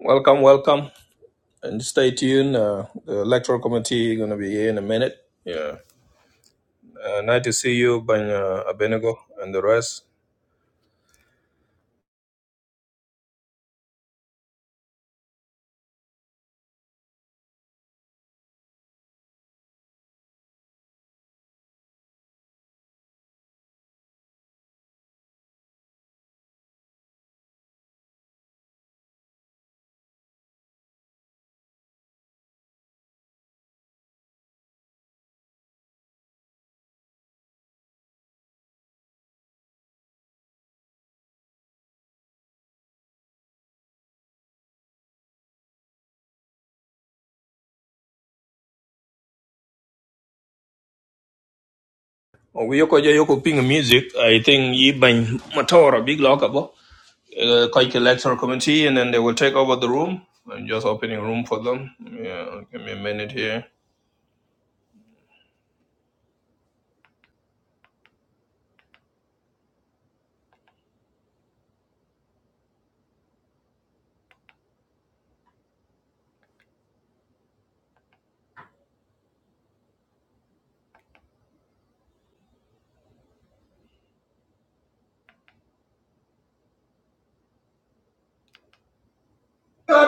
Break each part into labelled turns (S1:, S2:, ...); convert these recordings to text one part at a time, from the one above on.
S1: Welcome, welcome, and stay tuned. Uh, the electoral committee going to be here in a minute. Yeah, uh, nice to see you, Ban uh, Abenigo, and the rest. Oh, we yoko ja yoko ping music. I think ye Ban Matora big lock up. Uh, quite electoral committee, and then they will take over the room. I'm just opening room for them. Yeah, give me a minute here. With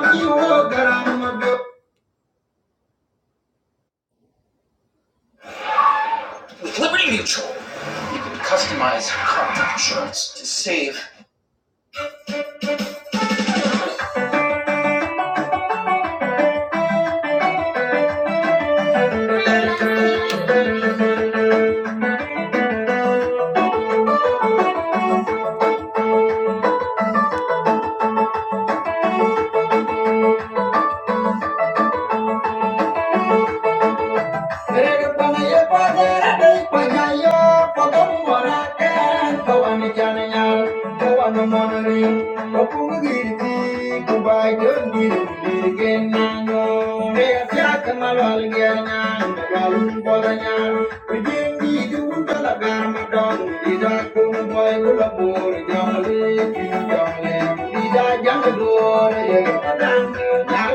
S1: Liberty Mutual, you can customize your car insurance to save. Thank you.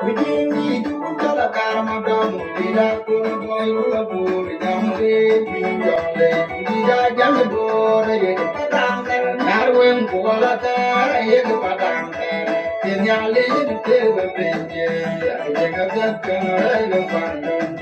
S1: Thank you. Thank you.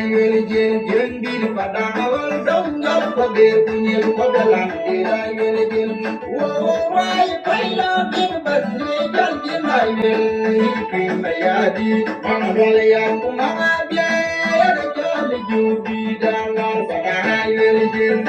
S1: Thank you. Thank you.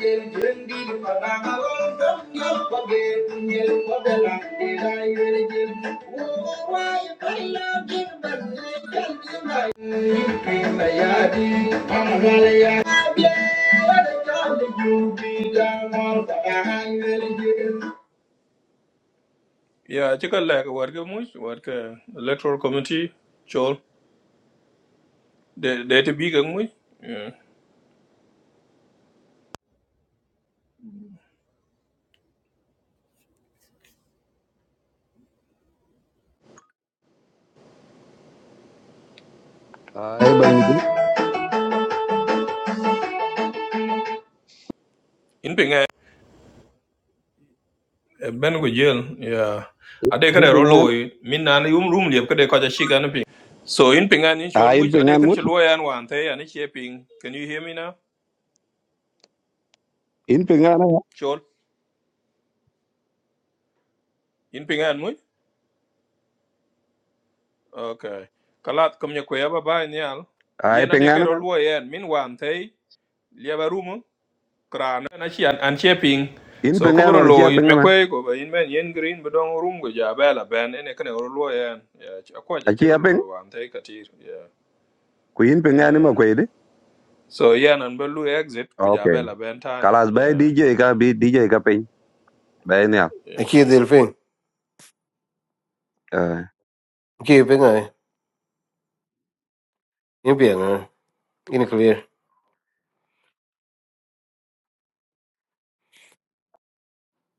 S1: Thank you. Yeah, check chika lek warke much, warke electoral committee, chol, de de te biga much. Yeah.
S2: ay bay mi
S1: In pinga Eh, ben go jail yeah ade
S2: in
S1: kada ro
S2: pengan
S1: loy min na ni um rum liep kada ko ja shiga na ping so in ping an in chol
S2: ay in
S1: much ade
S2: pengan
S1: kan
S2: mut
S1: chol yan wan te ya ni che ping can you hear me now
S2: in pengan na
S1: chol in ping an much okay kalat kom nya ko ya baba ni al
S2: ay
S1: ye na de ka
S2: pengan na
S1: ro
S2: man
S1: lo yan min wan te liep a rum kra na na chi an an che ping
S2: in
S1: so ko
S2: pengan
S1: bro
S2: wala chi
S1: lo in
S2: apeng
S1: me
S2: man
S1: kwe ko ba in men yen green ba dong rum go ja ba la ben ene kan ro lo yan ya ko ja
S2: a
S1: che
S2: chi
S1: ro
S2: apeng
S1: lo wan te katir yeah
S2: ku in pengan ni ma ko ide
S1: So yeah, and Belu exit
S2: okay
S1: Kujabela Bentani.
S2: kalas bay
S1: Yeah.
S2: dj ka bi dj ka ping bay ne
S3: Aqui, Delfim.
S2: eh
S3: Aqui, bem aí. Em bem, né? In clear.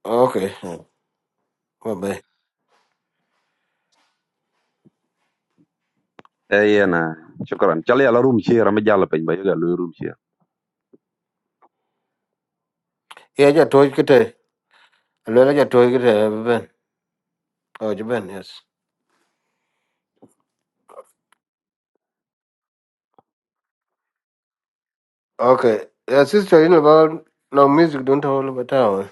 S3: Ok. Bye bye.
S2: eh na shukran chal ya la room chi ram jalla ping bay ga lu room chi
S3: E aí, já tô aqui, tá? just já it, aqui, tá? Ben. Oh, já ben, yes. Ok. Yeah, sister, you know about no music, don't hold about town.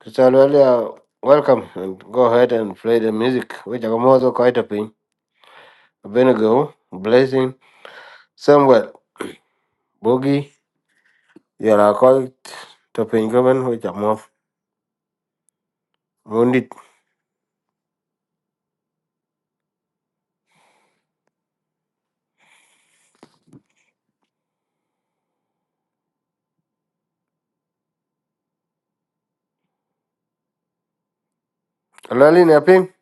S3: Kisalo, welcome and go ahead and play the music. Which I'm also quite a pin. Abenigo, Blessing, Samuel, Boogie, Yara quite to pin govern, which I'm off. Wounded. Alô, in a pin?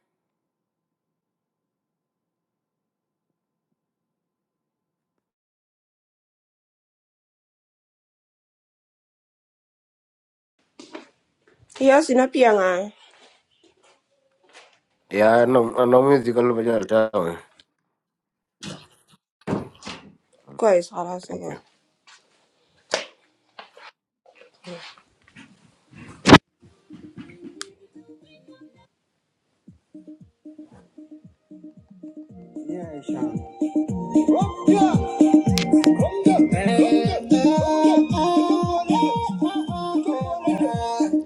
S4: Yes, ina pianga.
S3: Yeah, no, no no, music, all about town.
S4: Guys, hold on a second.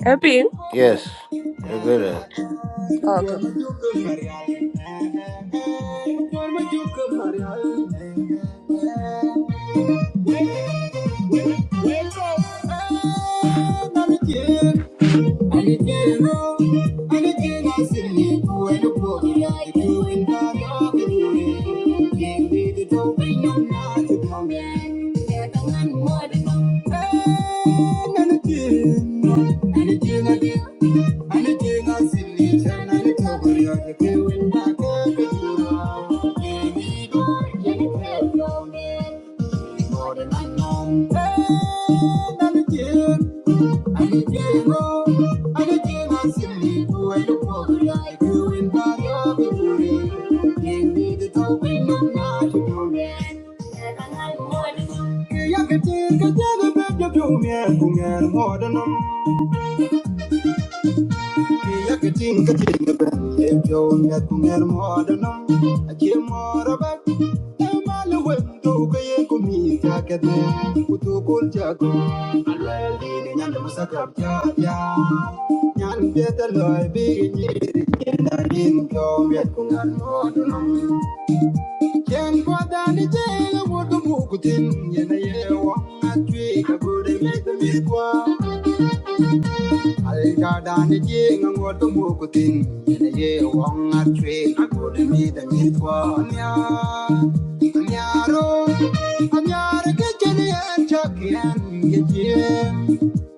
S4: Epping.
S3: Yes, you get it.
S4: Okay. More than I Thank you. Yeah. Thank you. Alda dani ji ngot mu kutin ne ye wong a tre na kud mi da mi twa nya and ro nya re ke chen ye chak yen ye ji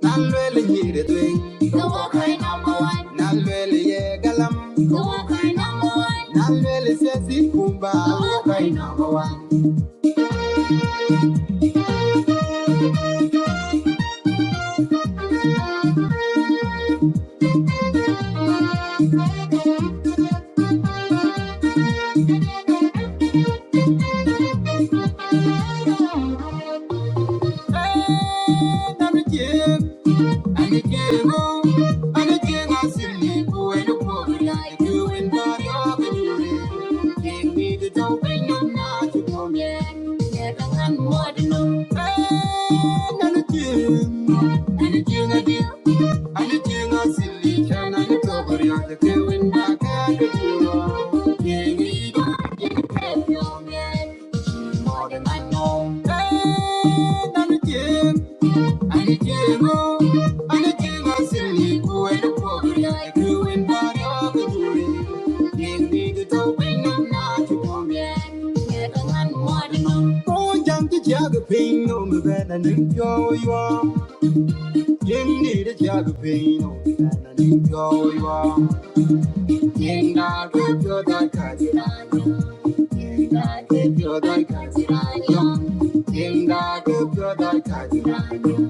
S4: nan le le ni re twen go wa kai number 1 nan le le ye galam go wa kai number 1 nan le le si kumba go wa kai number 1 eh dani More than I know, and I'm again. Pain, no, and I'm in your Yenga kebyo da kajirayo. Yenga kebyo da kajirayo. Yenga kebyo da kajirayo.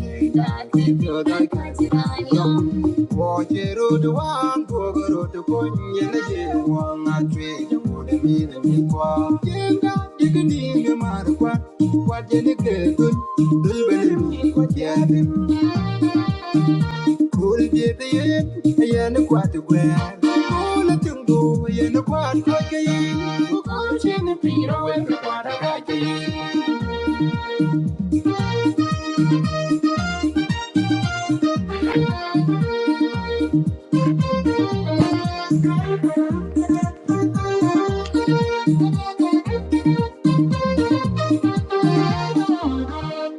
S4: Yenga kebyo da kajirayo. Wojero duwan kogoro dukonye na yewa ngatwe jangule mire mikwa. Yenga digni ngemarwa. Wajeni kekun. Dulbele mikwa jere. Thank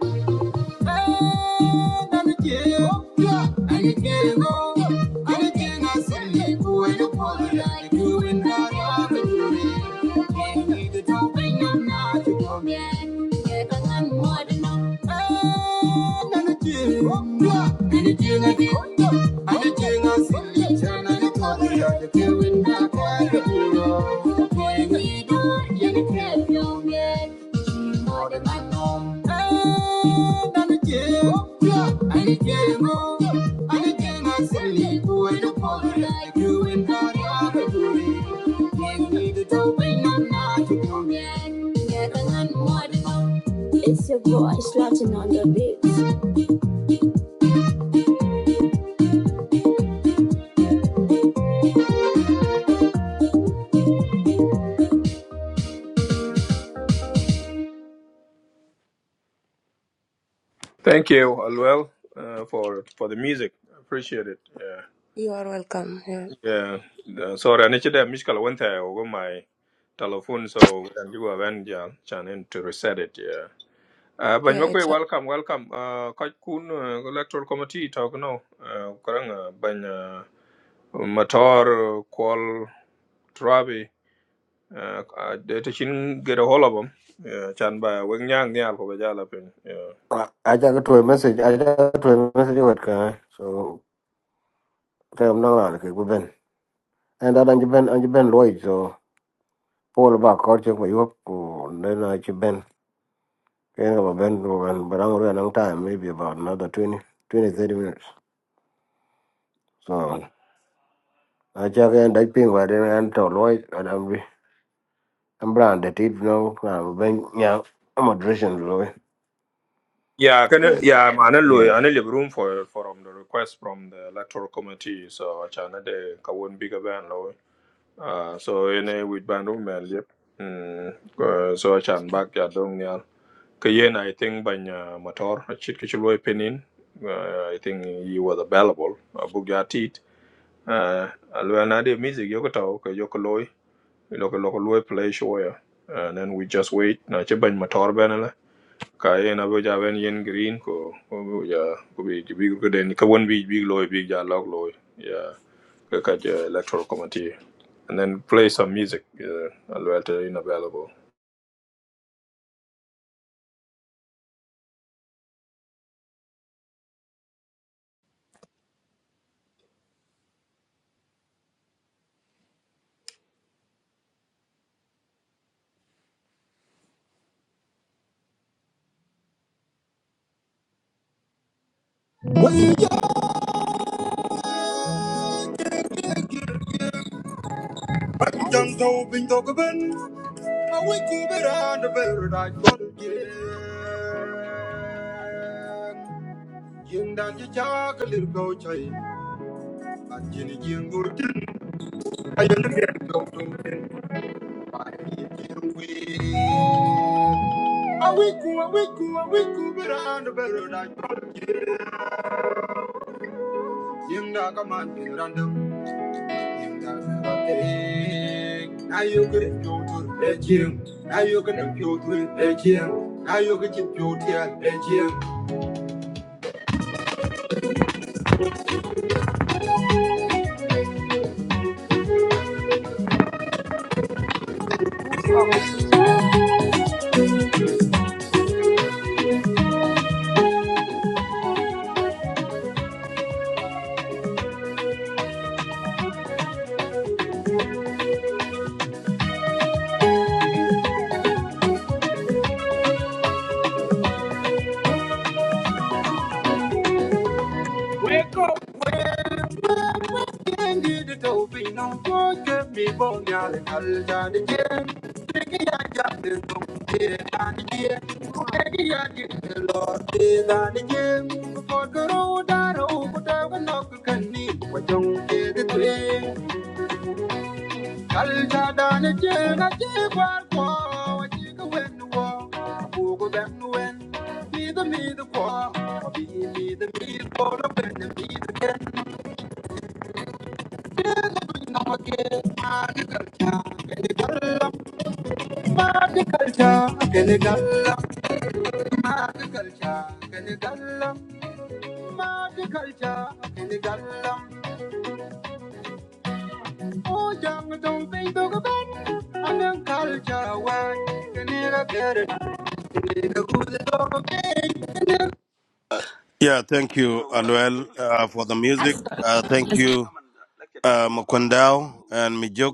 S4: you. I'm it's your neck. She's Yeah, boy. The like on the beat.
S1: Thank you, Alwell, uh, for for the music. Appreciate it. Yeah.
S4: You are welcome. Yeah,
S1: Yeah. Uh, sorry, I need to Michkala went there over my telephone, so and you have been yeah, channel to reset it. Yeah. Uh, but
S4: yeah
S1: you
S4: it's a-
S1: welcome, welcome. Uh, Kaj Kun uh, Electoral Committee talk now. Uh, Karang uh, Ban uh, Matar Kwal Trabi. Uh, uh, they to get a hold of them. Yeah, Chan by Wing Yang Nial for Bajala Pin. yeah.
S3: I I just got to a message. I just got to a message with guy. So okay, I'm not like we've been. And that and you been and you been Lloyd. So Paul about culture for Europe. And then I you been. Can have a been and but I'm gonna long time. Maybe about another 20, 20 30 minutes. So I check in that ping but then I'm to Lloyd and I'm re- I'm branded. It no I'm been yeah. I'm a dressing Lloyd.
S1: Yeah, can I-
S3: Okay.
S1: yeah, I'm an alloy,
S3: Yeah.
S1: an alloy room for for um, the request from the electoral committee. So I channel the Kawun bigger ban law. Uh, so in a with ban room and yep. Mm, uh, so I chan back ya dong nyal. Kayen I think banya motor a chit kichulwe pinin. Uh, I think he was available. A book ya teat. Uh, alwana de music yokota ka yokoloy. Loko loko loy play show yeah. And then we just wait. Na chiban motor ban kayen abeja wen yen green ko ko ja ko bi ci bi ko den ka won bi bi loy big. ja log loy yeah ka ka ja electoral committee and then play some music uh, alwelta in available
S4: I wake up and bed, I don't get. Yin dan ji chak lir go chai. A jin jin gur tin. A yin get go to tin. By yin we. I wake up, I wake up, I wake up and bed, I don't get. Yin da ka man Now you could go to the gym. Now you could go to the gym. Now you could go to the gym. Wake up, Candy the topi no forget don't get on I get the Lord is on the gym. For good old that old but I will can me. But do Culture done a chain, a chick war war, a chick win the war, a book then win. Be the me the war, or be me the me for the win, the me the ken. Never know again, mad culture, mad culture, can it Oh, young, don't think to go back. I'm young culture, work, and it a better. It a good dog, okay.
S5: Yeah, thank you, Aluel, uh, for the music. Uh, thank you, uh, Mukundao and Mijuk.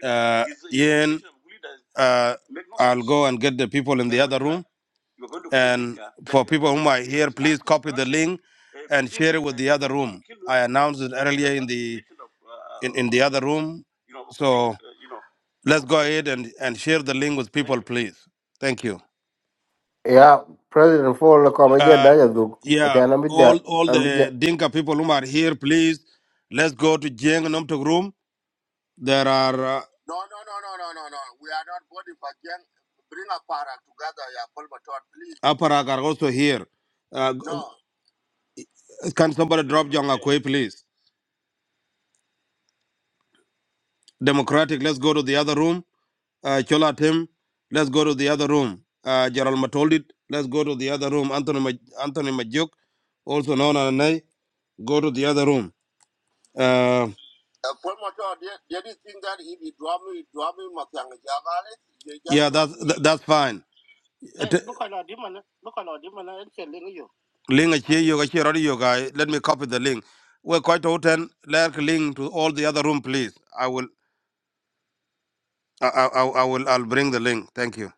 S5: Uh, Ian, uh, I'll go and get the people in the other room. And for people whom are here, please copy the link and share it with the other room. I announced it earlier in the in, in the other room. So let's go ahead and, and share the link with people, please. Thank you.
S3: Yeah. President Paul Kabaja
S5: Uh,
S3: Daya Duk. I
S5: yeah, all all
S3: can't be
S5: the Dinka people who are here, please let's go to Jeng Nomtok room. There are uh, Aparak are also here. Uh, g- No. can somebody drop John Akwe, please? Democratic, let's go to the other room. Uh, Chola Tim, let's go to the other room. Uh, Gerald Matoldit, let's go to the other room. Anthony Maj- Anthony Majuk, also known as Nai, go to the other room. Um, yeah, that's that, that's fine. T- Link a chair, you share audio guy. Let me copy the link. We're quite open. Like link to all the other room, please. I will, I, I, I I will, I'll bring the link. Thank you.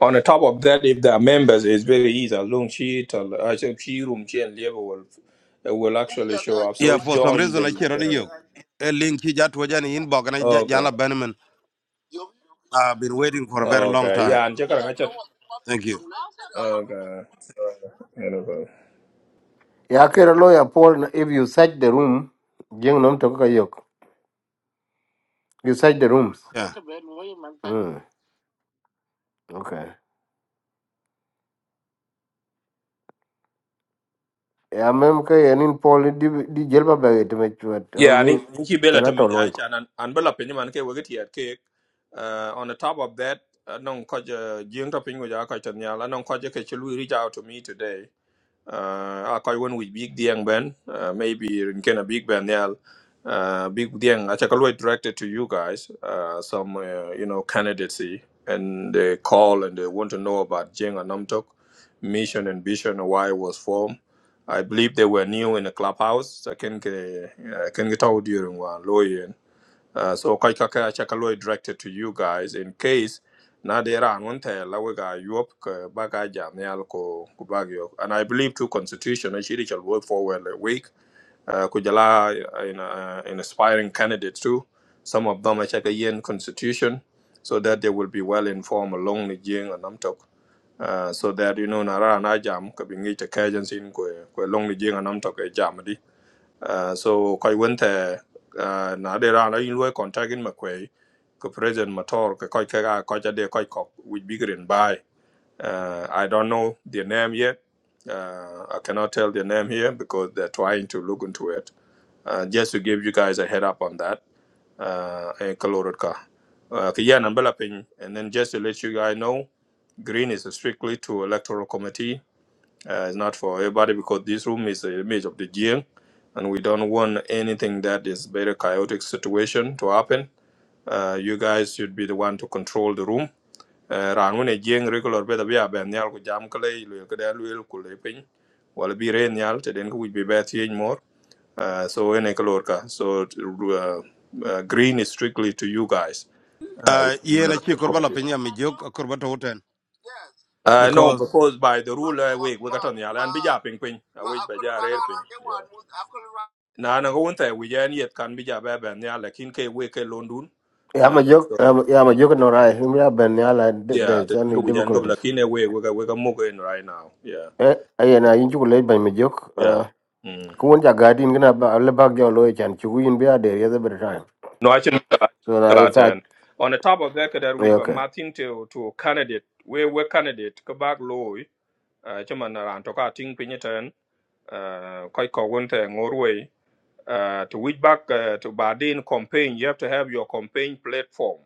S1: on the top of that if there are members it's very easy as long she tell i said she room she and level will uh, will actually show up
S5: Yeah,
S1: so
S5: for some
S1: join the,
S5: reason I share
S1: the
S5: audio. A link he just was in inbox and I just-
S1: okay
S5: Jana Benjamin. I've been waiting for a very long
S1: okay
S5: time.
S1: yeah and check out
S5: Thank you.
S1: okay okay
S3: Ya kera lawyer Paul, if you search the room, jeng nom to ka yok. You search the rooms.
S5: Yeah.
S3: Mm, okay. Ya mem ka ya nin Paul di di jelba ba it me chuat. Am
S1: Yeah, and
S3: we
S1: he bela
S3: kana
S1: to
S3: to
S1: me
S3: loy.
S1: ja cha and and bela pinyo man ke wege tiet ke uh, on the top of that uh, non ko je jing to pinyo ja ko chen ya la non ko je ke chulu reach out to me today uh, akoy won wi big diang ben uh, maybe in ken big ben yal uh, big dieng acha kaloi directed to you guys uh, some uh, you know candidacy and they call and they want to know about jeng and namtok mission and vision and why it was formed I believe they were new in the clubhouse. So I can get, uh, can get out during one lawyer. Uh, so kai ka ka cha kaloi directed to you guys in case na dera ran won te la we ga yop ka ba ga jam yal and i believe two constitution actually shall work forward a week uh, kujala uh, in, uh, in aspiring candidates too. Some of them are check a yin constitution so that they will be well informed along the jing and namtok. Uh, so that you know nara na jam ka bingi te kajan sin ko ko long the jing and namtok e jam uh, so kai wente uh, na de ra na in loy contact in makwe ko president motor ko kai ka ko ja de kai ko with big green by uh, i don't know their name yet uh, i cannot tell their name here because they're trying to look into it uh, just to give you guys a head up on that uh, in Kalorka. Uh, Kiyan and Belapin, and then just to let you guys know, green is strictly to electoral committee uh, it's not for everybody because this room is an image of the Jiang, and we don't want anything that is very chaotic situation to happen. Uh, you guys should be the one to control the room. Uh, Ran when a Jiang regular better be a ben nyal ku jam kale ilu kada ilu kule pin. Wala bi re nyal te den ku bi be tiye more. Uh, so in Ekalorca. So uh, uh, green is strictly to you guys. Uh, which
S5: Uh,
S1: is
S5: yeah,
S1: one
S5: na
S1: of
S5: chi korba la pinya mi jok korba to hoten
S1: uh, no,
S5: because
S1: because by the rule uh, we we got on the island, bija ping ping, a wage by ja rare ping. Yeah. Na na go unta we ja yet can bija baba and ya lakin ke we ke London.
S3: Ya
S1: Uh,
S3: ma jok
S1: so
S3: ya ma jok no rai. Hum ya ben ya la
S1: yeah,
S3: there's
S1: the
S3: any
S1: thing we jan go
S3: difficulties.
S1: lakin eh, we we ga we ga move in right now. Yeah.
S3: Eh ay na yin chu le ba me jok.
S1: Yeah.
S3: Uh,
S1: Mm.
S3: kuon ja gadin gna ba le bag jo loy chan chu yin be there every time.
S1: No, I think
S3: So na it's
S1: that
S3: a
S1: and on the top of that that we by
S3: okay.
S1: Martin to to candidate, we we candidate go back low. Uh, chairman, na ran to ka ting pin ten. Uh, koi ko uh, to which back uh, to Bardin campaign, you have to have your campaign platform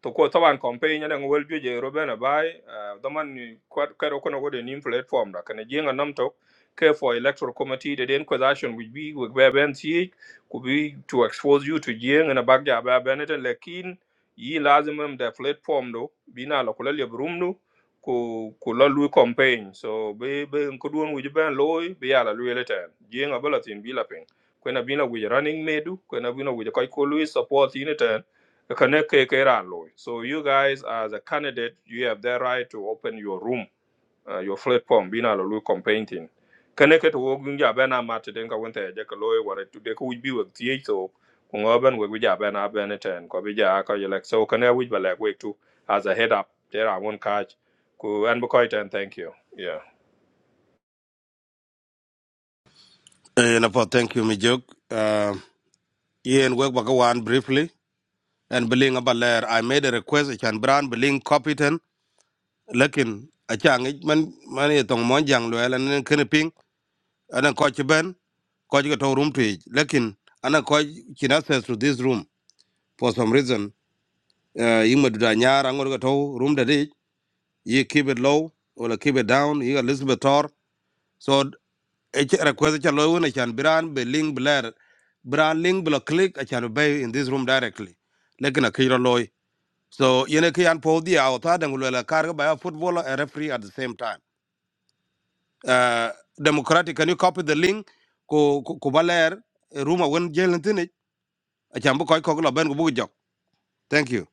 S1: to ko tawan campaign yana ngol joje robena bai daman ni kero kono gode ni platform da kana jenga nam to care for electoral committee the then question would be with be ben ti could be to expose you to jenga na bagya ba benete lekin yi lazimum da platform do bina la kula le brum do ko ko la lu campaign so be be ko don wuji ben loy be yala lu elete jenga bala tin bila ping ko na bina wuji running medu ko na bina wuji kai ko lu support inete Kaneke Kera Loy. So you guys, as a candidate, you have the right to open your room, uh, your platform, bina lulu campaigning. Kaneke to wogunja bena mati denka wente jeka loy ware to deka wibi wek tiyito kungoben wek wija bena bena ten kwa bija aka yelek. So kane wij balek wek tu as a head up there I won't catch. Ku and bukoy ten thank you. Yeah.
S5: eh na po thank you mi jok. Uh, yeah, and work back one briefly and billing about layer. I made a request I can brand billing copy ten. Lakin a chang it man man ye tong mon jang lo elan nen kene ping anan ko chi ben ko chi to room to Lakin anan ko chin access to this room for some reason. Uh, you madu da nyar angor to room da ye keep it low or keep it down. You Elizabeth Tor. so e request cha lo wona chan bran be link bler bran link blo click a chan be in this room directly lekin a kiro loy so yene ki an po dia o ta dangulo la kar ba football a footballer and referee at the same time uh democratic can you copy the link ko ko ko baler eh, room a won jelen tini a chan bu koy ko lo ben ko bu jok thank you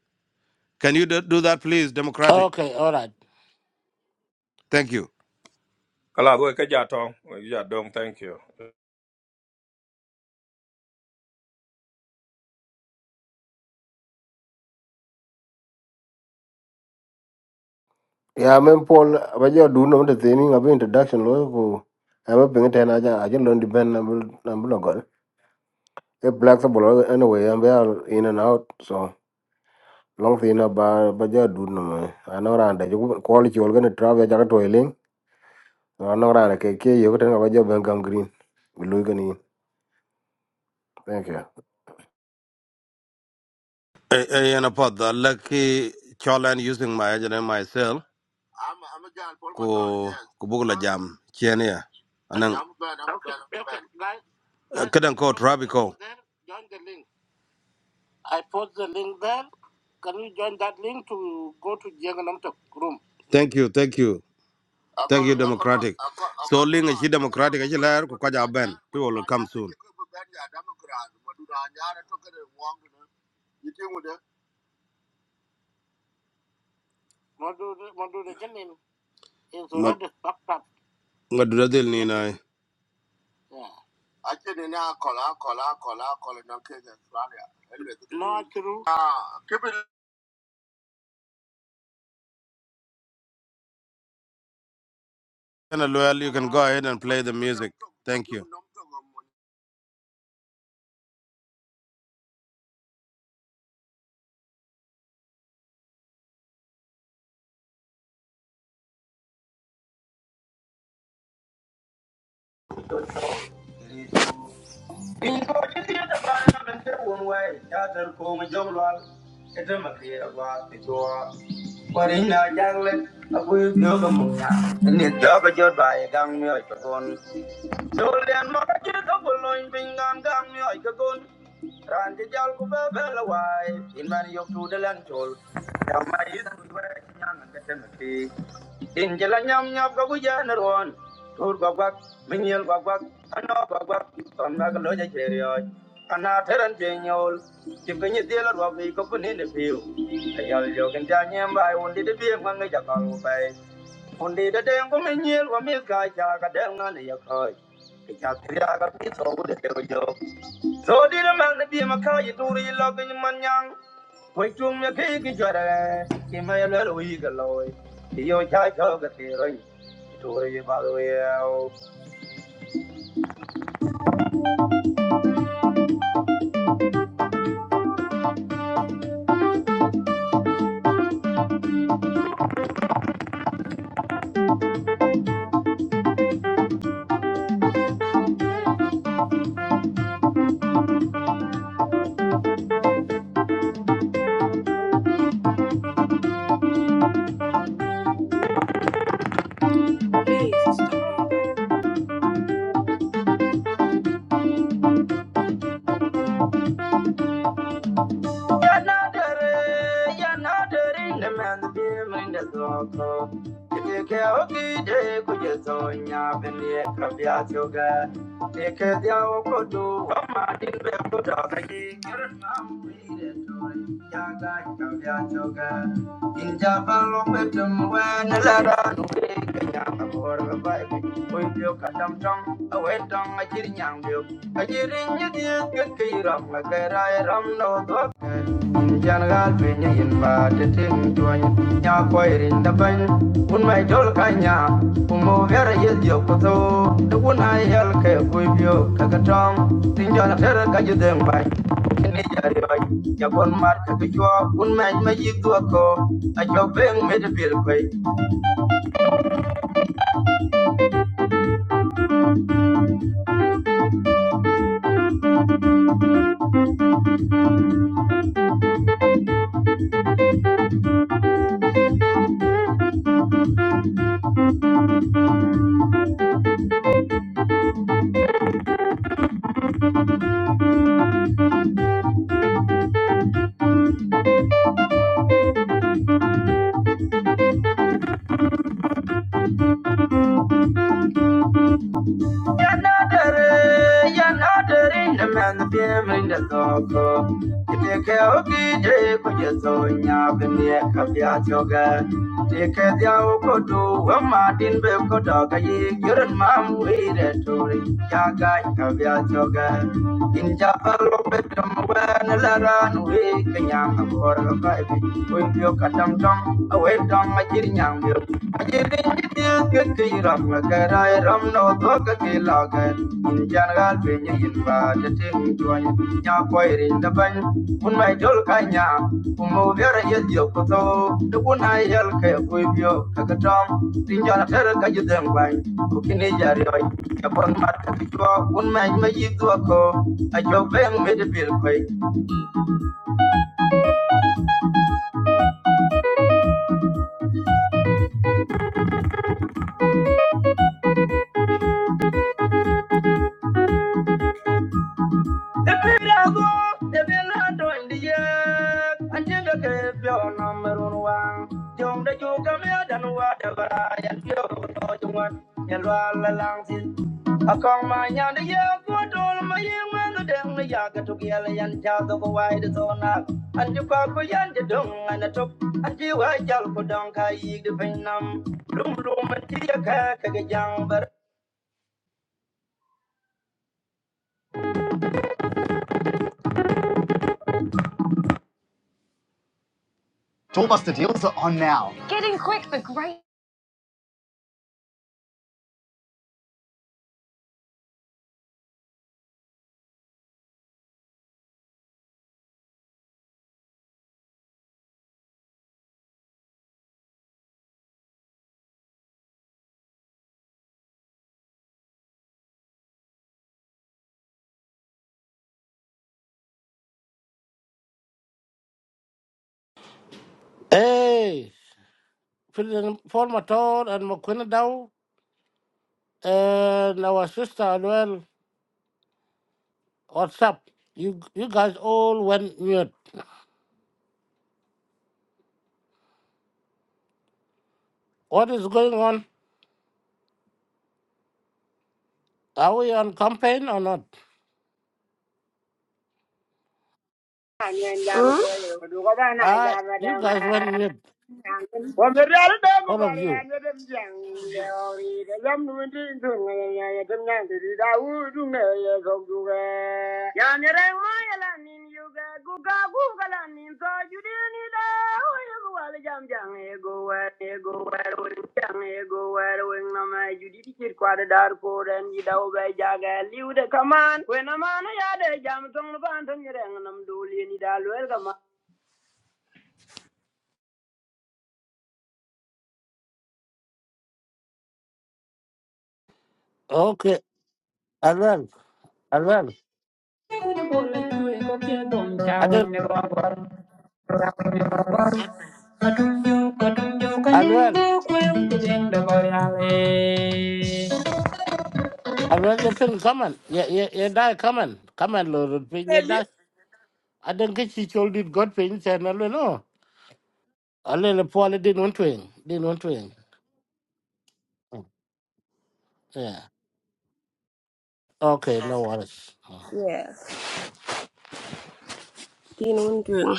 S5: can you do do that please democratic
S6: Okay, all right.
S5: thank you
S1: Kala wek kaja tong wek ja dong thank you.
S3: Yeah, men Paul, but you do know the thing about introduction lawyer who I'm a ping ten. I just I just learned the band number number no good. A flexible anyway, I'm are in and out. So long thing about but you do know man. I know around that you quality you're gonna travel. I got toiling. I know around the cake. You're gonna about your Bengham Green. We look in. Thank you.
S5: Eh, eh, and about the lucky Cholan using my agent and myself, I'm ku ku Huh? jam chenia I, anang uh, kadang ko thank you thank you thank you democratic so ling is democratic but is but lar but ku kaja Rania, ben people will come soon ngod ni na and uh, well you can go ahead and play the music thank you
S4: In for the theater, I'm a fair one way. Yadam, come, young lad. It's a makia, what the door. But in a young lad, I will know the moon. And it's dog, a good by a gang, Dol den ma ka ke ka bulon bin gam gam mi ai ka gon. Ran ti jal ku be be la wai. In man yok tu de lan chol. Nyam ma yi ku we nyang ka tem ti. In jala nyam nyap ka ku ja na ron. Tur gwa gwa min yel gwa gwa. Ano gwa gwa ton ma ka lo ja che ri oi. Ana teran pe nyol. Ti ka ni de la ro bi ko ku ni ne pi. Ayal yo kan ja nyam bai un di de bi ma ngai ja ka lu bai. Undi da den ko men yel ko mis ka cha ka den na ne ya ko. cha tri ya ka pi so bu de ke yo. So di na man ma ka yi tu ri lo ke man yang. Wai chung me ke ki cha ra. Ki ma ya lo yi ga lo. Ki yo cha ka ga ti ro. Tu ri ba lo Yanadere, yanadere, ne man the beam in the zoko. If you care, okay, day, could you so in your penny, caviar yoga? Take it down, could do one man in the good of the year. In Japan, long with them when the ladder, no big, young, or a bike. When you cut them tongue, away like no in general, when you invite the thing to an yakwair in the bank, when my kanya, umo vera yet yo koto, the one I yell ke kuibio, kakatom, tinjana terra kajudem by. Yabon mark at the jaw, one man may you do a call, a job being made a Yanadere, yanadere, the man behind the dog. Take care of DJ, could you so yabinia capiat yoga? Take care of your kodu, a Martin Belko dog, a year and mam waited to yaga wen lara no we kanyang abor ga pai we pyo katam dong awe dong ma jir nyang bi ma jir din ji ti ke ke ram na ga ram no do ka ke la in jan ga be ni in ba ja te mi tuan nya koi ri da ban kun mai dol kanya kun mo bere ye to de kun ai yal ke ko bio ka ka tin jana ter ka ju den ban ku kini jari oi ka pon mar ka ti ko kun mai ma yi do ben me bil koi The Pirago, the Villando in the Yak, and Jinga gave your number one. Young the Yogamia than whatever I and you want, and Rala Langs. I call my young Yak, what all my young man, the Yaka to Gilly and Jago Wide Zone up. And you call for Yander Dung and a top, and you are Jalko the Vinam, Lum Lum and Tia Kaka Jang, but. Tour Bus deals are on now. Getting quick, the great.
S6: Hey, President Paul Mator and Mokwenadaw and our sister as well, what's up? You you guys all went mute. What is going on? Are we on campaign or not?
S4: Duga ba na
S6: I
S4: ja ba da
S6: you
S4: ma.
S6: guys went mute,
S4: go
S6: all of you.
S4: so e e e ja er
S6: Okay, Alwell, Alwell, I don't
S4: Can you
S6: Alwell, Alwell, you pin comment. Yeah, yeah, yeah, die comment, comment, Lord, pin your
S4: tell you.
S6: dash. I don't get you told it got pin, and I don't know. A little poorly didn't want to, win. didn't want to. win. Yeah. Okay, no worries. Mm.
S4: Yeah. Dean Wondering.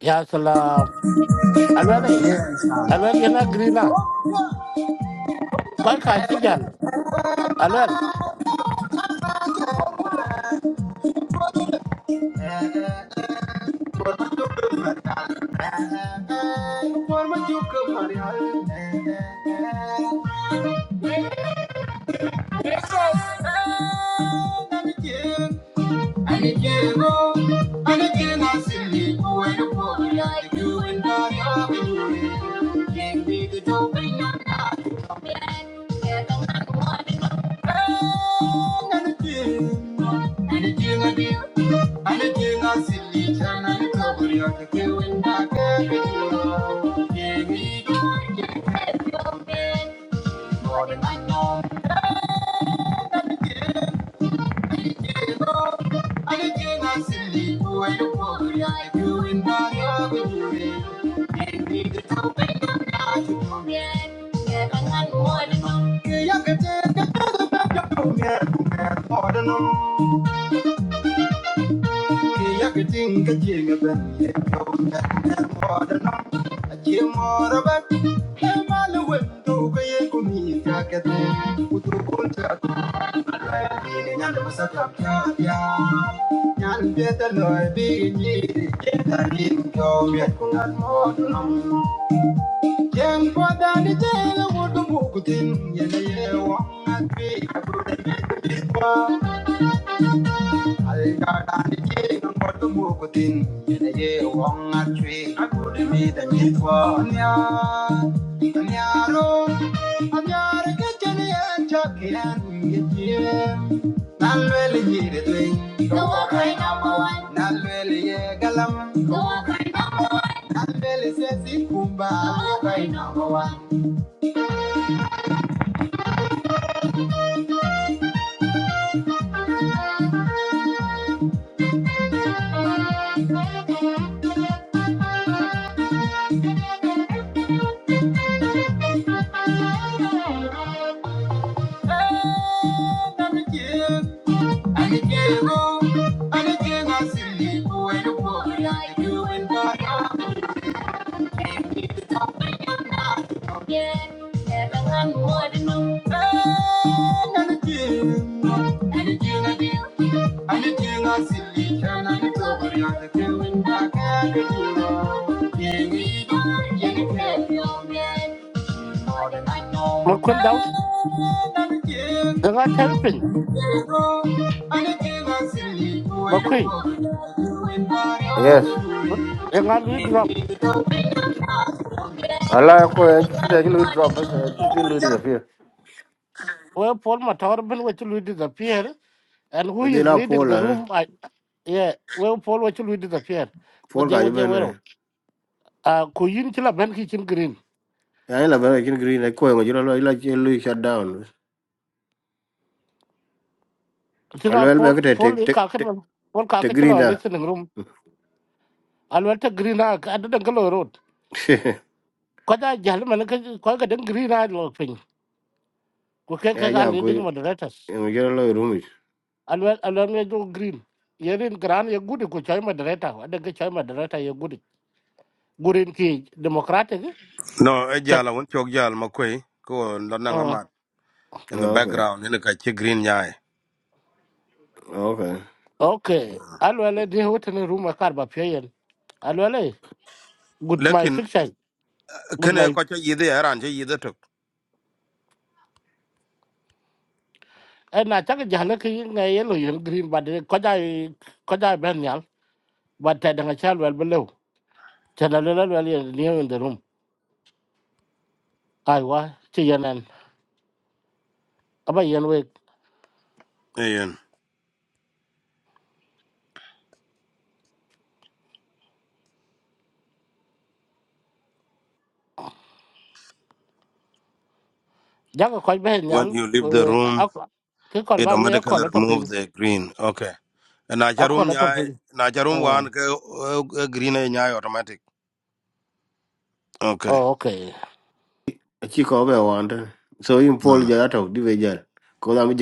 S6: Ya salam. Alwele. Alwele yana green na. Kwa ka ci jal. Alwele.
S4: Yes, I Yeah, I'm not more than Thank you. Algarani king Yene Wong at tree, I could meet the meat for Anya, Anyaro, Anyara Kitchen and Chucky and Jim. Nalwell Yiri Twin, the one, Nalwell Yagalam, the one, Nalwell says Kumba, the Wakai number one. More than I know,
S6: Makun daw.
S4: and
S6: Yana terpin.
S4: I'm yeah,
S6: Makun.
S3: Yes.
S6: Yana lui drop.
S3: I like when you actually drop us. I didn't lo disappear.
S6: Where Paul Matar bin which will disappear. And who
S3: And then
S6: is
S3: I
S6: leading
S3: Paul,
S6: the
S3: eh,
S6: room? I, yeah. Where Paul which will disappear. What
S3: Paul,
S6: they
S3: I
S6: were
S3: you
S6: they were.
S3: been.
S6: Uh, kuyin chila ben kitchen green.
S3: I love Bengham Green. I call you. You know, you like you shut down.
S6: Tinga
S3: Alo el be
S6: Paul
S3: te te
S6: Paul
S3: te te
S6: kakit Paul
S3: te
S6: kakit
S3: green
S6: chila
S3: da.
S6: listening room. Alwele ta green na. Adadan kalo road. có da giả mà nó cái có cái đến green ai lột pin của cái
S3: Ya
S6: cái cái
S3: ja ko
S6: leading
S3: en
S6: moderators
S3: yo lo rumi.
S6: alo alo nghe đâu green giờ đến gran giờ good của chơi moderator ở đây cái chơi moderator giờ good green ki democratic ấy.
S5: No, e
S6: chắc
S5: jala won chok jal ma kwe ko lo nang
S6: ờ,
S5: amat in the
S3: Okay.
S5: background in ka chi green nyai.
S3: Okay.
S6: ok alo lên đi hút lên room mà cắt bà phía yên alo lên good my
S5: Lekin
S6: fiction good my
S5: kene ko cha yidhi aran cha yidhi tok.
S6: ấy na chắc cái giả là cái ngày ấy lôi green bà đây có da có da bên nhau bà thay đang chơi well below cho nên là well in the room ai quá chỉ yên anh Aba yen
S5: Ayan.
S6: jaga kɔc bɛ
S5: When
S6: nyal
S5: you leave the
S6: ko- a-
S5: room,
S6: a- ke kɔc
S5: it
S6: ba ŋe
S5: automatically
S6: akɔl atɔpiny
S5: remove the green. Okay. And Na cha room
S6: akɔl
S5: nyai,
S6: atɔpiny
S5: na cha room wan ke eh, eh, green e nyai automatic. Okay.
S6: Oh, okay.
S3: A chi ko be wanda. So in Paul
S5: Mm.
S3: ja ta di be jal. Ko da mi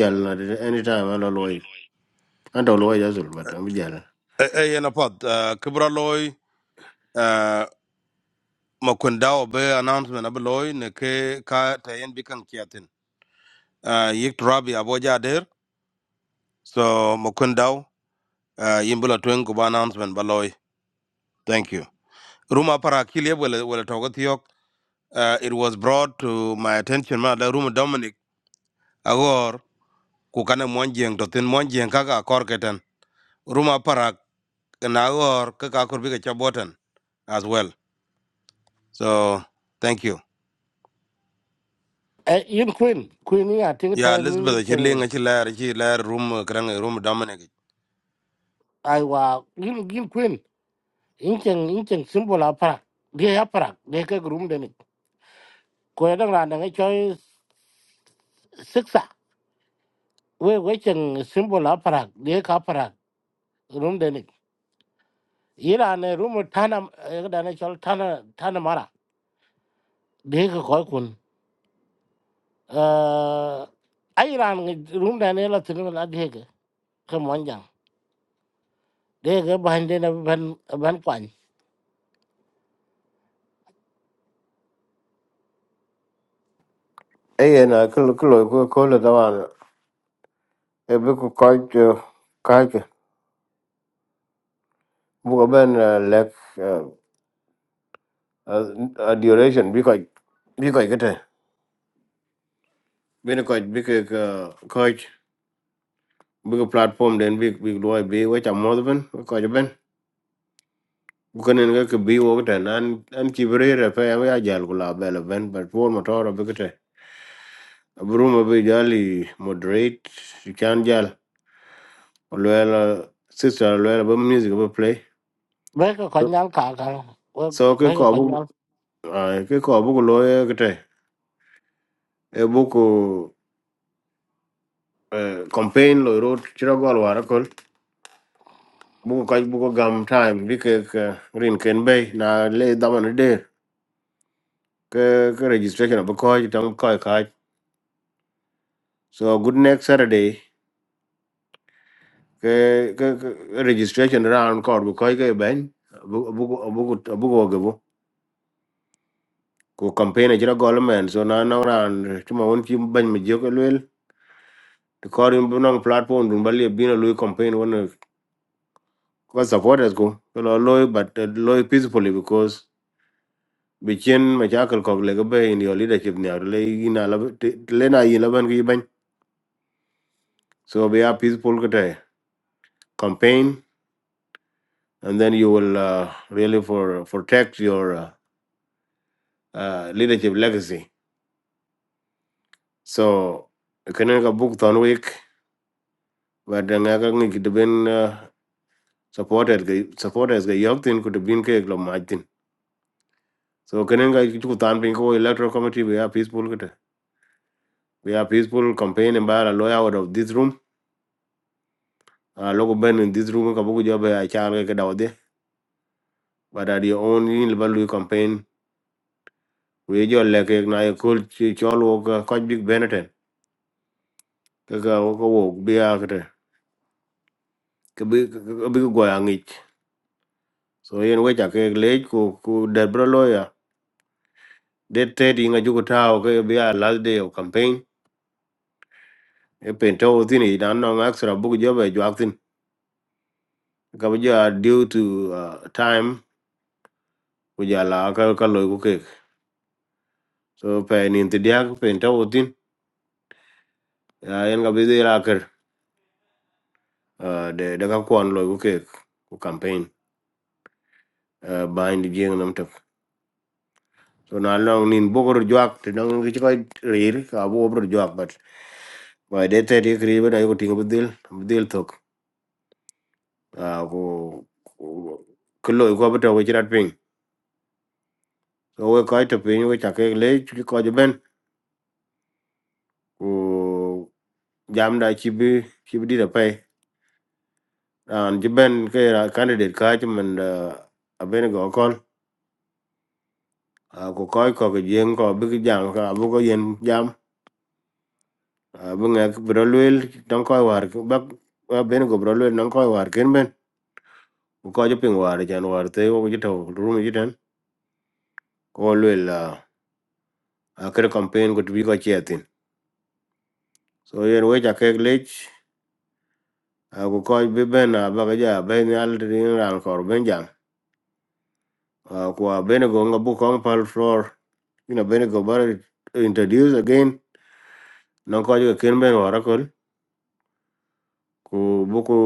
S3: anytime an lo yi. An to but am jal.
S5: Ayan apod, uh, kibra loy, Uh, ma be announcement abe loy ne ke ka tayen bikang kiatin. Uh, Yik trabi aboja der. So ma uh, yimbula twen kuba announcement balloy thank you ruma para kilie wala wala togo thiok uh, it was brought to my attention ma da ruma dominic agor ku kana monjeng to tin monjeng kaka kor ketan ruma para na agor kaka kor bi chabotan as well so thank you
S6: Eh, yin queen, queen ni a ting
S5: yeah
S6: ten
S5: elizabeth
S6: cheng
S5: chirling chilar chilar room krang room dominic
S6: ai wa yin yin queen, yin cheng yin cheng symbol a Dia ya dia ke grum de Ko ya dang ran choi siksa. We we cheng symbol a dia ka para grum de Ira ne rum tana eh, da ne chol tana tana mara. Dia ke koi kun. uh, ai ran room. rum da ne la tinu la de ke ke mon jang de ke ban de na ban ban kwan
S3: E na ko ko lo ko ko lo da wan. E be ko ka ben eh, lek eh, a duration bi ko bi ko ke Bi ko bi ko ko bi ko platform den bi bi lo bi we ta mo ben ben. kunen ga ke bi wo ta nan an ki brere pe ya ya jal kula bela ben but por motor be kete abru ma be jali moderate you can jal lwela sister lwela ba music ba play
S6: be ke kon ka ka
S3: so ke
S6: be ke
S3: ko
S6: kon
S3: bu ah, ke ko bu lo ye kete e bu ko eh, campaign lo road chira gol wara kol bu ko kaj bu ko gam time bi ke ke rin ken be na le da man de ke ke registration ba ko ji tang ko ka so good next saturday ke ke ke- registration round kor bu koy ke ben bu bu bu bu go ge bu ko campaign jira government so na na round tuma won ti ban mi je ko lel to kor bu non platform dun balie bina loy campaign won ko supporters go lo loy but eh, loy peacefully because bi chen ma jakal ko le ge be in your leadership ni ar le ina la le na yi la ban ge ban so be a peaceful ke te campaign and then you will uh, really for protect your uh, uh, leadership legacy So kene ka book ton week but nga ka ngi de ben supported ga supporters ga yok tin could have been ke lo martin. So kene ka chu tan pin ko electoral committee we are peaceful kete. We are peaceful campaign and by a lawyer out of this room. Uh, local ben in this room ka book job a char ke da But at your own in level campaign we jo le na ye kul chi chol wo ka ko big beneten. Ka ka wo ka wo bi a kete. Ka bi ka bi go ya ngi. So yen we cha ke le ku ku de Date 30 inga jugu tao ke be a last day of campaign. E pento thini dan no extra book job e juak thin. Ka bu ja due to uh, time ku ja la ka ka loy ku kek. So pe ni ti dia pento thin. Ya en ga be de la ker uh, de de ka kwan loy ku kek ku campaign uh, bind jeng nam tok. So na long nin bogor juak te dong ngi ko rir ka bo bro juak but Wai dai ta dai kiri bana yuko tinga budil budil tok a ko ko lo ko bata ko jirat So, we ko to piny we chake le ki ko ben ku jam da chi bi chi bi da pay an ji ben ke ra candidate ka chi men da abene go kon ko ko ko ge yen ko bi ki jam ka bu ko yen jam bu nga bro luel don ko war ba abene go bro luel non ko war ken ben ku ko ji ping war jan war te wo ji to rum ji den ko luel a kre campaign ko bi ko chetin so yen we chake lech ku kɔc bï Ben, abaka jö abën nïal tïdï raan kör bën jam Ah, ku abenego ngabu köŋ pal floor you know Ben go bara introduce again nön köc keken bën wörö ökö ku buku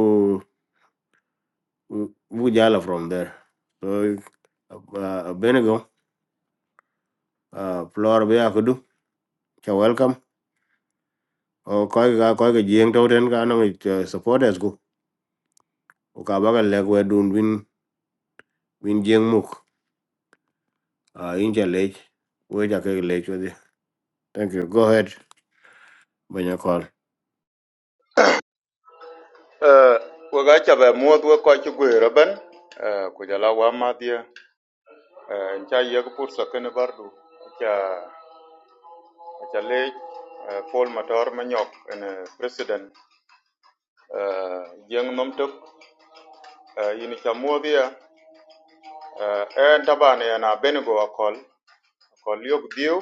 S3: buku jala from there so ah, abenego ah, floor bï akudu ca welcome o köc ka köc ejieŋ töten ka nöŋ supporters go ku ka baka lëk wë dun win win jieŋ muk Ah, in ca lëc wec akek lëc wëdhi thank you go ahead bënya call.
S7: Uh, we ga cha ba muod we ko chi gwe raben uh, ku jala wa ma dia uh, cha ye bardu cha e cha le uh, Paul Matar Manyok en uh, president uh, yeng nomtok tok uh, yin cha muod uh, en taban ya na benego akol akol yok diu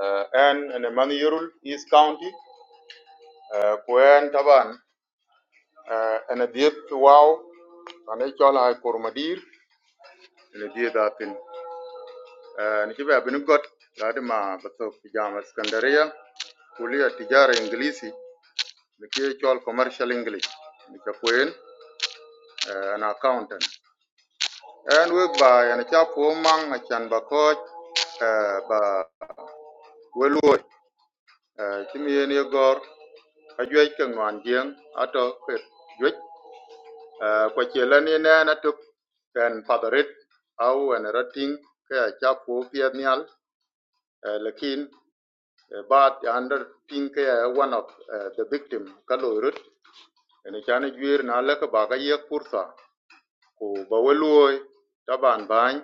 S7: uh, en en man yurul East County uh, en taban uh, en diep wow ane chola ay kurmadir en diep Ah, Nikiwa Abinigot lazima baso kijama Iskandaria kulia tijara Englishi nikiwa chuo commercial English nika an accountant and we ba yana cha pomang achan ba ba weluo kimi yeni gor ajwe ke jeng ato ke jwe kwa chela na na tuk kan padarit au an rating ke cha pianial lakin But under pink uh, one of uh, the victim kalo and ene chane juir na leka baga Who pursa ko baweluoy taban bany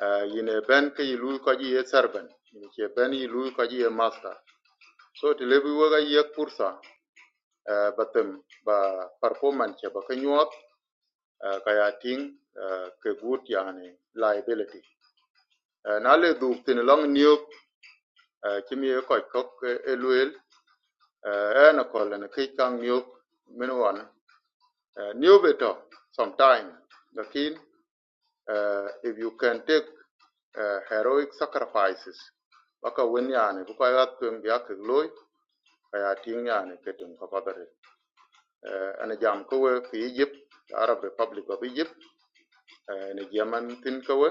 S7: uh, yine ben ke yilu ko ji ye serben yine che master so ti lebi waga yek pursa uh, batem ba performance che ba ka nyuot uh, ka uh, yani liability uh, na le du long new uh, chimie ko eluel eh na ko na ki kang nyu min wan eh, nyu beto sometime lakin eh, if you can take eh, heroic sacrifices baka wen yani bu ko yat kum ya ke loy aya ting yani ke tum ko padare ana jam ko we ki Egypt the Arab Republic of Egypt eh, ni jaman tin ko we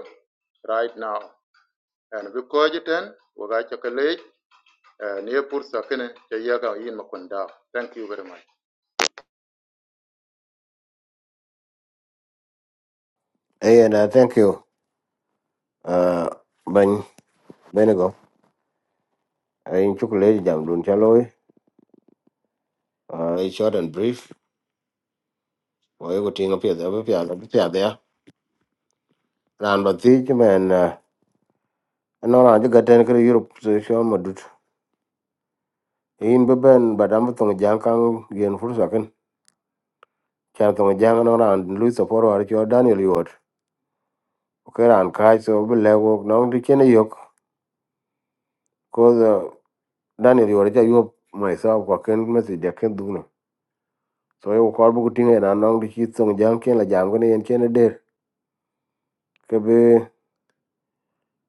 S7: right now and bi ko jiten wo ga ke le ne pursa kene te yaga yin makunda thank you very much
S3: Hey, and uh, thank you. Uh, Ben Benigo. I in chocolate jam dun chaloy. Uh, it's short and brief. Well, you could think up here, up here, up here, there. Round but teach man. Uh, no, I just got ten kilo Europe so show my dude. In Beben, but I'm from Jankang, Yen Fursakan. Chan from Jang and around Louis Saporo or your Daniel Yod. Okay, and Kai so be level, no, the chin yok. Cause uh, Daniel Yod, you myself, I can't message, I can't do no. So you call book thing and I'm not the shit song Jankin, like Jankin and Chen kebe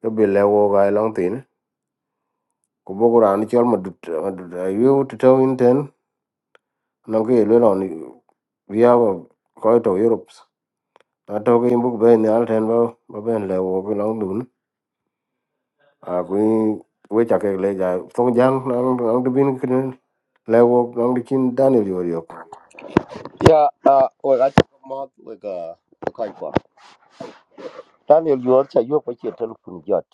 S3: kebe lewo ga e long tin ku bogo ran chol ma dut ma dut ayu to to in ten no ke le ron ya ko ko to europe na to ke imbu be ne al ten ba ba ben lewo ku long dun a ku we cha ke le ja song jang na na de bin ken lewo na de chin daniel yo yo
S8: Yeah, uh, we got to come out with a kind of. Daniel, you are saying you are going to look jot.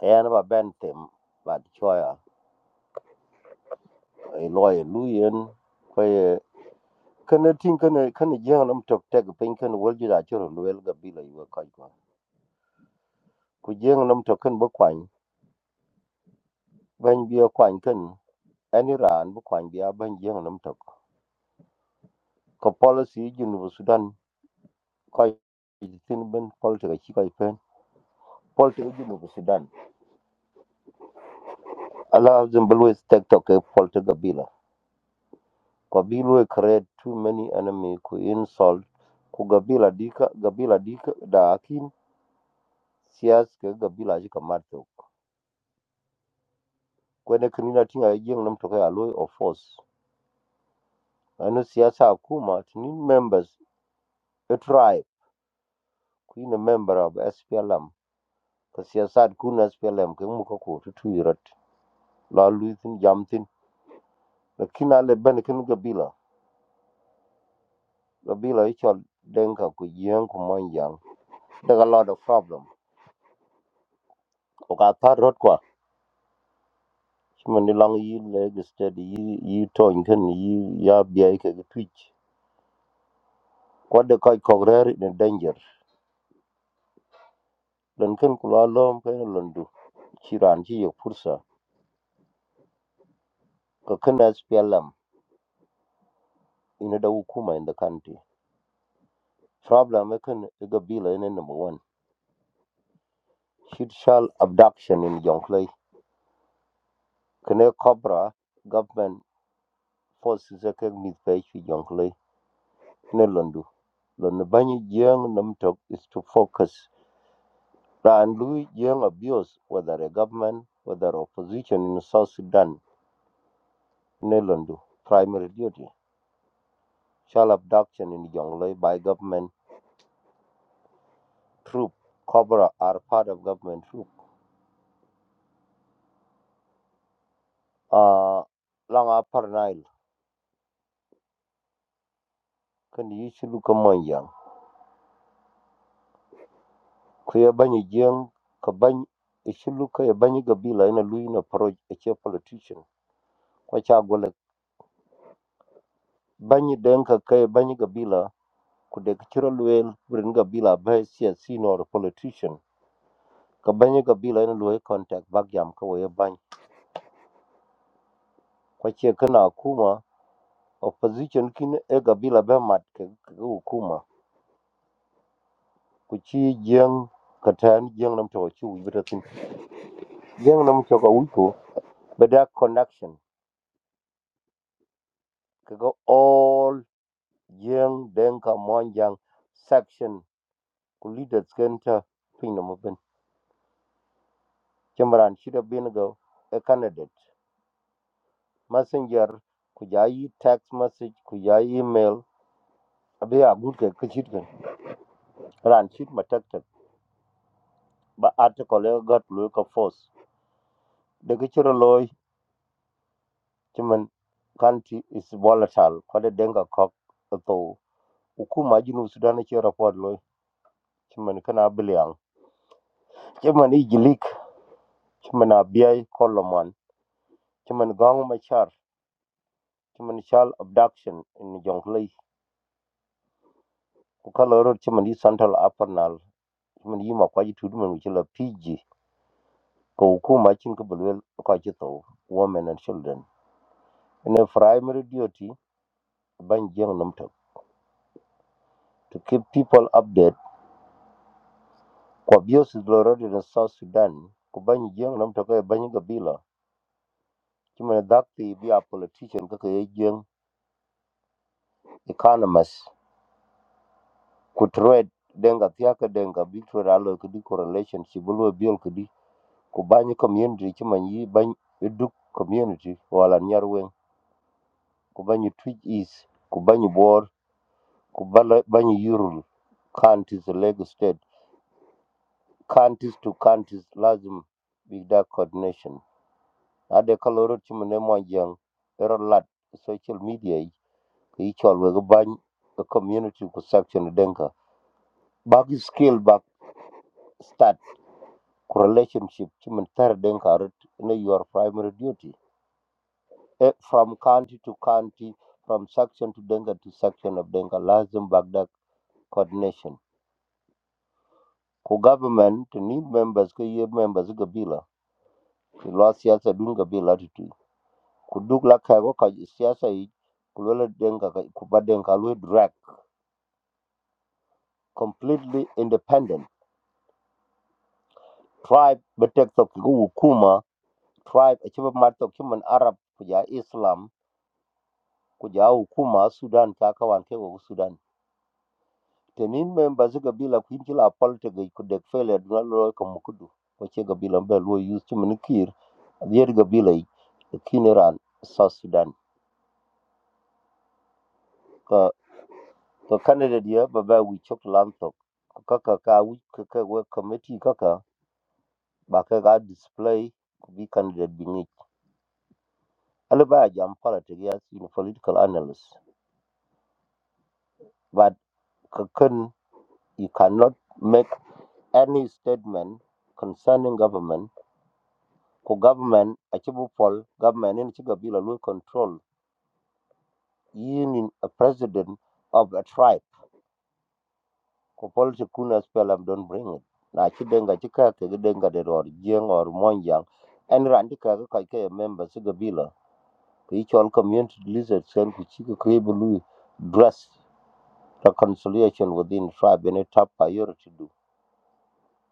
S8: Kaya na ba ban tem ba di choya a lawyer Luyen kaya kana ting kana kana jeng nam tok tag pin kana wal ju da choro luel ga bila yu ka ko ku jeng nam tok kan ba kwan ban bi kwan kan ani ran bu kwan bi ban jeng nam tok ko policy ju nu Sudan ko tin ben policy ka chi ko pen policy ju nu Sudan ala zembelwe tek tok ke policy ga bila Kabilu create too many enemy ku insult ku gabila dika gabila dika da akin siyas ke gabila jika mato kwene kinina tinga jeng nam toka aloy of force ano siyasa kuma tinin members a tribe kuina member of SPLM ka siyasat kuna SPLM ke muka ko tutu yirat la luitin jamtin lakina le ben kin gabila gabila ichal denka ku jeng ku manjang daga lot of problem o ka tarot kwa Shimon ni long yi leg steady yi yi ton ken yi ya biya ke twitch. What the kai kogrer in danger. Lon ken kula lom ken londu. Chiran ji ye pursa. Ka ken SPLM in da hukuma in the country. Problem e ken e ga bila in number one. Shit shall abduction in Jonglei. Kene cobra government forces e ken mit pe shi Jonglei. Ne londu. Lon banyi jeng nam tok is to focus Ran Lui Jeng abuse whether a government, whether opposition in South Sudan, Nelandu, primary duty. Shall abduction in Jonglei by government troop. Cobra are part of government troop. Uh, Long Upper Nile, can you look among young? Kuyabanyi Jeng, Kabany, Ishiluka Yabanyi Gabila in a Luina Proj, a chief politician. Kwachagwale, Banyi Denka Kay Banyi Gabila, could the cultural well bring Gabila by a senior politician. ka banyi ka bila ina luwe contact bak jam ka waye bany kwa chie kana kuma opposition kin e ka bila be mat ka ka kuma ku chi jeng ka tan jeng nam to chi wi bitatin jeng nam to ka wi ko bada connection ka ga all jeng den ka mon section ku leaders ken ta pin na mabin jamran shi da bin ga a candidate messenger ku jayi text message ku jayi email abiya gud ka kashit kan ran shit matak ba article e got lu ka force de ki chiro loy chimen country is volatile ko de denga kok to hukuma jinu sudan ki report loy chimen kana biliang chimen igilik chimen abiy koloman chimen gong machar chimen chal abduction in jonglei ku kala ro chimen di central apernal chimen yima kwa ji tudu men chila pg ko hukuma chin ka bulwel ko ji to women and children in a primary duty ban jeng namto to keep people updated kwa byosi lorode na south sudan ku banyi jeng nam toke banyi gabila chimene dhakti bi a politician kaka ye jeng economist ku trade denga thiaka denga bi trade alo kidi correlation chibulwe biol kidi ku banyi community chiman yi banyi iduk community wala nyar weng ku banyi twitch east ku banyi bor ku bala- banyi yurul counties lagos state counties to counties lazim big da coordination ade kaloro chimene mwanjang ero lat e social media yi ke ichol we ga bany the community ku section e denka bag skill bag start ku relationship chimen tar e denka rut ne your primary duty Eh, from county to county from section to denka to section of denka lazim bagdak coordination ku government to need members ke ye members gabila ke lo siyasa dun gabila tutu ku duk la ka ko ka siyasa yi ku lo denka ku ba denka lo drag completely independent tribe betekto hukuma tribe achieve marto human arab kuja islam kuja hukuma sudan kaka wanke wa sudan tenin member ziga bila kuinjila politics kudek failure dunalo kama kudu wache gabila mbe luo use chimen kir adier gabila i kineran south sudan ka ka candidate ya baba we chok lantok kaka ka we kaka we committee kaka ba ka ga display ku bi candidate bi Alle ba jam politics yes in political analyst. But ka kun- you cannot make any statement concerning government. Ko government a chibu pol government in chigabila will control. Yin in a president of a tribe. Ko politics kuna spelam don't bring it. Na chidenga chika ke denga de or jeng or monjang. And randika ka ka member sigabila. Ko each all community lizards and kuchika kribulu dress. reconciliation within tribe in a top priority do.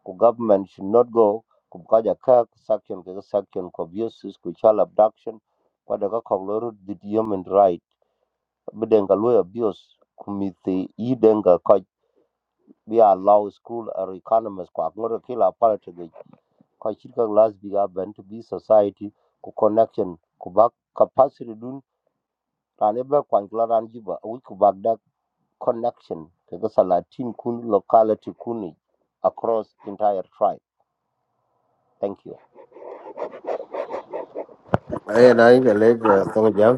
S8: Ku government should not go kubukaja ka section ke section ko abuses ku child abduction kwa daga ko lor the human right bidenga lo abuse kumiti i denga ko bi allow school or economist kwa ngoro kila politics kwa chika glass bi ga ben to be society ku connection ku ba capacity dun tane ba kwa ngla ran jiba wi ku connection to the Salatin Kun locality Kuni across entire tribe. Thank you.
S3: ay na i le song jang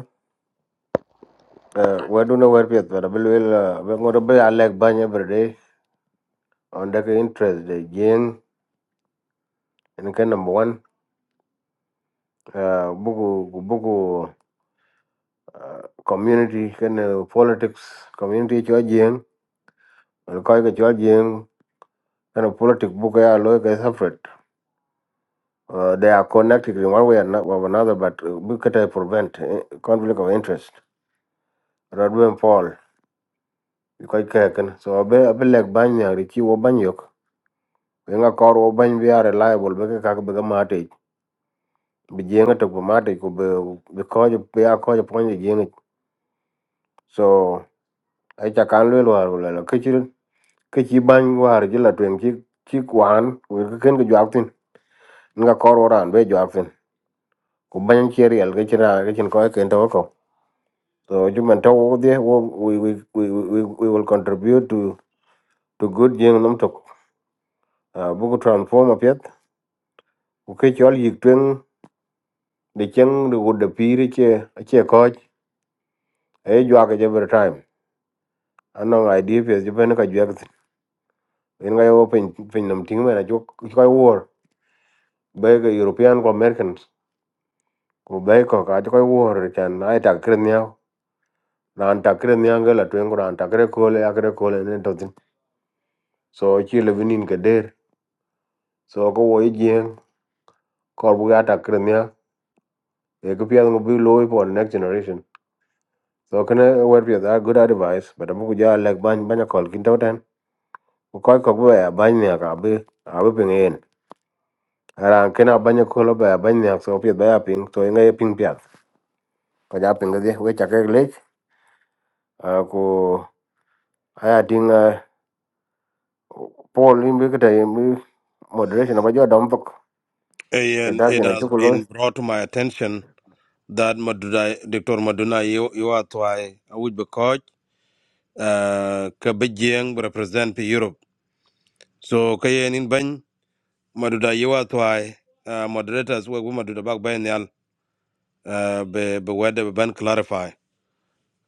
S3: we do no wer pet ba be le be ngor be alek banya bre on the interest de gen en number 1 uh, buku buku uh, community kene politics community cho jing al ko ga cho jing kene politics bugu ya lo ga separate uh, they are connected in one way or not- or another but uh, we can prevent eh, conflict of interest rodwen paul ko ke ken so be be lek ban ya ri ki wo ban yok we nga kor wo ban bi are liable be ka ka be ga mate bi jenga to ko mate ko be be ko be ya ko jo pon jenga so ai ta kan lo lo lo ke ci bany war ji la twen ci ci kwan wir ke ken ke jwak tin nga kor oran be jwak tin ku bany ci riel ke ci ra ke chin ko ken to ko so ju men to wo de wo we we we we we will contribute to to good jing num tok bu ko transform apet ku ke chol yik twen de chen de wo de pir che che ko e jwak je every time ano idea pe ju ben ka jwak tin en ga yo pin pin num ting mena ju ko war be ga european ko americans ku bai ko ka ko wor chan ai ta kre nya ran ta kre nya ga la twen ran ta kre ko le akre ko le ne to tin so chi le binin ke der so ko wo yen ko bu ga ta kre nya e ko pya ngo bi lo for next generation so kana wer pya da good advice but amu ku ja lek ban ban ko kin to ten ku ko ko bu ya ban nya ka bi a bi pin yen ran kana ban ko lo ba ban nya so pya da pin to ngai pin pya ko ja pin ga de we cha ke le ko aya ting Paul in big time moderation about your dumb book. A
S5: and
S3: dark
S5: it
S3: in a
S5: has been
S3: chocolate.
S5: brought to my attention that maduna dr maduna you, you are twice i would be coach uh, ka bi represent pi Europe. So ka yen in bany maduda yewa twai uh, moderators we maduda bak bay uh, be be wede be ban clarify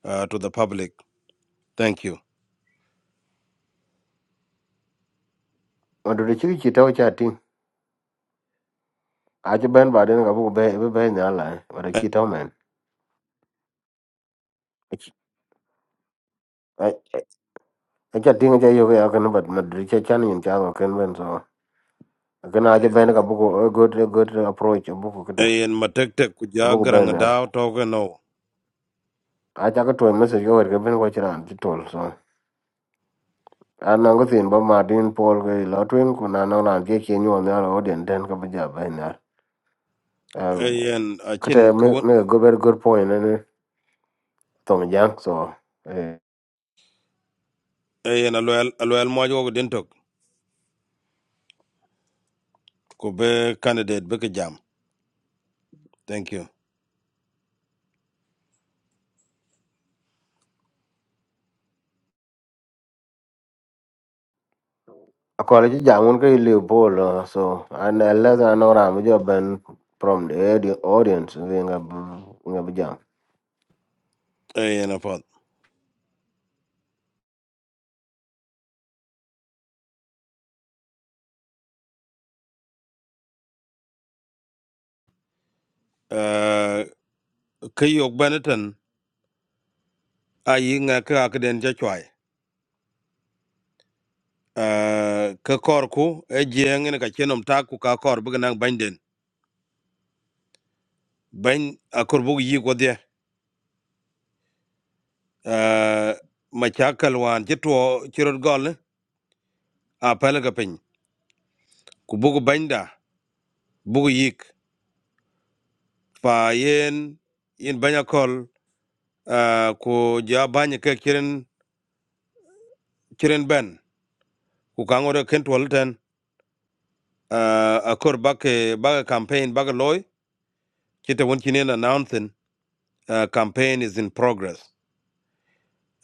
S5: uh, to the public. Thank you.
S3: Or do the chicken cheat out chatting? I just bend by then I will be in the line, but a cheat out man. I just think I you I can but moderate channel in Chavo can win so. Again, I just bend a book, a good, a good approach, a book, a
S5: Ayen matekte kuja
S3: book
S5: garang
S3: band.
S5: daw toke no.
S3: I took a to a message over given what you're on to so. An ango thin ba Martin Paul ke lotwing kuna na na je kenyu on the audience den ka ba ja ba na
S5: Ayen
S3: Could uh,
S5: achin
S3: make,
S5: kawun
S3: make a good, very good point. And uh, Tom Jang, so uh,
S5: ayen alwel alwel mojo ko dintok ko be candidate be ka jam. Thank you.
S3: I call it Jang. One can Liverpool, uh, so and unless I know I'm job and from the audi- audience, we ain't gonna jam.
S5: Ayen afot. Uh, kayok benetan ayi nga ka akden ja uh, ka kor ku e jieng ne ka chenom ta ku ka kor bu nang ban ban akor bu yi go de uh, ma cha kalwan che to chirot gol a pala ga pin ku bu banda bu yik pa yen yen banya kol uh, ku ja banya ke chiren chiren ben ku ka ngore ken to ten uh, akor ba ke ba campaign ba loy chete won chinen announcing uh, campaign is in progress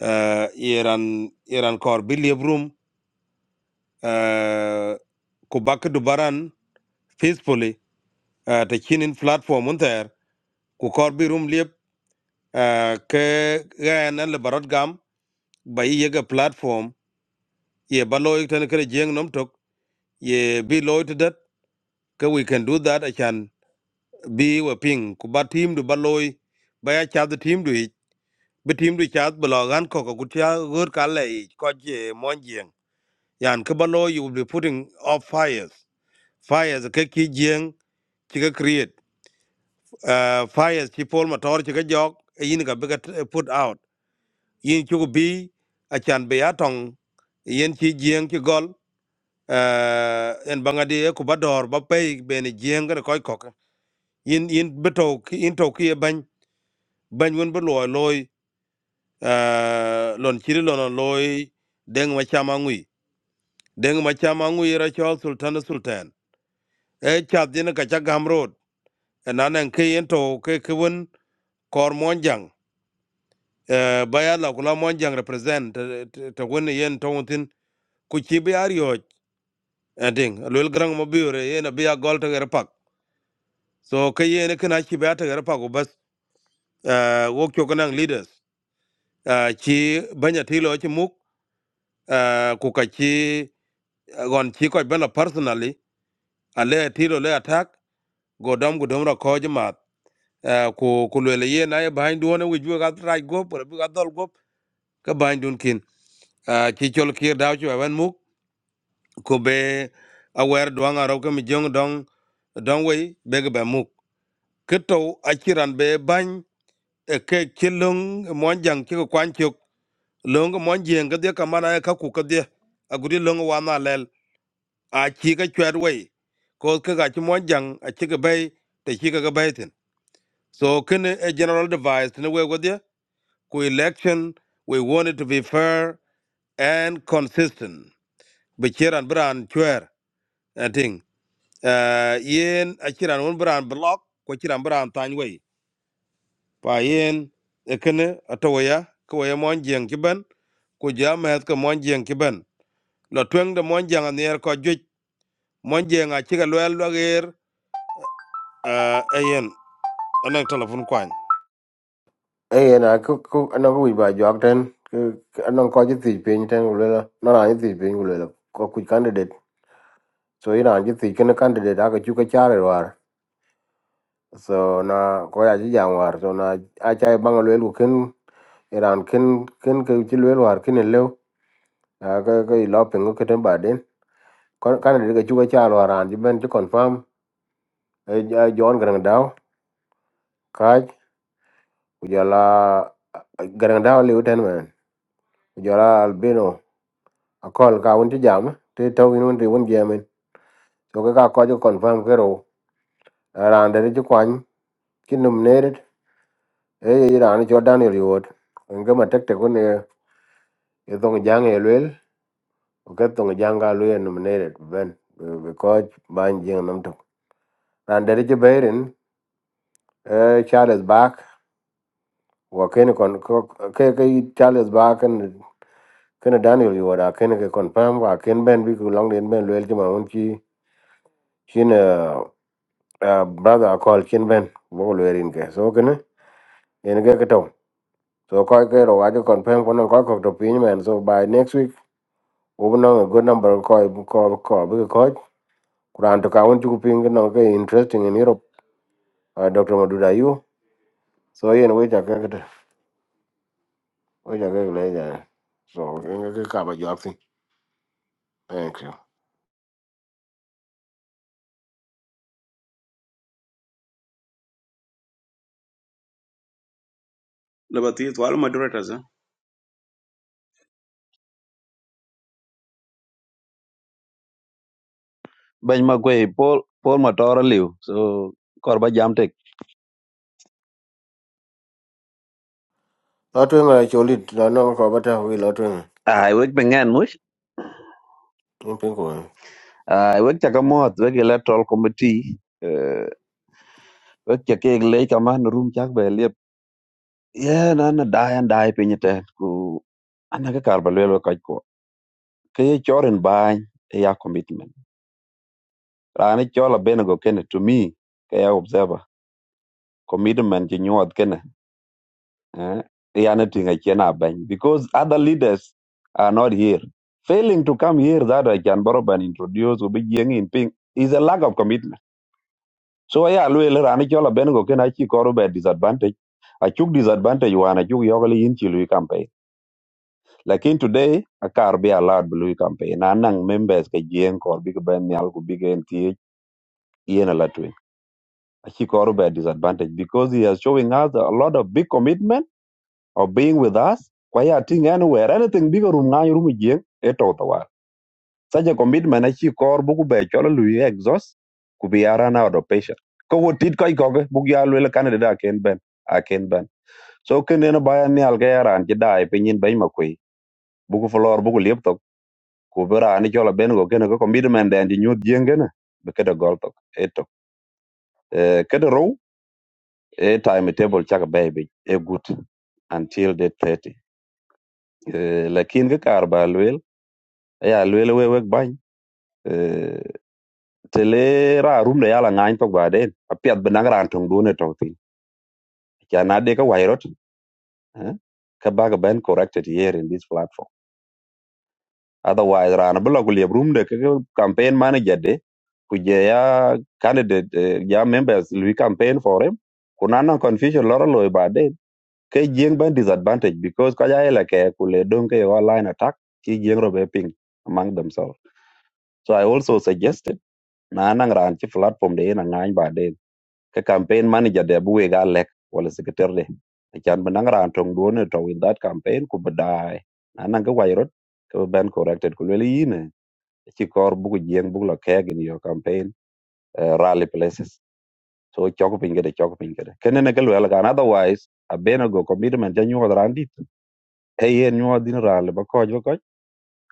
S5: uh, iran iran kor bilievrum uh, ku bak dubaran peacefully uh, ta chinin platform un ter ku kor bi rum liep uh, ke gaen an le barot gam ba yi yega platform ye ba loy tan kere jeng nom tok ye bi loy to that ke we can do that achan bi we ping ku ba team du ba loy ba ya cha the team du ich bi team du cha ba lo gan ko ko ku cha gor ka le ich ko je mon jeng yan ke ba loy you will be putting off fires fires ke ki jeng ki ke create uh, fires ci pol ma tor ci ka jok e yin ka bika put out yin chuku bi a chan be a tong yin ci jieng ci gol uh, en bangadi e ku ba dor ba pay bene jieng ka koy kok yin yin beto ki yin to ki e bany bany won be loy loy uh, lon chiri lon loy deng ma chama ngui deng ma chama ngui ra chol sultan sultan e chat din ka cha gam road enanen ke yin to ke ke won kor monjang Eh, ba la kula mon represent ta woni yen tawtin ku ci bi ar yo ading lol grang mo biure yen bi ya gol ta gar pak so ke yen kana ci ba ta gar pak ko bas eh, wo kyo kanang leaders Ah, ci banya tilo ci muk ah, ku ka ci ah, gon ci ko bela personally ale tilo le attack go dam go dam ra ko jmat eh, ku ku le yen ay bahin duone wi ju ga tra go por bi ga dol go ka behind dun kin Ah, ci chol kir daw ci wan muk ko be awer duang arau ke mi jong dong dong wei be ge muk ke akiran be ban e ke kilung mon jang ke kwan chuk lung mon jeng ge de ka ka ku ka de aguri lung wa na lel a chi ga chwer wei ko ke ga chi mon jang a chi ge be te chi ga be tin so ken a general device ne we go de ku election we want it to be fair and consistent bichiran bran chwer uh, yen akiran won bran block ko kiran bran tan we pa yen ekene atoya ko ye mon jeng kiben ko jam het ko mon jeng kiben lo tweng de mon jeng aner ko juj mon jeng a kiga loel loger uh, ayen anek telefon kwan
S3: Hey, and I cook, cook, and I go by Jock ten. I don't call you the pain ten, Ulula. No, I think the Cook candidate. So, you know, I just think a candidate, I could you a charity war. So, na ko ji jang war. So, na a chai bang a little kin, around kin, kin, kin, kin, kin, kin, à, cái cái lo pin cái trên bờ đến con cái này cái chú cái cha lo ran chú bên chú confirm ai John gần đào cái giờ là gần đào liu trên mà giờ là albino à call cả vấn chỉ giảm thì tàu in vấn thì vấn giảm mình so cái cả coi cho confirm cái rồi ran đấy chú quan chỉ nằm nề đấy ấy ran cho Daniel Yod cái mà tách tách con này cái tông giang ấy luyện cái tông giang cả luyện nằm nề đấy bên because ban giang nằm trong ran đấy chú bé Charles Bach wa kene kon ko ke ke Charles ba ken ken Daniel yo da ken ke confirm wa ken ben bi ku long den ben lel ti ma un chi chin uh, uh, brother call chin ben bo lel in ke so ken en ke ke to so ko ke ro wa ke confirm ko no ko ko to pin men so by next week we no a good number ko ko ko bi ko kuran to ka un ti ku pin no ke interesting in Europe uh, Dr. Maduda you so yen we ta ke we ta ke le ja so en ge ke ka ba jo thank you
S9: laba ti twal moderators eh?
S2: bay ma ko pol pol ma tora liu so kor ba jam tek
S3: Lot wing la cholit la no ko bata wi lot wing
S2: ay wek pengan mut
S3: in pin ko.
S2: ay wek ta ka mot wek electoral committee eh wek ke ke le ka man room chak bay ye na na dai an dai pinyi te ku ana ka kar balwel ka ko ke ye chorin bany e ya commitment rani chola bene go kene to me ke ya observer commitment ji nyuad kene eh e ya na tinga chena bany because other leaders are not here failing to come here that I can borrow and introduce will be yeng in ping is a lack of commitment so e ya lwel rani chola bene go kene achi koru be disadvantage achuk disadvantage wana achuk yogale yin chilu Lakin today, a car be allowed blue campaign. Anang members ke jeng kor big ben nyal ku big NTH yen ala twin. Achi kor by disadvantage because he is showing us a lot of big commitment of being with us. Kwaya ting anywhere, anything bigger room ngay room jeng, eto tawar. Such a commitment achi kor buku be chola lui exhaust ku be run out of patience. Ko wo tit koi koge, buku ya lwela candidate aken ben, aken ben. So kene na bayan nyal ke yaran jidai pinyin bay buku folor buku liep tok ku bi raan icɔl abɛn ko kene ko commitment dɛn ti nyuɔt jieŋ kene bi kede gɔl tok e tok Eh, kede rou e time table cak baby bic e gut until the thirty. Eh, lakin ke kaar ba lueel aya lueel we wek bany Eh, tele ra rumde yala ŋaany tok baden apiath bi naŋ raan toŋ duun e tɔŋ thin ca na de ke wai rot eh, ke bak ben corrected here in this platform otherwise rana bila kulia room de ke campaign manager de kuje ya candidate eh, ya members lui campaign for him kuna na confusion lora loy bade ke jeng ban disadvantage because kaya ele ke kule dom ke online attack ki jeng robe ping among themselves so i also suggested na na ran ci platform de na ngany bade ke campaign manager de buwe ga lek wala secretary de chan ban ran tong do to with that campaign ku na na ga wayrot ke ben corrected ku ci kor bugu jeng bugu lo keg in your campaign uh, rally places so choko pin gede choko pin gede kene ne galwel gan otherwise abena go commitment ja nyuwa randit e yen nyuwa din rally ba koj ba koj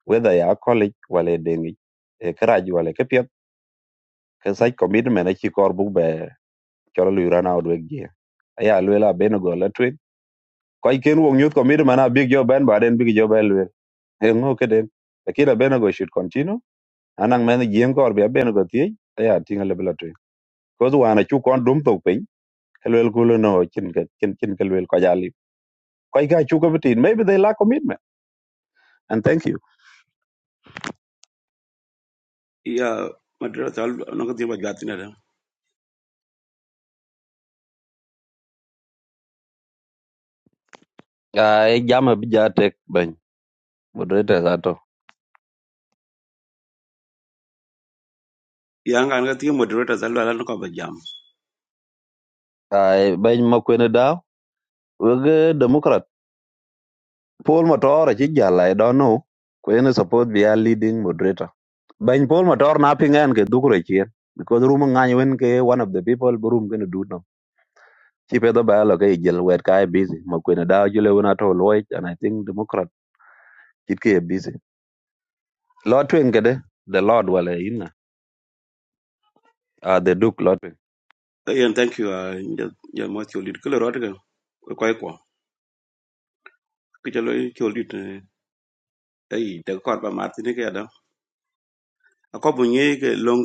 S2: whether ya college wale dengi e karaji wale ke piet ke sai commitment ci kor bugu be choro lu rana odweg je aya lwela abena go la twin koj ken wong youth commitment a big job ben baden big job elwe e ngo keden lakini abena go should continue anang men jeng kor bi abena go tie aya tinga lebla ko duana chu kon dum to pin kalwel kulo no chin ka chin chin kalwel ko jali ko ga chu ko bitin maybe they lack commitment and thank you
S9: ya moderator no ko tiba gatina da
S2: ai jama bija tek ben moderator gato
S9: ya nga nga ti moderators al ala no ko ba jam
S2: ai ben makwene da wege democrat paul motor chi jala i don't know ko ene support bi a leading moderator ben paul motor na pingen ke dukure chien because room ngany wen ke one of the people bu room gonna do no chi pedo ba lo ke jel wet kai busy makwene da jule wona to loy and i think democrat chit ke busy Lo twin kede the Lord wala ina ah the Duke lo twin.
S9: Eh, yan thank you ah, ja ja mo ti lid kilo rot ga ko ko ko ki jalo ti lid ai de ko ba martin ke da ko bu ni ke long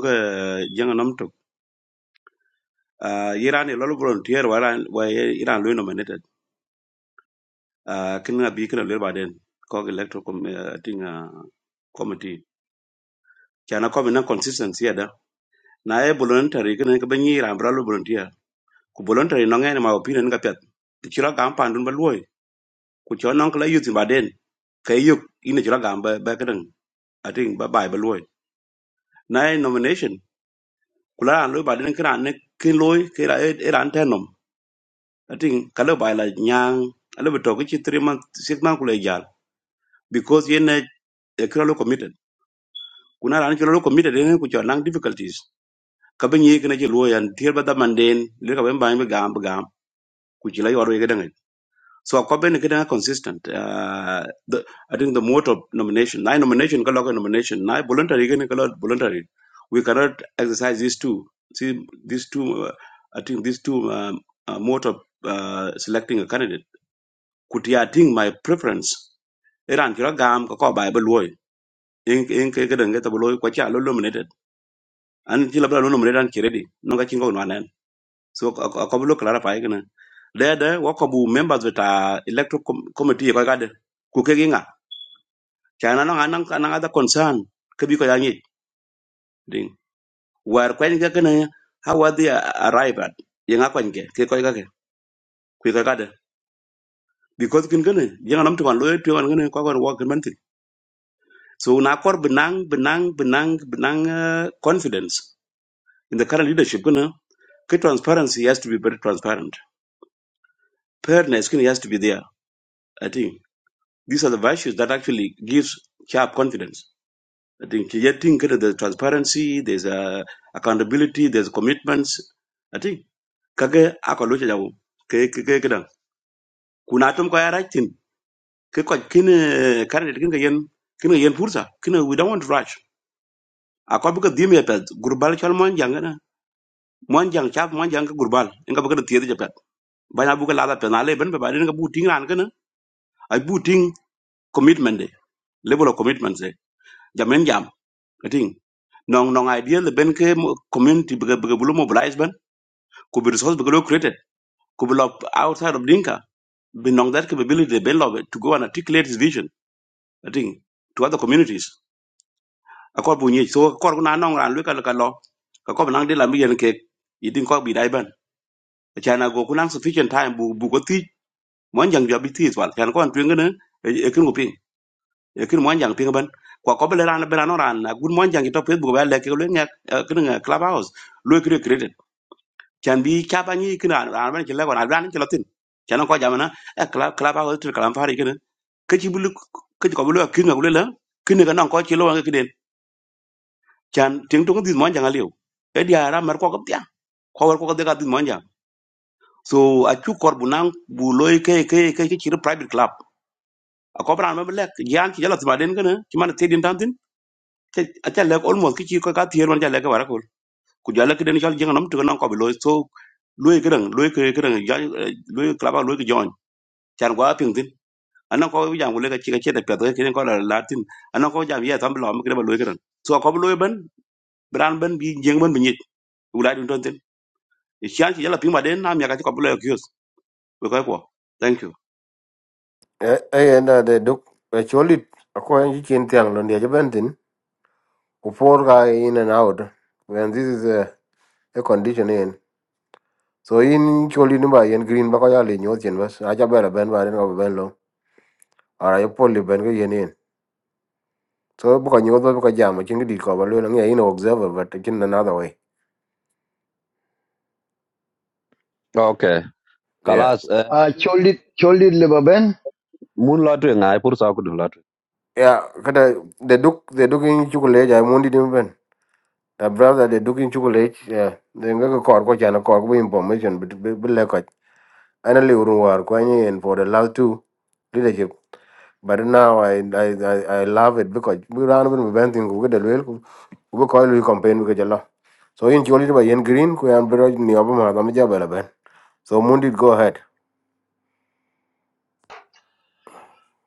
S9: jang nam to iran e lolo volunteer wala wa ye- iran lo nominated Ah, kin na bi kina lo ba den ko electoral com- eh, ting ah, committee kana ko na consistency ya da na e voluntary kin ka ban yi iran bra lo volunteer ku voluntary no ngene ma opinion ka pet ti chira gam pandun ba luoy ku chon non kala yutin baden kay yuk ina chira gam ba ba kadang ating ba bai ba luoy na e nomination kula an loy baden kra ne kin loy ke ra e e ran tenom ating kala bai la nyang ala beto ki chi three month six month kula jal because yene e kra lo committed kuna ran chira lo committed ne ku chon nang difficulties ka ben yi kana chi luoy an tier ba da manden le ka ben bai ba gam ba gam ku chila yoro ye So a Coben is consistent. Uh, the, I think the mode of nomination, nine nomination, kala nomination, nine voluntary, again kala voluntary. We cannot exercise these two. See, these two, uh, I think these two um, uh, mode of uh, selecting a candidate. Could yeah, I think my preference? Iran kira gam kako Bible loy. In in kaya kadang kaya tabloy kwacha lo nominated. An kila bala lo nominated an kiredi. Nonga chingo so akobo lo clarify kana dede wo ko bu members with a electoral com- committee ko gade ku ke ginga chana no anan anan ada concern ke bi ko yangi ding war ko ngi kana how are they arrive at yanga ko ngi ke ko gade ku ko gade because kin kana yanga nam to man lo to man kana ko ko wo kin man tin so na kor benang benang benang benang uh, confidence in the current leadership kana ke transparency has to be very transparent fairness kin has to be there i think These are the virtues that actually gives CHAP confidence. I think getting kind of the transparency, there's uh, accountability, there's commitments. I think kage akolocha jawo ke ke ke kedan kuna tom ko yara tin ke ko kin candidate kin ga yen kin ga yen fursa kin we don't want to rush akol bu ka dim ya pet gurbal chal mon jang na mon jang chap mon jang ka gurbal inga bu ka tiye ja pet banya bu ka la pet na le ben be ba din ga bu ting ran kana ai bu ting commitment de level of commitment de jamen jam I think non non ideal ben ke mo- community be be bulu mobilize ben could be resource be lo created could be lo- outside of dinka be non that capability be lo to go and articulate his vision i think to other communities akor bu nyi so akor na non ran lu ka ka lo ka ko nang de la mi yen ke i think ko bi dai ben chana go kunang sufficient time bu bu ko ti mon jang jo bi ti twal chan ko an twen ngene e e kin ko ping e kin mon jang ping ben kwa ko be ran be ran ran na gun mon jang to pe bu ba le ke lu ngak kin club house lu created can bi kaba ni kina an ban kila wana ran kila tin can ko jamana e kala kala ba hotel kala fari kina kiti bulu kiti ko bulu kinga bulu la kini kana ko kilo wanga kiden can ting tung dit mon janga liu e dia ra mar ko kaptia ko war ko ka dit mon jang so a chu kor bunan bu loy ke ke ke ke chiro private club a ko bran mabel lek yan ki jala tibaden kana ki man tedin tantin a cha lek almost ki chi ko ka tier man jala ka wara ko ku jala kiden jal jenga nam tu kana ko bi loy so Lui cái đằng lui cái loy kedang loy club lui cái join chan kwa ping tin anan ko wi jam gulega chiga cheta pedo ke ko la latin anan ko jam ya tam lo mke ba lo kedan so ko lo ben bran ben bi jeng ben bi nyit wala dun ton tin e chan ki yala ping ba den nam ya ka ko lo kyos we ko ko thank you
S3: E e na de duk e cholit a ko en chin tiang lo ndia bentin ku por ga in and out when this is a, a condition in. So in cholit ni ba yen green ba ko ya le nyot chen bas a cha bela ben ba den ko ben lo. Ara yo poli ben ko yen in. So bu ko nyot ba bu ko jam chin di ko ba lo ngia in observer but in another way.
S2: Okay,
S3: Yeah.
S2: kalas eh,
S10: Uh, Cholit, Cholit lebaben.
S2: mun lo twin ay pur sa kudu lo twin.
S3: Yeah, kada de duk de duk in chukule ja mundi dim ben. The brother they took in chocolate, yeah. They ngaka kor ko chana kor ko information but but like it. I know urunwar ko any and for the last two leadership. But now I I I, I love it because we ran when we went in go get the well ko ko ko lu campaign ko jalla. So in chocolate by yen green ko an bro ni obama ma jabala ben. So Mundi go ahead.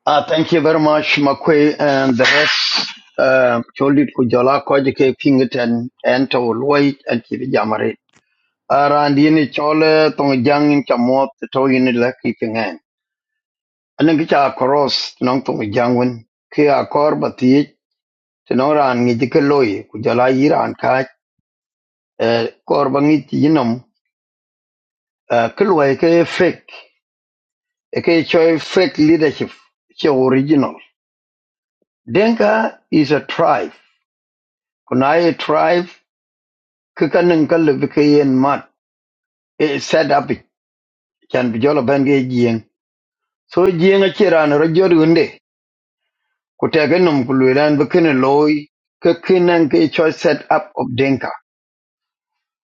S10: Uh, thank you very much, Makwe and the rest. Um, Cholit Kujala Kojike Pinkerton and to Loy and Chivijamari. Around Yini Chole, Tongjang in Chamot, the Toyin Laki Pingan. And then Kicha Koros, Nong Tongjangwin, Kia Korbati, Tenora and Nijikaloi, Kujala Yira and Kaj, uh, Korbangit Yinum, uh, Kilway K fake, a K fake leadership, she original. Dinka is a tribe. Kunai tribe kikanin kalubika yin mat. It set up can be jolo benge jing. So jing a chiran rajori unde. Kutaganum kuluran bikin loy. Kakinan ke choice set up of Dinka.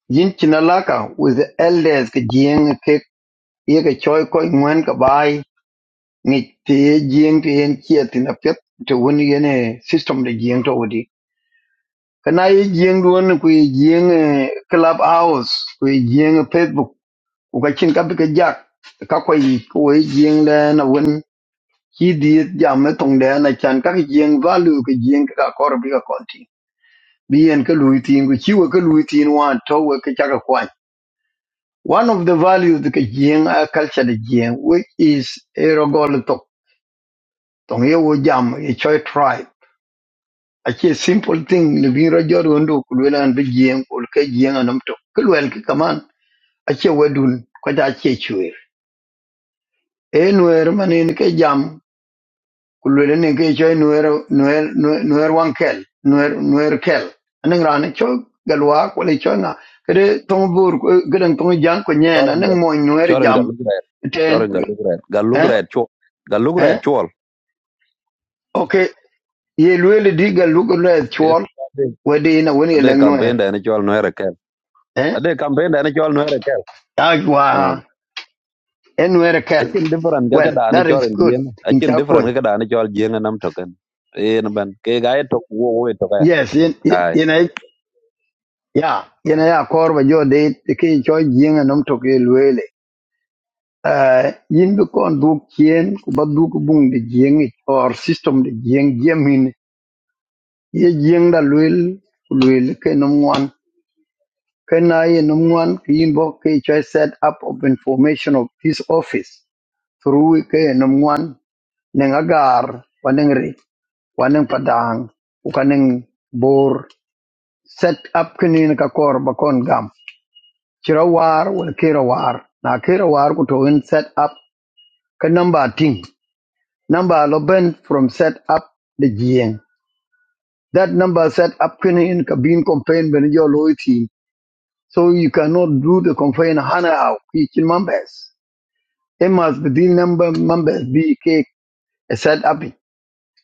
S10: Jin chinalaka with the elders ke jing ke yeke choy koi ngwen ka bai ni te jing te yen chia tin a pet to win yene system de jing to wudi. Kana yi jiyang duwan ku yi jiyang club house ku yi jiyang facebook ku ka chin ka bi ka jak ka kwa yi ku yi jiyang le na wen ki di jam na tong de na chan ka jiyang value ka jiyang ka kor bi ka konti bi yen ka lui tin ku chi we ka lui tin wan to we ka chaka kwan one of the values ka jiyang a culture de jiyang which is a rogol to tong ye wo jam a choi tribe a simple thing le bi ro jor ndo ku le an bi jiyang ku ka jiyang anom to ku le ka kaman ache wedun ko ta che chwer e nuer manin ke jam kulwele ne ke cho nuer nuer nuer wan kel nuer nuer kel anen ran cho galwa ko le cho na kede tong bur kede tong jang ko nyen
S2: Choren gal
S10: anen mo nuer
S2: choren gal
S10: jam
S2: lugret
S10: ten
S2: choren gal
S10: kulwe
S2: lugret gal
S10: eh
S2: lugret chol gal lugret
S10: eh
S2: chol.
S10: okay ye lwele di galu ko le
S2: Yes,
S10: chwal
S2: ade
S10: wedi na woni le
S2: Ade campaign
S10: nuer
S2: da ni chol no erekel.
S10: eh
S2: Ade campaign da ni chol no erekel. Hmm.
S10: agwa en nuer kel
S2: Akin different ga
S10: well
S2: kada ni
S10: that is
S2: chol
S10: good
S2: jien.
S10: in
S2: Akin different
S10: chakun
S2: ga kada ni chol jien nam token. Eh na ban ke ga to wo wo to ga.
S10: yes in
S2: Ai.
S10: in ya yana ya kor ba jo de ke cho jing nom to ke luele eh yin bi kon du kien ku ba du ku bung de jing it or system de jing jemin ye jing da luel ku luel ke nom wan ke na ye nom wan ke yin bo ke cho set up of information of his office through e ke nom wan neng agar waneng ri waneng padang ku kaneng bor set up kenin ka kor ba kon gam Kirawar wen Kirawar. Na Kirawar ku to in set up ka number ting. Number lo from set up the GM. That number set up can in cabin campaign when your loyalty. So you cannot do the campaign hana out each members. It must be the number members be cake set up.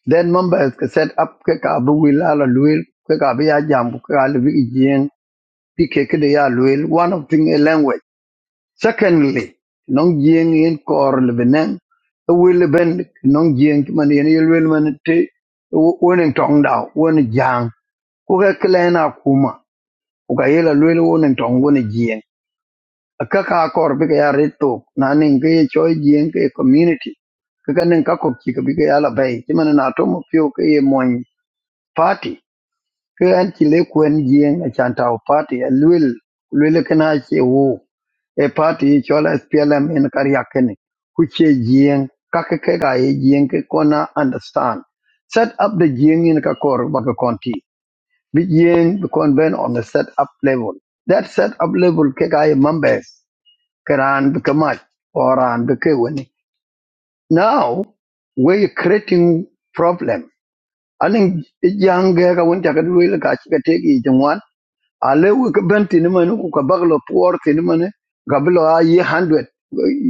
S10: Then members ka set up ke ka bu wila la luil ke ka bi ya jam ke ka le bi GM. Bi de ya luil. One of thing a language. Secondly, nong jing in kor lebenang, a will ben nong jing man yen yel will man te woneng tong da wen jang ku ka klen akuma ku ka yela lwel woneng tong wen jing a ka ka kor bi ka ya reto na ning ke choi jing ke community ka ka ning ka kok chi ka bi ka ya la bai ti man na to mo pyo ke ye mon party ke an ci le kwen jieng a chan tau party a luel luel kena che wo e party e chola SPLM en karya kene ku che jieng ka ke ke ga ye jieng ke kona understand set up the jieng in ka kor ba ka konti bi jieng bi kon ben on the set up level that set up level ke ga ye members karan bi kamat oran bi ke woni now we creating problem aling e jang ga ga won ta ka luel ka chi ka te ki ale we ka ben tini mani ku ka bak lo puor tini mani gabi lo a ye hundred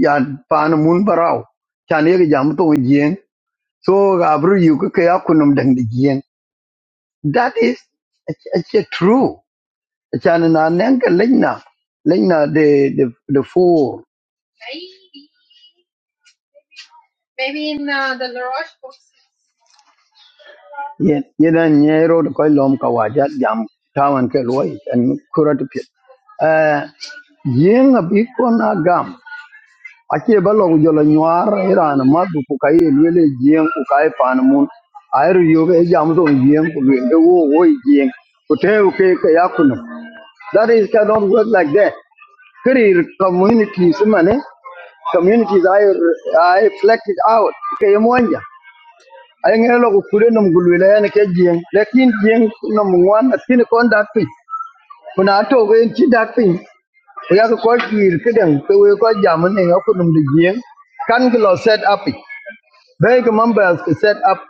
S10: ya paani mun barau chan ye ki jam tong jieng so ga abru yu ka ke akunum dang di jieng that is it's, it's a true chan na neng ka lenya lenya de de de four ye ye na nyero de koi lom ka waja jam tawan ke loi an kurat pit eh jieng abi ko na gam acie ba long jolo nyuar iran ma du ku kai lwele jieng ku kai pan mun airu yobe e jam do jieng ku lwele wo wo i jieng ku te u ke ka yakun that is cannot work like that career communities mane communities i i reflected out ke ymonja ay ngelo ku kure nom gulwele en ke jieng lekin jieng nom ngwan atin kon dak pi kuna to ge ti dak pi ku yak ko kir kedeng ke we ko jam ne yakun dum jieng kan ki lo set up it. Vega members could set up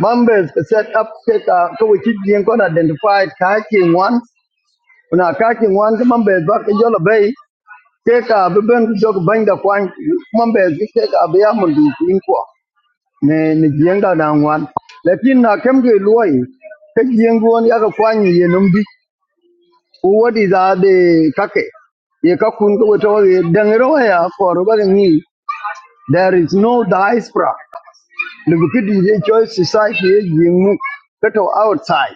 S10: members could set up take a to which you can identify kaking one una kaking one the members back in your bay take a beben jog bang the point members take a be amon di inko ne ne jenga dan wan lakin uh, come to ke loy take jengo on ya ka kwani ye numbi what is are the kake ye ka kun ko to ye dangero ya for ba ni there is no diaspora Lubukidi choice society ye mu kato outside.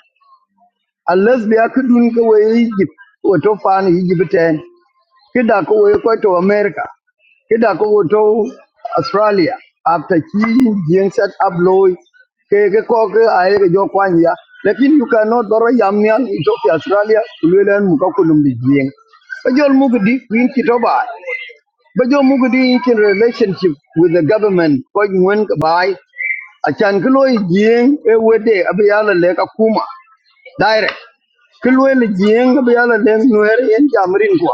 S10: Unless be akudun ka we are could move away Egypt wato find Egypt ten. Kida ko to America. Kida ko to Australia. After ki yin set up loy ke ke ko ke aye ke jo kwanya. Lakin you cannot doro yamnian Ethiopia Australia kulelen mu ka kulum di jing. Bajol mugudi in Kitoba. Bajol mugudi in relationship with the government. Going when ka achan ki looy jieŋ e wede abi yala lek akuma direct ki lueel jieŋ abi yala lek nuer yen jam rin kwa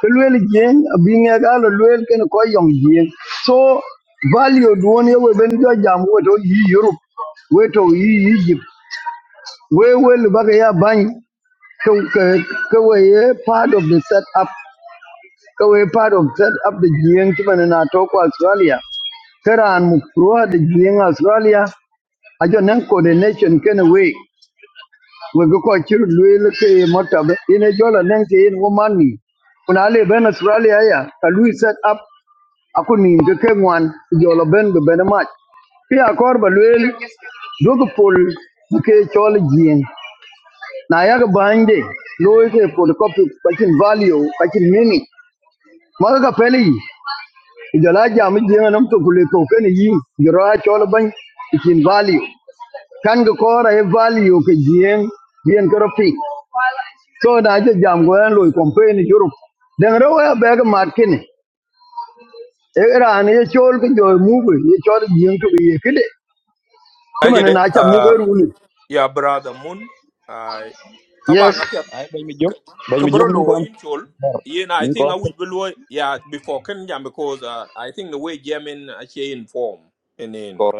S10: ki lueel jieŋ abi ŋek ala lueel kene ko yong jieŋ so value duwon we weben jo jam weto yi europe weto yi egypt we wel baka ya bany ke ke- ke we part of the set up ke we part of set up the jieŋ chibane na to ko australia keran mu pro de jieŋ australia ajo nan coordination kene we we go ko chir luel ke mota be ine jola nang ke in woman ni kuna le ben australia ya ka lui set up aku ni de ke ngwan jola ben be ben ma ki akor ba luel dogo pol ke chol jien na ya ga bande loy ke pol copy kachin value kachin mini ma ga pele yi jola jam jien nam to kule to ken yi jora chol ban kachin value kan ga kora e value ke jien bien ko so na je jam go en loy campaign Europe de ngre wa bag market ni e ran ye chol ki jo mu go ye chol yin to ye kide chimana
S1: Ajede
S10: na cha mu go
S1: uh,
S10: runi
S1: ya brother Moon. I
S10: yes
S1: taban
S2: Ai ben mi jok. Ben mi jok nin
S1: Kabrolo
S2: kon.
S1: in chol. Yeah, I
S2: Nin
S1: think
S2: kon.
S1: I would below yeah before can jam because uh, I think the way German actually inform and then
S2: Correct.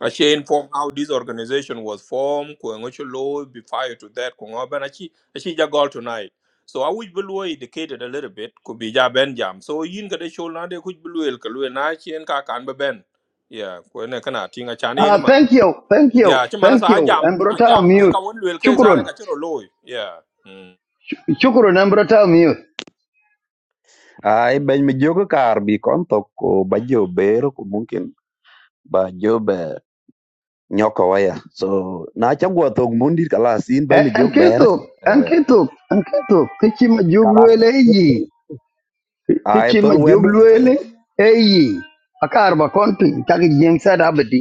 S1: actually inform how this organization was formed, Kuangocho law be prior to that, Kungoban actually actually ja goal tonight. So I would below educated a little bit, could be ja ben jam. So yin kada chol na de could below el kalu na chien ka kan ba ben. Yeah, kwen kana tinga chane na
S10: Ah,
S1: man.
S10: thank you thank you
S1: Yeah, chimana
S10: thank
S1: sa
S10: you
S1: ajam
S10: and
S1: ajam
S10: brother
S1: jam kwe
S10: mute
S1: ka won luel ke
S10: shukron
S1: zare ka chiro loy. Yeah. mm.
S10: shukron and brother mute
S2: Ay, ben mi jogo kar bi kon to ko ba jobero ko mungkin ba jobe nyoko waya. So na chagwa to mundi kalas in ben mi
S10: and
S2: jog ber
S10: kitu and
S2: eh,
S10: kitu and kitu kichi
S2: kalas
S10: majugluele yi
S2: ay
S10: kichi
S2: tol wedo
S10: majugluele eyi akarba konti tak jeng sada abdi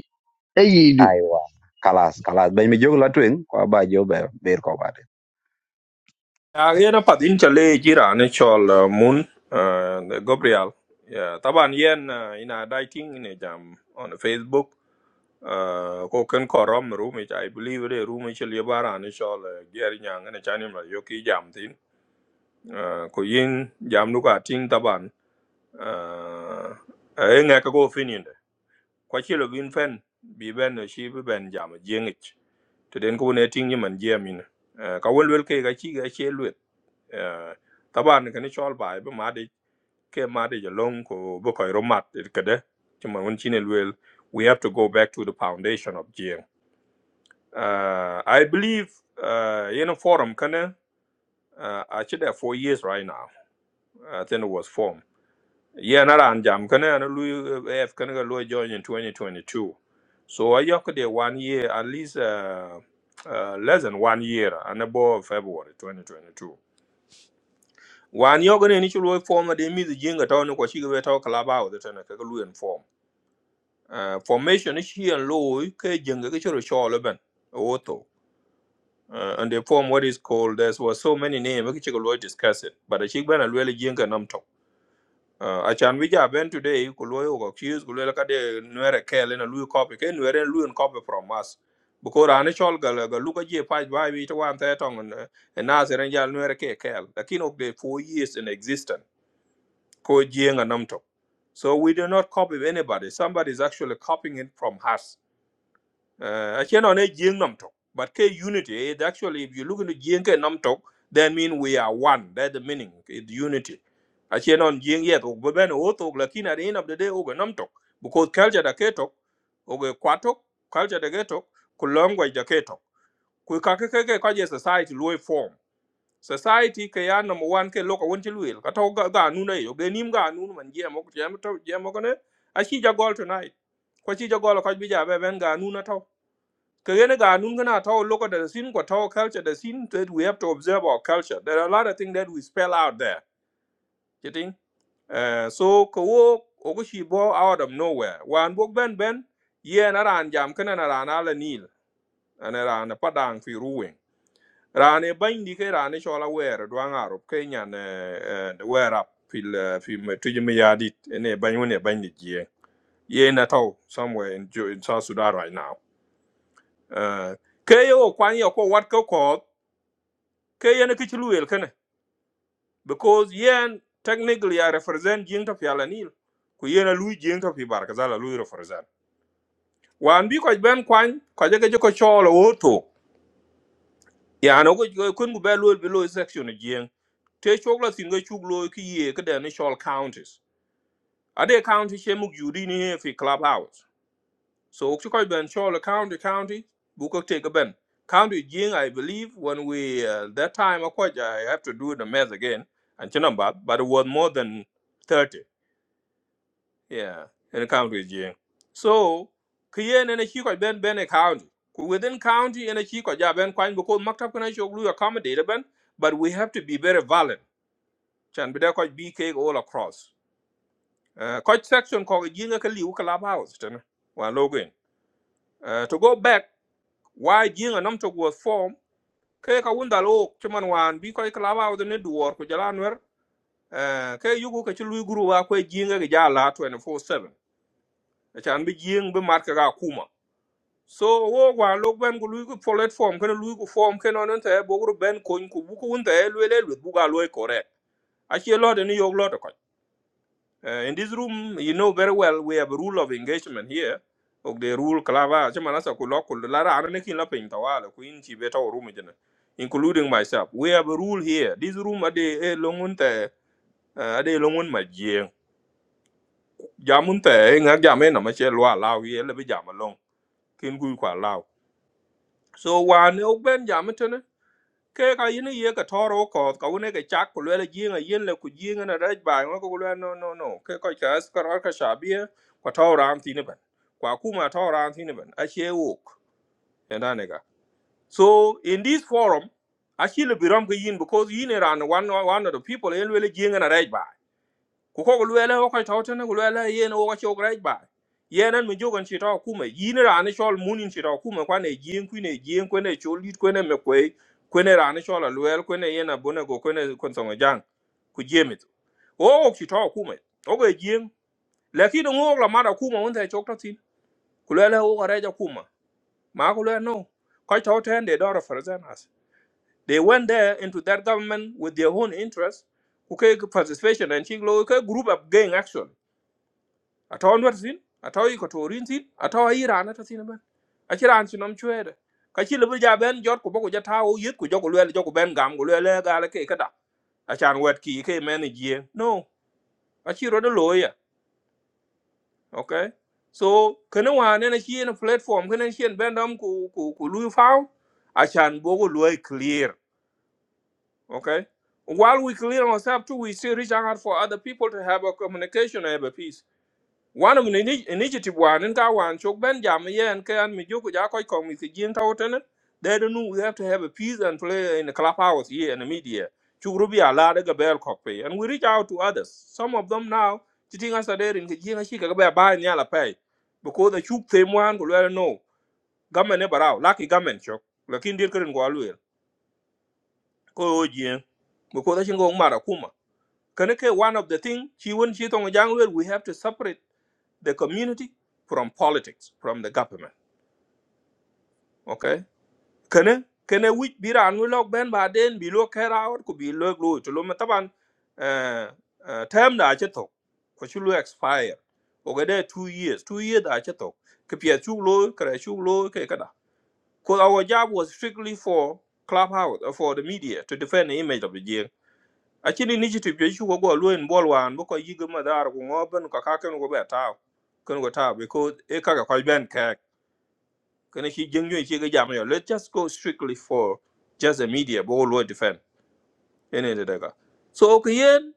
S10: eyi du.
S2: aywa kalas kalas ben mi jog latwing ko ba jobe ber ko ba de.
S1: Yeah, yeah, no, padin chale jira ne chol uh, moon uh, Gabriel. Yeah, taban yen uh, ina dating ne jam on Facebook. Uh, ko ken korom room ich I believe the room ich le bara ne chol uh, ger nyang ne chani ma yoki jam tin. Uh, ko yin jam nu ka tin taban. Uh, e nga ka go finin de. Kwa chilo bin fen bi ben ne shi bi ben jam jengich. Teden ko ne tin yiman jemin. Uh, ka wel wel ke ga chi ga chi Eh, taban kan chol bai be made ke made je long ko be ko romat kede chuma won chine luel we have to go back to the foundation of jing uh, i believe uh, in a forum can uh, actually should have four years right now i think it was formed yeah na ran jam kan na lu af can ga lu join in 2022 so i yok de one year at least uh, uh, less than one year and above february 2022 wan yo gane ni chulo form na de mi de jinga to ne ko shi ga to The ba o de tane ka lu en form Ah, formation ni shi en lo ke jinga ke chulo sho lo ben oto uh, and they form what is called there was so many names we chick lo discuss it but a chick ben a really jinga nam to uh, a chan we ja ben today ko lo ko accuse ko lo ka de nwere kele na lu copy ke nwere lu en copy from us because ane chol ga ga lu ka je pa ba wi to wan ta tong na na se ren ja nwere ke kele lakini of the 4 years in existence Ko Jiang and Namtok. So we do not copy anybody. Somebody is actually copying it from us. Uh, actually, no, not Jiang Namtok, but K unity. It actually, if you look into Jiang and Namtok, that mean we are one. That's the meaning. It's unity. Actually, on Jiang yet, but when we Otok, lakin at the end of the day, we Namtok, because culture da Ketok, we Kwatok, culture da Ketok, ku language da Ketok. Ku kakeke kaje society low form society ke number one ke loka won ti luel ka to ga ga nu ne yo ge nim ga nu man je mo je mo to je mo ne a chi ja gol tonight ko chi ja gol ko bi ja be ben ga nu na to ke ne ga nu na to loka da sin ko to culture da sin that we have to observe our culture there are a lot of things that we spell out there you think uh, so ko wo o go shi bo out of nowhere wan bo ben ben ye na ran jam kana na ran ala nil ana ran padang fi ruwing Rane bany ke rane chola wer duang Arab ke nyan the wer up fil eh, fil tuji me yadit ene bany wone bany Ye na tau somewhere in, Jo- in South Sudan right now. Uh, ke yo kwan yo ko wat ko ko ke ye ne kichlu el kene because yen technically I represent jing to fiala nil. Ku ye na lui jing to fi bar kazala lui represent. Wan bi ko ben kwan ko je ke ko chola woto. ya na go go kun go belo below section again te chokla tin go chuklo ki ye ka da ni shol counties ade county she mug yudi ni he fi club house so ok ko ben shol county county bu ko take ben county jing i believe when we uh, that time of course i have to do the math again and chinamba but it was more than 30 yeah in the county jing so kiyen in a chi ko ben ben a county Ku within county in a chi ko ja ben kwan because maktab kana chok lu accommodate ben but we have to be very violent chan be da ko bk all across uh coach section ko jinga ka liu club house tan wa login uh to go back why jinga nam to was formed ke ka wunda lo chuman wan bi ko club house ne duor ko jala nwer uh ke yugo ka chi lu guru wa ko jinga ga jala 24/7 chan bi jing bi marka ga kuma so wo wa lo ben ku lui ku platform kana lui ku form kana non te bo gru ben ko ku bu ku nte lu le lu bu ga lo correct a che lo de ni yo lo de ko Eh, in this room you know very well we have a rule of engagement here of the rule klava che mana sa ku lo ku la ra ne kin la pin ta wa ku in chi be ta room jena including myself we have a rule here this room ade e lo ngun te eh, ade lo ngun ma je jamun te eh, nga jamena ma che lo la here. le be jam long kin ku kwa lao so wa ne ok ben jam e tene ke ka yin ye ka toro ko ka une ke chak ku le yin a yin le ku yin na raj ba ngo ku le no no no ke ka ka as ka ka sha bi ko toro am tin ban kwa ku ma toro am tin ban a she wok and anega so in this forum I she le biram ke yin because yin ran one one of the people in le yin and a right raj ku ko luele ko kai tawte ne luele yen wo ko great ba yenen mi jogon chi taw kuma yin ra ne chol munin chi taw kuma kwa ne jin ku ne jin ku ne chol lit ku ne me ku ku ne ra ne chol luel ku ne yena bune go ku ne kon songo jang ku jemit wo wo chi taw kuma o go jin lakin ngo la mara kuma won ta chok tatin ku luele wo ko reja kuma ma ku luele no kai tawte ne do represent us they went there into that government with their own interest ku ke participation and chi lo ke group of gang action atawa nwar sin atawa iko torin sin atawa iran ata sin ben achiran sinom chwede kachi lebu ja ben jot ko bogo jata o yit ko jogo lwel jogo ben gam go lwel ga le ke kada achan wet ki ke men ji no achiro de loya okay so kana wa ne na chi na platform kana chien ben dam ku ku ku lu faw achan bogo lwel clear okay While we clear ourselves too, we still reach out for other people to have a communication and have a peace. One of the ini- initiative one in Kawan Chok Ben Jam yeah and Kan Mijuku Jakoi Kong is Jin Tautan. They don't know we have to have a peace and play in the clubhouse here in the media. Chukrubi Alada Gabel Kokpe. And we reach out to others. Some of them now sitting us there in Kijina Shika Gabel buy Nyala Pay. Because the Chuk Tame one could well know. Gamen Ebarao, Lucky Gamen Chok. Lakin Dirkin Gwalwil. Ko Jin. Because she go Marakuma. Kaneke, one of the thing she wouldn't cheat on a young we have to separate the community from politics, from the government. Okay? Kene, kene wich bira anwi lok ben ba den bi lo kera or ku bi lo glu chulo me taban eh, eh, term da ache tok ko chulo expire. Oga de two years, two years da ache tok. Ke pia chu lo, kere chu lo ke kada. Cause our job was strictly for clubhouse, uh, for the media to defend the image of the jail. Actually, initiative je chu go go lo en bol wan bo ko yigo madar ku ngoben ka ka ken go be taw. Ken go taw because e kaka ko ben kek. kana shi jengyo shi ga jami'a let's just go strictly for just the media but all lo defend ene da daga so okay, yen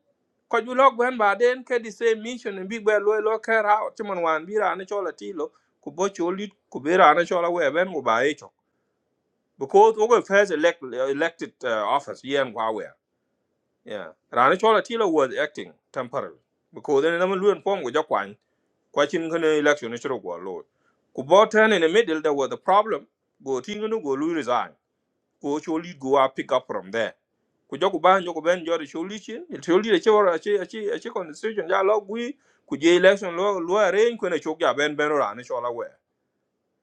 S1: ko ju log ban ba den ke the same mission and big bell lo lo care how chimon wan bira na chola tilo ku bo choli ku bira na chola we ben ku ba echo because we first elect, elected uh, office yen wa we yeah rana chola tilo was acting temporarily because then na lu form go jakwan kwa chin kana election ni chiro go lo ku bo turn in the middle there was a problem go tinga no go lu resign ko choli go a pick up from there ku joku ban joku ben jori choli chi choli de chora chi chi chi constitution ja lo gui ku je election lo lo arrange ko ne chok ja ben ben ra ne chola we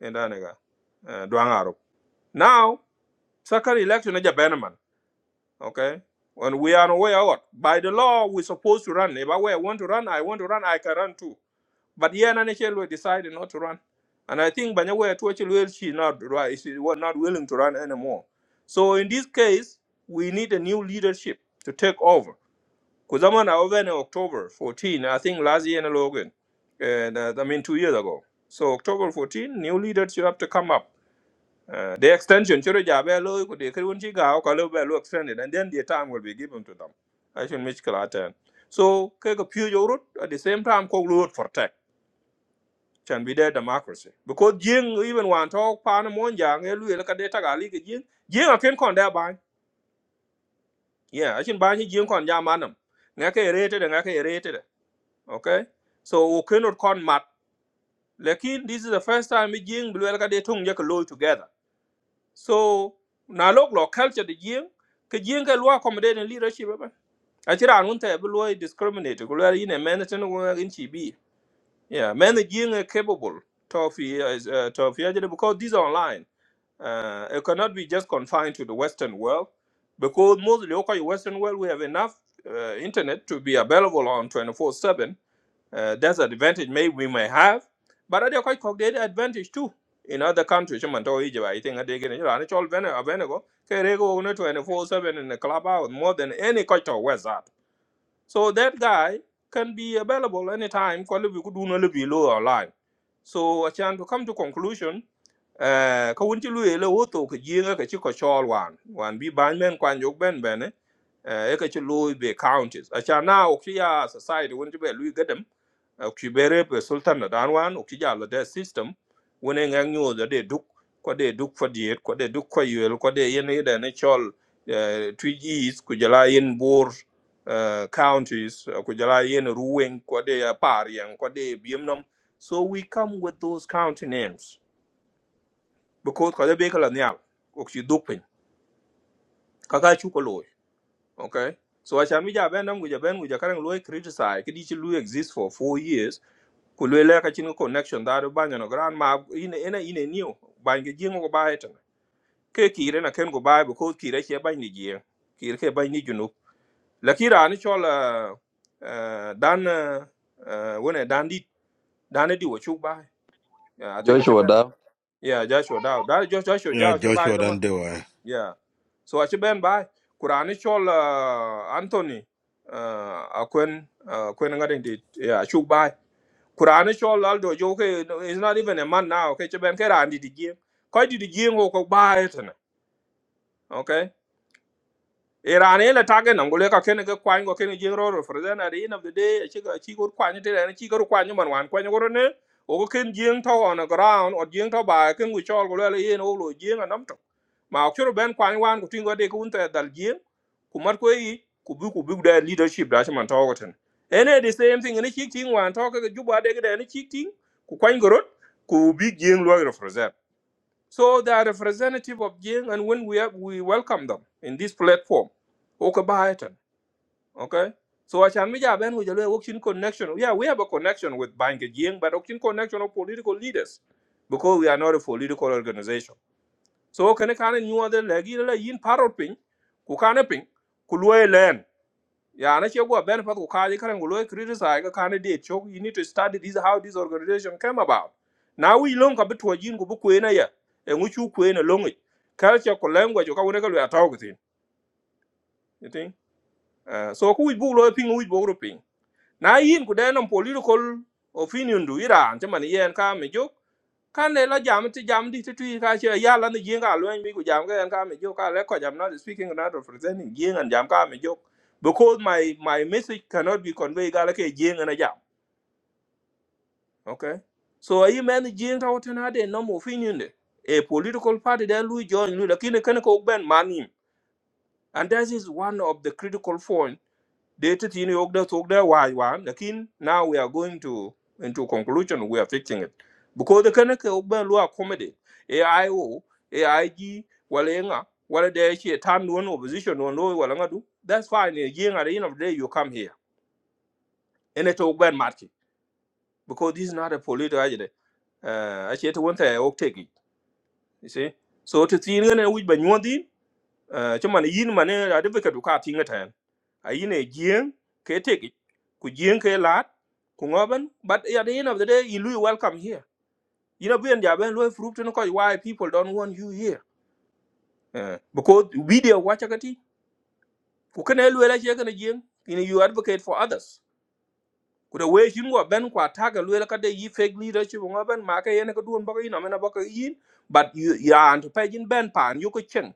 S1: enda ne ga duang aro now second election e ja ben okay when we are on way out by the law we supposed to run if i want to run i want to run i can run too but yeah, Nanachel decided not to run. And I think Banyawe Tuachel she not right, she was not willing to run anymore. So in this case, we need a new leadership to take over. Because I'm on in October 14, I think last year in Logan, and uh, I mean two years ago. So October 14, new leadership have to come up. Uh, the extension, choro jabe lo, ko de kerun chi Gao they extended, and then the time will be given to them. I should make clear that. So, kek a few euro at the same time, kok road for tech chan bi there democracy because jing even want talk, pan mon jang e lu ka de ke jing jing a ken kon da ban yeah I chin ban jing kon ja manam nga ke re te de okay so we cannot con mat lekin this is the first time we jing blue ka de tung je together so na lok lo culture the jing ke jing ke lo accommodate in leadership eh, ba a chira an unta bi lo discriminate ko lo yin e men ten wo in Chibi, yeah men jing are capable to fi to fi because these are online Uh, it cannot be just confined to the Western world because mostly okay, Western world we have enough uh, internet to be available on 24/7. Uh, that's an advantage maybe we may have, but other quite cognitive advantage too in other countries. Man, to Egypt, I think they get you know, it's all Venezuela. Venezuela, 24/7 in the club more than any culture West. So that guy can be available anytime. Kwa libi kuduna libi lo online. So achan to come to conclusion, eh, ka wunti lu ele woto ka jienga ka chiko chol wan. Wan bi ban men kwan jok ben bene, eh, eka chi lu be counties. Achan na okchi ya society wunti be lu gedem, okchi bere pe sultan na dan wan, okchi ya lo de system, wune ngang nyo da de duk, kwa de duk for diet, kwa de duk kwa yuel, kwa de yen ida ne chol eh, twij is kujala yen bor uh, counties uh, kujala yen ruweng kwade uh, pariang kwade biemnom. so we come with those county names because kwade bekala nyal okchi dupin kaka chuko loy okay so acha mi ja benam guja ben guja karang loy criticize kidi chi lu exist for 4 years ku loy ka chin connection da do banya no grand ma ine ina ine new banya jingo ko baetan ke kire na ken go bae because kire che banya jie kire ke banya lakira ni chol uh, uh, dan uh, uh, wone dan di, dan di wo chuk bai yeah, i think i should
S2: Joshua
S1: ben
S2: da
S1: yeah joshua daw That just joshua
S5: ya
S1: daw should buy
S5: joshua dan
S1: them
S5: dewa
S1: yeah so i should ben bai kurani chol uh, anthony uh, akwen uh, akwen ngadin dit yeah chuk bai kurani chol aldo jo ke is not even a man now Okay, should ben ke ran di di gien ko di di gien ko ko bai tene Iran e la tage nam gole ka kene ke kwany go kene jing roro for then at the end of the day a chiga chi go kwany te na chi go kwany man wan kwany go ne o go ken jing to on the ground or jing to ba ken go chol go le yin o lo jing anam to ma o churu ben kwany wan go tingo de kun te dal jing ku mar ko yi ku bu ku bu da leadership da shi man to go ten ene the same thing ne chi ting wan to ka ju ba de ga ne chi ting ku kwany go rot ku big jing lo ro for then so they are representative of Jing, and when we have, we welcome them in this platform. Okay, bye, Ethan. Okay. So Achanmija Ben we have Okshin connection. Yeah, we have a connection with Bank Jing, but Okshin connection of political leaders because we are not a political organization. So can I kind of other legi la yin parrot ping, kukana ping, kulue land. Yeah, and actually, what benefit of Kaji Karen will criticize a candidate. Choke, you need to study this how this organization came about. Now we long a bit to a jin go book in a year, and which you queen along it. Culture, ko language, or whatever we are talking. You think? Uh, So, who would book looping, who is book ping? Now, in could then political opinion do it, and Germany and come a joke. Can ne la jam To jam di ti tui ka che ya la ni yin ka lwen mi ku jam ka en ka me jo ka le ko jam not speaking not representing yin and jam ka me jo because my my message cannot be conveyed ga la ke yin and a jam okay so a yi men yin ta wotan ha de no mo opinion de a political party that lui join lui la kin kan ko ben manim and that is one of the critical points they did in Yogda Togda why one. Lakin now we are going to into conclusion. We are fixing it because the Kanaka Ogba Lua accommodate AIO, AIG, Walenga, wala they she a time one opposition one low Walanga do. That's fine. Again, at the end of the day, you come here and it Ogba Market because this is not a political agenda. Uh, I said one thing I will take it. You see, so to see in which by one thing. Eh, ci man yin mane ade be kadu ka tinga tan a yin e jien ke teki ku jien ke lat ku ngoben but at the end of the day you really welcome here you know bien jaben lo fruit no ko why people don't want you here Eh, because video wacha kati ku kana lo la je kana jien you know you advocate for others ku the way you go ben kwa taga lo la kade yi fake leadership ngoben ma ka yene ko duon baka yin amena baka yin but you you are to pagin ben pan you ko chen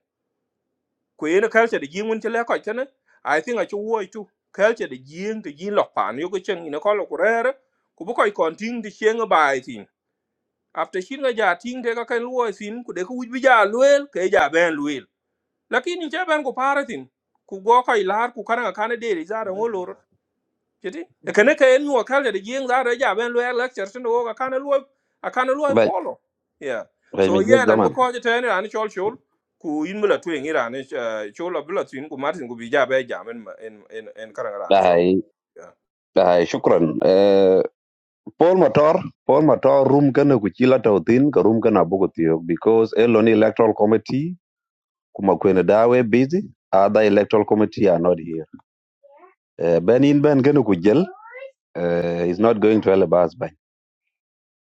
S1: ku yen culture de jing un chele ko chene i think a chu wo tu culture de jing de jing lok pan yo ko chen ina ko lo ku rere ku bu ko kon ting de cheng bai tin after shin ga ja ting de ka kan wo sin ku de ku bi ja luel ke ja ben luel lakini che ben ku paratin ku go ko ilar ku kana kana de ri za da kiti e kene ke en nyuol kale de jing zara ja ben lue lecture sin wo ka kana lue a kana lue
S2: ben
S1: follow yeah
S2: ben
S1: so
S2: mi jog
S1: yen an
S2: zaman.
S1: boko je tani ran chol chol ku yin mula tu ngi ran chol la bula tin ku martin ku bi ja be ja men en en en kara ran chol
S2: Ay
S1: yeah
S2: ay shukran. Eh, Paul Motor Paul Motor room kana ku chila tautin ka room kana bugo tiyo because eloni electoral committee kumakwene dawe busy other electoral committee are not here uh, ben in ben gene ku jël uh, is not going to elebas ban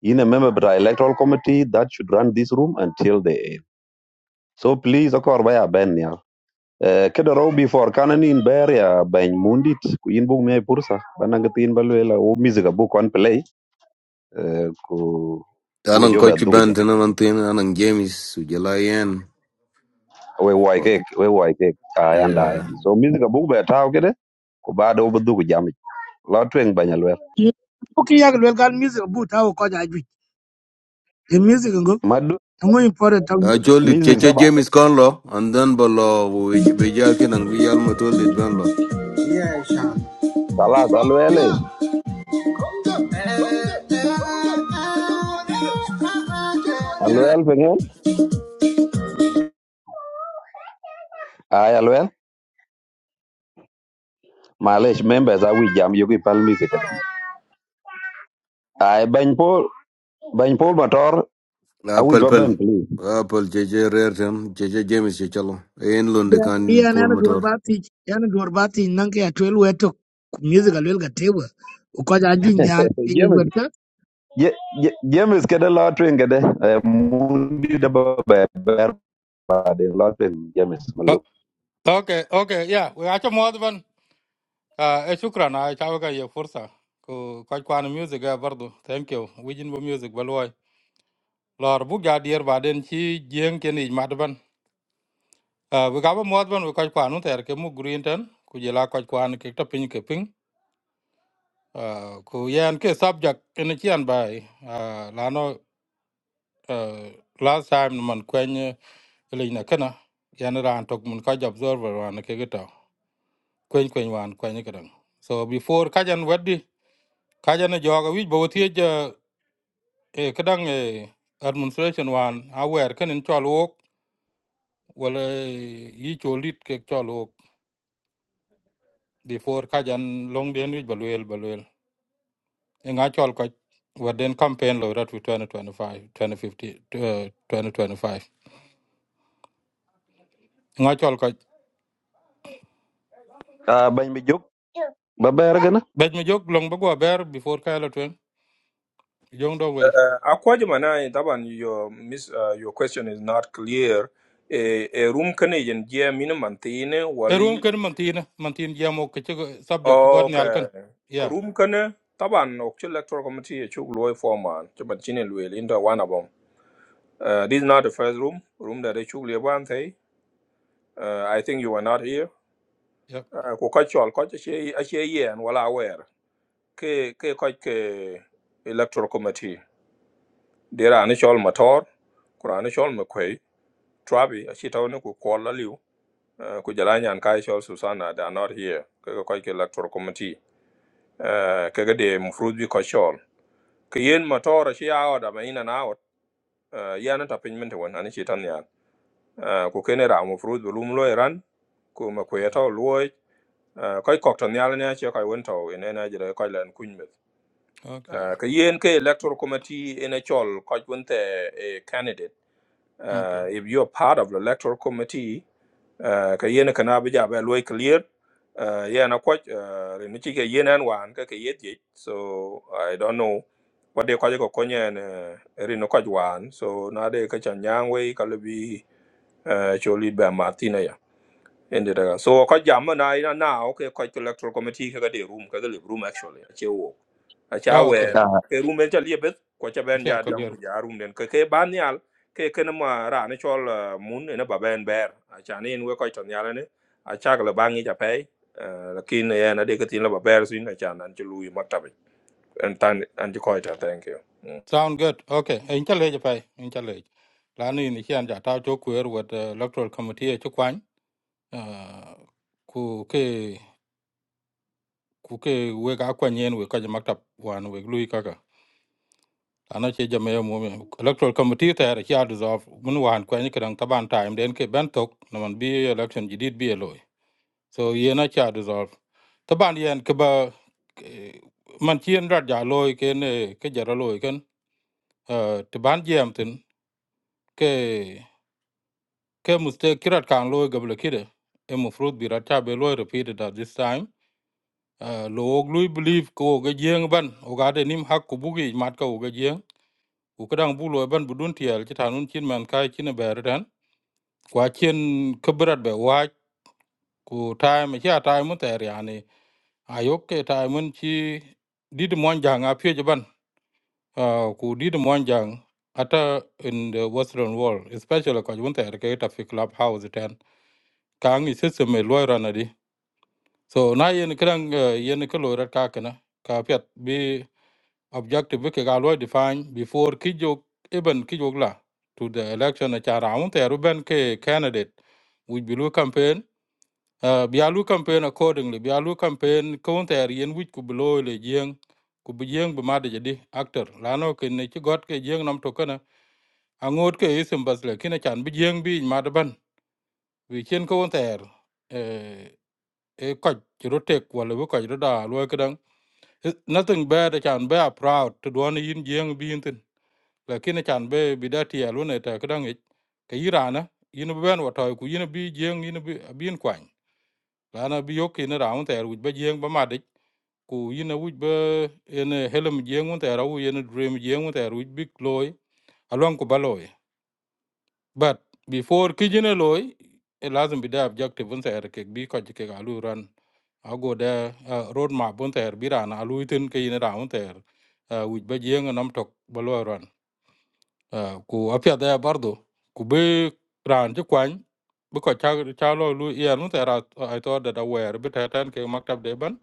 S2: in a member of the electoral committee that should run this room until they end so please akor baya ben ya uh, kedo row before kanani in ber ya ben mundit ku in bug me pursa bananga tin balwela o music bu kon play uh, ku bu
S11: Anong
S2: jobe
S11: coach
S2: dugu
S11: band
S2: jam
S11: na mantin anang James ujalayan.
S2: we wai kek we wai kek ayanda
S11: Yeah.
S2: so music bu be taw kede ku bado bu dugu jam lo tweng banyalwe
S12: Yeah. Okay, yeah, well, got music, but how could I do it? The music go. I'm going for it. I'm
S11: I
S12: music.
S11: told it
S2: music
S11: Cheche
S2: xả bát,
S11: James Conlo and then below we Bejakin and Real Matoldit Benlo.
S4: Sean.
S2: Allah alwaye, alwaye với nhau, ài alwaye, Malaysia member zai uy jam, yuki play music ài bảy nồi, bảy nồi motor, ai uy
S11: Apple
S2: bận
S11: Pel.
S2: bảy nồi,
S11: Apple Cheche Rertem Cheche James Chechalo. Ain Lundi
S12: Yeah,
S11: can
S12: yeah, and
S11: pull
S12: I'm door
S11: motor.
S12: batty. Yeah, and door batty. Nanke at twelve we took music a little table. Because I drink the al. You
S2: James,
S12: got that?
S2: je je James cái đầu là chuyện cái này, muốn đi đâu bận, bận là chuyện James mày lo,
S13: Uh, okay okay yeah we acha modban uh eh, shukran a chawaga ye fursa ku kwa kwan music eh, bardu thank you wijin bo music balwai lor bu ga dier baden chi jeng ken i madban uh we ga modban we kwa kwan ter ke mu green tan ku jela kwa kwan ke ta pin ke pin uh ku yan ke subject ken chian bai uh lano uh last time man kwen eh, le na kana yan ran tok mun ka observer wan ke geta kwen kwen wan kwen ke dang. so before kajan weddi kajana joga wij bo tie je e kadang e administration wan awer kenin chalwok wala yi cholit ke chalwok before kajan long den wij balwel balwel e nga chol ko waden campaign lo rat 2025 2050 eh, 2025 nga chol ko
S2: à bảy mấy giọt, bận bận cái na,
S13: bej mi jog long bago ber before kala twen jong do we
S1: a ko je mana taban your miss uh, your question is not clear e e room kane yen je min mantine
S13: e room
S1: wali
S13: ken mantina mantin jamo ke chigo subject god nyal kan
S1: okay ko
S13: yeah
S1: room kane taban ok electoral committee chuk lue formal to ban chine lue linda wana Uh, this is not the first room, room that actually one day. Uh, I think you were not here.
S13: yeah
S1: Uh, Ku kachol koch ashe ye and wala aware. Ke ke koch ke electoral committee. There are initial motor, kura initial mcquay, trabi ashe taone ku kola liu. Uh, Ku jalanya and kaishol Susanna they are not here. Ke koch ke electoral committee. Uh, Ke ke de mfrudbi kochol. Ke yen motor ashe out ama in and out. Uh, Yana tapinmente wan anishe uh, ku kene ra mo fruit bu lum lo iran ku ma ku yeto lo uh, koy kok to nyal ne che koy won to ene na jere koy len kuny me
S13: okay
S1: uh, ka yen ke electoral committee ene chol koy won te a candidate
S13: okay
S1: uh, if you are part of the electoral committee uh, ka yen kana bi ja ba lo clear uh, yeah na koy uh, ni chi ke yen an wan ka ke yet yet so i don't know what they call it ko konyen uh, ri no koy wan so na de ka chan yang we ka le bi uh, choli ba martina ya ende daga so ko jamma na ina na o ke ko electoral committee ka de room ka de room actually a che wo a cha
S13: oh,
S1: we
S13: okay
S1: ke room en chali bet ko cha ben ja dam
S13: yeah
S1: ko ja room den ke ke ban yal ke ke na ma ra ne chol ah, mun ne ba ben ber a cha ne en we ko ton yal ne a cha ga ba ngi ja pe lakin ne ya na de ke tin la ba ber sin a cha nan chulu yi maktabe en tan an ji ko ta thank you Mm.
S13: Sound good. Okay. In challenge pay. In challenge. Lani ni chian ja tao cho kwer with the electoral committee cho kwan. Uh, ku ke ku ke we ga kwan yen we ka ja maktab wan we lui kaka. Lana che ja me mo me electoral committee ta ra chia dissolve mun wan kwan ni kadang taban time den ke ben tok na man bi election jidid bi loy. So ye na chia dissolve. Taban yen ke ba ke- man chien rat ja loy ke ne ke ja ra loy ken. Uh, taban jem tin ke ke mistake kirat kan loy gabla kide e mo fruit bi rata be loy repeated at this time uh, lo og lui believe ko ga jeng ban o ga de nim hak ku bugi mat ka o ga jeng u ka dang bu loy ban budun tiel ki tanun chin man kai chin ber den kwa chin kibrat be wa ku time chi a time ter yani ayok ke time chi did mon jang a pye ban uh, ku did mon jang ata in the western world especially ko jun ter ke ta fi club house ten kang i system e loy so na yen kran yen ke lo rat ka kana ka pet bi objective bi ke ga lo define before ki jok even ki jok la to the election a cha round there ben ke candidate we bi campaign uh, bi alu campaign accordingly bi alu campaign counter yen wich ku bi lo le jeng ku bi jeng bi made jadi actor lano ke ne ci got ke jeng nam to kana angot ke isim basle kina chan bi jeng bi made ban wi chen counter eh e ko ci rotek wala bu ko da lo ke It- nothing bad I can be a proud to do any in young being thing. Like in a can be be that here alone at a kadang it. Kairana, you know, Ben what I could you be young in a being quine. Lana be okay in around there with be young by magic. Ku you know, would be in a helm young one there, in a dream young one there with big loy along Kubaloy but before kijine loy it lazim bida objective bun ter ke bi ko jike ga ran ago da uh, road map bun ter bi ran alu tin ke ina ra bun ter uh, wij ba jeng nam tok ba ran uh, ku apya da bardo ku be ran ji kwan bi ko cha cha lo lu ya nu ter ai to da da wer bi ta tan ke maktab de ban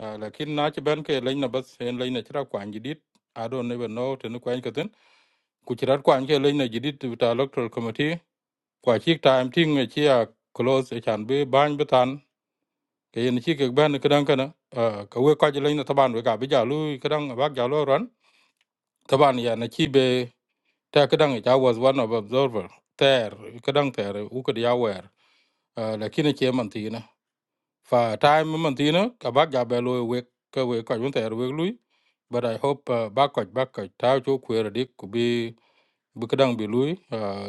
S13: uh, lakin na ci ban ke lein na bas en lein na tra kwan jidit i don't even know tin kwan ka ku ci rat kwan ke lein na jidit ta electoral committee kwa chik time ting e chia close e chan bi ban bi tan ke yen chi ke ban ke dang kana ka we ka jelo ina taban we ka bi ja lu ke dang ba ja lo ran taban ya na chi be ta ke dang ja was one of observer ter ke dang ter u ke ya wer lakini che man ti na fa time man ti na ka ba ja be lo we ke we ka jun ter we lu but i hope uh, ba ko ba ko ta chu ku re dik ku bi bi ke dang bi lu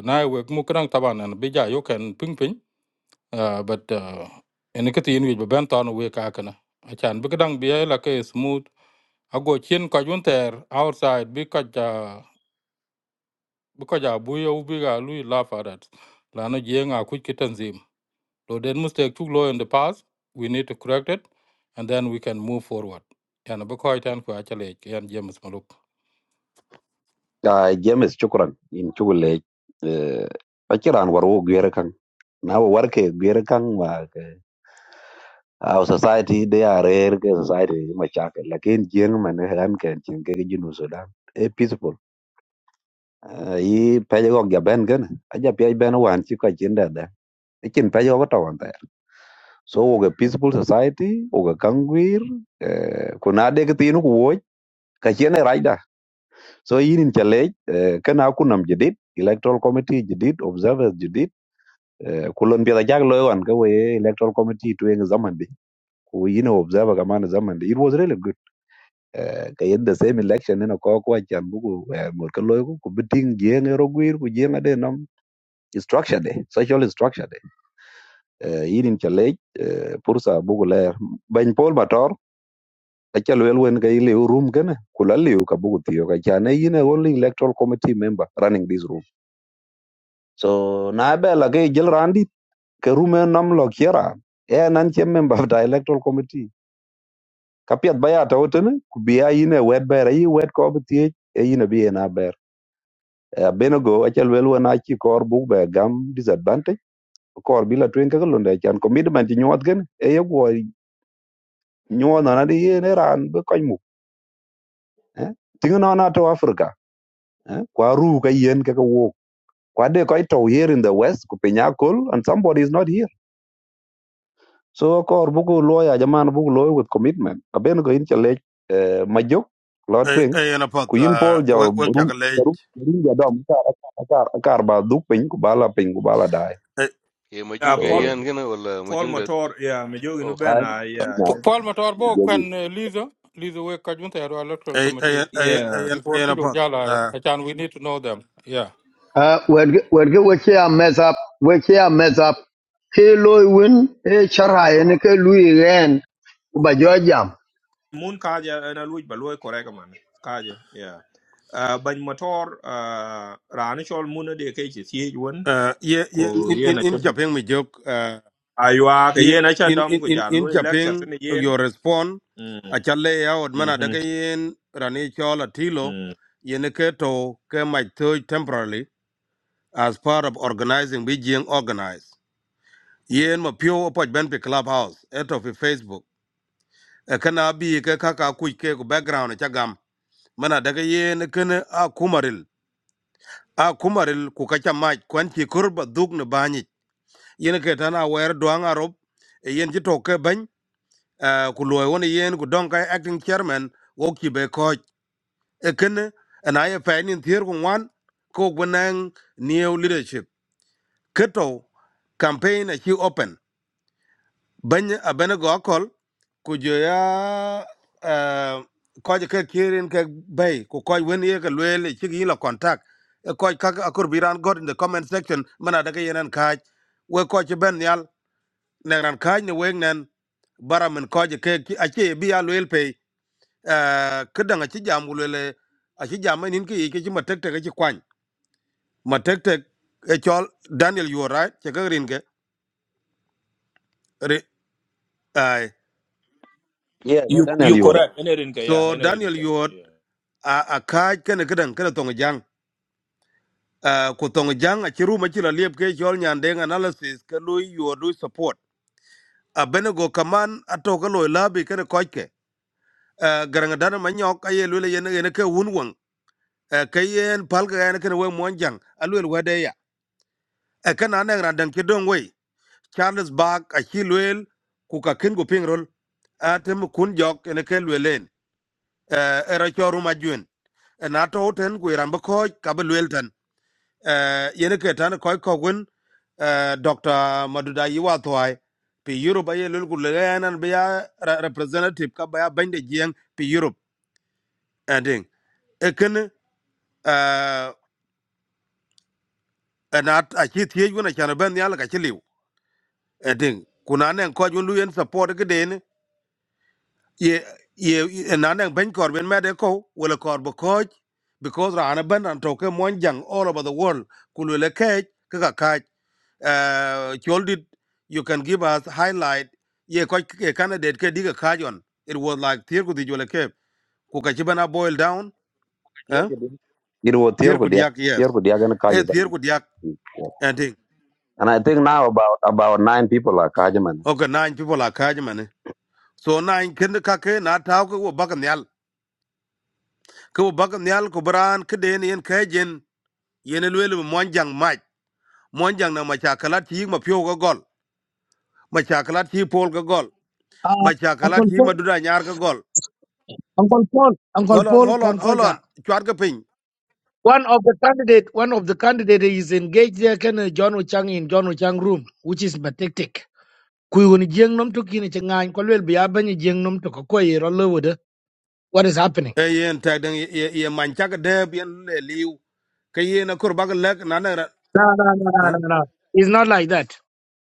S13: na e we mu ke dang taban an bi ja yo ken ping ping uh, but uh, ene ke tin wi be ben ton we ka kana a chan bi kedang bi la ke smooth a go chen ka jun ter outside bi ka ja bi ka ja bu yo bi ga lu laugh at that la no je nga ku ki tanzim so then mistake took law in the past we need to correct it and then we can move forward yana bi ko tan ku a chale yan james maluk
S2: ài James chúc con, em chúc lấy, ài kia là anh vào, giờ anh, nao vào work, giờ anh vào work Our society they are rare ke society machakil lakin jeng man han ken jeng ke jinu Sudan e peaceful Ah, yi pe go ga ben gan aja pe ben wan chi ka jin da da ikin pe go ta wan ta so wo ga peaceful society wo ga kangwir eh, kuna de ke tinu ku wo ka chen ra da so yin chale eh, kana ku nam jidit electoral committee jidit observers jidit eh, kulon bi da jag lo wan ka we electoral committee tu eng zaman you know observer kaman zaman it was really good Eh, ka the same election ne ko ko chan buku mul ko loy ku biting jeng ero gwir ku jeng ade nam structure de social structure de yidin chale pursa buku le ban pol mator achal wel wen ka ile room gana kula liu ka buku tiyo ka chan e yine only electoral committee member running this room so na bela ke jil randi ke room e nam lo kiera e nan che member of the electoral committee ka piɛth ba ya tɔwotön ku bi a yin ewɛt bɛɛr ayi wɛt kɔ bï thiec e yin abï ën abɛr abenogo acël wel wen aci kɔr buk bɛ gam disadvantage kɔr bï la tweng käkä lunde acan commitment ci gen, eye guɔ nyuɔ nön adï yen e raan bï köc muk thiŋ nɔn atö africa eh, kwa ruu ka yen käkä wok kwa de köc tɔu here in the west ku piny akol and somebody is not here So kor buku loy ajaman buku loy with commitment. Aben ko in chale eh, majok lo
S5: ay
S2: twing
S5: ay na pat
S2: ku yin
S5: uh,
S2: pol ja
S5: we
S2: rum
S5: we ka
S2: rum
S5: college
S2: rum ja dom kar kar kar ba duk pin ku bala pin ku bala dai.
S5: ay
S11: Yeah,
S1: yeah
S11: Majuki
S1: paul
S2: So
S11: Ayan Gina or
S1: paul
S11: Majungdet.
S1: motor yeah me jogi no
S11: Oh.
S1: ben
S2: ai
S1: ah, yeah
S2: na
S13: paul motor bo
S2: jogi.
S13: kwen uh, Lisa, lizo we ka jun ter electoral
S5: ay
S13: committee
S5: ay
S1: yeah,
S5: ay ay
S13: before
S5: na
S13: ki jo
S5: pat
S13: jala
S5: uh,
S13: a chan we need to know them Yeah.
S10: Uh, wed wed wek ya mess up wek ya mess up ke loy win e chara en ke lui ren ba jo jam
S1: mun kaje ena luj ba loy koreka man kaje yeah uh, ban motor uh, rani chol mun de ke chi sie won
S5: uh, ye ye
S1: ko
S5: in in
S1: yena
S5: in
S1: cha
S5: japeng mi jok
S1: aywa ke
S5: in
S1: yena cha
S5: in in
S1: dam ko
S5: in
S1: ja
S5: in
S1: loy lecture
S5: Japan,
S1: tene yen
S5: your response
S1: mm
S5: achale ya od mana daga
S1: mhm
S5: yen rani chola tilo
S1: mm
S5: yin ke to ke my third temporarily as part of organizing Beijing organize. yen ma pio opoj ben pi clubhouse eto of facebook e kana bi ke kaka kuj ke ku background e cha gam mana daga yen kene a kumaril a kumaril ku kacha mach kwan chi kurba dug ne banyi yin ke tana wer duang arop yin ji to ke uh, ku loy won yen ku don kai acting chairman wo ki be ko ekene and i fa ni thier ku wan ko gwenang new leadership keto campaign a ki open bany abene go kol ku jo ya uh, ko ke kirin ke bay ku ko wen ye ke lwel ki gi la contact e ko ka akur biran god in the comment section mana daga yenen kaj we ko ci ben yal ne ran kaj ne weng nen bara min ko ke ki- achi bi ya lwel uh, kedang aci jam gulele aci jam nin ke yike matek tek ci kwany matek tek e chol daniel yuor right ce ke rin ke ri- ai
S2: Yeah, so
S1: you
S2: Daniel
S1: you
S2: Yoda.
S1: correct enerin ke yeah
S5: so
S1: enerin
S5: daniel
S1: ke
S5: yuor
S1: yeah
S5: a a kaj kene kedang kene tong jang Ah, ku tong jang aci rum aci la liep ke chol nyandeng analysis ke lui yuor lui support a bene go kaman ato ke loy labi kene kojke garanga dana manyok aye lule yen yen ke wun wang uh, ke yen palga yen kene we mwanjang alwe lwede ya e kana ne randang ki dong wei Charles Bag a Chilwell ku ka kin ku ping rol atem kun jok ene ke lwelen era choru majuen na to ten ku ran ko ka lwel tan yene ke tan ko ko gun Dr. Maduda Yiwa Thwai pi Europe aye lul ku leganan be ya representative ka ba ya bande jieng pi Europe ending ekin na a chi thiej wen acan ben nial ka ci liw eting ku na nen kɔc wen lu yen support ki ye ye na nang ben kor ben mede ko wala kor bo ko because rana ben an to ke mon jang all over the world kulu le ke ke ka ka uh did you can give us highlight ye ko ke candidate ke diga ka it was like tier ku di jole ke ku ka chibana boil down eh
S2: It was tier
S5: tier
S2: ko
S5: ku
S2: dia
S5: yak
S2: tier
S5: yes
S2: ko dia gan
S5: eh
S2: kaje zam.
S5: tier ku yak and thing
S2: And I think now about about nine people are kaje man.
S5: okay nine people are ka so nine kind ka ke na ta ko bakan yal ko bakan yal ku bran ke den yen yene lwel monjang mach monjang na machakalat chi ma pyo ga gol machakalat chi pol ga gol
S12: Ah, Uncle
S5: machakalat chi
S12: Paul.
S5: madura nyar ga gol
S12: Uncle Paul. Uncle
S5: hold on
S12: Paul
S5: hold on hold on
S12: Concordia.
S5: chwar ga pin
S12: One of the candidate, one of the candidate is engaged there. Can uh, John Ochang in John Ochang room, which is pathetic. Kui woni jeng nom to kini chengan ko lel biya banyi jeng nom to ko ko yero lewo de what is happening
S5: e yen ta dang ye ye mancha ga de bien le liu ke yen akur bag lek na na
S12: No, no, no, no,
S5: eh,
S12: no, no. It's not like that.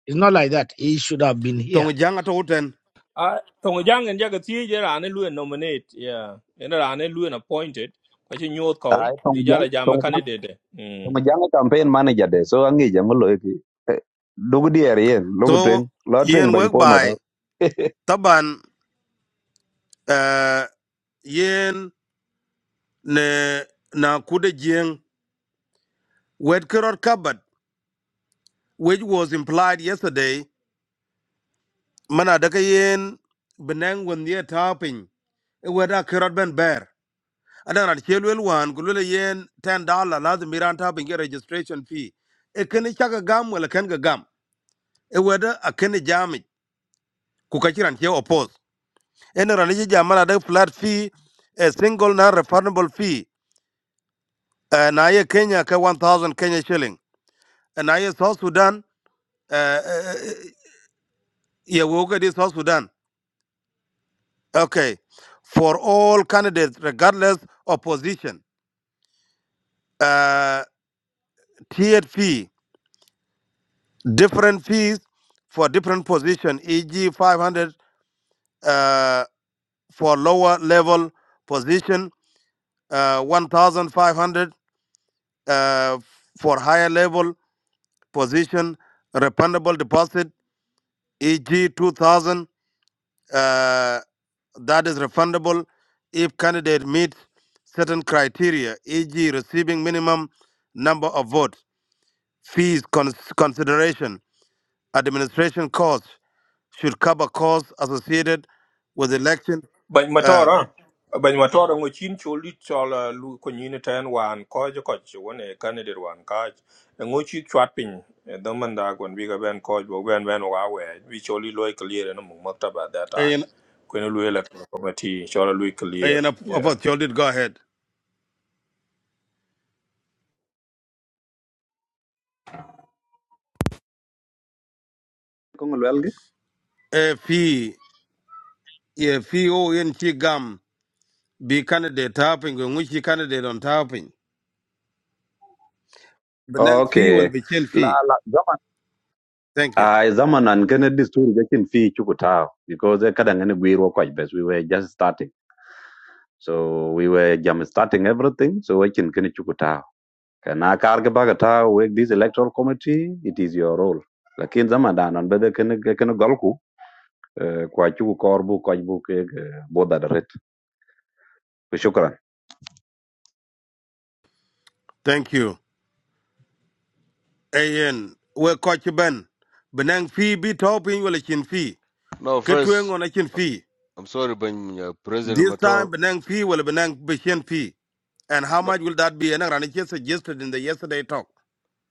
S12: It's not like that. He should have been here.
S5: tong jang to uten
S1: ah tong jang en jaga tie je rani lu nominate yeah ena rani lu appointed ko chi nyot ko
S2: Ai tong
S1: di
S2: jang
S1: jala jama
S2: tong
S1: candidate mm
S2: Mujanga campaign manager de so angi jango lo ki dugu dier yen lugu tweng
S5: so
S2: lo tweng
S5: yen
S2: bany
S5: wek
S2: pol
S5: bai
S2: mato
S5: taban eh, yen ne na kude jeng wet kerot kabat which was implied yesterday mana daga yen benang won ye e weda kirot ben ber adan ran chelwel wan gulule yen 10 dollar lazim miran tapin ge registration fee e kene chaka gam wala ken ga gam e weda a kene jami ku ka kiran che opos en ran jamana da flat fee a single non refundable fee eh, na ye Kenya ka 1000 Kenya shilling Eh, na ye South Sudan eh, eh, eh, ye woga di South Sudan okay for all candidates regardless of position uh, tiered fee, different fees for different position, e.g. 500 uh, for lower level position, uh, 1,500 uh, for higher level position, refundable deposit, e.g. 2,000, uh, that is refundable if candidate meets certain criteria, e.g. receiving minimum number of votes, fees, cons- consideration, Administration costs should cover costs associated with election.
S1: Bany
S5: Uh,
S1: matara. Bany matara ngo chin choli chola lu communityan wan koj koj wane candidate wan kaj. Ngo chi chat pin dhaman da kwan biga ben koj bo ben ben wa we. We choli loy clear na mung maktaba at that time.
S5: and
S1: Kwen lu electoral committee chola lu clear.
S5: and of of
S1: Yeah.
S5: course, you did go ahead.
S2: kongo lwelgi
S5: A fee, a fee, oh, in she gum be candidate tapping, and which candidate on tapping. The next fee will
S2: okay
S5: be chin
S2: la
S5: fee.
S2: la zaman
S5: Thank you.
S2: ai zaman an kene disturi jakin fi chukutao because eh, kada ngene gwiro kwaj bes we were just starting so we were jam starting everything so we wakin kene chukutao kana karga baga tao with this electoral committee it is your role lakin zaman danan bede kene kene golku eh, kwa chuku korbu kwaj bu ke boda daret
S5: Thank you. Ayen, we coach Ben. Benang fee be topping will a chin fee.
S11: No,
S5: Kitwing
S11: first
S5: on a chin fee.
S11: I'm sorry Ben uh, President
S5: This
S11: Motor.
S5: time, Benang fee will be Benang be chin fee. And how
S11: No
S5: much will that be? And I suggested in the yesterday talk.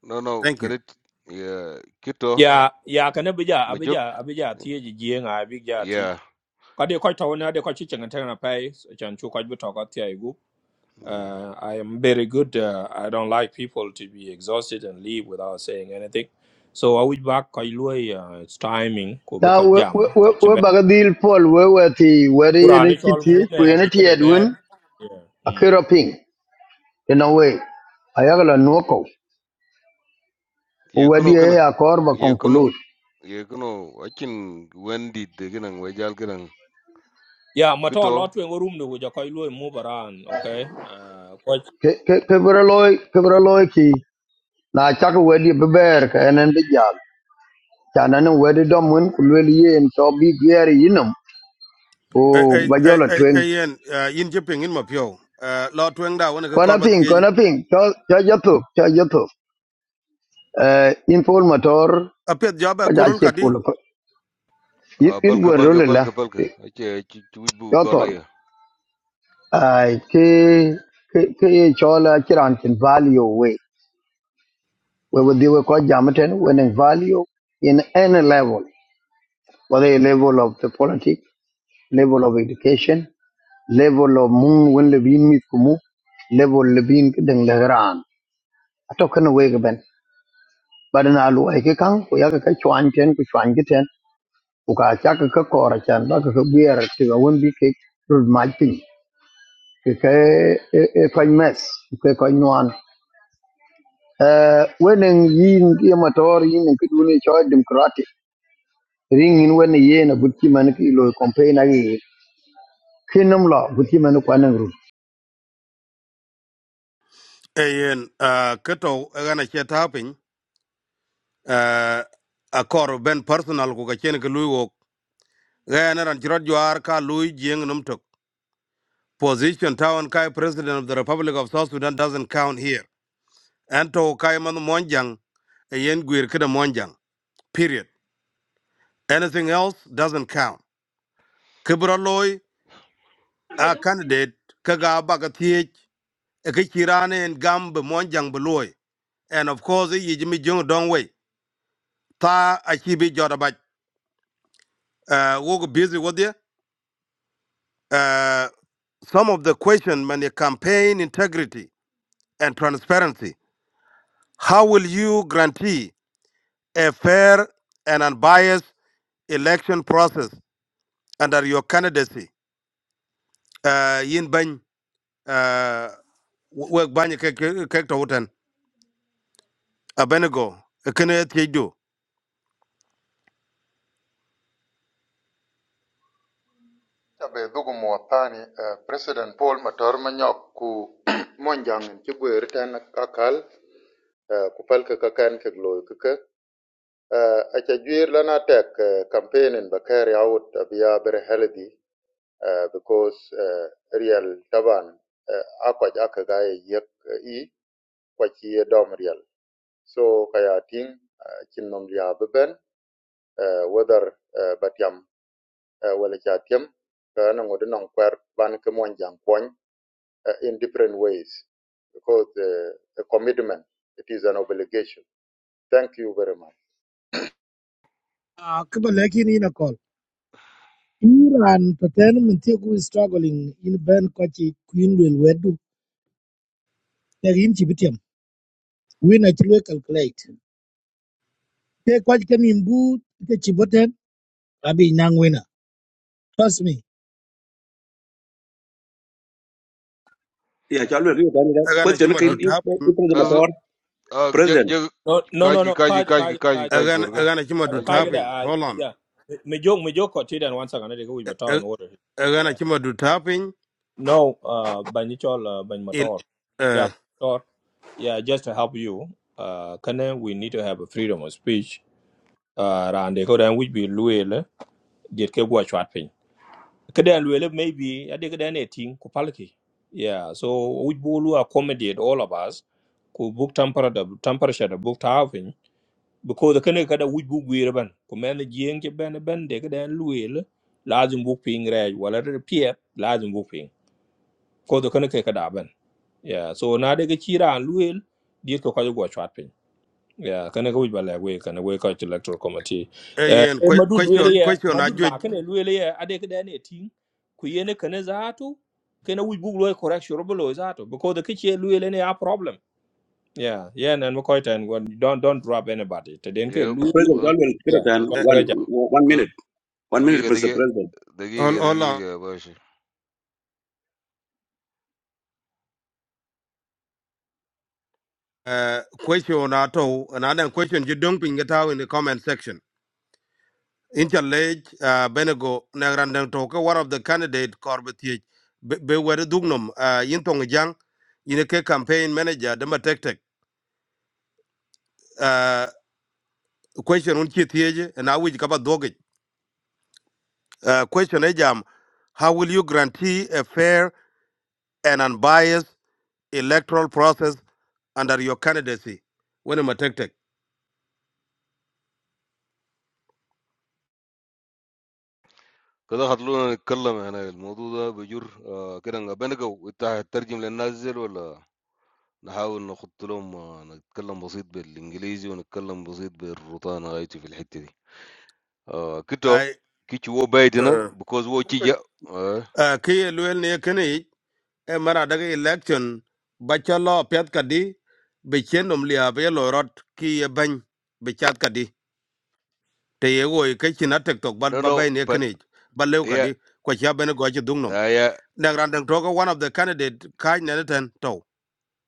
S11: no no
S5: Thank you.
S11: credit yeah Kito
S1: Ya ya kana bija
S11: Majuk.
S1: abija abija tie ji jeng a bija ting.
S11: Yeah.
S1: Ka de koj tawna de koj chi chenga tena pai chan chu koj bu to ka tie
S11: Yeah.
S1: Uh, I am very good. Uh, I don't like people to be exhausted and leave without saying anything. So I would back kai lui, uh, it's timing ko bo
S10: na
S1: ko
S10: we we
S1: jam ko
S10: we
S1: chibe.
S10: ba dil pol we we ti we ri ne
S1: Kurani chol
S10: kiti ku
S1: mune
S10: ne
S1: bi ke
S10: ti
S1: de
S10: edwin
S1: ber. Yeah.
S10: akero
S1: Mm.
S10: ping in a way ayagala nuoko
S11: Yeah,
S10: we di
S11: kuno
S10: e akor ba
S11: kana.
S10: conclude
S11: ye kuno akin wendi de ginan we jal ginan
S1: Yeah, matter a
S11: kito
S1: lot wen room do jo kai lui move around, okay? Uh, ko
S10: ke ke ke bra loy ke bra loy ki na chak we di beber ka en bi jam chana ne we di dom win ku le ye en to bi gyer yinum o
S5: Hey, hey,
S10: ba
S5: hey, hey,
S10: jo
S5: hey, Ian, uh, in Jipping, in Mapio, uh, Lord Wengda, when I
S10: Kona
S5: corba
S10: ping,
S5: theage,
S10: kona ping. Cho cho youtube, cho youtube. Eh, Informator motor
S5: a pet job
S10: ko
S5: at
S10: ja
S5: Gurul
S10: che
S5: Kadi,
S10: polo ko. Ir
S11: a
S10: ir
S11: palka
S10: gwero
S11: palka
S10: la.
S11: palka palka ake chuj bu
S10: Cho
S11: gola
S10: tol.
S11: ya
S10: Ai ke ke ke cho la chiran chin value we. We would do ko jamaten when in value in any level. Whether a level of the politics, level of education, level of moon when le bin mit kumu, level le bin den le gran. Atokana we ben. Badana lu ai ke kang ko ya ka chwan ten ko chwan ku ka cha ka ka kora chan ba ka ka bier ti ga won bi ke rud ma pin ke ke e e ko mes ke ko nuan eh wenen yin ye motor yin ke duni cho democratic ring in wen ye na butti man ki lo campaign agi kinum lo butti man ko nan ru
S5: hey, Ian, uh, Kato, Rana Chet Hopping, uh, a core Ben personal, Kukachenik Luwok, Rana and Chirot Juar Ka Louis Jiang Numtok. Position Town Kai President of the Republic of South Sudan doesn't count here. And to Kai Man Monjang, a Yen Guir Kida Monjang, period. Anything else doesn't count. Kibra a candidate kaga baga thiech e ke chirane en gam be monjang be and of course ye jimi jong dong way ta a chi bi joda ba uh wo busy with you uh some of the question when the campaign integrity and transparency how will you guarantee a fair and unbiased election process under your candidacy uh yin ban uh wo banye ke ke to wutan abenego kene thiech
S7: Cabe dhugu muwa thani eh, President Paul Mator Manyok ku monjangin ci gwe riten kakal eh, ku palka kakan ke gloy keke Eh, aca juir lana tek eh, campaignin ba kari awut abiya healthy eh, because eh, real taban eh, akwaj aka gaye yek eh, i kwaci dom real so kaya ting cin nom liya beben uh, whether eh, batiam eh, wala ca tiem kana ngodi nong kwer ban ke monjang kwany uh, in different ways because uh, a commitment, it is an obligation. Thank you very much.
S12: Ah, kiba lakini ina call. Iran paten mintie ku struggling in ben kochi kuin wel wedu. Lakin chibitiam. Wina chilwe calculate. Ke kochi kan imbu ke chiboten abi nang wina. Trust me.
S9: ya cha lo ri ba ni da
S5: Agana
S9: question
S5: chima
S9: ke
S5: do tapping.
S9: ipin de
S11: azu
S9: motor
S11: a je
S9: president
S11: je
S1: no no no
S11: kaji
S1: no
S11: kaji
S1: kai kai
S11: kaji kaji
S1: kai
S11: kaji
S5: Agana
S11: gorga
S5: agana chima
S1: kai
S5: do
S11: kaji
S1: kai ke
S11: gorga
S5: tapping.
S1: da
S5: Hold on.
S1: yeah. Me jok me jok ko ti dan one second I go with
S5: A-
S1: in order.
S5: Agana
S1: Yeah.
S5: chima do tapping.
S1: No, uh ban ni chol uh, ban
S5: Il
S1: mator.
S5: uh
S1: Yeah, Yeah, just to help you, uh, can we need to have a freedom of speech. Uh, and they could then which be Luel, did keep go chat pin. Kadan Luel, maybe I did an eighteen, Kupalki. Yeah, so we will accommodate all of us, could book temper the temperature, the book halving, because the Kanaka we book weirban, command the Jink Ben Ben, they could then Luel, large and book ping red, while at the pier, large and book ping. Cause the Kanaka Kadaban. Yeah, so now they get Chira and Luel, did go chat pin. Yeah, kana ka wujba lay wey kana wey ka ci electoral committee. Eh
S5: ayen
S1: eh,
S5: que-
S1: madud
S5: question
S1: wele ya
S5: question
S1: madud
S5: ajuj.
S1: ma kana wele ya ade ka dane tin ku yene kana zato kana wujbu loy correction robo loy zato because the kiche wele ne a problem. Yeah, yeah nan ko tan go don't don't drop anybody. Te den ke
S11: ye
S1: lu
S9: president cha lo kira
S1: yeah.
S9: tan
S1: Ka
S5: Uh,
S9: one
S1: ga ja.
S9: one
S11: ka
S9: minute one minute
S11: dagiga
S9: mr
S11: dagiga
S9: president
S11: dagiga
S5: hold hold on.
S11: dagiga bashi
S5: Uh, question ato another question you don't ping it out in the comment section. Interlage uh Benego Nagrandang Toka, one of the candidate Corbetich be were dugnum uh Yintong Jang in campaign manager Dema Tech Tech. Uh question unchi theje and I wish kaba Uh, question ejam, how will you guarantee a fair and unbiased electoral process under your candidacy? Wani matektek.
S11: كده خلونا نتكلم هنا الموضوع ده بجر آه كده بنقو انت هتترجم للناس زي ولا نحاول نحط لهم آه، نتكلم بسيط بالإنجليزي ونتكلم بسيط بالروتانا غايتي في الحتة دي آه كده
S5: I,
S11: كيتش هو بايدنا
S5: uh,
S11: because هو تيجا آه
S5: uh, kiye luel ne kini, e mara daga election, bacha lo piat kadi, bichen umlia be lorot rot ki ye bany, bichat kadi. Te ye woi kachin atek tok bat
S11: نو نو
S5: babay ne
S11: but
S5: kini, bat lew
S11: yeah
S5: kadi, kwa chia bene gochi dungnom.
S11: آه yeah
S5: Nang randang toka one of the candidate kaj neneten tau.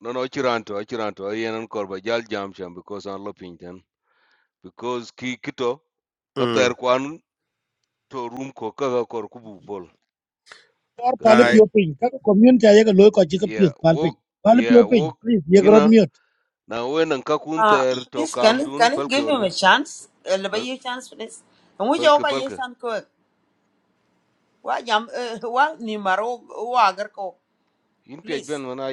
S11: no no أشيرانتو أشيرانتو أي أنا نكور جال جامشان شام because أنا لبينتن because كي كده كتر
S5: Mm.
S11: كوان تو روم كو كذا كور كوبو بول
S12: Or pale
S11: كنتين
S12: pioping. Kaka community ayega loy kochi ka piop
S11: يا
S12: palping.
S11: وok
S12: Pale
S11: يا
S12: pioping.
S11: وok
S12: Please yegrod
S11: كنا
S12: mute.
S11: na wenan ka kun
S14: Uh,
S11: ter to
S14: please, can
S11: kam
S14: you,
S11: dun
S14: can you
S11: palke
S14: give him
S11: orga
S14: a chance? A little bit chance, please. And we
S11: palke
S14: joke a
S11: palke
S14: chance quick. Why, jam, uh, well, ni maro,
S11: In page
S14: Please.
S11: ban banana,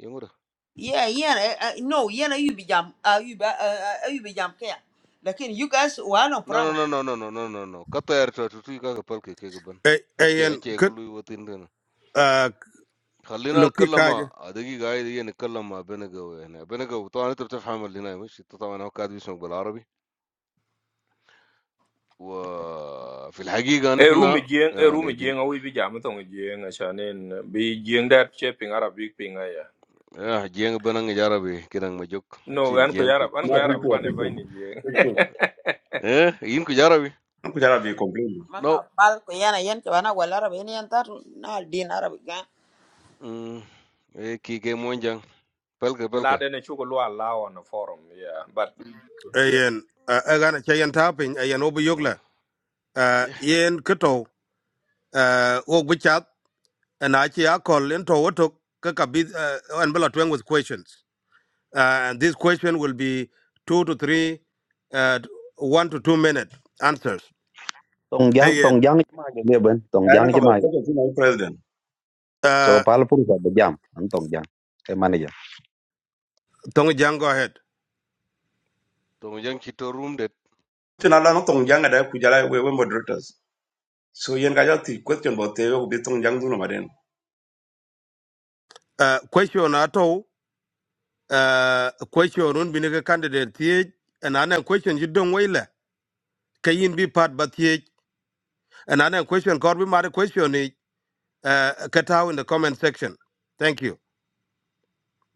S11: yamurah?
S14: Yeah, yeah, uh, uh, no, yeah, no, you be jam, uh, you be, uh, uh, you be jam Care. Lakin, you guys, wala no
S11: No
S14: problem.
S11: no no no no no no no no. Katayar chaw, chutti ka palke ke ke ban.
S5: Ay-
S11: Achche
S5: ayen
S11: achche,
S5: kut
S11: kuluivo thin the na.
S5: ah,
S11: Khalina
S5: loki
S11: kallama,
S5: kaje
S11: adagi gayi the ye nikallama banana gove na. Banana gove, tohani taraf hamar linae mush. Tohama na kadi shobal Arabi. Wah, filhagi ga
S1: E
S11: na.
S1: rumi jeng e
S11: Ah nee
S1: rumi
S11: bin.
S1: jeng a wujbi jam to jeng a shanen bi jeng dat che ping arab big ping a ya.
S11: Ah jiang banang jara bi. Kiran majuk. Achche
S1: No,
S11: in
S1: an ko
S11: jiang kuch.
S1: yarab an
S9: ma
S1: ko
S9: free
S1: yarab
S9: to free
S1: kwane
S9: to
S1: ba ni jeng.
S9: free to
S11: Eh in kuch jara bi?
S9: ko jara bi complain
S11: No.
S14: Mama, pal, ko yana yan, ko wana wala rabi, yan yan tatu, na din arabi ka.
S11: Hmm. Ee ki ke mojang. Palke palke.
S1: lad and you go allow on the forum, yeah. But yeah.
S5: ayen ah, agana chayen tapin ayen obu yogla Ah,
S11: Yeah.
S5: yen kuto ah, wok bichat and achi akol into wotok kaka bid and bela twang with questions Ah, and this question will be two to three uh, one to two minute answers
S2: tong jang
S5: ayen
S2: tong jang ci maaje leben tong
S9: anan
S2: jang
S9: ko
S2: ci
S9: ba ko
S2: maaje
S9: tin president
S2: so
S5: uh,
S2: pal pur sa be jam an tong jang e manager
S5: tongi jang go ahead
S11: Tomojang kitu room that.
S9: tin ala no tong janga da ku jara we we moderators so yen ga jati question bo te yo be tong jang duno maden
S5: uh, question ato uh, question run. binige candidate thiech and anan question you don't waila kayin bi part? ba thiech And another question, Corby Mari question is uh cut out in the comment section. Thank you.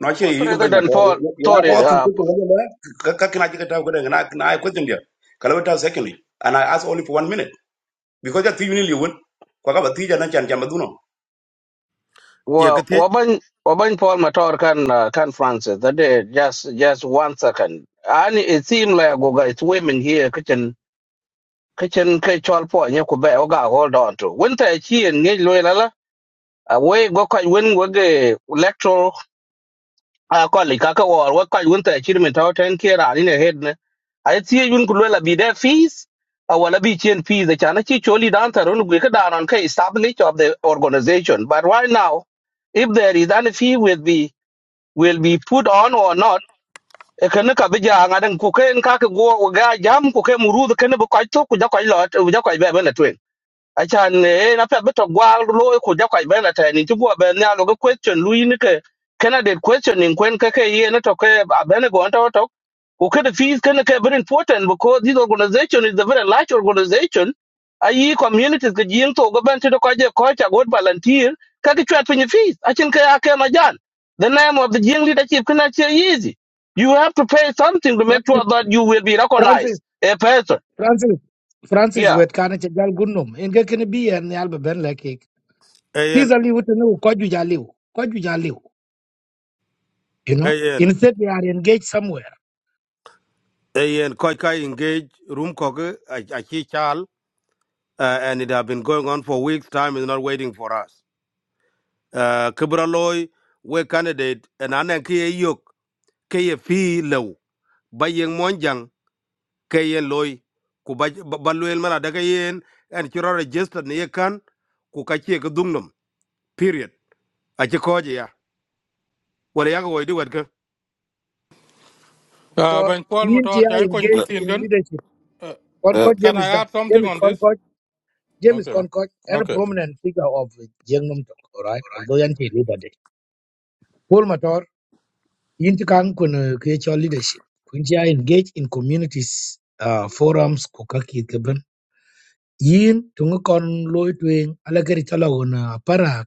S9: no che yi gbe ma
S15: President
S9: tore
S15: Paul
S9: ya ko
S15: Tory
S9: ti
S15: uh,
S9: question ko le ka ka kina ji ka ta ko de na na ai question dia kala ta secondly and i ask only for one minute because that you need you won ko ka ba ti jana chan jam duno
S5: Yeah,
S15: wa
S5: Katit
S15: Wabany Wabany Paul Matar can uh, can Francis that day just just one second. And it seemed like Goga it's women here kitchen kitchen kitchen po nye kube oga hold on to. Winter chi and nye loy lala. Away go kaj win wage electoral a ko li ka ka war wa ka won ta chiri min taw ten ke ra ni ne head ne a ti yun ku la bi da fees a wala bi chen fees da chana chi choli dan ta ron gu ka da ran ka establish of the organization but right now if there is any fee will be will be put on or not e kan ka bi ja nga den ku ken ka ka go ga jam ku ke muru da ken bu ka to ku ja ka lot ja ka be be na achan en apia beto gwal lo ko ja kwaj bela ta ni tugo be nya lo question lu yin ke candidate questioning kwen ke ke ye na to ke abene go nto to ko ke the fees ke ke very important because this organization is a very large organization ayi communities ke jin to go ben to ko je ko cha god volunteer ka ke chat pin fees achin ke ake ma jan the name of the jing leadership kana che easy you have to pay something to make
S12: Francis,
S15: sure that you will be
S12: Francis,
S15: recognized a person
S12: Francis, Francis,
S15: yeah
S12: wait, can I tell you good name? In getting a beer and the Alba Ben laki.
S5: AN
S12: Peace ali know no kojuja liu, kojuja liu, you are live, you know.
S5: AN
S12: Instead they are engaged somewhere.
S5: AN Koi Kai engage room cocker Achi Chal uh, and it have been going on for weeks. Time is not waiting for us. Uh Kibra loy we candidate and anan Kia Yok KFE low by Yang Monjang KN Loi Kubaluel Mana Dagayen and Chura registered Niekan Kukachi Dungnum. Period. Achi Koja. Well,
S13: Uh,
S12: Or
S13: Ben Paul Motor,
S12: India
S13: are you going to
S12: engaged
S13: think?
S12: in
S13: Can
S12: leadership.
S13: uh, uh,
S3: Uh,
S12: Concord
S13: can
S12: James
S13: I
S12: is that.
S13: add something
S12: James
S13: on this?
S12: Concord, James
S13: Okay.
S12: Concord, and a
S13: Okay.
S12: prominent figure of Jengnum Tok, all right? Although Yanti leader day. Paul Mator, Yinti Kang kun create your leadership. Kunja engage in communities, uh, forums, kukaki keben. Yin, tungukon loy tuing, alakari talagon, uh, parak,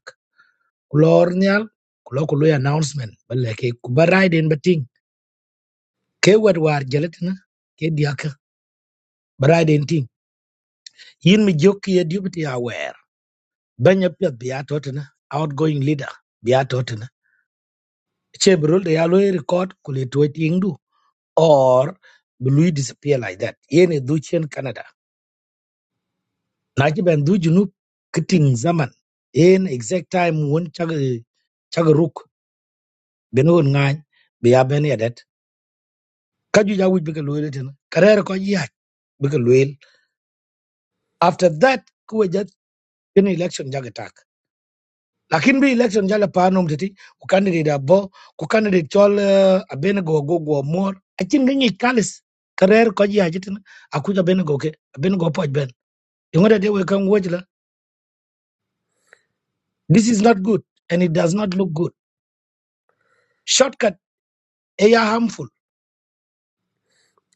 S12: kulornyal, kulo kulo announcement, balake kubarai in bating. ke wet war jelitina ke diaka bride and team yin mi jokki ye deputy aware banya pet biya totina outgoing leader biya totina che brul de yalo record kule toit ingdu or blue disappear like that yen e duchen canada na ki ben du junub kiting zaman yen exact time won chag chagruk beno ngan biya ben yadet kaju jawu bi ke loyel tin karer ko yak bi ke loyel after that kuwe jat ken election jagatak lakin bi election jala panom tati ku candidate abo ku candidate chol uh, abenego go go go mor akin ganyi kalis karer ko ji ajitin akuja abenego ke abenego poj ben ingode de we kan wojla this is not good and it does not look good shortcut eh, ya harmful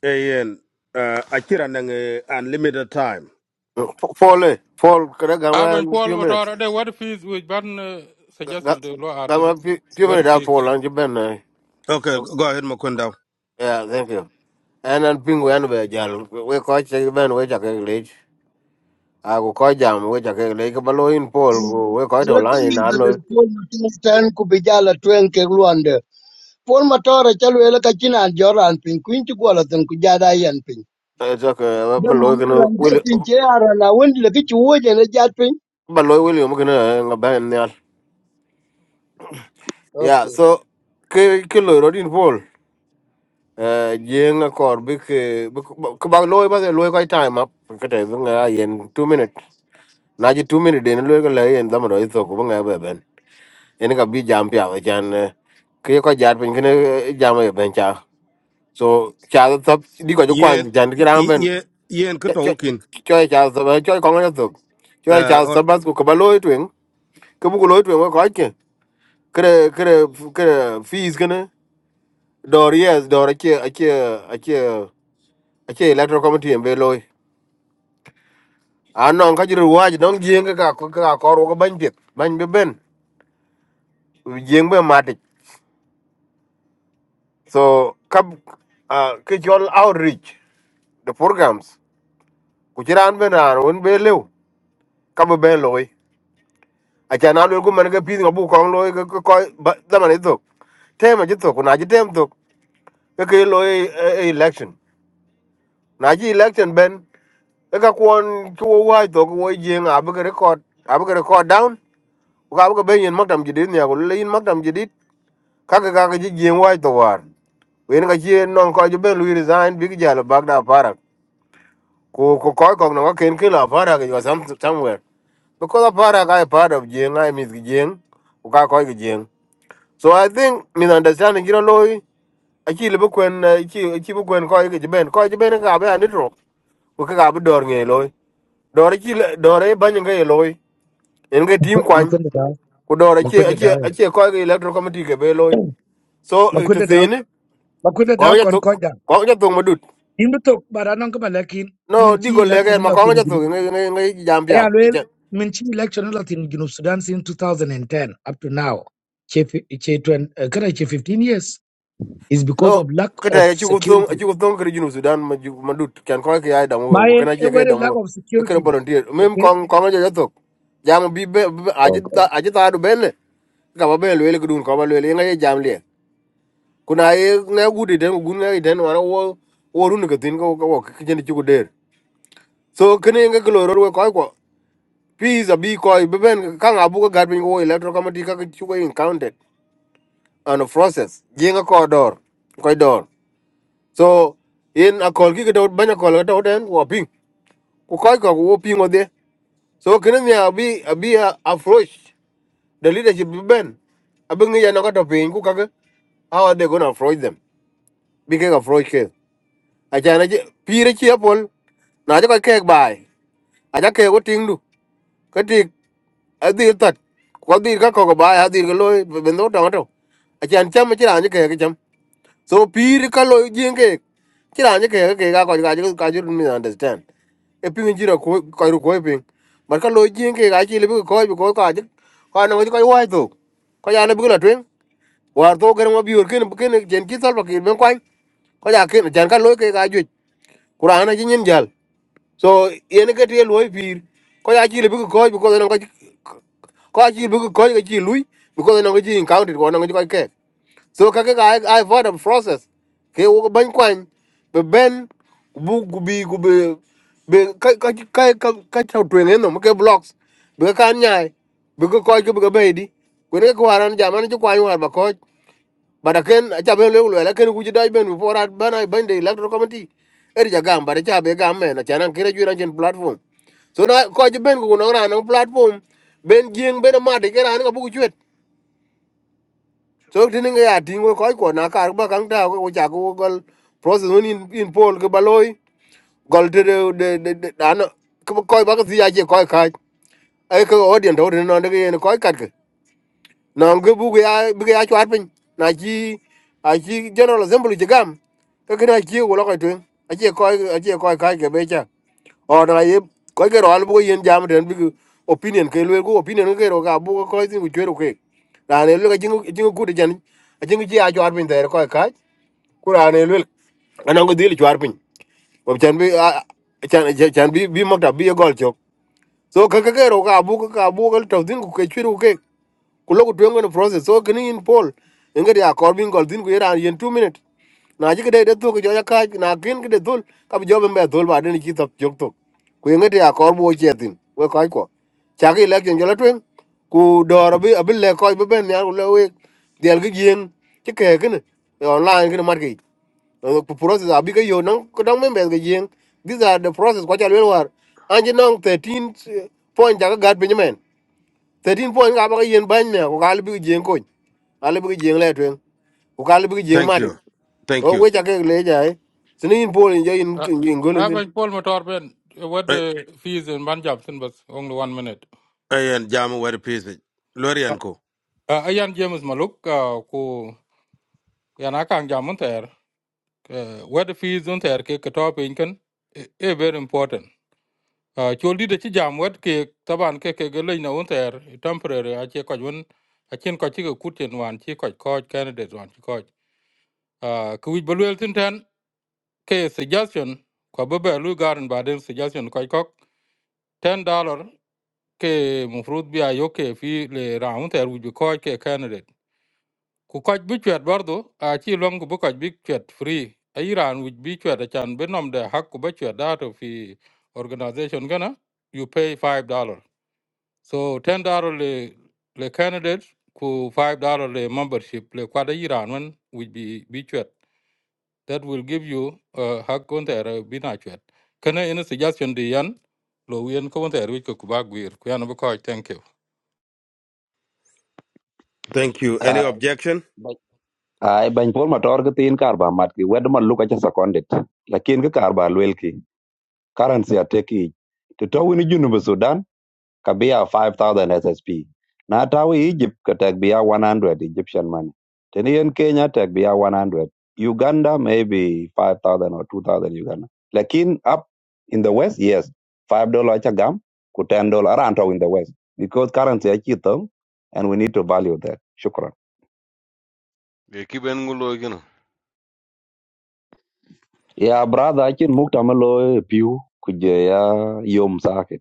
S5: Ayen, uh, Akira nang uh, unlimited time.
S3: uh, fall. eh? Paul, can I come
S13: Uh, ben
S3: a
S13: Paul
S3: few minutes?
S13: Motor, the what fees which Ben uh,
S3: Come
S13: suggested to law
S3: a
S13: Artin?
S3: few few minutes,
S13: What
S3: I'll
S13: fees?
S3: Paul, and you been there.
S5: Okay, go ahead, Makunda.
S3: Yeah, thank you. En an ping wen be jal, we ko che ben we cha ke lech. A go ko jam we cha ke lech ba lo in pol ku we ko to la
S16: Alati
S3: in a lo.
S16: Paul Matar tan ku bijala tuen ke luande. Paul Matar chalu ele ka china joran pin kuin ti gola tan ku jada yan pin.
S3: Cha ke
S16: De
S3: ba ke
S16: manara
S3: no
S16: nda
S3: will
S16: pin che ara na wendi le ki chuo je ne jat pin.
S3: ba lo will mo ke na nga ben nyal. Yeah, so ke ke lo ro din pol. Eh jeng a kor bi ke ku ba lo ba de lo ko time up ke te nga yen 2 minute. Na ji 2 minute den lo ke le yen da mo ro to ku nga be ben. ene ka bi jam pia wa chan eh, ke ko jar pin kene eh, jam e ben cha so cha to di ko jo
S5: Yen,
S3: kwan jan ki ram
S5: y-
S3: ben
S5: yen, yen, kuto ukin.
S3: cho cha so ba cho ko ngana to cho
S5: Uh,
S3: cha
S5: all,
S3: so ba ko ba loy twen ke bu ko loy twen ko ke kre kre kre fees kene dor yes dor ke ke ke ke electoral committee en be loy an non ka jiru waj non jeng ka ko ka ko ro ko ban pit ban be ben jeng be matik so kab ah, ke jol outreach the programs ku ci raan ben raan won be lew kam ben loy a ca na lol ku man ga pin ga bu kong loy ga ko zaman ito tema ji to ku na ji tem to ga ke loy election na ji election ben ga kwon ku wa to ku wo jeng a bu record a bu record down ku ga bu ben yin makdam ji dit ne ku le yin makdam ji dit ka ga ga ji jeng wa to war wen ga ji non ko ji ben lu resign big jalo bagda parak ku ku ko ko no ga ken ke la parak yo somewhere because a part apara a part of jeng I miss jeng ku ka ko jeng so i think misunderstanding. understanding you know a chi le bukwen chi chi bukwen ko ge ben ko ge ben ka ba ni tro ku ka ba dor nge loy dor chi dor e ban nge loy en ge tim kwan
S12: Makwenda da
S3: ku dor chi
S12: makwenda
S3: chi
S12: da
S3: chi ko ge electro committee ge be loy so to
S12: makwenda da
S3: sin
S12: makwenda
S3: ko
S12: da
S3: ge
S12: kon ko da
S3: ko ge to madut
S12: imbe tok baranon ko malakin min
S3: no digo
S12: ci
S3: lege
S12: election
S3: ma ko ge
S12: no
S3: to nge nge jam
S12: Yeah, well,
S3: pia
S12: Minchi election in Junub Sudan since 2010 up to now, che fi- che twen- eh, kada che 15 years, is because
S3: No,
S12: of lack
S3: kada
S12: of
S3: ya chugo thong, a
S12: security.
S3: chugo thong kada junu Sudan ma ju ma dut kan ko ke ay damo
S12: My
S3: ko kana
S12: eh,
S3: che ke
S12: where the lack
S3: damo
S12: of
S3: e kada
S12: security,
S3: volunteer. Mem
S12: okay?
S3: kong kong ja jatok. Jam bi be be- aje
S12: Oh
S3: ta
S12: God.
S3: aje ta do bele. Ka ba bele le kudun ko ba le nga ye jam le. Kuna ye na gudi den gun na den wana wo wo run ka tin ko ko ke chen chugo der. So kene nga ko ro ko ko. Please a bi ko be ben ka nga bu ka gar bin ko electro committee ka chugo in counted on a process. Jenga ko dor. Ko dor. so in a call ki to banya call to den wo ping ku koy ko wo ping ode so kene mi abi abi a approach the leadership bi ben abi ngi ya no to ping ku kage how are they going to approach them bi ke approach ke a jana je pire chi apol na je ko ke bai a ja ke wo ting du ka adi tat ko di ka ko bai adi ko loy ben do to to a jan cham chi ran je ke ke cham so pir ka lo jien ke kira ni ke ke ga ko ga ju ka ju mi understand e pin jira ko ko ru ko pin bar ka lo jien ke ga chi le bi ko bi ko ka ju ko na ko ko wa to ko ya le bi la twen war to ger mo biur ken ken jen ki sal ba ki ben kwan ko ya ken jan ka lo ke ga ju qur'ana ji nyin jal so yen ke te lo pir ko ya chi le bi ko bi ko na ko ko chi bi ko ga chi lui bi ko na ko ji in county ko na ko ke so kake ga ai ai for the process ke wo ban kwan be ben bu gubi gubi. be ka ka ka ka ka ta twen no ke blocks be ka nyai be ko ko ke be be di ko ne ko aran jaman ju kwan war ba ko ba da ken a cha be le le ken ku ji dai ben bu forat ban ai ban de electoral committee er ja gam ba da cha be gam me na chanan kire ju ran chen platform so na ko ji ben ku no ran no platform ben jing ben ma de ke ran ko bu ku chwet so tini nga ya tingo koi ko na kar ba kang ta ko cha ko gol process un in in pol ke baloi gol de de de de de- da no ko koi ba ko si ya je koi ka ai ko audience to no de ne koi kat ke no ngi bu ya bu ya chwat pin na ji a ji general assembly ji ka kina ji wo lo ko tun a je koi a je koi ka ke be cha or na ye ko ke ro bu yen jam den bi opinion ke le ko opinion ke ro ga bu ko tin ku chero ke ra ne le ga jingu jingu ku de jan jingu ji a jor bin der ko ka ku ra ne le ana ngo dil jor bin ko chan bi a- chan chan bi bi mo ta bi gol chok so ka ke ke ro ga bu ka bu ko to tin ku ke chero ke ku lo no process so kini in pol ngari ya korbin gol din ku era yen 2 minute na ji kede de to ku joya ka na kin kede dul ka bi jobe mbe dul ba den ki top jok to ku ngari ya korbo che tin we kai ko cha ki le ken jola twen ku doro bi abi le ko bi ben ya lo we del gi yen ti ke kin online kin mar ki E ku process abi ke yo no ku dang mbe ge yen these are the process ko cha le war anji nong 13 eh, point ja ga gad pinyemen 13 point ka ba ka yen ban ne ko ka le bi jeng ko ka le bi jeng le twen ko ka le bi jeng
S5: thank
S3: ma de
S5: you, thank
S3: o
S5: you.
S3: we ja ke le ja e sini in pol in ja in
S13: Uh,
S3: in golin
S13: uh,
S3: tin
S13: ben Paul Motor, Ben, uh, what
S5: A-
S13: the fees in Ben Jobson was only one minute.
S5: Ayen, jamu wari pisi.
S13: Uh,
S5: Lorian ko.
S13: uh, Ian James Maluk, uh, ku Yanakang Jamunter, uh, what the fees on there, Kikatop Incan, is very important. Uh, chol di de ci jam wet ke taban ke ke gelay na un ter temporary a che ko won a chen ko ci ko kutien wan ci ko ko candidate wan ci ko uh, ku wi balwel tin ten ke suggestion ko be be lu garan ba den suggestion ko ko 10 dollar ke mufrut bi ayo ke fi le round ter wi ko ke candidate ku ko bi chet bardo a ci long bu ko bi chet free a iran wi bi chet a chan be nom de hak ku be chet da to fi organization gana you pay 5 dollar So ten dollar le le candidate ku five dollar le membership le kwada yiran one will be be chwet. That will give you uh hak on there be na chwet. Kana any suggestion di yan lo wien ko on there which ku bag wir ku yan ba ko thank you.
S5: Thank you. Any objection?
S2: ay bañ pol ma tor tin kar ba mat ki wed man luka ci seconded lakin ki kar ba lwel ki currency ateki to to woni junu Sudan kabia 5000 ssp na tawi egypt ka bia 100 egyptian money teni yen kenya tek bia 100 uganda maybe 5000 or 2000 uganda lakin up in the west yes 5 dollar cha gam ku 10 dollar around in the west because currency achi thong and we need to value that shukran
S11: e kiben ngulo gino
S2: ya brother achi mukta malo piu kujaya yom sake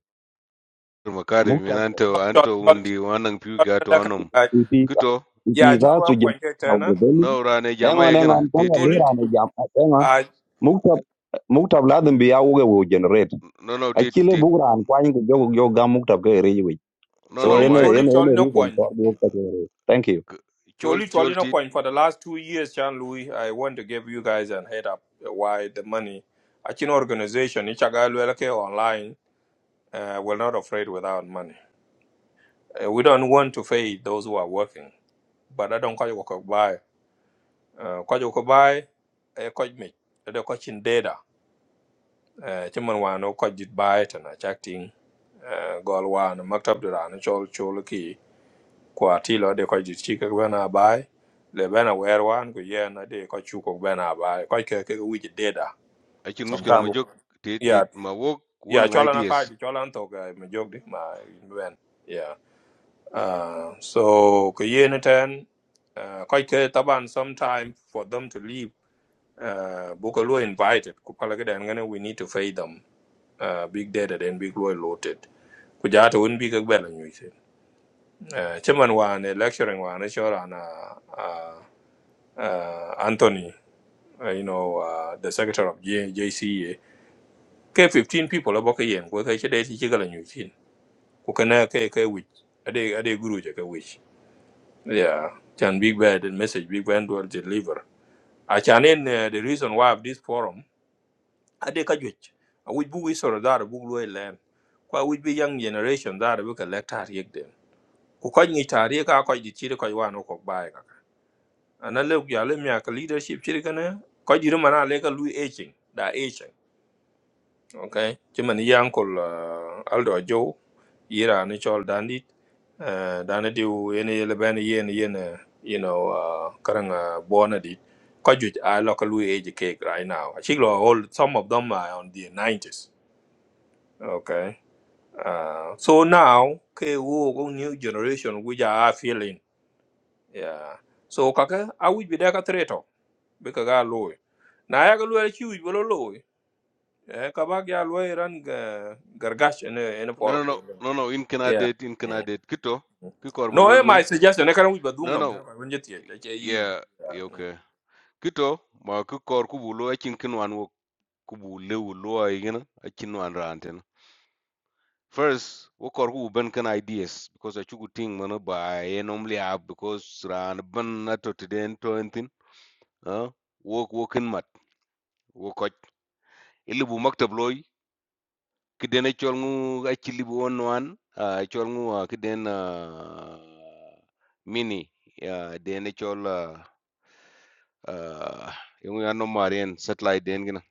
S11: makari men
S2: mukta
S11: anto
S1: Chol-
S11: anto
S1: chol-
S11: undi
S1: chol-
S11: wanang piu ka to
S1: chol- like,
S11: anom
S1: uh,
S2: Ipitha
S11: kito
S1: Yeah, yeah,
S2: ipitha
S1: chol wa
S2: suje
S1: kwan ke
S2: na
S1: tena.
S2: ureveli
S11: no rane jama ye
S2: engon
S11: gino
S2: engon kanga
S11: titit
S1: Choli
S2: dera ne jam engon
S1: uh
S2: muktab muktab ladin bi yawuge wo generate
S11: no no tit
S2: akile
S11: tit
S2: bugran kwany ko jogo yo gam muktab ke reji wi
S11: no
S2: so
S11: no
S1: choli
S2: ene
S11: ma
S1: choli
S2: ene ene
S1: choli no
S2: reason
S1: kwan.
S2: for the muktab ke reji thank you
S11: chol
S1: Choli
S11: chol
S1: choli no
S11: tit
S1: kwan for the last two years, Chan Louis, I want to give you guys an head up uh, why the money. A Chin organization, Ichagalwelke online, uh, we're not afraid without money. Uh, we don't want to fail those who are working. But I don't call you buy. Uh call you buy a coach me. The coaching data. Eh, ci man wan o koj dit bai tan a chak gol wan maktab duran chol chol ki kwa ti lo de koj dit bena bai le bena wer wan ku yen a de ko chu bena bai ko ke ke wi de da
S11: akin muskila majok
S1: sometime
S11: jok tit
S1: ya
S11: tit ma wok wonang
S1: chola na
S11: ideas
S1: ka chola to ga me jog di ma in ben ya uh so ko yen ten uh ko ke taban sometime for them to leave uh buko lo invited ku pala ga dan we need to feed them uh, big data den big loy loaded ku jata won bi ka gbela nyu se uh, chairman wa ne lecturing wa ne shora na uh, uh, uh, Anthony uh, you know uh, the secretary of J- JCA ke 15 people aboka yen ko ka chede ti chigala nyu tin ku kana ke ke wich ade ade guru je ka wich yeah chan big bad and message big bad will deliver a chan in uh, the reason why of this forum ade ka jwich a wich bu wi soro dar bu loy len kwa wich bi young generation dar bu ka lecture yek ku kɔc ŋic taar ye kaa kɔc dit cir kɔc waan ku kɔk baai kaka ana le ku ya le mia ka leadership cir kene kɔc dit man a le ka lui aging da aging okay ci man yi ankol uh, aldo jow yira ni chol dandit uh, dana diw yene yele bɛn yen yen eh, you know uh, karang uh, bona dit kɔc juic a lo ka lui age cake right now aci lo all some of them are on the 90s okay uh, so now ke wo ko new generation which are feeling yeah so kaka a wij bi deka treto bi ka ga loy na ya ga loy ki wij bolo loy eh ka ba ga loy ran ga gargash ene ene
S11: no no
S1: forum
S11: no
S1: do
S11: no no, in kana
S1: yeah
S11: det in kana
S1: Mm.
S11: det kito ki kor
S1: no eh
S11: win
S1: my suggestion e kan wij ba dum
S11: no
S1: nam
S11: no
S1: ta ba nje tie ta ke yin
S11: yeah yeah, okay kito ma ki kubulo ku bulo akin kin wan wok ku bu lewu lo ay gino akin wan ranten First, work kor who ban can ideas because I chugu ting mana ba normally have because ran ban na to tiden to entin ah wo wo kin mat wo ko ilibu maktab loy kiden chol ngu a chilibu one. wan a chol ngu kiden mini ah, den chol uh uh, yung ano marian satellite den gina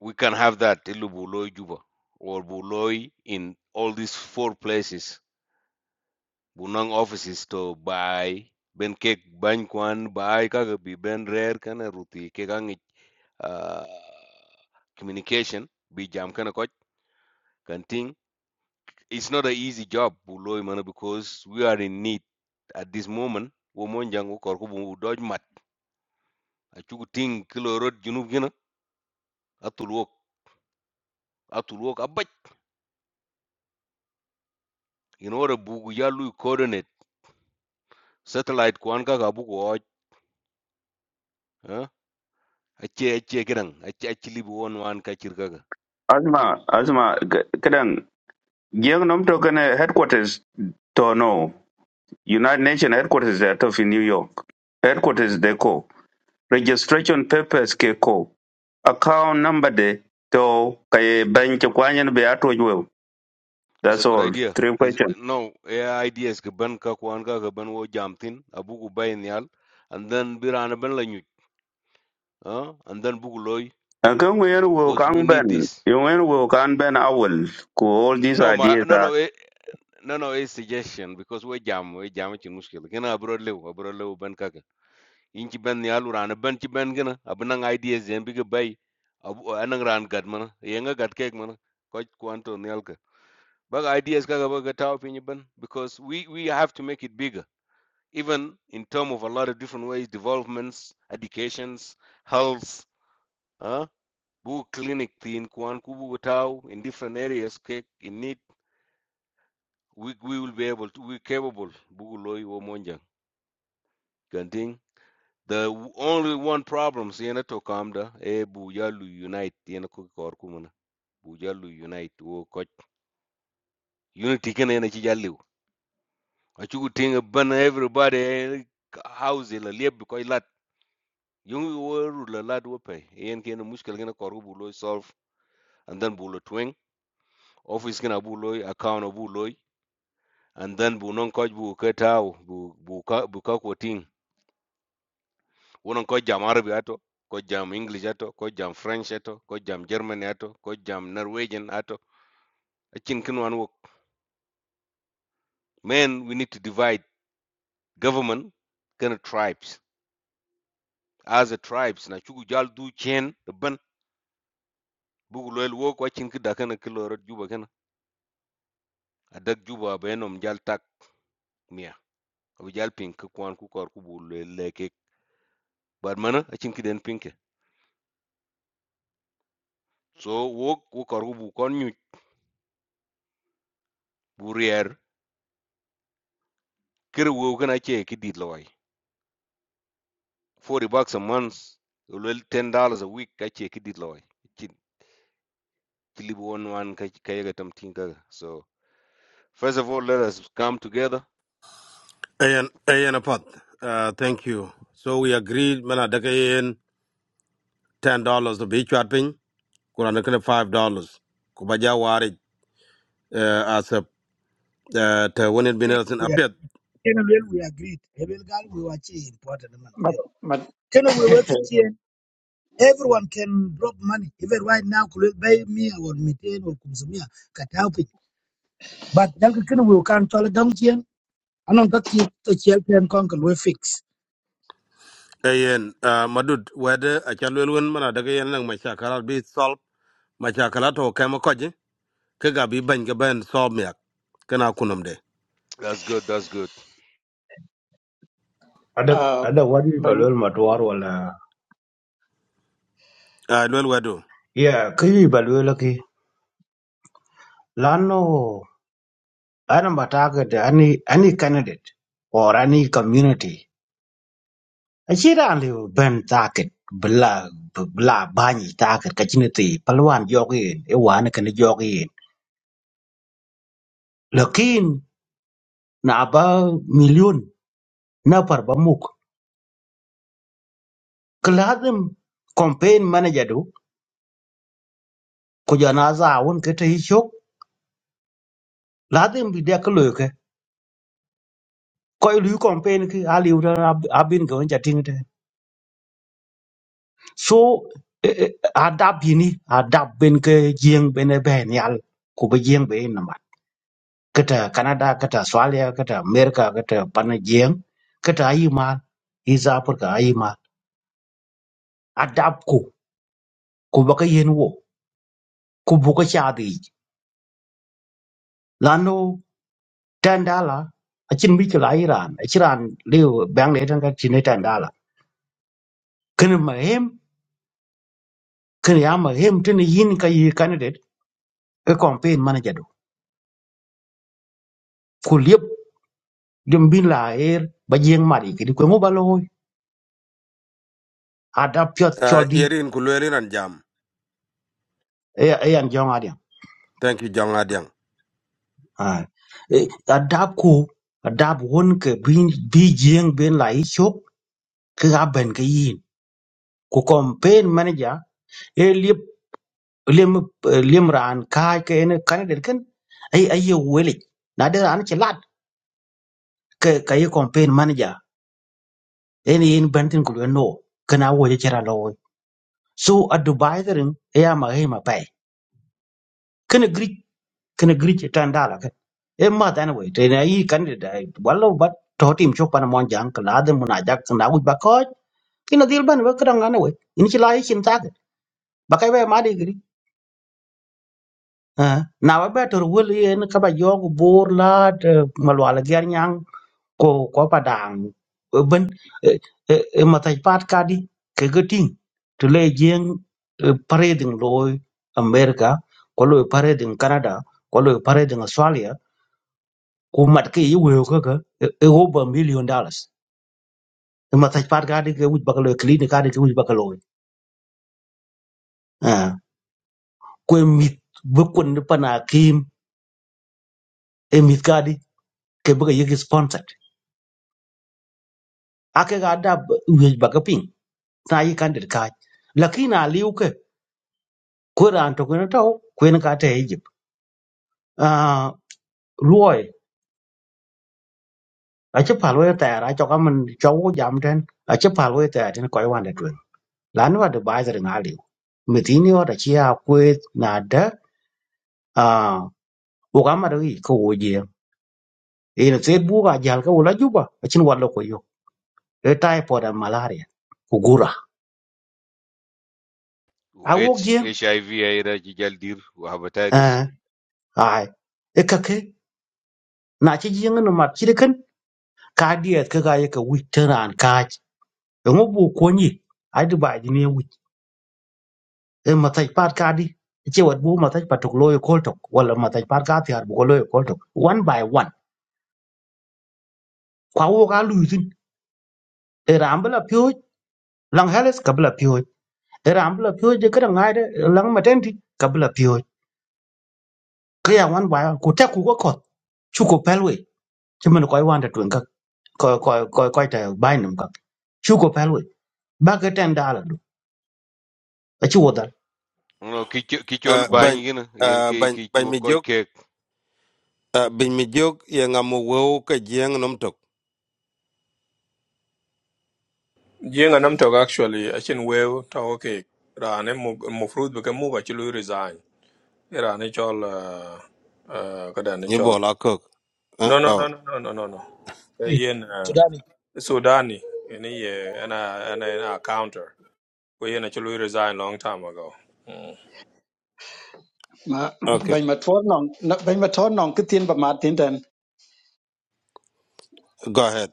S11: we can have that ilibu loy juba or bu loy in all these four places bunang offices to buy ben kek bany kwan buy kaga bi ben rare kana ruti ke uh, communication bi jam kana koch kan ting it's not an easy job buloy mana because we are in need at this moment wo mon jang wo kor bu doj mat a chugu ting kilo road junub gina atul wok atul wok abaj in order bu yalu coordinate satellite kwan kaga bu ko oj eh? ache ache kiran ache ache libu won wan kachir kaga
S17: Asma, Asma, kadang giang nom to kana headquarters to no United Nations headquarters that of in New York. Headquarters they ko registration papers ke ko account number de to kay bank kwanyen be ato jwe.
S11: It's a
S17: That's
S11: good
S17: all.
S11: idea.
S17: Three
S11: Is
S17: questions.
S11: no AI idea is kaban ka kwan kaban wo jam thin abu ku bay nial and then birana ben lañu huh? and then bugu loy
S17: And can we will
S11: because we
S17: can
S11: need
S17: ben,
S11: this.
S17: you will can ben owl. Ko all these
S11: No ma
S17: ideas
S11: no
S17: are
S11: no eh, no no a suggestion because we jam we jam ci muskil gëna abro lew abro lew ben ka Inchi in ci ben nial urana ben ci ben gëna abna ideas. zen bi ga bay abu anang ran gad mana yenga nga gad kek mana ko kwanto nial ka bag ideas ka ga taw fi ben because we we have to make it bigger even in term of a lot of different ways, developments, educations, health, uh, bu clinic in Kwan Kubu Tau in different areas okay? in need, we, we will be able to, we're capable. Bugu Loi Womonja. Ganting. The only one problem siena to kamda e bujalu unite yena ko kor kumana bujalu unite wo ko unity ken ena ci jalliw acu ting ban everybody eh, house la leb ko Yung wo rulala do pay. Yen ken mushkel gena koru buloy solve and then bulo twing. Office gena buloy account buloy and then bu non koj bu ketao bu bu ka bu ka ko ting. Wonon koj jam Arabi ato, koj jam English ato, koj jam French ato, koj jam German ato, koj jam Norwegian ato. Achin kin wan wo. Man, we need to divide government kana tribes. As a tribes na chugu jal du chen the ban bu loyal wo ko chin ki dakana kilorot juba kana adak juba benom jal tak mia. abijal ping ke kwan ku kor ku bu le le ke bar mana achin ki den ping ke so wo wo kor ku bu kon nyu bu rier kir wo kana che ki dit loy 40 bucks a month lo 10 dollars a week ka che ki dit loy chin clip one one ka ka yaga tam tin ka so first of all let us come together
S5: Ayen, ayen apat. Uh, thank you. So we agreed, mana daka yen, ten dollars to be chatting, kurana kana five dollars. Kubaja wari, uh, as a, uh, te winning
S12: We are,
S5: bin
S12: ken well, we agreed. Ebel gal we were chi important man.
S18: but
S12: yo.
S18: but
S12: Ken we work it here. Everyone can drop money. Even right now, could buy me or methane or consumia, cut help it. But then can we can't tell it down here. I don't got it to help and conquer we fix.
S5: ayen uh, madud wede acal wel wen mana daga yen nang machakala bi solve machakala to kema koji ke ga bi bany ga ben solve miak kana kunum de
S11: that's good that's good
S19: ada
S18: uh
S19: ada wadi
S18: bany
S19: balwel matwar wala
S5: uh, lwel wedu
S19: ya kiyi balwel ki lano ana mataka da ani ani candidate or any community achira ali ben taket bla bla bani taket kachine ti palwan jogin e wan kan jogin lakin na ba million na par bamuk kladem campaign manager do ko jana za won kete hichok ladem bi de kloke koy lu campaign ki ali udan abin ko jatingte so eh, eh, adab yini adab ben ke jeng ben ben yal ku be jeng be namat kata canada kata australia kata america kata pana jeng kata ayima is africa ayima adab ku ku ba ka yen wo ku bu ka cha di lano tandala achin bi ka iran achiran Leo bang le tan ka chine tandala kan ma hem kan ya ma hem tin yin ka yi candidate e campaign manager do Dum bin la er ba jeng mari ki ko mo baloi adap pyot
S5: uh,
S19: choldi
S5: yerin ku lwelin an jam
S19: e e an jong adiam.
S5: thank you jong adiang
S19: Ah. Adap ku adap won ke bin bi jeng ben la i chop ke ga ben ke yin. Ku campaign manager e lip lim lim ran kai ke ne candidate ken ai ai ye wele. Na de ran che lat ke ke campaign manager en yin bentin ku no kana wo je chera loy. So advisor en e ma he ma pai. ken kene griche tan dala ke e ma dan we te na yi candidate wallo bat to tim chok pan mon jang kala de mun ajak na u ba ko kina dil ban we kran ngane we in chi lai chin ta ke ba kai we ma de gri Ah, na ba ba tor wul yen ka ba yog bor la malwala ger nyang ko ko pa dang Eh, ben eh, eh, eh, ma tai pat ka di ke ga ting to le jeng eh, pareding loy america ko loy pareding canada ko loy pareding australia ku mat ke yi weo ke ke e roba million dollars e ma taj pat ka de ke wuj bakalo clinic ka de ke wuj bakalo ah ku mit bu kun pana kim e mit ka di ke bu ye sponsored ake ga da wuj bakapin na yi kan de ka lakina liu ke ku ran to kun to ku en ka te egypt ah luoy a che palo ya ta ra cho ka man cho wo jam ten a che palo ya ta tin ko i wan de twen lan wa de bai zar na liu mitini wa da chi a ku na da ukamata ki ko wo jieng ina se buka jal ka wala juba achin wala ko yo e typhoid and malaria kugura a wo
S11: H
S19: jieng
S11: HIV aira jijal dir wa hepatitis
S19: eh ai e ka ke na chi jieng no mat chi kan ka diet ka ga ye ka wi teran ka e ngo bu ko ni ai du ba ji ne wi e ma tai pat ka di che wat bu ma tai pat ko loyo kol tok wala ma tai pat ka ti ar bu ko loyo kol tok one by one kwa wo ka lu tin e rambla pyo lang heles kabla pyo e rambla pyo je ka ngai de lang matenti kabla pyo ke ya wan ba ku te ku ko ko chu ko pelwe che men ko i wan da twen ka ko ko ko ko ta bai nam ka chu ko pelwe ba ke ten da la do a chu da
S11: no ki cho- ki chol
S5: uh,
S11: bany
S5: bany
S11: gina yen
S5: uh,
S11: ki
S5: bany
S11: ki
S5: bany
S11: chuo
S5: mi
S11: koj
S5: jok
S11: kek
S5: uh, bany mi jok ye ngamu wew ke jieng nom tok
S1: jenga nam to actually a chin we ta okay rane mo mo fruit bi ka mu ba chi loy resign Eh, rane chol uh, uh, ka da ne
S5: ni
S1: chol
S5: bola kok uh,
S1: no no no
S5: oh
S1: no no no no no Eh, yen
S12: Sudan
S1: Sudani, in a year, and a, and a, counter. We in a chulu resigned long time ago. Mm.
S18: ma
S5: okay
S18: bany ma tuot nong no- bany ma tuot nong kitien pa mat tin ten
S5: go ahead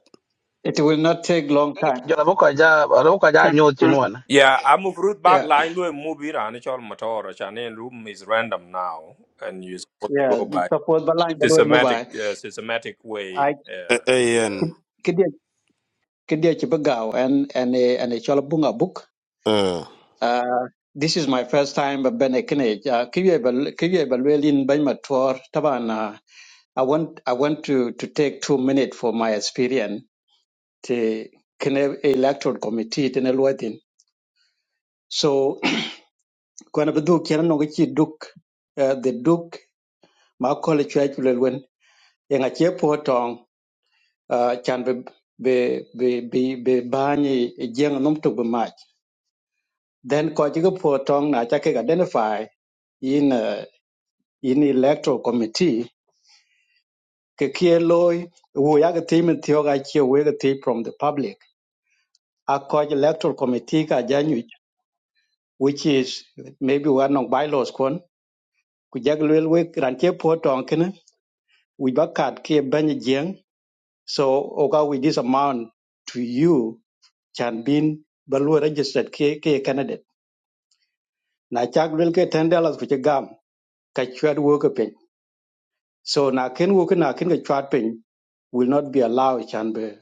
S18: it will not take long time
S15: jara boka ja boka ja nyoti
S1: Yeah, I move root back
S18: yeah
S1: line, we move it, and it's all motor. Chane room is random now, and you're supposed to
S18: yeah
S1: go by
S18: suppose ba line ba lo
S1: systematic, uh, systematic
S18: i
S1: way.
S5: A-
S1: Yeah,
S5: ayen
S1: yeah.
S18: kidia kidia chi ba and and a and a chola bunga book
S5: uh,
S18: uh this is my first time but ben ekne kiye ba kiye ba lo lin bany ma tuot taban uh, i want i want to to take 2 minutes for my experience to kene electoral committee tene luatin kwana bi dhuk chen nongo chi duk eh, the duk ma kole chwe chule lwen e nga che po tong ah, chan be be be be be bani jeng num tuk be mach then ko chi ko po tong na cha ke identify in eh, in electoral committee ke kie loy wo ya ke team thio ga chi we ke team from the public a ko electoral committee ka janyu which is maybe one of bylaws kon ku jag lwel we ran che po tong kene we ba kat ke ban So, oh with this amount to you can be Balua registered K ke candidate. Na chak will get ten dollars for a gum, kachuat work a So na ken work na ken kachuat pin will not be allowed can be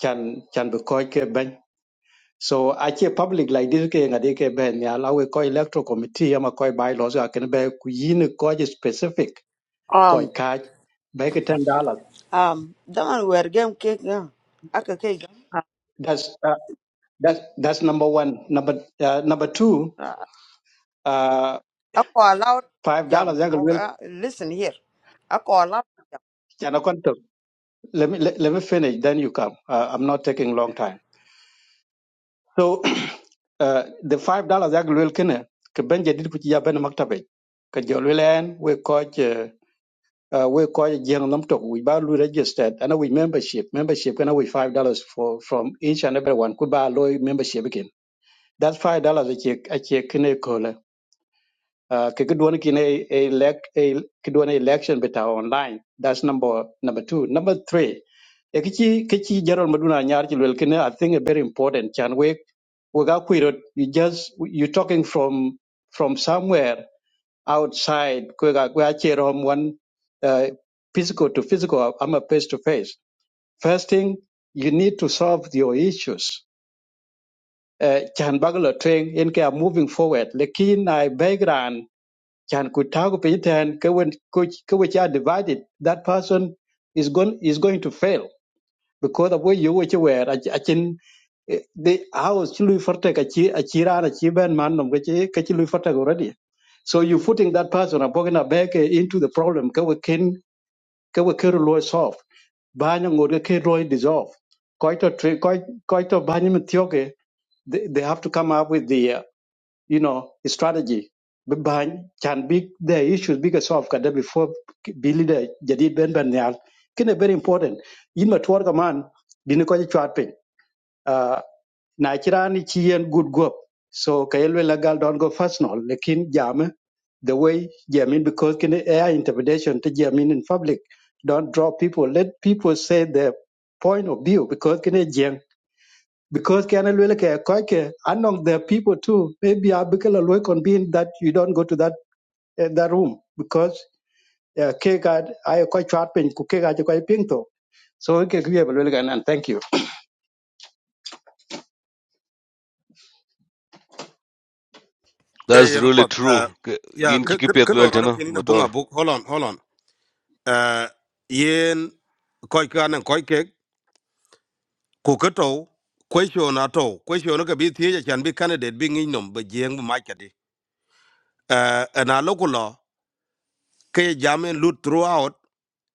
S18: can can be koi ke ben. So actually public like this ke ngade ke ben ni allow a koi electoral committee ama koi bylaws a Can be kuyin koi specific koi
S14: Um,
S18: kaj be ke ten dollars.
S14: um, daman wer game cake, yeah. Aka cake, uh,
S18: That's uh, that's that's number one. Number uh, number two.
S14: uh,
S18: uh,
S14: ako allowed
S18: Five
S14: jam.
S18: dollars, I
S14: Oh,
S18: will
S14: uh, listen here. I call allowed
S18: and I can Let me let, let me finish. Then you come. Uh, I'm not taking long time. So uh, the five dollars I will kene ke benje dit ku ci ya ben maktabe ke jol wilen we coach uh, uh, we coach jeng nam tok we ba lu registered and we membership membership kana we five dollars for from each and every one ku ba lo membership again. That's five dollars a check a check kene ko la uh, ke kedwon kine elect a kedwon election beta online that's number number 2 number 3 e kichi kichi Gerald maduna nyar chi lwel kine i think a very important chan we we ga kwirot you just you talking from from somewhere outside kwe ga kwe achero one uh, physical to physical i'm a face to face first thing you need to solve your issues uh, chan bagalo train in ke are moving forward lekin i background chan kutago pinten ke when ke we are divided that person is going is going to fail because the way you which were a chin the house chilui forte kachi achira na chiben man no kachi kachi lui forte already so you are putting that person abogina back eh, into the problem ka we can ka we can lo solve banya ngod ka lo dissolve Quite a tri- quite quite a banya mtioke they they have to come up with the uh, you know, strategy. Bany can be the issues because of kada before be leader jadid ben ben nyal. Kine very important. In ma tuwar kaman dini ko chwat pin. Uh, na chirani chi good go. So kayelwe lagal don't go personal. Lekin jame the way jamin because kine air interpretation to jamin in public. Don't draw people. Let people say their point of view because kine jeng because kana lwele ke koike among the people too maybe abikela lwe convene that you don't go to that uh, that room because uh, ke ga ay ko chat pen ku ke ga ko ping to so e ke kuye lwele kana and thank you
S11: that's
S5: ayen
S11: really
S5: pat
S11: true
S5: uh,
S11: Ke-
S5: ya
S11: in
S5: ke ke ke
S11: chikipet
S5: lor odo
S11: lweltena
S5: kini na
S11: motor
S5: bunga buk hold on hold on uh, yen koy kan koy ke ku ke to question ato question ke bi tie chan bi candidate bi ngi nom be jeng bu machati uh, and a local law ke jamen loot throughout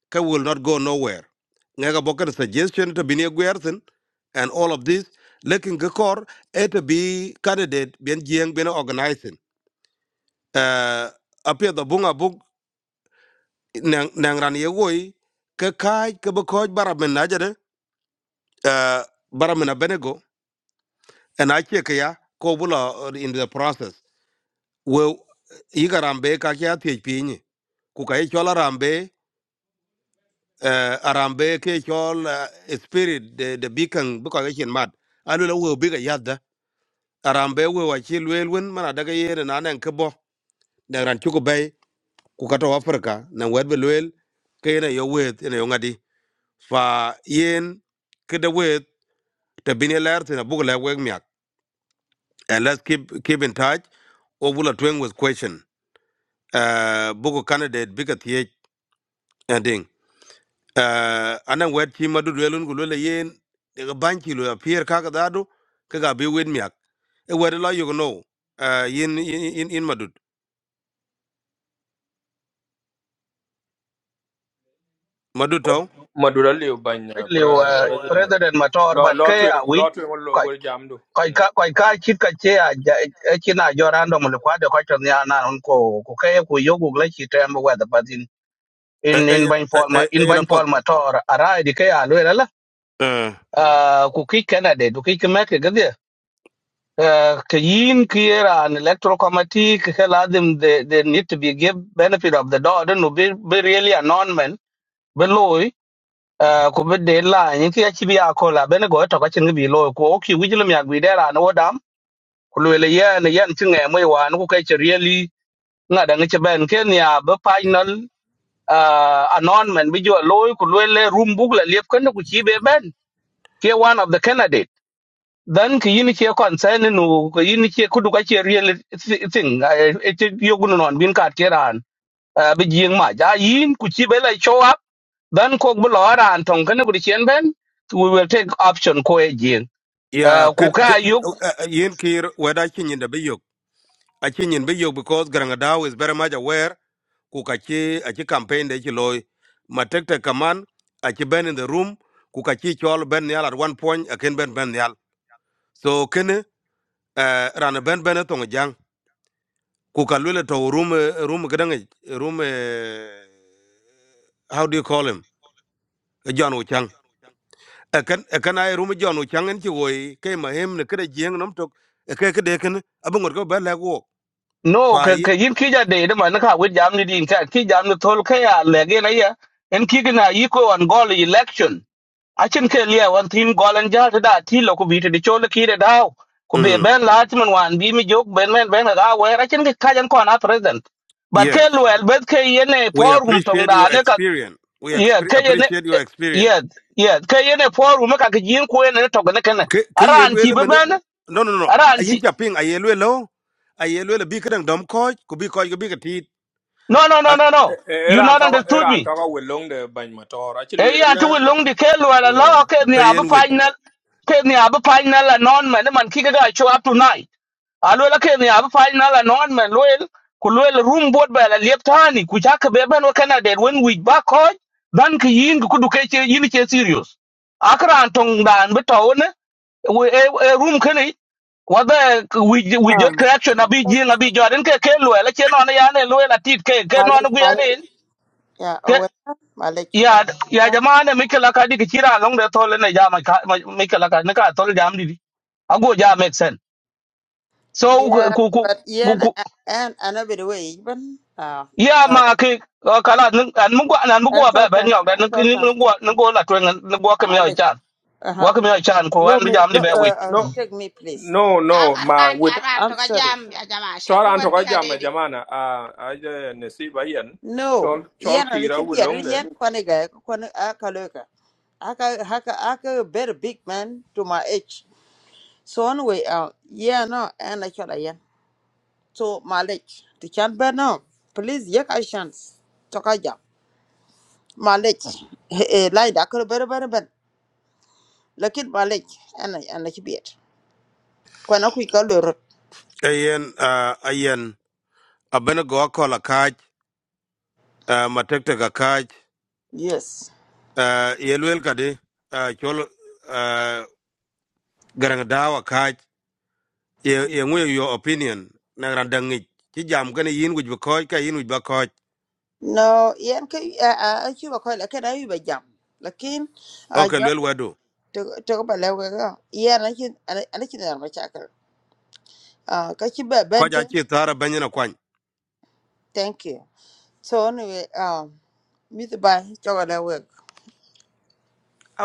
S5: ke will not go nowhere nga ga boker suggestion to bi ne gwerthen and all of this lekin ke kor et bi candidate bien jeng bien organizing uh, apia da bunga bug nang nang ran ye woi ke kai ke bo koj baramen najade uh, baramen abenego and I check ya ko in the process we yiga rambe ka kya thiech piny ku ka ichol arambe uh, arambe ke chol uh, spirit the the beacon buka mad. chin mat alula we bigger yadda arambe we wa chi lwel wen mana daga yere na nan kebo na ran chuko bay ku kato africa na wed be lwel ke na yo wed na yo ngadi fa yen kede wed te bini ler te na bugla weg miak and let's keep keep in touch obula tweng with question uh, buku candidate bika thiec ading uh, anan wet ci madud welun ku lole yen daga banki lo apier kaka dadu kaga bi win miak e wet lo yugo no uh, yin yin yin yin madud madud
S1: But
S5: to
S1: Madura live by uh,
S15: liu
S20: Chào
S1: pre-
S15: uh,
S1: president.
S15: president mator
S1: Lot
S15: but ke
S1: lot we
S15: a week
S1: lot we will
S15: koi
S1: jam do.
S15: koi
S1: Mm.
S15: ka koi ka chit cái che a ja- e china jo random le kwa de ko to nya na non ko cái ke ku yo gu le chi bao giờ da but in
S5: e
S15: in
S5: e
S15: in ban
S5: e
S15: forma in
S5: e na
S15: ban
S5: pot
S15: forma tor ara à ke a le la
S5: uh,
S15: Ah, ku ki canada du cái me ke gade ke yin ki era an electoral committee ke ke la them they, they need to be give benefit of the doubt no be be really a non man below Eh, ku bi de la yin ki achi bi ya la bene go to ka chin bi lo ko o ki wi jilum ya gwi de la no dam ku le le ye ne yan chin e mo wa no ku kai chi really na da ngi ben ken ya ba final uh announcement bi jo lo ku le le room bug la lep ken ku chi be ben ke one of the candidate then ki yin ki concern no ku yin ki ku du ka chi really thi- thing e ti yo gun non bin ka ke ran eh, bi jing ma ja yin ku chi be la show up Then kok bu lo ran tong kan ku chen ben we will take option ko e jing.
S5: ya
S15: Uh, ku yuk
S5: yin kir weda ci nyinde bi I nyin in video because garangadaw is very much aware Kukachi, kachi achi campaign de chi loy ma kaman achi ben in the room Kukachi kachi chol ben nyal at one point aken ben ben nyal so kene uh, ran ben ben tong jang ku to room eh, room kadang room eh, how do you call him Eh, John Ochang akan akan ay room John Ochang en chi woy kay mahem ne kada jeng nom tok eh, kay kade ken abungor ko ben la ko
S15: no
S5: fa
S15: ka ka yin ki ja de de man ka wit jam ni din ka ki jam ni thol ka ya le ge na ya en ki na yi ko on gol election. A chen ke lia wan tin gol an ja ta da ti lo ku bi te de chol ki de daw. Ku be
S5: mm
S15: ben la ti man wan bi mi jok ben ben ben ga we a chen ke ka jan ko na president. But ke
S5: yes
S15: luel bet ke yene
S5: We
S15: forum tong
S5: appreciate
S15: da
S5: your
S15: ne
S5: experience. We
S15: yeah
S5: exp-
S15: kaye ne
S5: appreciate your experience.
S15: yeah yeah kaye ne foru maka ka jin ko ne to ne kana
S5: Ke ke
S15: aran ci
S5: yelwele
S15: be
S5: mene.
S15: ben
S5: No no no.
S15: aran
S5: Ayin
S15: ci
S5: chaping ayelwe lo. Ayelwe le bikadang dom koj ku bi koj ku bi katit
S15: no no no
S5: an
S15: no no
S1: E- e-
S15: you
S1: Era and
S15: not
S1: talk
S15: understood
S1: era and
S15: me
S1: talk we long the by motor. Actually,
S15: e
S1: we
S15: ya tu long di ke lo la
S1: yeah.
S15: lo ke ni
S1: Mm.
S15: abu
S5: ayen wit.
S15: final ke ni abu final la non man man ki ga show up tonight alo la ke ni abu final la non man loel ku loel room board ba la leptani ku ja ka be ben wa kana de when we back home dan ki yin ku du ke yin ke serious akran tong dan be we e e room kani wada we we
S14: jam.
S15: jot correction abi
S14: Malik,
S15: jing abi jordan ke ke lwe la che non ya ne lwe la tit ke ke non
S14: Malik,
S15: gu ya
S14: Malik,
S15: ne
S14: yeah,
S15: ke
S14: aware, Malik,
S15: ya
S14: yeah,
S15: ya jama ne mikela ka di kira long de tole ne jama ka mikela ka ne ka tole jam di di. ago ja make sense so ku
S14: yeah,
S15: ku ku
S14: but yeah,
S15: ku- ku-
S14: and and another way, even, uh,
S15: ya
S14: uh,
S15: ma ke uh, kala nan mun gwa nan mun
S14: I
S15: gwa ba
S14: thought,
S15: ba ni
S14: that-
S15: ga
S14: I
S15: nan
S14: thought, that
S15: nan gwa nan gwa la twen nan gwa ke mi ya
S14: Malik,
S15: chan gwa
S14: uh,
S15: ke mi ya chan của
S14: lo
S15: anh an
S14: me,
S15: jam đi
S14: lo,
S15: be
S14: uh, uh,
S1: No,
S14: take me, please.
S1: no, no.
S20: các
S1: My
S20: bạn, chào
S1: with.
S14: So,
S20: bạn, tôi
S14: I'm
S20: có
S14: sorry.
S20: jam, ya jam asan,
S1: Chol
S20: tôi
S1: an
S20: quen pia
S1: toka jama
S20: dedi.
S1: jamana a aje nesiba yen
S14: No,
S1: chol chol
S14: yeah, and it
S1: kira
S14: should be a yeah,
S1: wulonge
S14: Kwanega, Kwan Akaloka. Aka, Haka, Aka, very big man to my age. So, anyway, uh, yeah, no, and I shall, yeah. So, Malik, the can't burn now. Please, yeah, I chance. Tokaja. معلش إيه لا دا كل بر بر بر لكن معلش أنا أنا كبير وأنا كوي كالورد
S5: Ayen uh, ayen abena go akola kaj uh, matekte ka kaj
S14: Yes.
S5: uh, yelwel kadi uh, chol uh, garang dawa kaj ye ye ngwe your opinion na randangi chi jam kani yin wit ba koj ka yin wit ba koj.
S14: no yan kai a a ki ba kai lakin ayu ba jam lakin a
S5: Okay
S14: jam
S5: lwel wadu.
S14: to ko bala ga ga yan lakin lakin da mace akar a ka ki ba
S5: Koj
S14: bente
S5: achi thara banyina kwany.
S14: thank you so anyway um mith ba to ko I wek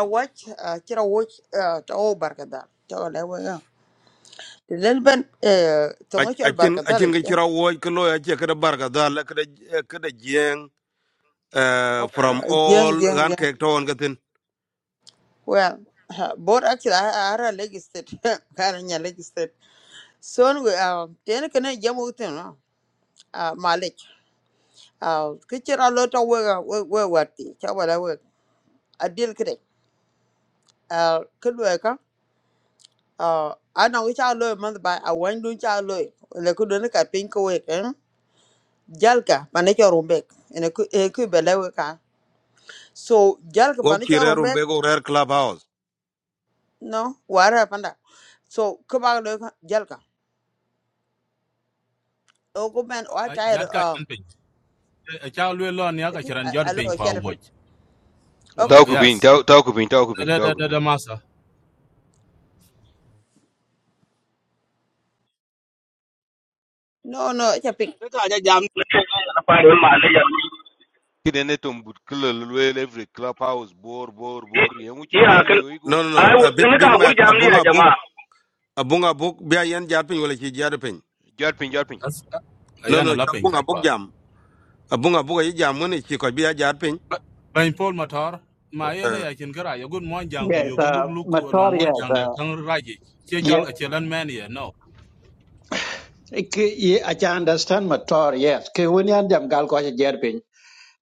S14: a watch a kira watch uh to barka to ko la eh, da ban to ko
S5: acin
S14: barka
S5: acin ke cira woj ke loya ce kede barka dhal kede kede jieng eh,
S14: Okay.
S5: from
S14: Yeah,
S5: all
S14: yeah,
S5: gan
S14: yeah.
S5: kek to on gatin
S14: Well, board actually, I I had legislate. Karan ya legislate. So we uh, then can I jam with him? No? Uh, Malik. Uh, kitchen a lot of work. uh, Work, work, work. Chawala work. I deal kere. Uh, good work. Huh? Uh, I know which I love month by. I want to I love. Le kudu ne ka pink work. Eh? Jalka panik your rumbek. Ene ku eh ku bela work. ah. So jalka
S5: o
S14: panik your
S5: kire rum
S14: rumbek.
S5: be go rare club house
S14: No, wara panda. So kubaga lo jalka. Ogo man o
S21: Uh,
S14: tired
S21: jat ka
S14: uh
S21: jan ping. A cha lwe lo ni aka chiran jot ping
S14: a
S21: kwa
S14: chapin.
S21: uwoj. Oh,
S14: Okay.
S11: Tauku bin,
S21: yes.
S11: tau- tauku bin, tauku
S21: Da
S11: bin,
S21: da da
S11: tauku
S21: da
S11: bin.
S21: da masa.
S14: No no chapin.
S15: wit
S11: Kide ne tom but kila lwel every clubhouse bor bor bor. Yen uchi
S15: ya
S11: bor
S15: kan
S11: yo ego.
S5: no no no
S15: ai
S5: eh, big
S15: ne
S5: big
S15: ka gur
S5: mac
S15: jamni ya
S5: abunga buk
S15: jama'a
S5: abunga buk bia yen jar pin wala ci jar pin
S11: Jarpin jarpin.
S21: That's
S5: no
S21: ayan
S5: no
S21: ala
S5: cha
S21: ping
S5: bunga
S21: kai
S5: buk
S21: kwa.
S5: jam abunga buk yi jam ni ci ko bia jar pin
S21: Bain pol matar. Ma yena
S5: Eh,
S21: ya kin kara ya gun mon jang ku
S18: yes
S21: yogo luk
S18: uh,
S21: luk ku long
S18: mator
S21: mon jang
S18: yes
S21: da
S18: uh,
S21: kan raji. Che chol a
S18: yeah
S21: chiran man ya no.
S18: ke ye i can understand mator yes ke woni an jam gal ko jer pin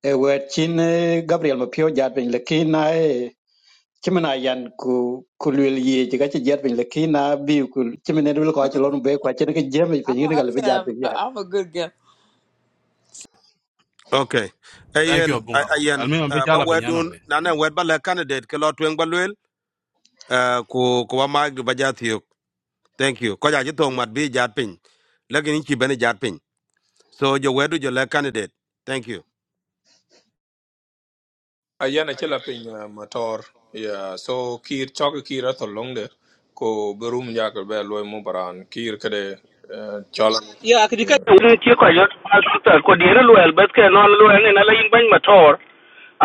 S18: e wet chin eh, gabriel mapio jat lekin ci mena yan ku ku lwel ye ci ga ci jet bin le kina bi ku ci dul ko ci lon be ko ci ne ke jeme pe ni ga le be jat
S14: I'm, I'm a good girl.
S5: okay
S21: Thank you
S5: ayen a-
S21: bunga.
S5: ayen
S21: Almi mbe
S5: eh, ba
S21: jala ping ya no.
S5: wedun
S21: eh.
S5: nana wed ba le candidate ke lo twen ba lwel eh, ku ku ba mag du ba thank you ko ja ji tong mat bi jat pin lakin ki bene jat pin so jo wedu jo le candidate thank you
S1: ayen achila piny uh, motor yeah so kir chok kira to longe ko berum yakal be loy mo baran kir kede uh, chol
S15: ya akdi ka
S1: yeah
S15: wurin ke kwa jot alta ko dire loyal bas ke non loyal ne na lain ban mator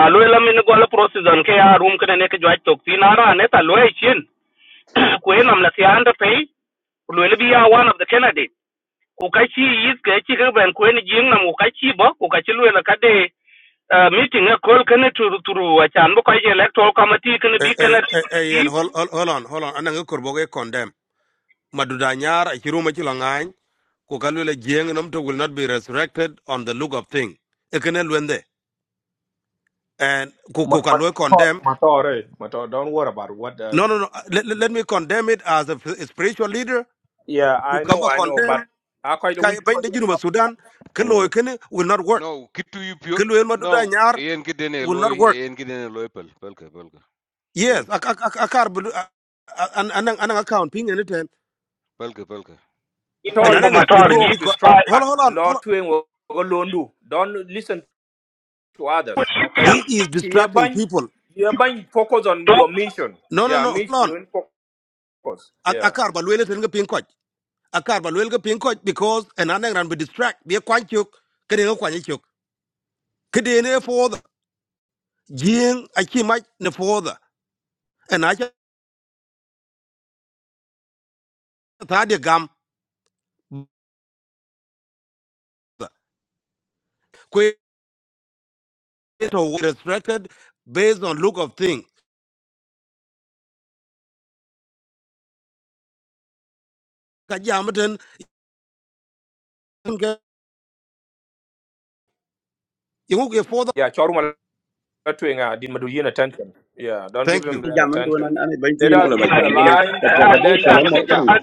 S15: a loyal min gola process an ke ya room kana ne ke jwa tok tin ara ne ta loyal chin ko en amla ti anda pay loyal bi ya one of the candidate ko ka chi yis ke chi ke ban ko en jing na ko ka chi bo ko ka chi loyal ka de uh, meeting a call kana turu turu a chan bo ka je electoral committee kana
S5: eh
S15: bi
S5: eh
S15: kana
S5: eh eh, yen hold hold hold on hold on ananga korbo condemn maduda nyar a chiru Kukalule chilo ngany jeng nom to will not be resurrected on the look of thing ekene luende and ko
S1: Ma- ma- motor
S5: condemn
S1: motor eh motor don't worry about what uh,
S5: no no no let, let let me condemn it as a spiritual leader
S1: yeah
S5: who
S1: I know
S5: kaba
S1: I know but
S5: condemn
S1: I quite the
S5: Kaya
S1: week
S5: bain
S1: because
S5: de jinu sudan kelo
S1: you're
S5: ekene will not work
S11: No, kitu you pure.
S5: kelo maduda
S11: No,
S5: nyar
S11: yen kide ne
S5: will
S11: loy,
S5: not work
S11: yen kide ne loy pel, pelka pelka.
S5: Yes,
S11: Yen
S5: I, I, I, I can't believe. I, I, and and account ping anything.
S11: pelka pelka.
S15: in
S5: And
S15: ban
S1: motor
S15: bo
S5: another
S15: mator ji
S5: stupidity.
S1: luog
S5: co-
S15: pa
S5: Hold on,
S1: distract
S5: hold on,
S1: law
S5: hold on.
S1: twen go londu don't listen to
S15: ko
S1: others.
S15: chi ti
S5: He
S1: Okay.
S5: is distracting
S1: Hereby,
S5: people.
S1: hereby focus on
S15: tok
S1: your mission.
S5: No, no,
S1: Yeah,
S5: no. Hold
S1: mission
S5: on.
S1: and focus.
S5: I, I
S1: Yeah.
S5: can't believe anything. Ping coach. I can't believe anything. Ping coach because an another ran be distract. Be a quan chuk. Kedi no quan chuk. Kedi ne for the jing. I chi mai ne for the. And I just had a gum. Quit or distracted based on look of thing. Kajamatin. You won't get for the.
S1: Yeah, Choruma Latwinga di Maduyin attention. Yeah, don't
S5: Thank
S1: give him that
S9: jam man to nan
S1: attention.
S9: an ba ti
S1: Let
S9: yen ko
S1: us
S9: la ba
S1: move
S15: ya
S1: the
S9: jam
S15: ki
S9: ko ne
S15: an
S1: line.
S9: ka ka ka
S1: Cholko
S15: an
S9: bo
S1: Len
S9: ta lan
S1: Jamaka
S9: ko ne
S1: Jam.
S15: an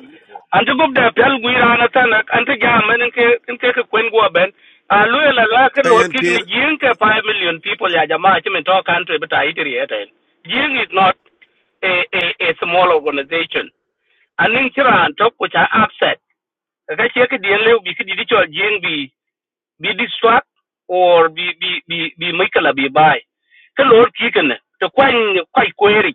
S15: an ti gup da pel gwi rana tan an ti ga men ke in ke ke kwen go ben a lu la la ke lor ki ni
S5: you.
S15: jing ke 5 million people ya jama chi men to country but i ti eten jing is not a a a small organization an ning chiran tok ko cha upset ka che ke dien le bi ki di chol jing bi bi distract or bi bi bi bi mikala bi bai ke lor ki ken to kwai kwai kweri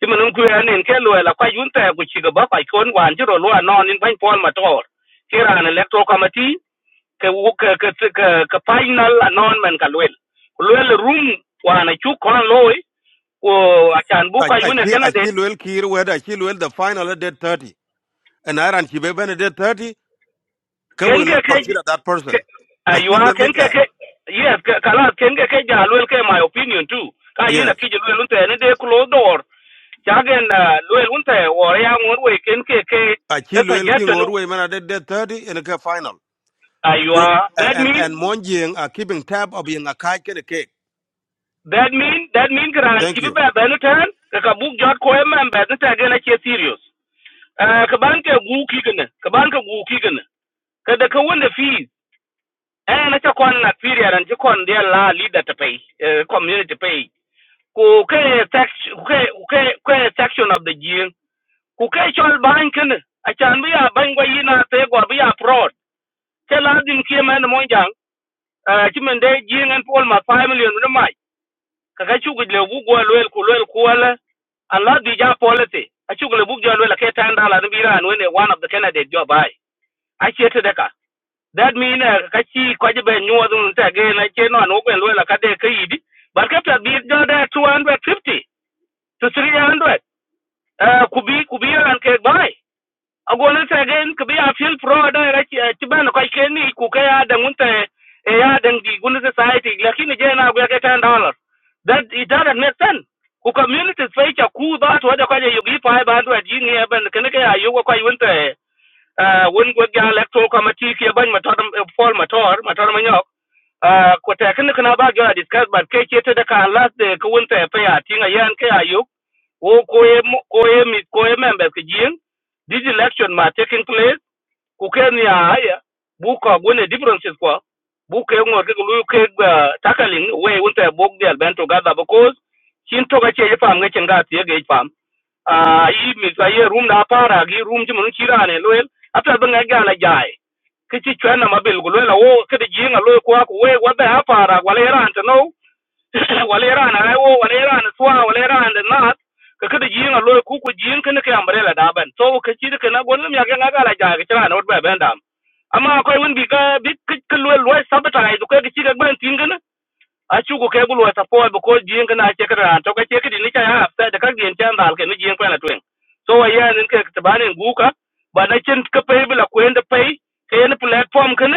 S15: ti mun ku ya nen ke lo la kwai yun ta ku chi ga ba kwai kon wan ji ro lo no nin ban pol ma tor ki ran electro committee ke wu ke ke ke ke final announcement ka lwel ku lwel room wana chu kon loy ko achan bu
S5: I
S15: kwai
S5: I
S15: wona
S5: chi- I
S15: kana de
S5: Achil will kill whether Achil will the final at dead 30. And Iran Chibeben at dead 30, Ka
S15: ken
S5: will
S15: ke
S5: not
S15: ke
S5: consider that person. I
S15: aywa
S5: will win
S15: ken ke
S5: there.
S15: ke yes ke- kala ken ke ke jalwel ke my opinion too ka yina
S5: Yes.
S15: ki jalwel unte ne de close door chagen lwel unte or ya ngor we ken ke ke a
S5: Achil will king
S15: suggestion
S5: or women at dead dead 30 in a Ka final.
S15: aywa
S5: Ku- a-
S15: that
S5: And
S15: mean
S5: and Monjing are keeping tab of being a kike and a cake.
S15: that mean that mean gran ti
S5: Thank
S15: be
S5: you.
S15: be no tan ka ka book jot ko em be no ta gena ke serious Eh, ka ban ke gu ki gena ka ban ka gu ki gena ka da ka wanda fees eh na ta kon na period an ji kon dia la leader to pay eh, community pay ku ke tax- ku ke ku ke ku ke section of the year ku ke chol ban ken a chan bi ya ban gwa yina te gwa bi ya prod ke la din ke man mo jang a ti men de jing an pol ma 5 million no mai ka ka chu gidle bu gwa lwel ku lwel ku ala an la di ja polity a chu gidle bu gwa lwel ke tan dala ni bi ran when one of the candidate job ai a che te deka that mean uh, ka chi ko je be nyuwa dun ta ge na che no no ben lwela ka de ka yidi bar ka ta bi jo de 250 to 300 Eh, ku bi ku bi ran ke bai a gona ta gen ku bi a fil pro da ra ki eh, ti ban ko ke ni ku ka ya da mun ta e ya da di gun society lakini je na ga ke 10 dollar that it doesn't make sense ku community sai ka ku da to da kwaje yugi fa ba do ji ni ban kana ka ya yugo kwa yunta uh, wen gwek ja electoral committee ke ban mator fall mator mator manyok uh, ko ta kin kana ba ga discuss but kai ke ta da ka last de ko won ta fa ya tinga yan kai ayo wo ko ye mo- ko ye mi ko ye members ke jin this election ma taking place kuken ya haya buka gwene differences kwa buka yengor ke lu ke uh, tackling we unta bog de albento gada because chin to ga che fam ga chen ga tie ge fam a i mi sa ye room na para gi room ji mun chirane loel ata ben ga ga na jai ke chi chwana mabel go loela wo ke de jinga lo kwa ku we wa da para wala era ante no walera na raiwo walera na suwa walera na nas ka kada jiin a loy ku ku jiin kana kai ambrela da ban so ka ci ka na gonum ya ga ga la ja ka tira na wot ba ban da amma akwai wani bi ka bi ka loy loy sabata ai duka ka ci ga ban tin gana acuku ke gulu wata po bu ko jing na che kra to ka che kidi ni cha ya afta da ka gien cha ndal ke ni jing kwa na twen so wa ya nin ke tabani nguka ba na chen ka pe bila kwenda pe ke en platform ken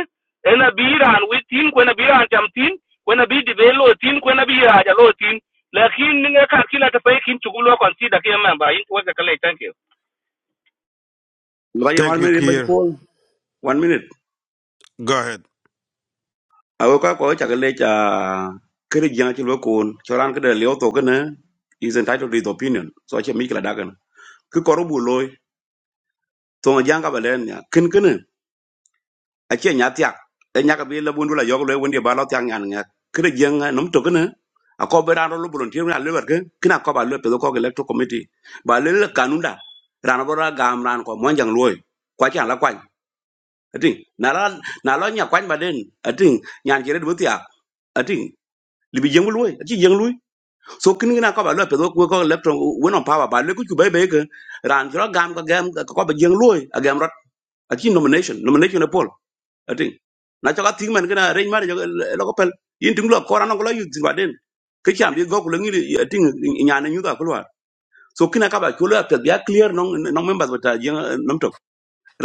S15: ena biran wi tin ko na biran cham tin ko na bi di belo tin ko na bi ya ja lo tin lakin ni ka kila ta pe kin chugulo kon si da ke member in wa ka kale thank you
S9: ba yen
S5: Thank
S9: one
S5: you,
S9: minute ba
S5: Kier.
S9: ko one minute
S5: Go ahead.
S9: a ko ka ko cha ka le cha kere jang chi lo ko choran ka de le to ko ne is entitled to his opinion so che mi kala dagan ku ko ro bu loy to jang ka ba len ya kin kin ache nya tiak e nya ka bi la bundu la yog le wundi ba lo tiak nyan nga kre jeng num to kne a ko be ran lo bulon tiru na le ber ke kna ko ba le pe ko le to committee ba le le kanunda ran bo ra gam ran ko mon jang loy kwa cha la kwan ating na la na lo nya kwan ba den ating nyan jere du tiak ating li bi jeng loy achi jeng loy so kni na ko ba le pe ko ko le to won on power ba le ku ku be be ke ran jro gam ko gam ko ba jeng loy a gam rot achi nomination nomination e pol ating na cho ka ting man kana rein mari jo lo ko pel yin ting lo kora no ko lo yu tin waden ke cham bi go ko lo ngi ating nyana nyu da ko lo so kina ka ba ko lo pel ya clear non non members bata jeng nom tok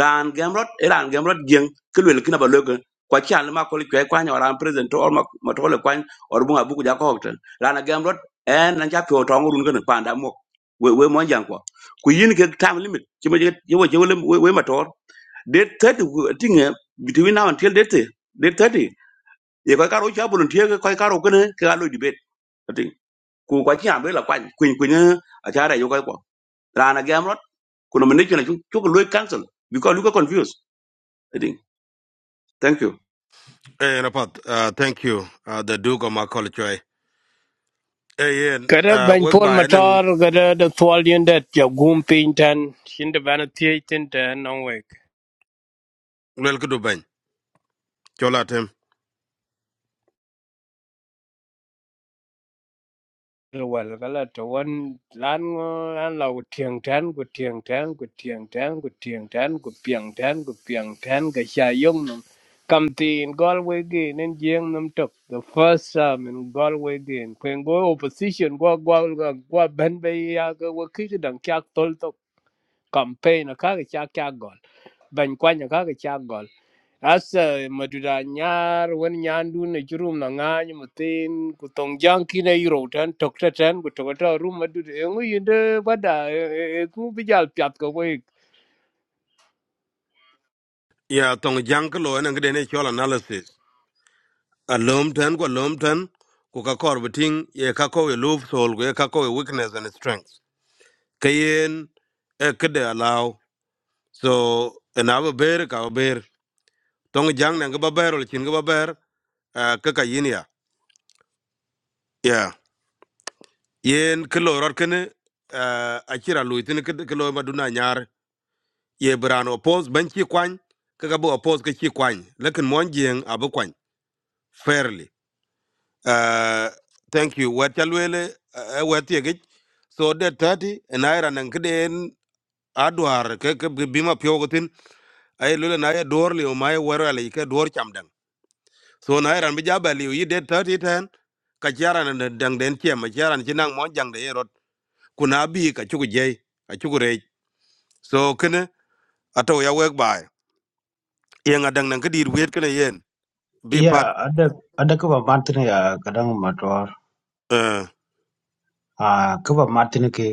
S9: ran gamrot ran gamrot jeng ke lo kina ba lo ko kwa chal ma ko kwe kwa nyara present or ma ma to le kwan or bunga buku ja ko hotel ran gamrot en nan cha pyo to ngurun kana pa nda mo we we mon jang ko ku yin ke time limit chimo je wo je we we ma to date thirty ku- thing eh, between now until date thirty- date thirty ye koy karo cha bulun tie koy karo kene ke alo debate ati ku kwa chi ambe la kwa kwin kwin a cha ra yo koy ko rana gamrot kuno mene chuna chu chu loy cancel because you ko confused ati thank you
S5: Hey, Rapat, uh, thank you, uh, the Duke of Makol Choi. Hey, Ian,
S22: Kada
S5: uh,
S22: Ben
S5: work
S22: Paul
S5: by and
S22: Matar,
S5: then
S22: kada the twelve unit, your goon painting, in the vanity tin ten on week.
S5: Lelkuduben. Cholatim.
S22: Well, gala to one lan ngo- lan lau tiang tan gu tiang tan gu tiang tan gu tiang tan gu piang tan gu piang tan ga sha yong nam kam tin Galway again and jing nam tok the first time in Galway again when go opposition go go go go ben be ya go wo ki dang kyak tol tok campaign ka cha kya gol ban kwanya ka cha gol as madura nyar wen nyandu ne jurum na ngany mutin ku tong jang kine iro tan tok ta tan ku to ta rum madu e ngu yinde bada e ku bijal pyat ko we
S5: Yeah, Tong Jankalo and then Chol analysis. a lom ten ko lom ten ku ka kor biting ye ka ko we love soul ku ye ka ko we weakness and strength kayen e kede allow so en ave ber ka ber tong jang ne ba ber ol chin ga ba ber eh, ka ka yin ya yeah yen kilo rot kene a kira lu tin kilo ma duna nyar ye brano pos ban chi kwan ka ka bo pos ka chi kwan lekin mon jeng abu kwan fairly Uh, thank you. What chalwele what yegich. So that thirty and I ran and kden adwar ke ke bima pyogotin ay lule na ya dor liu ma ya wero ali ke dor chamdang. So na ran bija bali yi that thirty ten ka chara na dang den che ma chara ni nang mon jang de erot kuna bi ka chugu jay a chugu rej. So kene ato ya wek bai. Yang adang nang kedir wet kene yen Be
S19: Yeah,
S5: part.
S19: ada ada kaba martin ya kadang motor.
S5: uh,
S19: Ah, kaba martin ke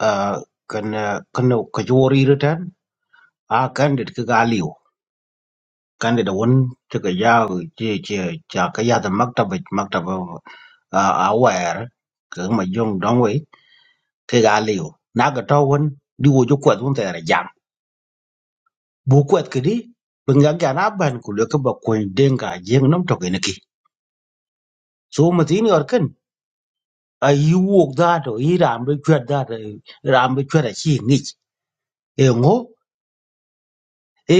S19: ah kana kana kajori retan. Ah, kan det ke galio. Kan det won te ka ya je je ja ka ya da maktaba maktaba ah aware ke ma jong dong we ke ga liu na ga to won di wo ju kwat won ta ra jam bu kwat ke di bin ga ga na ban ku le ka ba ko denga jeng nam to ke ne ki so ma tin yor ken a yi wo da to i ram be kwat da da ram be kwat a chi ni e ngo e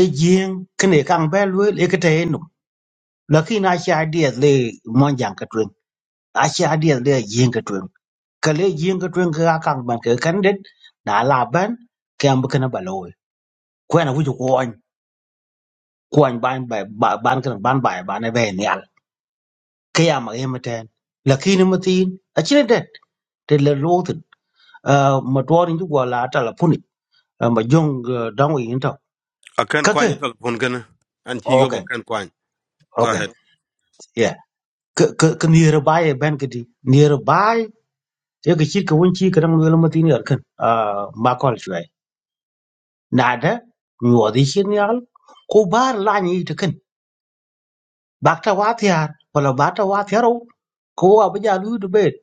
S19: e jeng ken e kang ba lu le ke te no la ki na sha di le mon jang ka twen a sha di le jeng ka twen ka le jeng ka twen ka kang ban ke kan det na la ban ke am ba ka na ba lo kwen a wu ju ko kuany ban ba ba- ban kan ban ba ba na ben yal kaya ma yema ten lakini matin achine det te le lotin ma torin ju wala ta la puni Ah, ma jong eh, dang wi into
S5: akan
S19: kake
S5: kwanya telepon kene an chi yobo
S19: okay
S5: kan kwany. Go
S19: okay
S5: ahead.
S19: yeah ke ke ke nearby ben kedi nearby ye ke chir ke won chi kan ngel matin yar kan ma kol chwe nada mi wadi chin yal ko bar la ni te kan bakta wa tyar wala bata wa tyaro ko abaja lu du bet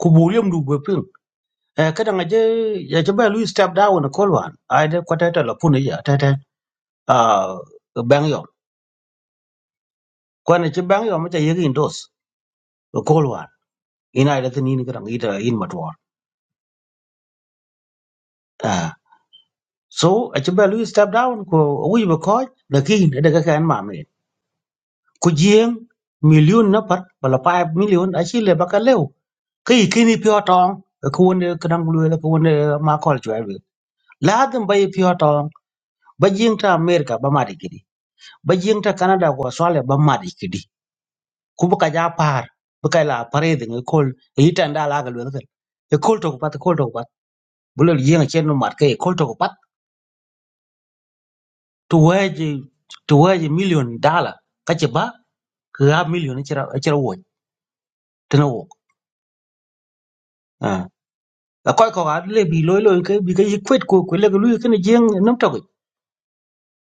S19: ku buriyam du be e kada ngaje ya chaba lu step down ko lwan ai de ko tata la puni ya tata a bang yo ko ne chi bang yo ma ta yegi ndos ko lwan ina da tini ni kada ngita in matwa ah so a chaba lu step down ko wi ba ko da ki da ka kan ma me ku jien million na par bala 5 million a chi le ba ka lew kai kini pyo tong ko wonde kada ngulu la ko wonde ma ko chwa la dum bai pyo tong ba jien ta america ba ma de ba jing ta canada ko australia ba mat ikidi ku bu ka ja par bu ka la pare de ngi kol e yi tan da la ga lu ga e kol to ko pat e kol to ko pat bu le jing e chen no mat ka e kol to ko pat to waje to waje million dollar ka che ba ka million e chira e chira wo te no wo a ko ko ga le bi lo lo ke bi ka yi kwet ko ko le ga lu ke ne jing e nam to ko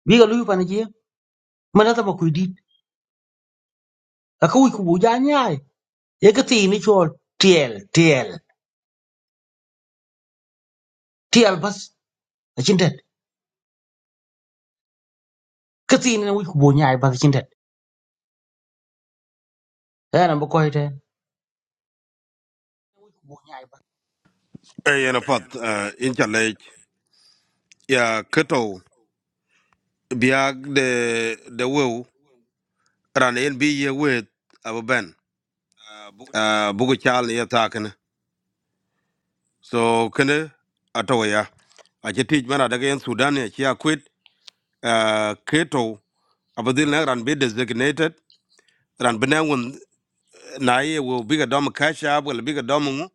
S19: bi ga lu pa ne jing ma na ta ma ku di a ka wi ku bu ja nya e E ka ti ni chol tiel tiel tiel bas a chin Kathina wik bonya ay bad chindet. Ana ba koy te.
S5: Eh, yana pat uh, ya kato biag de de wew ran en bi ye wet abu ben uh, bugu chal ya ta so kene ato ya a che tij mana daga en sudan ya chia quit uh, kato abu na ran be designated ran bena won na ye wo biga dom kasha wala biga dom ngu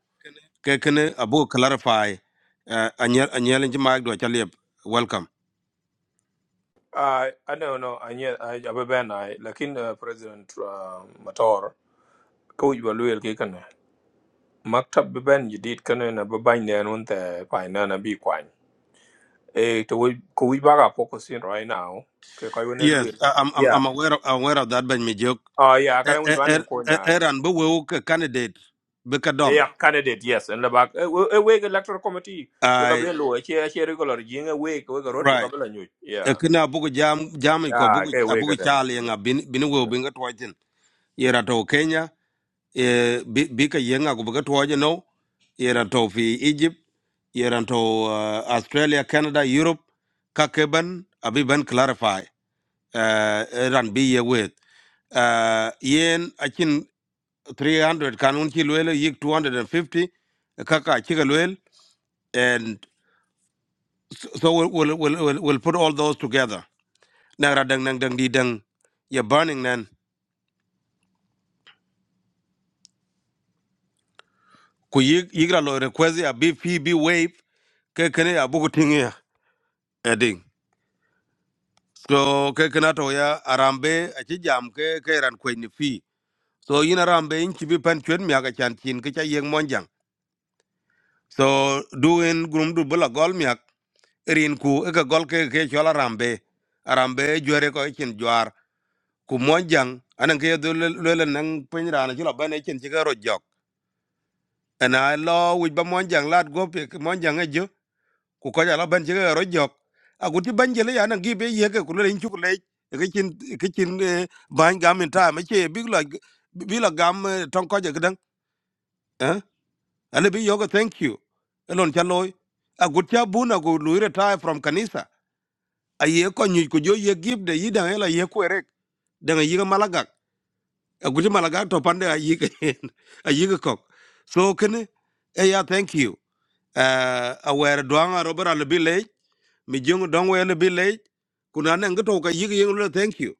S5: ke kene abu clarify uh, anyel anyel jima do chalib welcome
S1: I I don't know. no, I yeah, I ababen I lakin uh, President uh, Mator ko iwa ke kana. Maktab ben jidit kana na babain ne anun te pa na na bi kwan. Eh to we ko we baga focus right now. Ke ko ne
S5: yes I, i'm i'm
S1: luel.
S5: I'm aware of, aware of that ben
S1: Oh yeah,
S5: Er,
S1: akara wi bani
S5: er,
S1: ko
S5: er,
S1: nya.
S5: eran be we ke candidate be ka
S1: E
S5: dom.
S1: ya candidate yes and labak e e we electoral committee we ka
S5: I
S1: belo e che che regular jinga we ko ga rot we ka
S5: right.
S1: bela nyu.
S5: E
S1: Yeah.
S5: kina bugu jam jam ko
S1: Ah
S5: bugu
S1: kai we ka
S5: abugu
S1: den.
S5: chali nga bin bin we bin ga twajin. Yera to Kenya e bi bi ka yenga ko be ka twaje no. Yera to fi Egypt, yera to uh, Australia, Canada, Europe ka keban abi ben clarify. Uh, eran bi ye with uh, yen akin 300 kanun ki luel yik 250 kaka chika and so so we'll we'll we'll, we'll, we'll put all those together. Nang ra dang nang dang di dang ya burning nan ku yig yigra lo request ya BPB wave ke kene ya buku tingi ya eding. So ke kana to ya arambe achi jam ke ke ran kwen ni fi. So yin arambe in chibi pan chuen mi aga chan chin ke cha yeng monjang. So doing grum du bula gol mi ak rin ku e ka gol ke ke chola arambe arambe jwere ko e chin jwar ku mojang anan ke do lele nang pin rana chula bane chen chiga ro jok ana lo wi ba mojang lat go pe mojang e jo ku ko jala ban chiga ro jok a ku ti ban jele ya nan gi be ye ke ku le chu ku le ke chin e ke chin eh, ban gam in time e che big lo bi lo gam eh, tong ko je gdan eh ale bi yoga thank you elon chaloy a ku cha buna ku lu retire from kanisa a ye ko nyi ku jo ye give de yidan ela ye ku erek dengan yiga malagak guji malaga to pande a yiga a yiga kok so kene e ya thank you uh, aware duanga robert a wer dwanga robera le bile mi jung dongwe le bile kuna ne ngato ka yiga yeng le thank you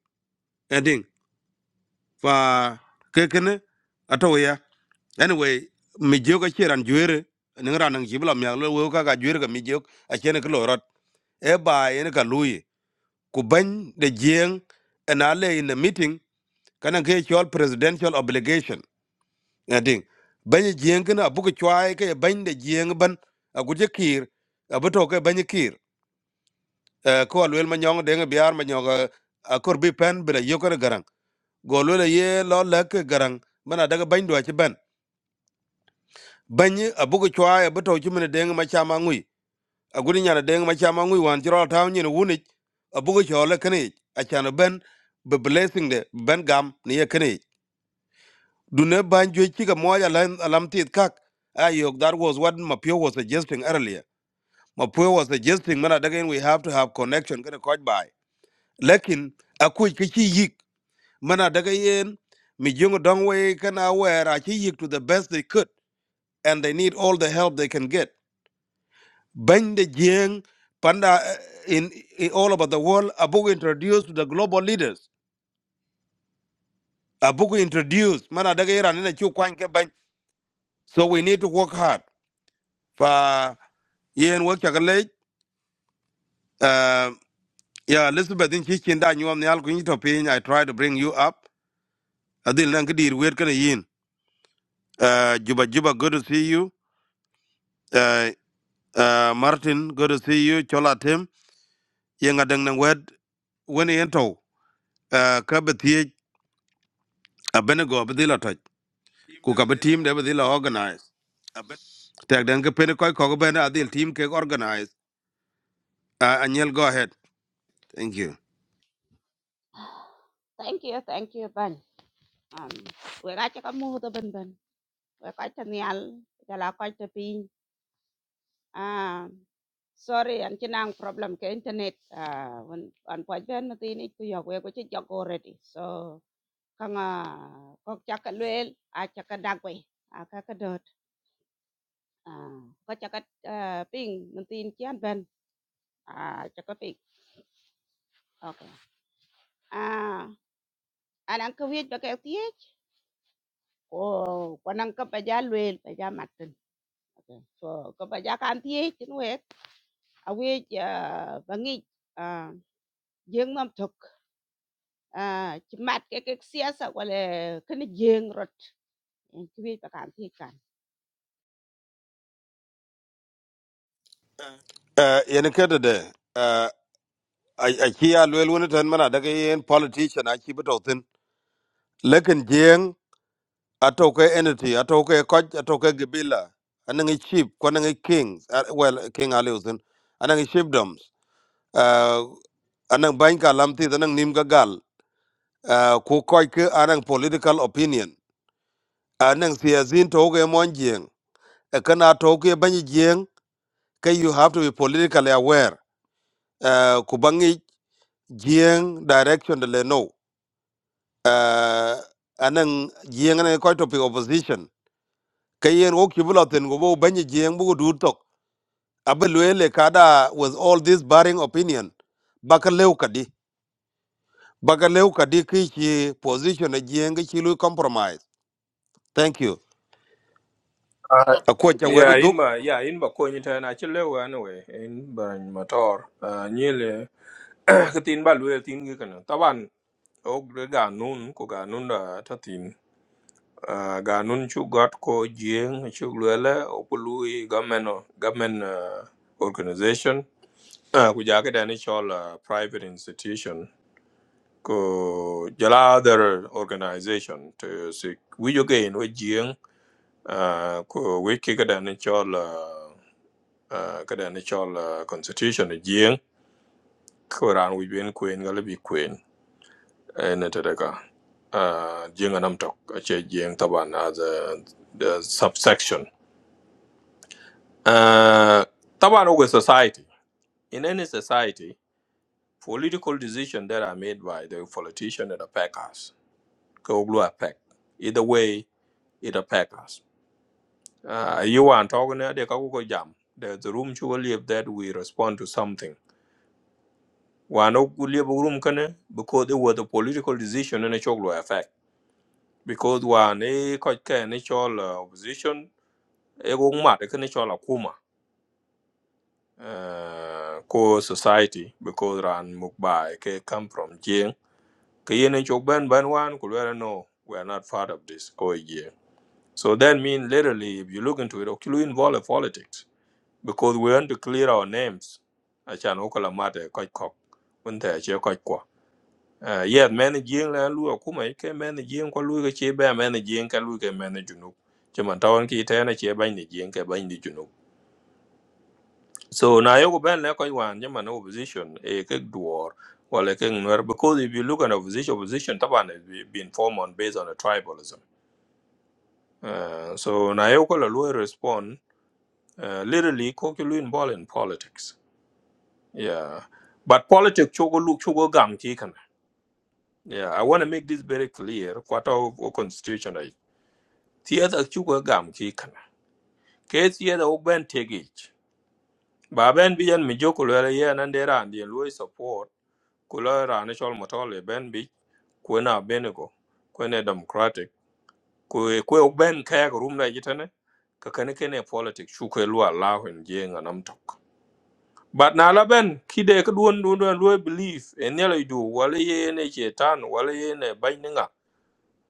S5: ending fa ke kene ato ya anyway mi joga chiran jwere ne ngara nang jibla mi le wo ka ga jwere ka mi jog a chene ko rot e ba ene ka luyi ku ban de jeng na le in the meeting kana ke chol presidential obligation ading banye jieng kana abuke chwae ke bany de jieng ban aguje kir abuto ke banye kir Eh, ko alwel manyong denge biar manyong akor bi pen bila yokere garang golwel ye lo lek garang mana daga bany dwa chi ban banye abuke chwae abuto chumene denge machama ngui agudi nyana denge machama ngui wan chiro taw nyine wunich abuke chole kane achano ben be blessing de ben gam ni ye Dune banjo chiga moja alam, alamtit kak. Ayok, that was what Mapio was suggesting earlier. Mapio was suggesting, man, again, we have to have connection, get a coach by. Lekin, akuj kichi yik, man, again, mi jungo dongwe can aware, achi yik to the best they could, and they need all the help they can get. Bang the jeng, panda eh, in, in all over the world, abuku introduced to the global leaders. Abuku introduced, man, again, and in a chu kwanke bang. So we need to work hard. fa yen wo chak lech, uh, ya elizabeth in chichen da nyuam ni al kunyi to piny i try to bring you up adil nan kidir wet kana yin uh, juba juba good to see you uh, uh, martin good to see you chola tim yen adang nan wet wen yen to uh, ka bethie abenego bedil atoj ku ka be team de bedil organize tek den ke pen koy ko ben adil team ke organize uh, anyel go ahead thank you
S20: Thank you, thank you, bạn. Um, we got you mua tôi bên bên. We có cho nial, giờ là có cho pin. Ah, sorry, anh chỉ năng problem cái internet. Ah, when anh phải bên mà tin ít tôi học, we có chỉ học already. So, kang à, có chắc cái luyện, à chắc cái đặc quay, à cái cái dot, à có chắc cái ping, mình tin chỉ anh bên, à chắc cái pin. Okay. Ah, anh ăn cái việc đó cái tiếc. ko kwanan ka pa ja luel pa ja matin so ka pa ja kan ti tin we a we ba ngi a jeng nam thuk a chi mat ke ke siasa wala kan jeng rot en ki we pa kan ti kan
S5: uh, yen kede de a ki ya lwel wani tan mana daga yen politician a ki bi tautin lakin jeng a tauke entity a tauke koj a tauke gibila a nangi chief ko nangi kings a- well king ali usin a nangi chiefdoms uh, a banka lamti a nimga gal uh, ku koj ke a political opinion a nang siyazin tauke mon jeng a kana tauke banyi jeng ka you have to be politically aware uh, ku bangi jeng direction de le uh, anang jieng ne ko to opposition kayen o kibulo ten go bo banye jieng bu du tok abelwele kada with all this barring opinion bakaleu kadi bakaleu kadi ki chi position na jieng ki lu compromise thank you akwa
S20: thank
S5: cha
S20: you
S5: wedu
S1: Yeah,
S20: ban
S1: in
S5: duk
S1: ma yeah in ma ko nyi na che lewa anyway in baran motor. Ah nyele ka tin ba lwe tin ngi kana. Taban o ga nun ko ga nun da ta tin. Ah ga nun chu got ko jing chu lwela o pului gamen gamen organization Uh, we jaga da uh, private institution ko jala other organization to si we you gain we jing uh, ko we ki ga da initial uh, uh, ga da initial uh, constitution jing ko ran we bin queen ga bi queen en ta daga uh, jing anam tok a che jing taban as a the subsection uh, taban with society in any society political decisions that are made by the politician and the packers ka wok affect either way it affect us uh, you want talking there ka ko jam there's a room to live that we respond to something one no live room kana because it was a political decision and a choklo affect because one a ko ka ni chol uh, opposition e go ma de kana chol akuma uh, core society because ran mukbai ke come from jing ke yen chok ban ban wan ku no we are not part of this ko ye. So that means literally, if you look into it, Okulu involve politics because we want to clear our names. Achan Okala Mate, Koi Kok, Winter, Che Koi Kwa. Uh, yet many jing la lu akuma ike many jing kwa lu ke che ba many jing ka lu ke many junu chama tawon ki ta na che ba ni jing ke ba ni junu so na yoko ben la ko wan chama no opposition e ke duor wale ke nwer because if you look at opposition opposition taban has been formed on based on a tribalism uh, so na yoko la lu respond uh, literally ko ki lu involved in politics yeah but politics chogo look, chogo gam ki yeah i want to make this very clear kwata o o constitution ai theater chogo gam ki kana ke theater o ben tegich ba ben bi yan mi joko le ye nan de ran di lu support ku le ran e chol motole ben bi ku na benego ku democratic Kwe kwe o ben kaya ya room na jitane ka kene politics chu ko lu allah en But na Laben, ben kide ka duon duon duon lue belief en nyala idu wala ye ne chetan wala ye ne bany ninga.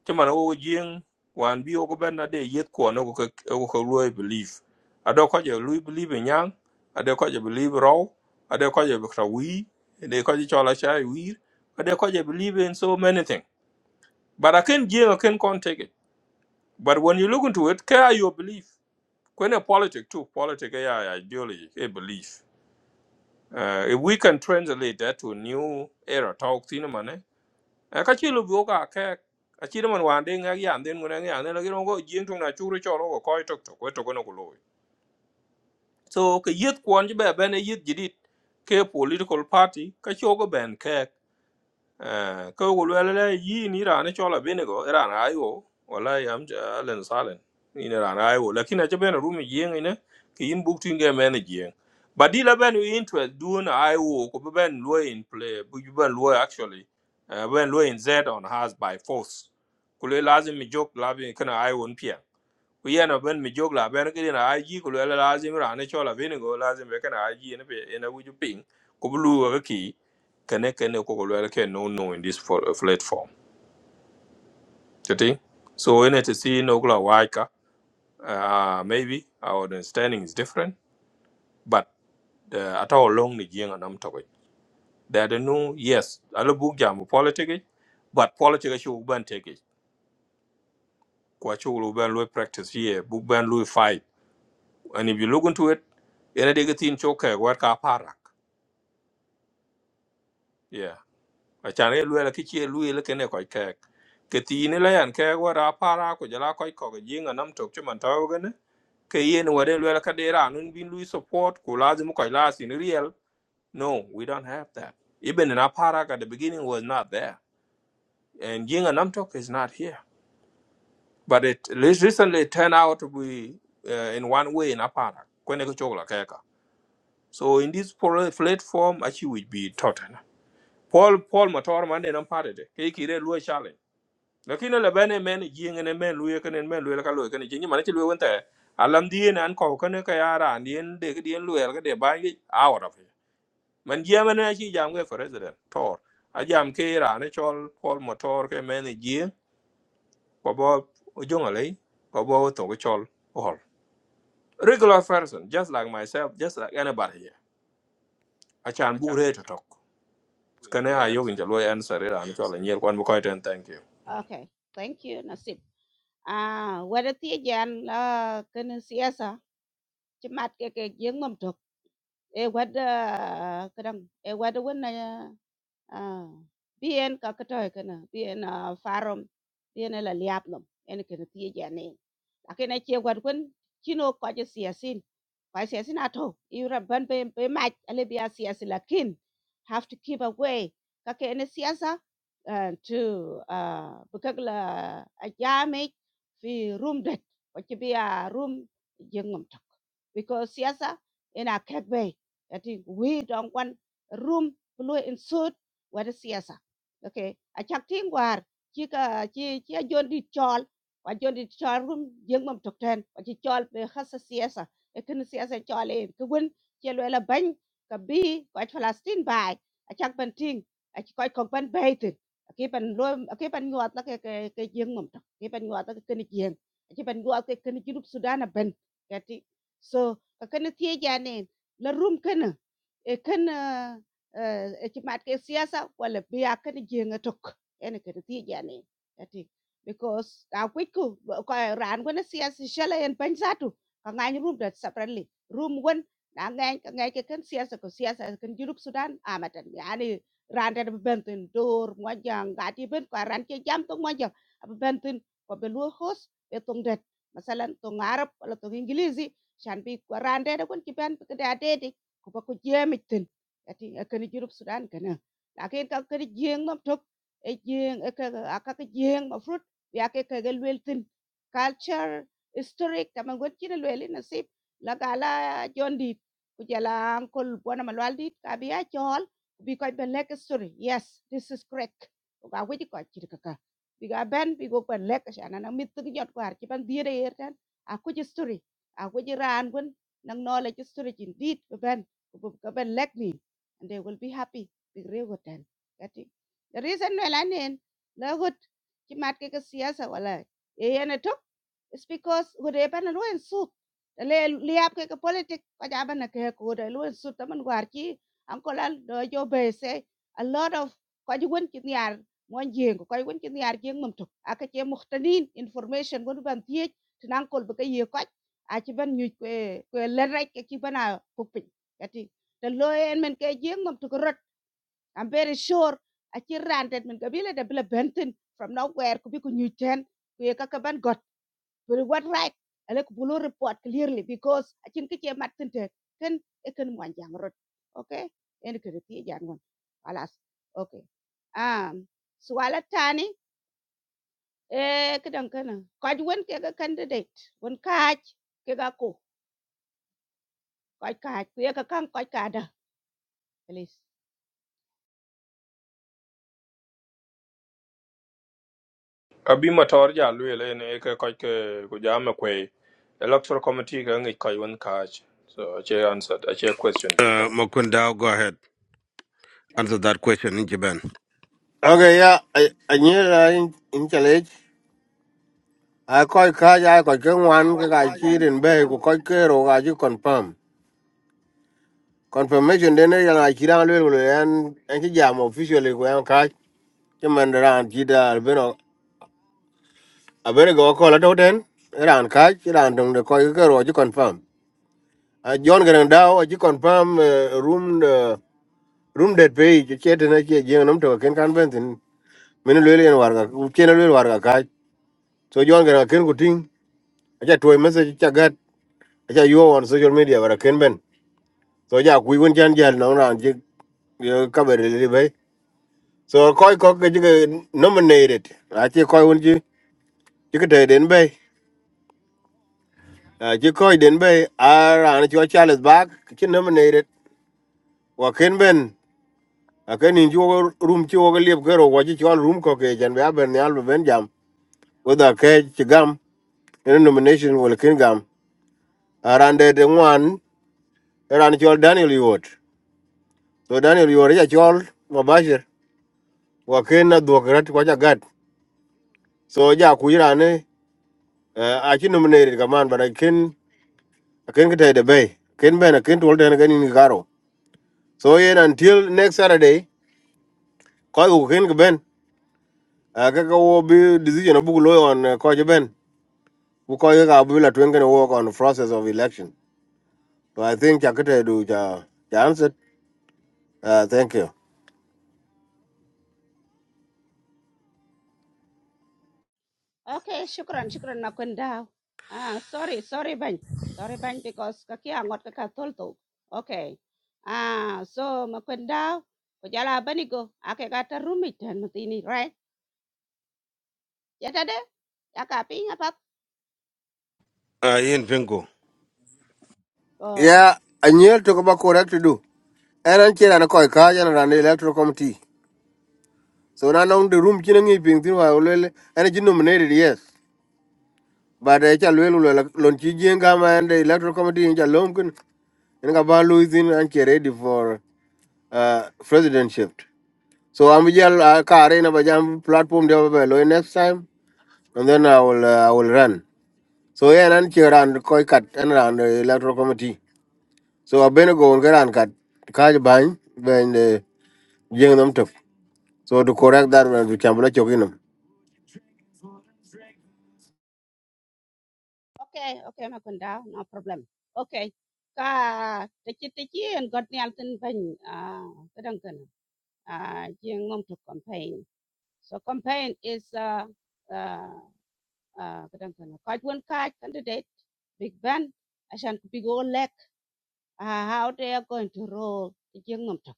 S1: Chima na wo jing wan bi oko ben na de yet ko no ko ko lue belief. Ado ko je lue belief en yang, ado ko je belief raw, ado ko je bkra wi, ade ko je chola chai wi, ado ko je believe in so many things. But I can jing I can can't take it. But when you look into it, care your belief. When a politic too, politic yeah, ideology, a belief. Uh, if we can translate that to new era talk cinema ne ka chi lu bu ka ke a chi man wan de nga yan den ngona nga ne la giro go jing tung na chu ru cho lo go koi tok ko to ko no lo so ke yet kwon ji be be ne yet jidit ke political party ka cho go ben ke Eh, ka wul wala la yi ni rana chola binigo rana ayo wala yam len salen ni rana ayo lakin a jabe na rumi yeng ina ki yin buk tinga men yeng but la ben we interest do na ayo ko be ben lo in play bu ben lo actually uh, ben lo in z on has by force ko lazim mi jok la bi kana ayo ku yen ben mi jog. la ben ki na aji ku le lazim ra ne chola vin go lazim be kana aji ne be ne wu ju ping ku lu ga ki kene kene ko ko le ke no no in this for, uh, platform you think so in it to see no kula waika uh, maybe our understanding is different but uh, at all long ni jing anam to that no yes alo book jam politics but politics should ban take it kwa chu lu ban lu practice here book ban lu fight and if you look into it ene de gatin choke war ka parak yeah a chan e luela ki che luela kene ko ke ke tin le yan ke war a para ko jala ko ko jinga nam tok chuman taw gane ke yen wade luela ka de ra nun bin lui support ko lazim ko la sin real no we don't have that even in a at the beginning was not there and ying and tok is not here but it le- recently turned out to be uh, in one way in a parak ko ne ko chokla So in this pol- platform, actually will be Tottenham. Paul Paul Matar man and parted. He kire lu challenge. Lakini la bane men jing and men lu kan men lu kan lu kan jing man chulu wente. Alam dien an ko kan ka yara dien de ke dien lu el ke de ba yi out of it. Man jam na chi jam ge for president Tor. A jam ke ra ne chol Paul Matar ke men jing ko bo jongale ko bo to ke chol all. Regular person just like myself just like anybody here. I can bure to talk. kane a yokin ja loy answer era an chola nyer kwan ko ten thank you
S20: okay thank you nasib à wada ti jan la kan siasa chi mat ke ke jeng nam thuk e wada kadang e wada Ah, bi en ka ka toy kana bi en ah, farom bi en la liap lum en ken ti ja ne lakin a che gwat kun kino ko je siasin ko siasin ato yura ban be be ma ale bi a siasin lakin have to keep away ka ke en siasa ah, to ah, bukak la a jame fi room det ko che bi a room jengum tok because siasa ina kek bay that we don't want room blue in suit wada siyasa okay achak tin war chi ka chi chi ajon di chol wa jon di chol rum jeng mam tok ten wa chi chol be khasa siyasa e kin siyasa chol e ku gun chi lo la ban ka bi ko palestine bai achak ban tin ach ko ko ban bai tin a ke ban lo a ke ban nyot la ke ke ke jeng mam tok ke ban nyot la ke kin jeng ach ban nyot ke kin junup sudan a ban kati so ka kin tie jane la rum kana e kana ci mat ke siyasa wala biya kan jenga tok ene ke ti jani ati because a kwiku ko ran gona siyasa shala en pensatu ka ngany rum dat separately rum gon na ngany ka ke kan siyasa ko siyasa kan jurup sudan amatan yani ran dat bentin dor mo jang gati ben ko ran ke jam to mo jang bentin ko be lu hos be tong det masalan tong arab wala tong ingilizi shan bi ko ran dat kon ci ben ke date ko ba ko jemi jadi akani jurup Sudan kana. Lakin ka kani jeng mam tok e jeng e jeng ma fruit ya ke ka gal culture historic kama gon chine lweli nasib lagala gala jondi ku jala ankol bona malwaldi ka biya chol bi ko be story yes this is correct ko ga wedi ko chir kaka bi ga ben bi go ben lek shana na mit gi jot kwar ci ban dire yertan a ku story a ku ran gon nang no le ji story jin dit be ben ko be lek ni and they will be happy big regotan kati the reason well anen la gut ki mat ke siyasa wala e yana to is because gut e pan ruin suit The li ap ke politic ka jaban na ke ko de ruin suit man war ki uncle al do jo be say a lot of ko ji won ki nyar mon jeng ko ji won ki nyar jeng mum to aka che muhtanin information gon ban tie tinan kol be ke ye ko a ci ban nyu ko le rek ki bana pupin the lawyer and men ke jeng mom to rot i'm very sure a ci rantet men ke bile de Benton from nowhere ku bi ku ñu ten ku got but what right ale ku bulu report clearly because a cin ke ci mat tente ken e ken mo jang rot okay en ke ti jang won alas okay um swala tani eh kedan kana kaj won candidate won kaj ke ga ko kaj kaj ku ye ka kan kaj ka da please
S1: abi motor ja lwele ne ke ko ke ku jame kwe electoral committee ga ngi ko catch so che answer a che question di you
S5: uh, makunda go ahead answer that question in jiben
S3: Okay, yeah, I, I knew that in, in challenge. I call cash, I call can one,
S20: Quite
S3: I
S20: catch, we are a
S3: cheat
S20: camp, quite Kada, please. Yeah,
S3: and bay,
S20: welcome.
S3: go call care or I confirm. Confirmation then I cheat on little and and she jam officially go and cash. Chiman around cheat, I'll be no. I better go call it out then. Around cash, around the call care or you confirm. a John Garang Dao, a chi confirm uh, room uh, room that page, chet and I chi jing num to a ken convent in Minulil and Warga, Chenel Warga Kai. So John Garang Ken Kuting, I chat to a message chagat, I chat you on social media or a Ken Ben. So yeah, we won't change jail now and jig cover a little bit. So Koi Kok nominated, I think Koi won't you, you could take in bay. Uh, you call it in bay, are on your child's back, she nominated, Wakin Ben. akeni juo rum chi wogo liep kero wachi chon rum ko ke jan bia ben nyal ben jam whether ke chigam in nomination wala kin gam arande de ngwan eran chol Daniel Yuot so Daniel Yuot ja chol mabashir wa ken na duok rat kwa ja gat so ja kujira ne a chi nominated kaman but I ken I ken kete de bay ken ben a ken tol den ganin ni karo so yen until next Saturday ko ku ken ben a ka ka wo bi decision abu lo on ko je ben Because you have been to work on the process of election. So I think I could do the answer. Uh, thank you.
S20: Okay, shukran, shukran na kwenda. Ah, sorry, sorry bany. Sorry bany because kaki ngot kaka tolto. Okay. Ah, so makwenda. Kujala bani go. Ake kata rumit dan tanu ini, right? Yata de? Ya kapi pak.
S5: uh, yin pinko
S20: Oh.
S3: Yeah, and you talk about correct to do. And I'm here and I call car and an chira na koi kaja na rande electoral committee. So now now the room chinning it being through and it's nominated, yes. But I shall well Lonchiji and Gama and the electoral committee in Jalomkin and Gaban Louisin and she ready for uh, presidentship. So I'm here, I'll carry in a platform there next time and then I will, uh, I will run. So yeah, nan che ran koi kat en ran eh, electoral committee. So abene go on ran kat kaj bany ben eh, jeng nam tok. So to correct that when we chambula chokinam.
S20: Okay, okay makwenda. No problem. Okay. Ka tiki tiki yang got ni alten bany. Ah, kadang kana. Ah, yang mom to campaign. So campaign is uh, uh, آه كدن كنا كاج وين كاج candidate big ben عشان بيجو لك uh, how they are going to roll the jing mum tok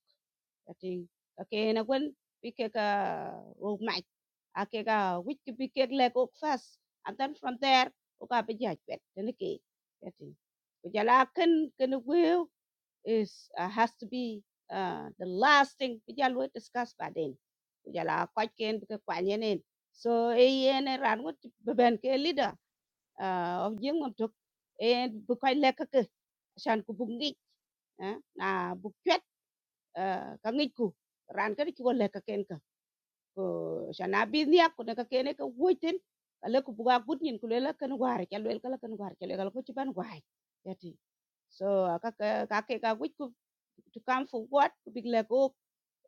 S20: I think okay and when we kick a old mic, I mach akeka which bikek leg up first, and then from there oka be jaj pet then ke I think kujala ken ken will is uh, has to be uh, the last thing we we discuss by then kujala kwaj ken bikek kwanyenen so e yen ran wut beben ke leader آه، giếng untuk e bu koy lek ke shan ku bu ngi na bu kwet ka ngi ku ran ka ki wol lek ke ken ka ko shan abi nya ku ne ka ken ka wuiten ka ku bu ga gut nyin ku le la ken war ka le ka la ken war ka le ka ku ci ban war yati so ka ka ke ka wuit ku to come for what ku big lek ok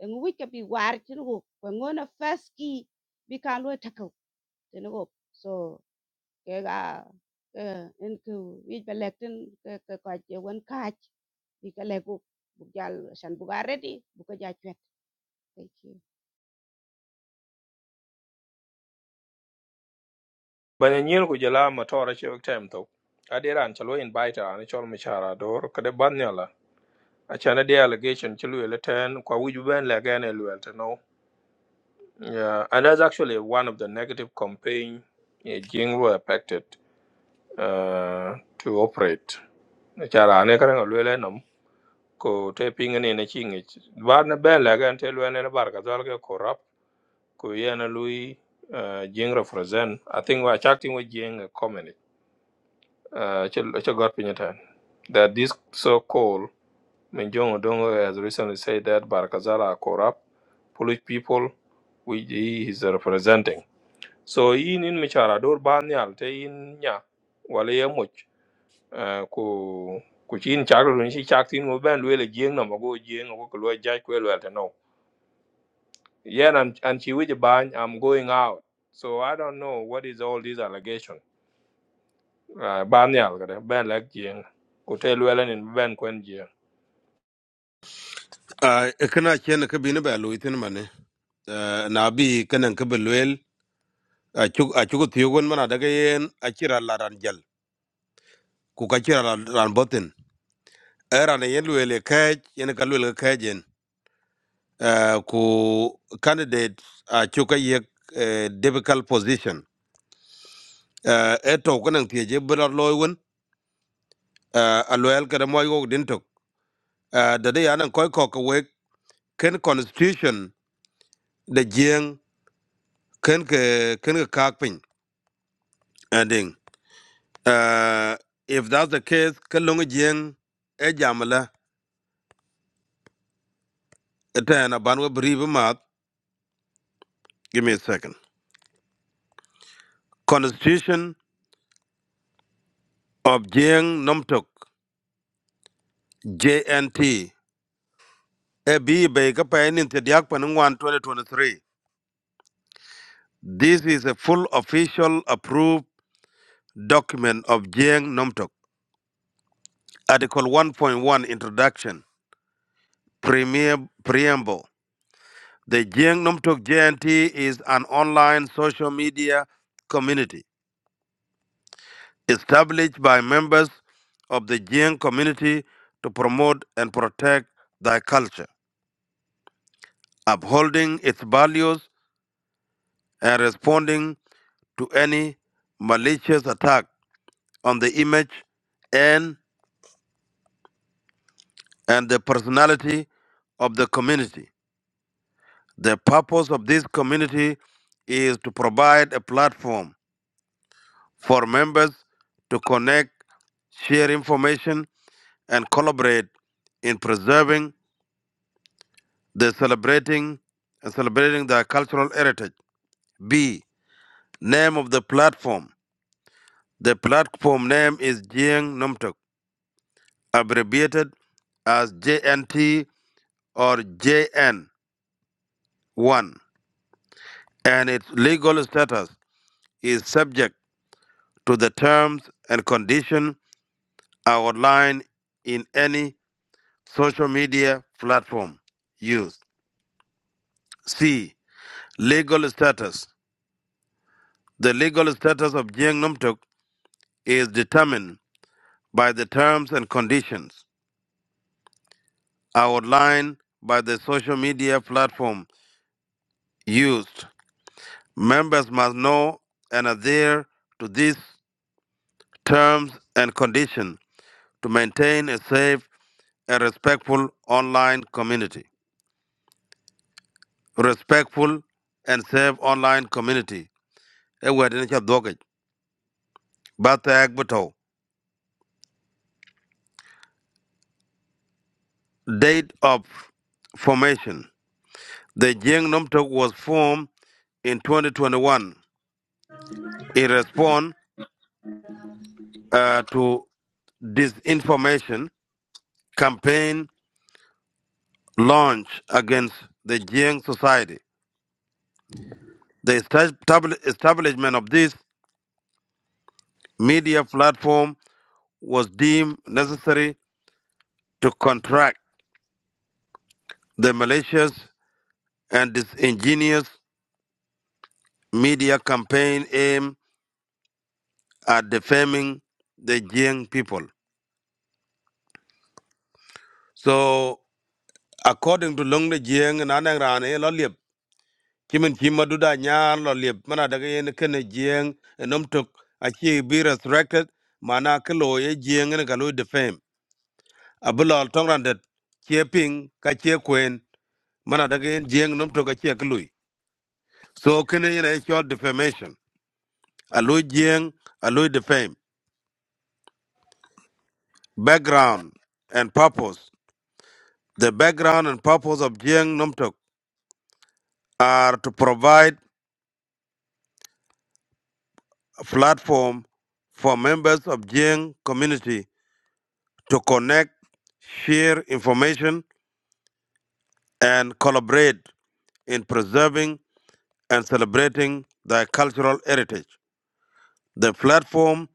S20: en wuit ka bi war ci ko ko ngona fas ki bi kan lo takaw ten ok so ke ga ke en ku wi pe lek tin ke ke ka che wen ka wi ke le ku bu jal san bu ga redi bu ka ja thank you
S1: banya But ku jala motor a che time to adera an chalo invite an chol mi chara dor kade banyala a chana de allegation chulu ele ten kwa wuju to no yeah and that's actually one of the negative campaign yeah, Jingru affected uh, to operate Chara ne karang lwele nom ko te pinga ni na chingi. Bar na ben la gan te lwele na bar ka zal ke korap ko ye na lui uh, jing represent. I think we are chatting with jing a comedy. Uh, che che got pinyatan. That this so called Minjong Odongo has recently said that Barkazal are corrupt, police people, which he is representing. So in in michara dor ban yal te in ya. wale ye uh, ku ku chin chak run shi chak tin ngo ben lwe le jing no go jing go ko lwe jai kwe lwe ta no yen and and chi wi ban i'm going out so i don't know what is all these allegation uh, ban yal ga de, ben lek jing ku te lwe le nin ben kwen jing
S5: uh, kana chen ka bini ba lu itin mane uh, na bi kanan ka belwel a chuk a chugo tiyogon mana daga yen a kira laran jal. ku ka ci ran ran botin era ne yen luele kaj yen ka luele kajen uh, ku candidate a chu ye uh, difficult position uh, eto kanan tie je bra loyun uh, a loyal ka mo yo din tok uh, da de yanan koy ko ka we ken constitution de jeng ken ke ken ka kakpin ending uh, if that's the case ka lungu jeng e jamala eta na banwa bribe mat give me a second constitution of Jiang Nomtok, JNT, AB Baker Pain in Tediak Panungwan 2023. This is a full official approved document of Jiang Nomtok. Article 1.1 Introduction, Premier Preamble. The Jiang Nomtok JNT is an online social media community established by members of the Jiang community to promote and protect their culture, upholding its values and responding to any malicious attack on the image and and the personality of the community. The purpose of this community is to provide a platform for members to connect, share information, and collaborate in preserving the celebrating and celebrating their cultural heritage. B. Name of the platform. The platform name is Jiang Numtuk, abbreviated as JNT or JN1 and its legal status is subject to the terms and conditions outlined in any social media platform used. C. Legal status. The legal status of Jiang Numtuk is determined by the terms and conditions outlined by the social media platform used. Members must know and adhere to these terms and conditions to maintain a safe and respectful online community. Respectful and safe online community. Eh, we are in a docket. But the act Date of formation. The Jiang Numtok was formed in 2021 in response uh, to disinformation campaign launched against the Jiang society. The estab- establishment of this media platform was deemed necessary to contract the malicious and disingenuous media campaign aimed at defaming the Jiang people. So, according to Long the Jiang and Anang Rane, Lolip, Chimin Kimaduda Nyan, Lolip, Manadagan Kene Jiang, and Umtuk, Achi be resurrected, Manakalo, Jiang and Kalu defame. Abulal Tongrandet, Chiaping, Kachia Queen, Manadagan Jiang Numtuk Achia Kalui. So, Kene in a short defamation. Aloy Jiang, Aloy fame, Background and purpose. The background and purpose of Jiang Numtok are to provide a platform for members of Jiang community to connect, share information, and collaborate in preserving and celebrating their cultural heritage. The platform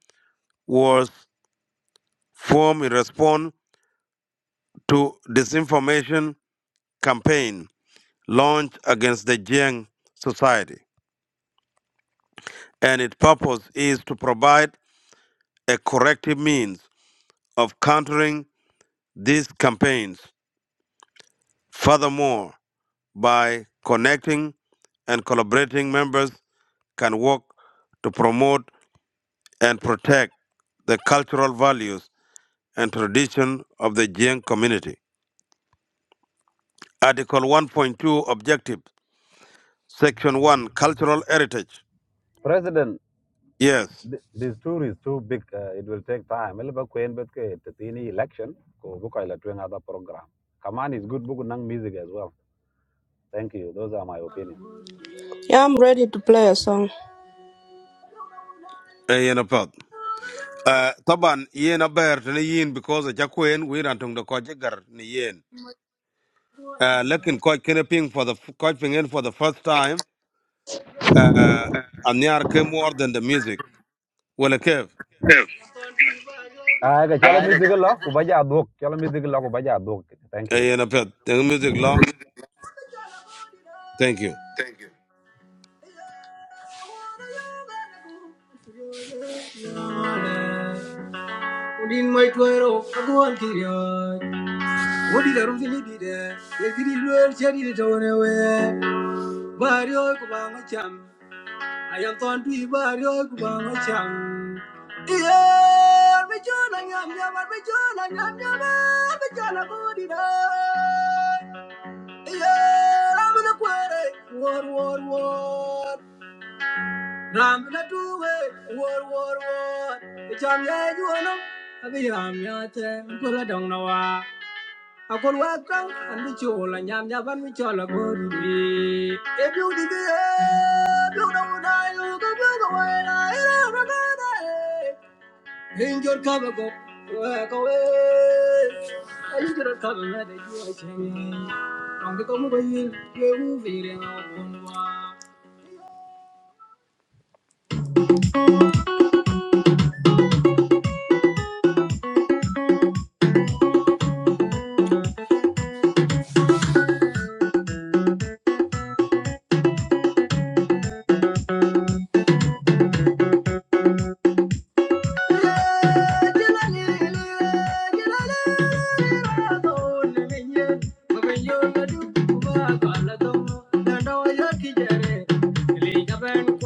S5: was formed in response to disinformation campaign launched against the Jiang society. and its purpose is to provide a corrective means of countering these campaigns. Furthermore, by connecting and collaborating, members can work to promote and protect the cultural values and tradition of the Jiang community. Article 1.2 Objective Section 1 Cultural Heritage. Yes,
S4: Yeah, I'm ready to play a song.
S5: yen apat. Uh, taban yen aber tani yin because a jakuen wiran tung da ko jigar ni yen. Uh, lekin coach Kineping for the coach Pingen for the first time. Uh, and they came more than the music. Well, a cave.
S2: Yeah, book. Thank you.
S5: Hey, and a pet. The music law. Thank you.
S4: Thank you. Din mai tuero, aguan I could work out and the chol and yam yaban which all a good be. If you did it, you don't die, you can go away. I don't know. In your cover go, work away. And you don't cover that you are changing. From the come away, you will feel it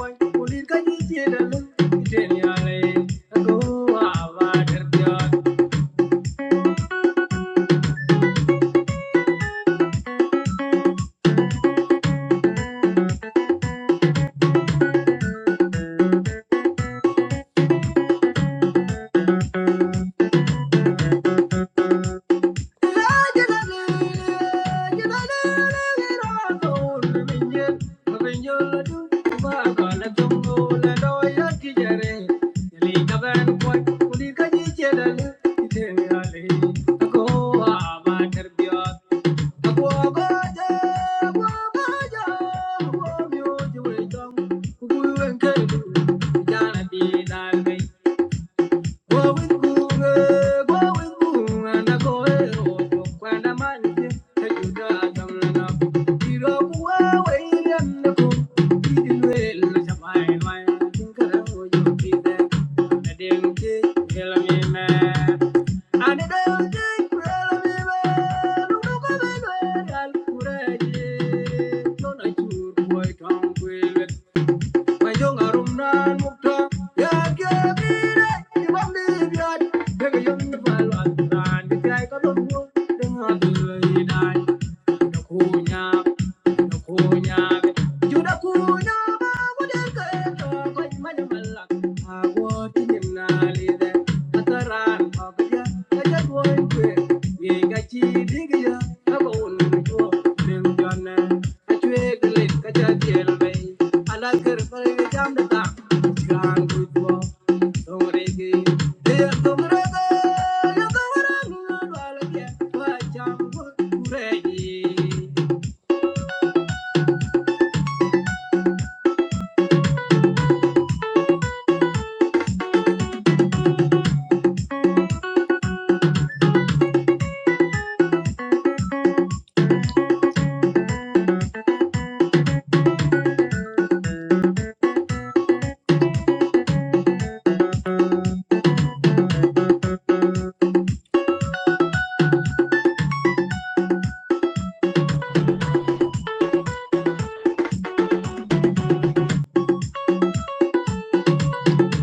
S4: out. Thank you. Nukunyam, nukunyam, juda kunyam, agudeke, togoy manumalak, agotinim nalide, ataran magya, kajatwoy kwe, yegachi digya, agon nujwo, nimjone, achweglit kajatiel bay, alakir pare jamda,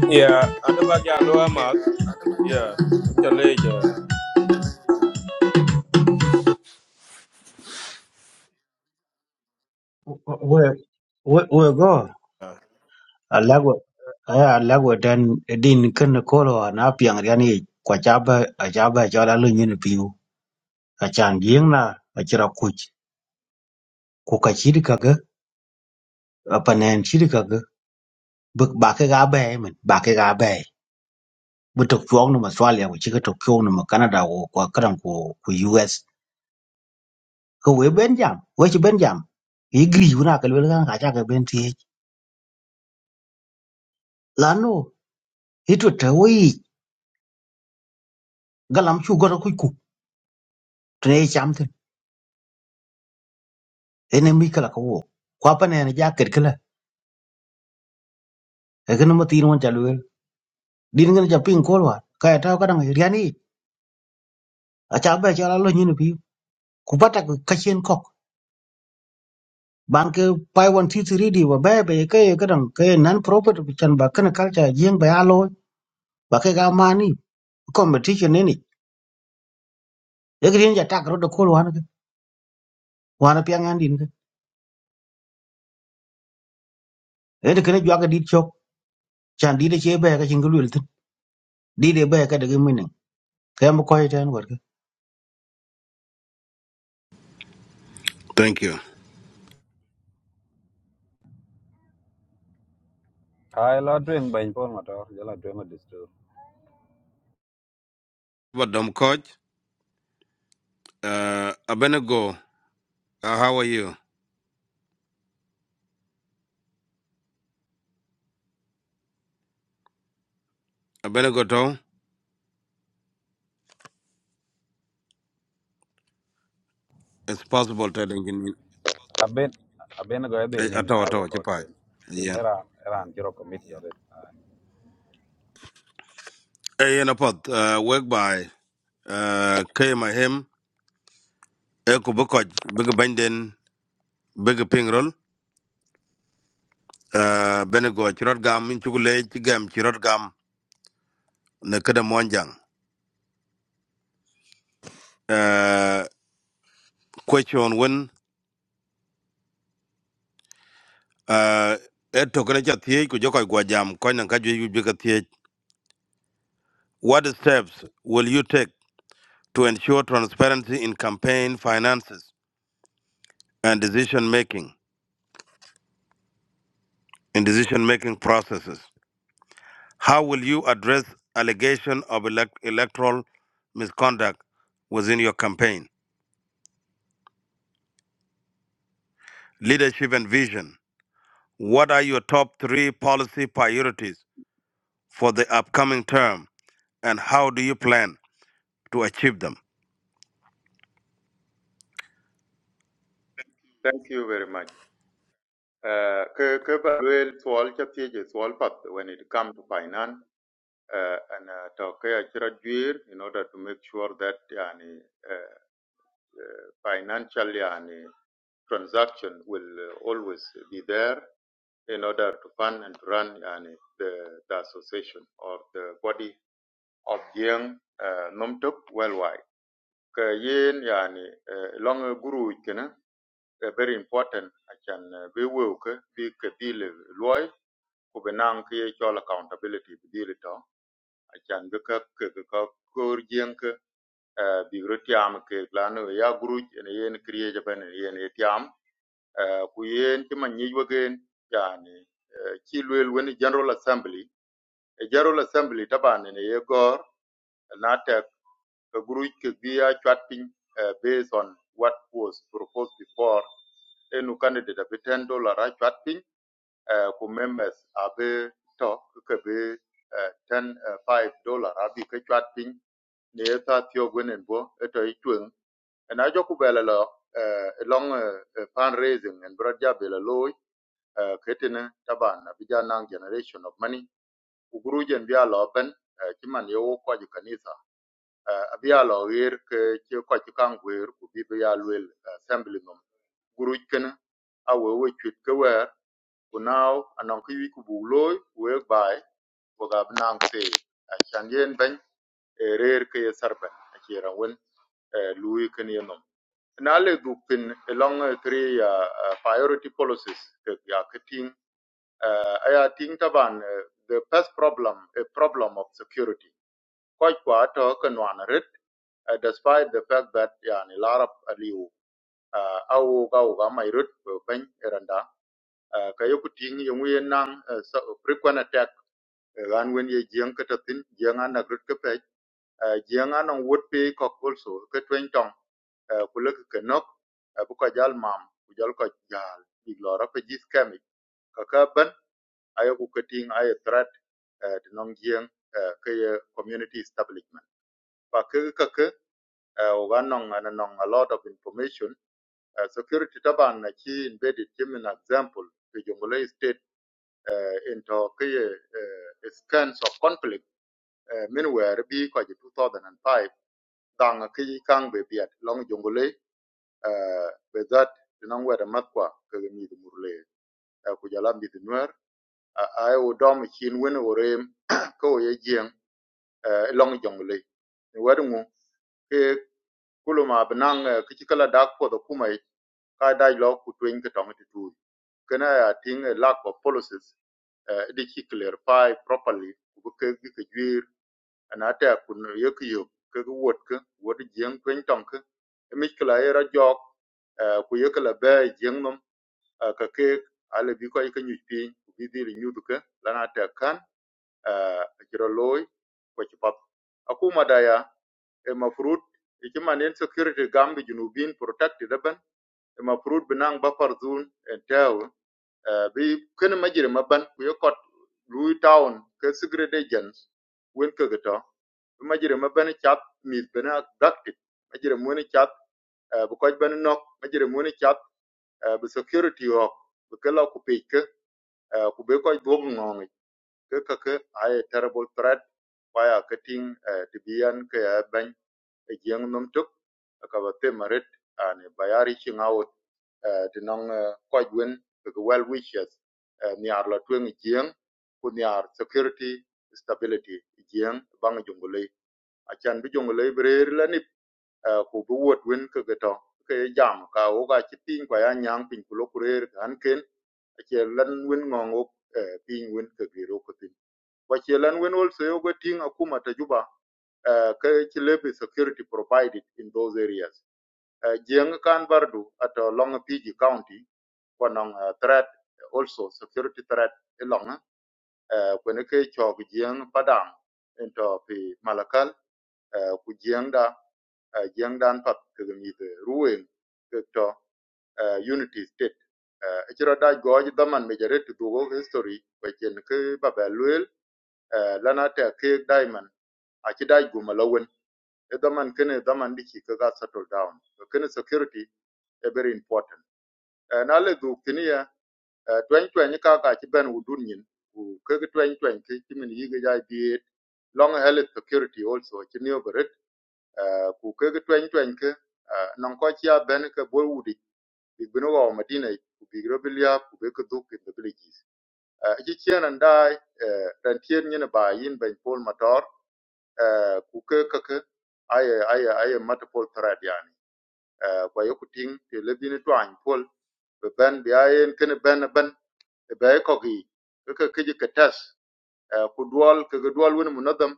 S1: yeah ada ba ya lo ma yeah inte le ja
S19: we we we go alagwa aya alagwa dan din kan kolo na piang rian ni kwa chaba a chaba cho la lu nyin piu a chan gieng na a chira kuch ku ka chi ka ga a panen chi ka ga bak ba ka ga ba men ba ka ga ba bu tok chuong no ma swalia ku chi ka tok chuong no ma canada ko kwa kran ko ku u s ko we ben jam we chi ben jam i gri una ka lu ka ka cha ka ben ti la Itu te wei galam chu gora ku ku tre cham tin. Ene mi kala ko wo. Kwa pa ne ja ket kala. E gnu ma tin won chalu. Din gnu ja pin ko wa. Ka ya ta ka dang riani. A cha ba cha la lo nyin pi. Ku pa ta ka chen kok. Ban ke pai won ti ti ri di wa ba ba ke ka dang ke nan proper bi chan ba kan kal cha jing ba ya lo. Ba ke ga ma ni competition ne ni. E gnu ja ta ka ro da ko wa na ke. Wa na pi ngan din ke. E de kne jwa ka dit chok. Chan di de che ba ka chin glu tin. Di de ba ka de min. Ka mo ko ten wa.
S5: Thank you. But um, coach, uh, Abenego, uh, how are you? Abenego to? It's possible to think in
S2: I've been I've been going to na
S5: atawa.
S2: I work
S5: ato
S2: out
S5: chipai.
S2: today. Kin
S5: Yeah.
S2: era era an kiro committee of it.
S5: Hey, and a pot. Uh, work by uh, came my Eko bukoj big benden big pingrol. Uh, Benego chirot gam in chugule chigam chirot Gam. na kada monjang uh, question when uh, eto kada cha thiech ku jokoy gwa jam koy nan ka jwe jwe ka thiech what steps will you take to ensure transparency in campaign finances and decision making in decision making processes how will you address allegation of elect- electoral misconduct within your campaign leadership and vision what are your top 3 policy priorities for the upcoming term and how do you plan to achieve them.
S7: Thank you very much. Uh, ke- ke ba luel e when it comes to finance uh, and uh, to ke acïdhö jwir in order to make sure that yani, uh, uh, financial yani, transaction will uh, always be there in order to fund and run yani, the, the association or the body of Jiang uh, Nomtok worldwide. Ka yin yani uh, long guru kana uh, very important achan uh, be wo ka bi ka dil loy ku be nang ke ye chol accountability bi dil to achan be ka ka ka kor Jiang ka uh, bi ro ke lanu ya guru ne yen kriye jaban yen ye tiam uh, ku yen ti man nyi wagen yani uh, chi lwel wen general assembly a General assembly taban ne ye gor and tek a group ke via chat pin uh, based on what was proposed before enu candidate a ten dollar a chat pin uh, ku members a be to ke be e, ten e, five dollar a bi ke chat pin ne ta tio gwenen bo eto itwen and I joku bela lo uh, long uh, fundraising and broad jabela loy uh, ketene taban abija nang generation of money ugurujen bia lo ben eh, ci man yo ko kanisa eh, abia lo yer ke che ko ci ku bi bia luel assembly num guruj ken awe we chut ke wer ku now anon ki wi ku bu loy we bai ko ga nan se a ben e rer ke ye sarben a eh, lui ken ye na le du pin along three uh, uh, priority policies ke ya ketin I think about the first problem a problem of security. Quite quite uh, can one read, uh, despite the fact that yani larab aliu uh, au ga au ga mai rut eh, ban iranda uh, ka yoku ting yung ye nang eh, so- frequent attack eh, ran wen ye jiang ka tatin jiang an na rut ka pe uh, jiang an on would be cock also ka twen tong uh, ku lek ka nok uh, bu ko jal mam ku jal ko jal big lo ra pe jis kami ka ka ban ayo ku ka ting ayo the di nong eh, community establishment pa ke ke ke eh, a lot of information eh, security taban na chi embedded him an example to jongole state eh, into ke ye eh, scans of conflict eh, minware bi ko 2005 dang ke kang be biat long jongole eh, be that di nong wera makwa ke mi murle eh, ku jala mi nuer ai o dom chin wen o ko ye jieng eh, long jongole ke kulo ma benang ke chikala dak po do kuma yi, ka dai lo ku twin ke tong tu kana ya ting a lack of policies eh, di chi clarify properly ku ke ke ke jwir ana ta kun ye ke yo ke ke wot ke wot jeng twin tong ke mi kala era jok eh, ku ye kala be jeng nom eh, ka ke ale bi ko ke nyu pi bi di ri nyu du ke lana kan eh, a uh, jiro loy ko chi pap akuma da ema fruit ikiman insecurity gam gi junubin protected ban ema fruit binang buffer zone en bi kene majire maban ku yokot lui town ke secret agents wen ke gato majire maban chat mis bena active majire moni chat bu koj ban nok majire moni chat bu security ho bu kala ku peke ku be koj bo ngongi ke ke ay terrible threat waya cutting to be an ke ban a young num tuk akaba temarit and bayari ching out uh, tinong uh, kwaj wen well wishes uh, niar la tueng jiang ku niar security stability young, bang jungule achan bi jungule brer la nip uh, ku bi wot wen kaka to ke jam ka wo ga chi ping kwa ya nyang ping ku lo kurer kan ken ache lan wen ngong ok uh, ping wen kaka kwa chelan when also yogo ting akuma tajuba uh, ka ci security provided in those areas uh, jeng kan bardu at eh, long pg county kwanong uh, threat also security threat along uh, when ke chog jeng Padang into pi malakal uh, ku jeng da uh, jeng dan pat ke ruin to uh, unity state uh, ichiro da goj daman me jare to history we chen ke babel uh, lana te ke diamond a ci dai go malawen e daman kene daman diki ka settle down so kene security e very important Eh, na le du kini ya eh, 2020 ka ka ci ben wudun yin ku ke 2020 ki min yiga jai bi long health security also ci ne obaret ku ke 2020 ke non ko ci ya ben ke bol wudi bi bino wa madina ku bi robilia ku be ke duk in the villages Eh, ci ci nan dai rentier nyene ba yin ben pol motor uh, ku ke ke ke aye aye aye multiple threat yani uh, kwa yoku ting te lebini twany pol be ben bi ayen kene ben ben e be ko gi ke ke ke ji ke uh, ku dual ke dual wen munadam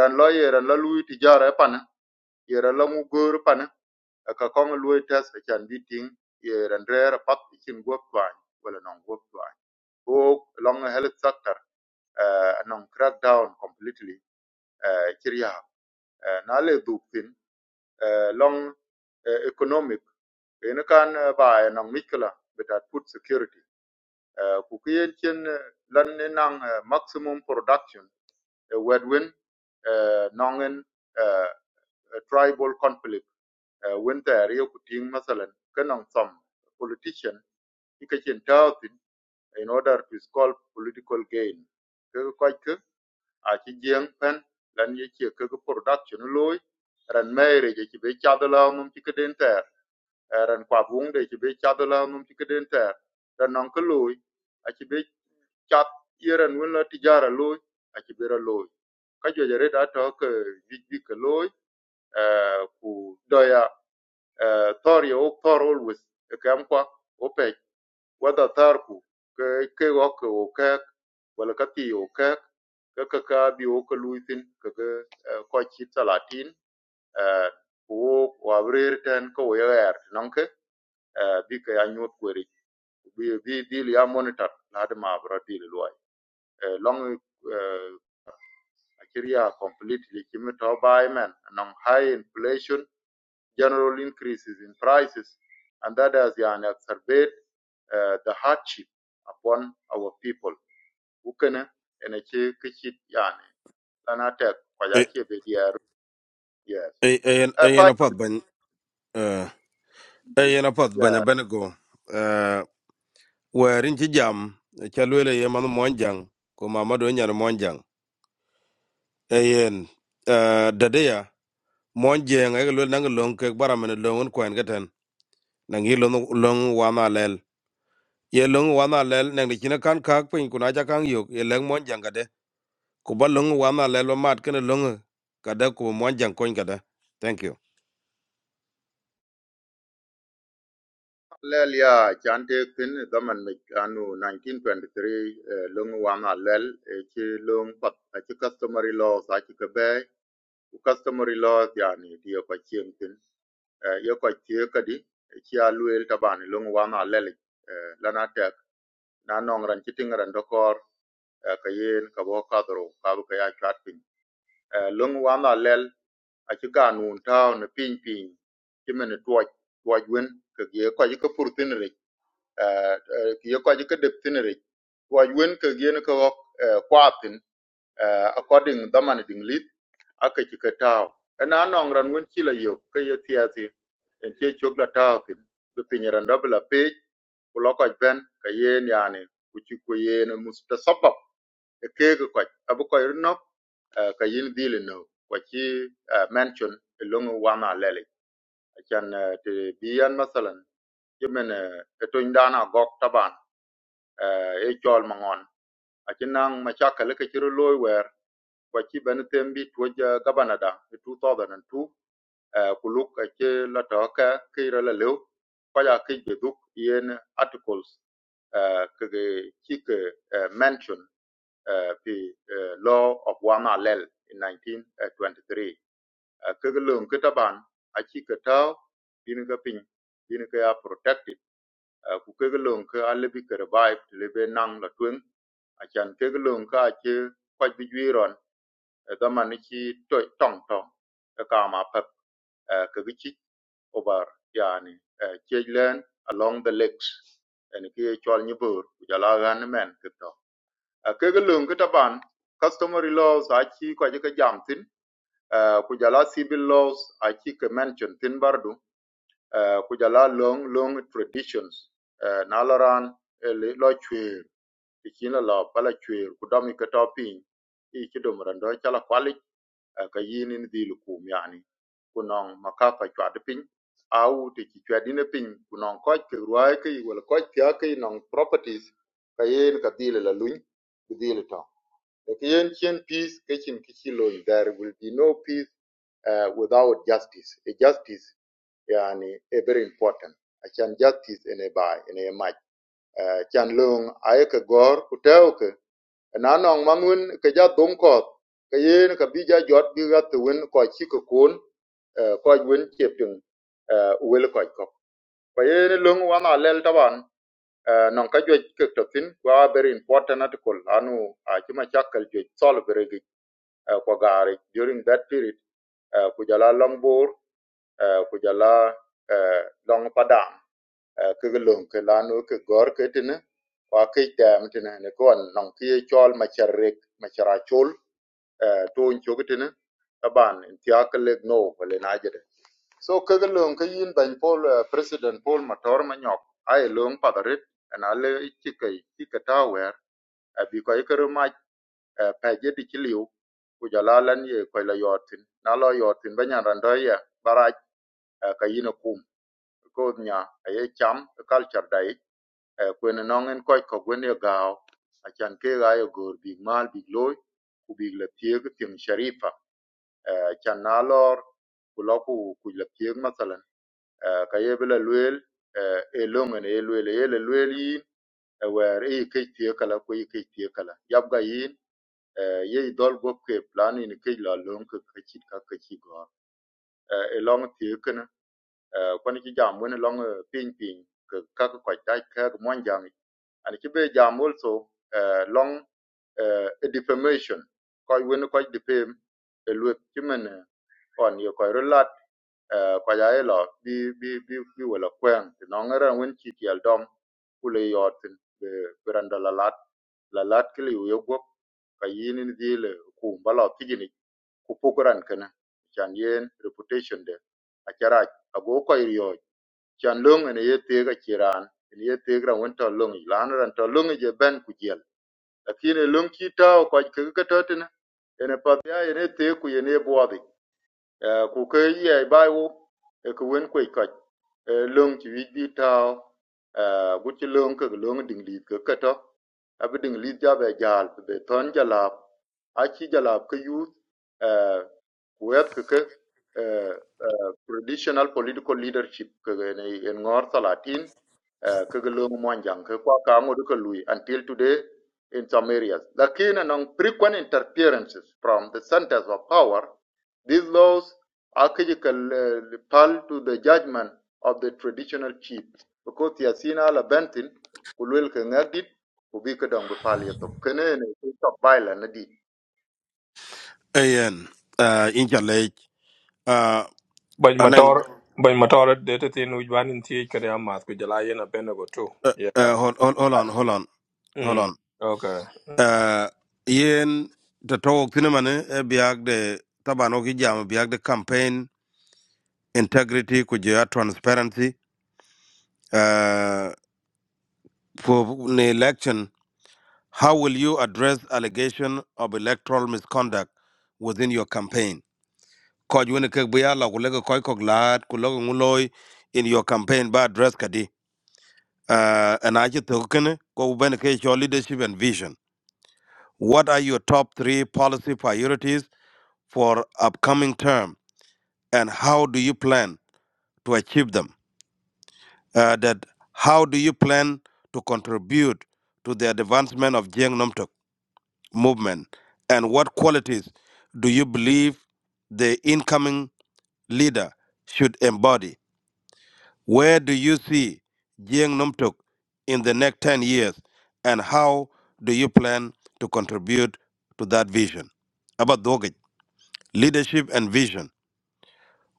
S7: ran lo ye ran lo lui ti jara pana ye ran lo mu gor pana e ka kong lui tes e chan bi ting ye ran re pat chin gop twany wala non gop twany o long health sector uh, non crack down completely uh, Eh, na le duk tin eh, long eh, economic en kan eh, ba eh, nang mikla betat food security Eh, ku kien chen eh, lan ni nang eh, maximum production eh, wedwin eh, nongen eh, eh, tribal conflict when eh, winter yo kuting masalan kanang some politician ikachen tawtin in order to sculpt political gain Ke- ko- ke, a ci jieng pen lan ye ci ke production loy ran mere je ci be chadala mum ci keden ter Eh, ran kwa bung de ci be chadala mum ci keden ter ran non ke loy a ci be chat yeran wala tijara loy a ci be ra loy ka jojere da to ke wij bi ke loy eh, ku doya eh, thor ye ok thor always e kam kwa o pe whether tharku ke ke wok o ke wala ka pi o ke ka ka ka bi o ka luitin ka ka ko chi talatin eh, ku wo wa brer ten ko ya er non ke eh, bi ka ya nyot kweri bi bi bi ya monitor la de ma bro di lo long eh, Nigeria completely chimito by man non high inflation general increases in prices and that has yeah, exacerbate uh, the hardship upon our people ukene ene ci ki cit yani Lana tek kwa ja
S5: Eh,
S7: ci be dier yes
S5: eh, eh,
S7: a
S5: eh,
S7: pa
S5: yana pat ban eh, eh, yana pat
S7: ya
S5: ban abenego eh, werin ci jam chalwele ye manu monjang ko mamado nyar monjang eyen eh, dadeya monjeng ay lol nang long ke baramene longun kwen gaten nang yi long long wana lel ye long wana lel nang di china kan kak pin kuna ja kan yok ye leng monjang gade ko ba long wana lel wa mat ken long kada ko monjang kon gada thank you
S7: lel ya chante kin zaman me anu 1923 eh, wana wa ma lel e ci lung pat a ci customary laws a ci ka be customary laws yani dia ko chien tin eh, yo chie kadi e ci a tabani lung wana ma lel eh, lan na nong ran ci tingaran dokor eh, ka yen ka bo kadro ka bu ka ya chat pin eh, lung wan a lel a ci ga nun taw ne ping ping ci men tuoj tuoj wen ke ye ko ji ko pur tin re Ah, ah, ki yoko ji ka dep tin ri wa wen ka gien ka wok uh, kwatin uh, according daman ding lit aka ci ka taw ana nong ran wen ci la yo ka ye tiati en ci chok la taw tin du pinyaran dabla page ku lokoj ben ka yen yani ku ci ku yen mustasabab e kege koj abu koy rinok eh, ka yin dhili no kwa ci eh, mention e longu wana lele achan eh, te biyan masalan yemen etony dana gok taban e e chol mangon acinang machakal ke chiro loy wer kwa chi ben tembi tuoja gabanada 2002 eh, ku luk aci la töke ki ïrö la lïu ka ya kic bï yen articles eh, kï mention eh, pi eh, law of wan alel in 1923 Eh, kek lön taban aci kë tö yin ka ya protected Ah, ku ke lon ka alle bi ka bai le be nang la twen a chan ke lon ka che kwa bi jwi ron e da man ki to tong tong ka ka ma pa ka gi chi over yani eh, che len along the lakes. and ki chol ni bur ku ja la gan men ke to a ke lon ka ta ban customary laws a chi kwa je ka jam tin Ah, ku jala civil laws a chi ka mention tin bardu uh, ku long long traditions uh, na la ran eh, li- lo chwer ti chin la lo pala chwer ku dom i ka to piny i chi dom ran do chala kwali uh, ka yin ni dhi lu kum yani ku nong makaka chwad piny au ti chi chwad ine piny ku nong koch ke ruai ke wala koch tia ke nong properties ka yin ka dhi la luny ku dhi la to ke yin chien peace ke chin kichi lo there will be no peace uh, without justice. A justice yani e very important achan justice ene bai ene mach achan lung aye ke gor kuteo ke na nong mangun ke ja dum ko ke yen ka bi ja jot bi ga tuun ko chi ko kun eh, ko win cheptung wel ko ko ko yen lung wa na lel taban Eh, non ka juɛc kek tɔthin kua very important article anu a macakal juɛc thɔl bi rigic kua gaaric during that period eh, ku jala long boor eh, ku jala eh, long padam eh, kek lom ke lanu ke gɔr ke tini kua kec dɛɛm tini ni kuan nɔŋ ki ye cɔl macar rek macar acol aban tiakalek no wala najere so kaga lon ka ban Paul uh, president Paul Mator manyok ay lon padarit and ale chika chika tower abi ko ikere ma paje di chiliu ku jalalan ye ko la yotin na lo yotin banyan randoya baraj eh, ka kum ko nya aye cham eh, culture dai eh, kwen nongen koc ko gwen ye gao acan ke ga ye gor big mal big loi ku big la tieg tim sharifa Kanalar kulaku kujlekiy, masala kaya bela luel elonge luel lueli, wera iki tiyekala kuyi tiyekala. Yabgayin ye idal gupe plani kujla long kachidka kachiba e long ti kana kwani ci jam wona long ping ping ka ka ko ta ka ko mon jang and ci be jam also eh, long eh, a defamation ko wona ko defame e lu ci men on yo ko relat ko ya e lo bi bi bi bi wala kwen no ngara won ci ti al dom kule yotin be beranda lalat lat la lat kile yo gop ka ni dile ku mbalo tijini ku pukuran kana chan yen reputation de achara ago ko iryo chan long ene ye tega chiran ene ye tegra wonto long lan ran to long je ben ku jel lakini long kita ko ke ke totina ene pa ya ene te ku ene boadi ku ke ye bai wo e ku wen ku ka long ti wi bi ta gu ti long ke long ding li ke ke to abi ding li ja be jal be ton jala a jala ke yu uh, web keke uh, uh, traditional political leadership kege ne en ngor salatin uh, kege long monjang ke kwa ka ngodu ke lui until today in some areas lakini non frequent interferences from the centers of power these laws actually critical uh, pal to the judgment of the traditional chief because yasina la bentin kulwel ke ngadit ubi ke dong be pal yatok kene ne top violence
S5: eyen uh, Uh,
S1: ban
S5: and then,
S1: motor ban motor de te tin u ban in ti ka de ma ku jala yen a ben go too
S5: uh,
S1: yeah
S5: uh, hold, hold, hold on, hold on, hold
S1: mm
S5: on.
S1: okay
S5: Uh, yen the talk tinamane eh, eh, biag de tabano ki jam biag de campaign integrity kujia transparency uh, for the election. How will you address allegation of electoral misconduct within your campaign? Koj wini kek biya la kulega koi kog lahat kulega nguloi in your campaign ba address kadi. Uh, and I just talk kene ko ubene ke your leadership and vision. What are your top three policy priorities for upcoming term, and how do you plan to achieve them? Uh, that how do you plan to contribute to the advancement of Jiang Numtuk movement, and what qualities do you believe the incoming leader should embody? Where do you see Jiang Numtuk in the next 10 years, and how do you plan to contribute to that vision? About leadership and vision.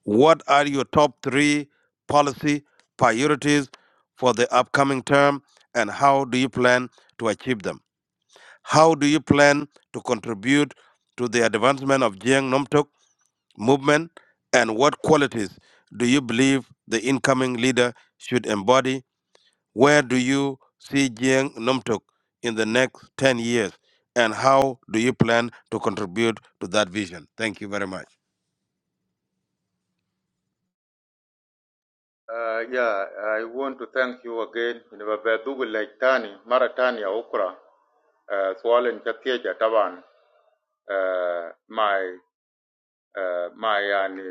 S5: What are your top three policy priorities for the upcoming term and how do you plan to achieve them? How do you plan to contribute to the advancement of Jiang Nomtok movement and what qualities do you believe the incoming leader should embody? Where do you see Jiang Nomtok in the next 10 years and how do you plan to contribute to that vision? Thank you very much.
S7: Uh, yeah, I want to thank you again. Nimebedugu like tani mara tani ya ukra uh, swali nikatieja taban uh, my uh, my yani,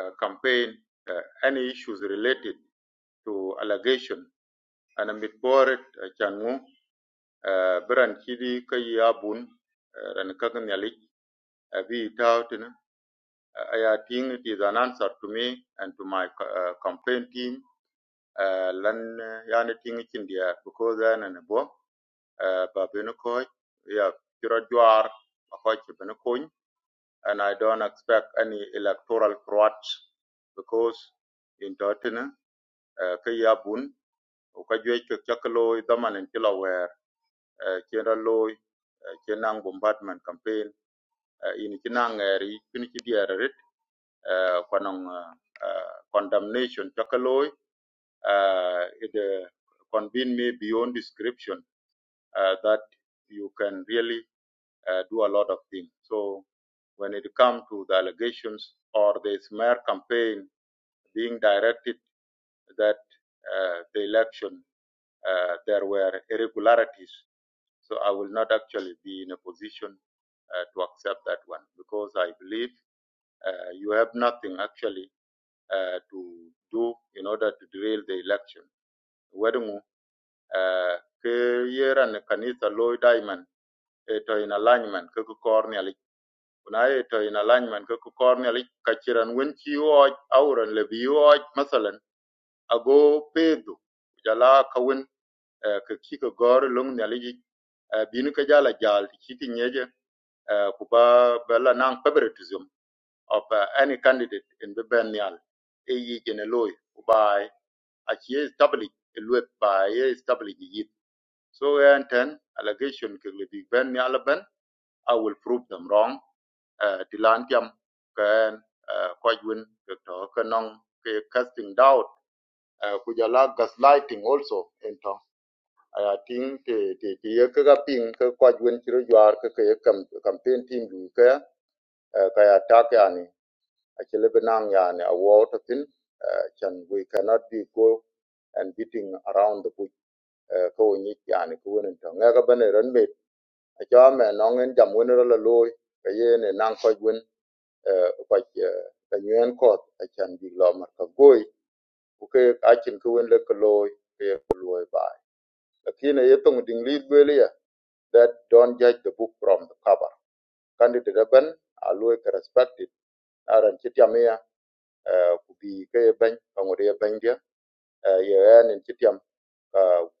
S7: uh, campaign uh, any issues related to allegation ana mitboret uh, changu uh, biran kidi kayi abun uh, ran kagan yalik uh, bi tautin uh, I think it is an answer to me and to my uh, campaign team uh, lan eh, yani ting chin dia because ana ne bo uh, ba beno ko ya kiro jwar ma ko chi beno kun and i don't expect any electoral fraud because in dotina uh, ka ya bun o ka jwe chok chak loy daman en kilo wer uh, kira loy uh, kinang bombardment campaign uh, in kinang eri kin rit uh, uh, uh, condemnation chak uh, it uh, convene me beyond description uh, that you can really uh, do a lot of things. So when it comes to the allegations or the smear campaign being directed that uh, the election uh, there were irregularities, so I will not actually be in a position uh, to accept that one because I believe uh, you have nothing actually uh, to do in order to derail the election. Wedimu, uh, ke yeran kanisa Lloyd Diamond eto in alignment kuku ku kor ni kuna eto in alignment kuku ku kor ni alic auran le bi masalan ago pedu jala kawin ka wen eh, gor lung ni alic bin ke jala jal ti ki ti nyeje eh, ku ba nang favoritism of uh, any candidate in Bibernial, AE Geneloi, by Achie Stabili, Luet by A Stabili Yit. So, and 10 allegation Kigli Bibernial Ben, I will prove them wrong. Uh, Tilan Jam, Kan, Kwajwin, Dr. Kanong, casting doubt, uh, Kujala gaslighting also, into aya ting te te te ye ke ga ping ke kwa gwen chiro jwar ke ke kam campaign team du ke eh, ka ya tak ya ni a chele benang ya ni a wo to tin eh, chan we cannot be go and beating around the bush eh, ko ni ya ni ko wen to nga ga ban ren me a cha me no ngen jam wen ro la loy ke ye ne nang kwa gwen kwa ka nyen kot a chan bi lo mar ka goy ku ke a chin ko wen le ko loy ke ko loy ba lakini yetong ding lead really ya that don't judge the book from the cover candidate ban alwe respected aran chitiam ya ku bi ke ban pangode ban dia ya yan in chitiam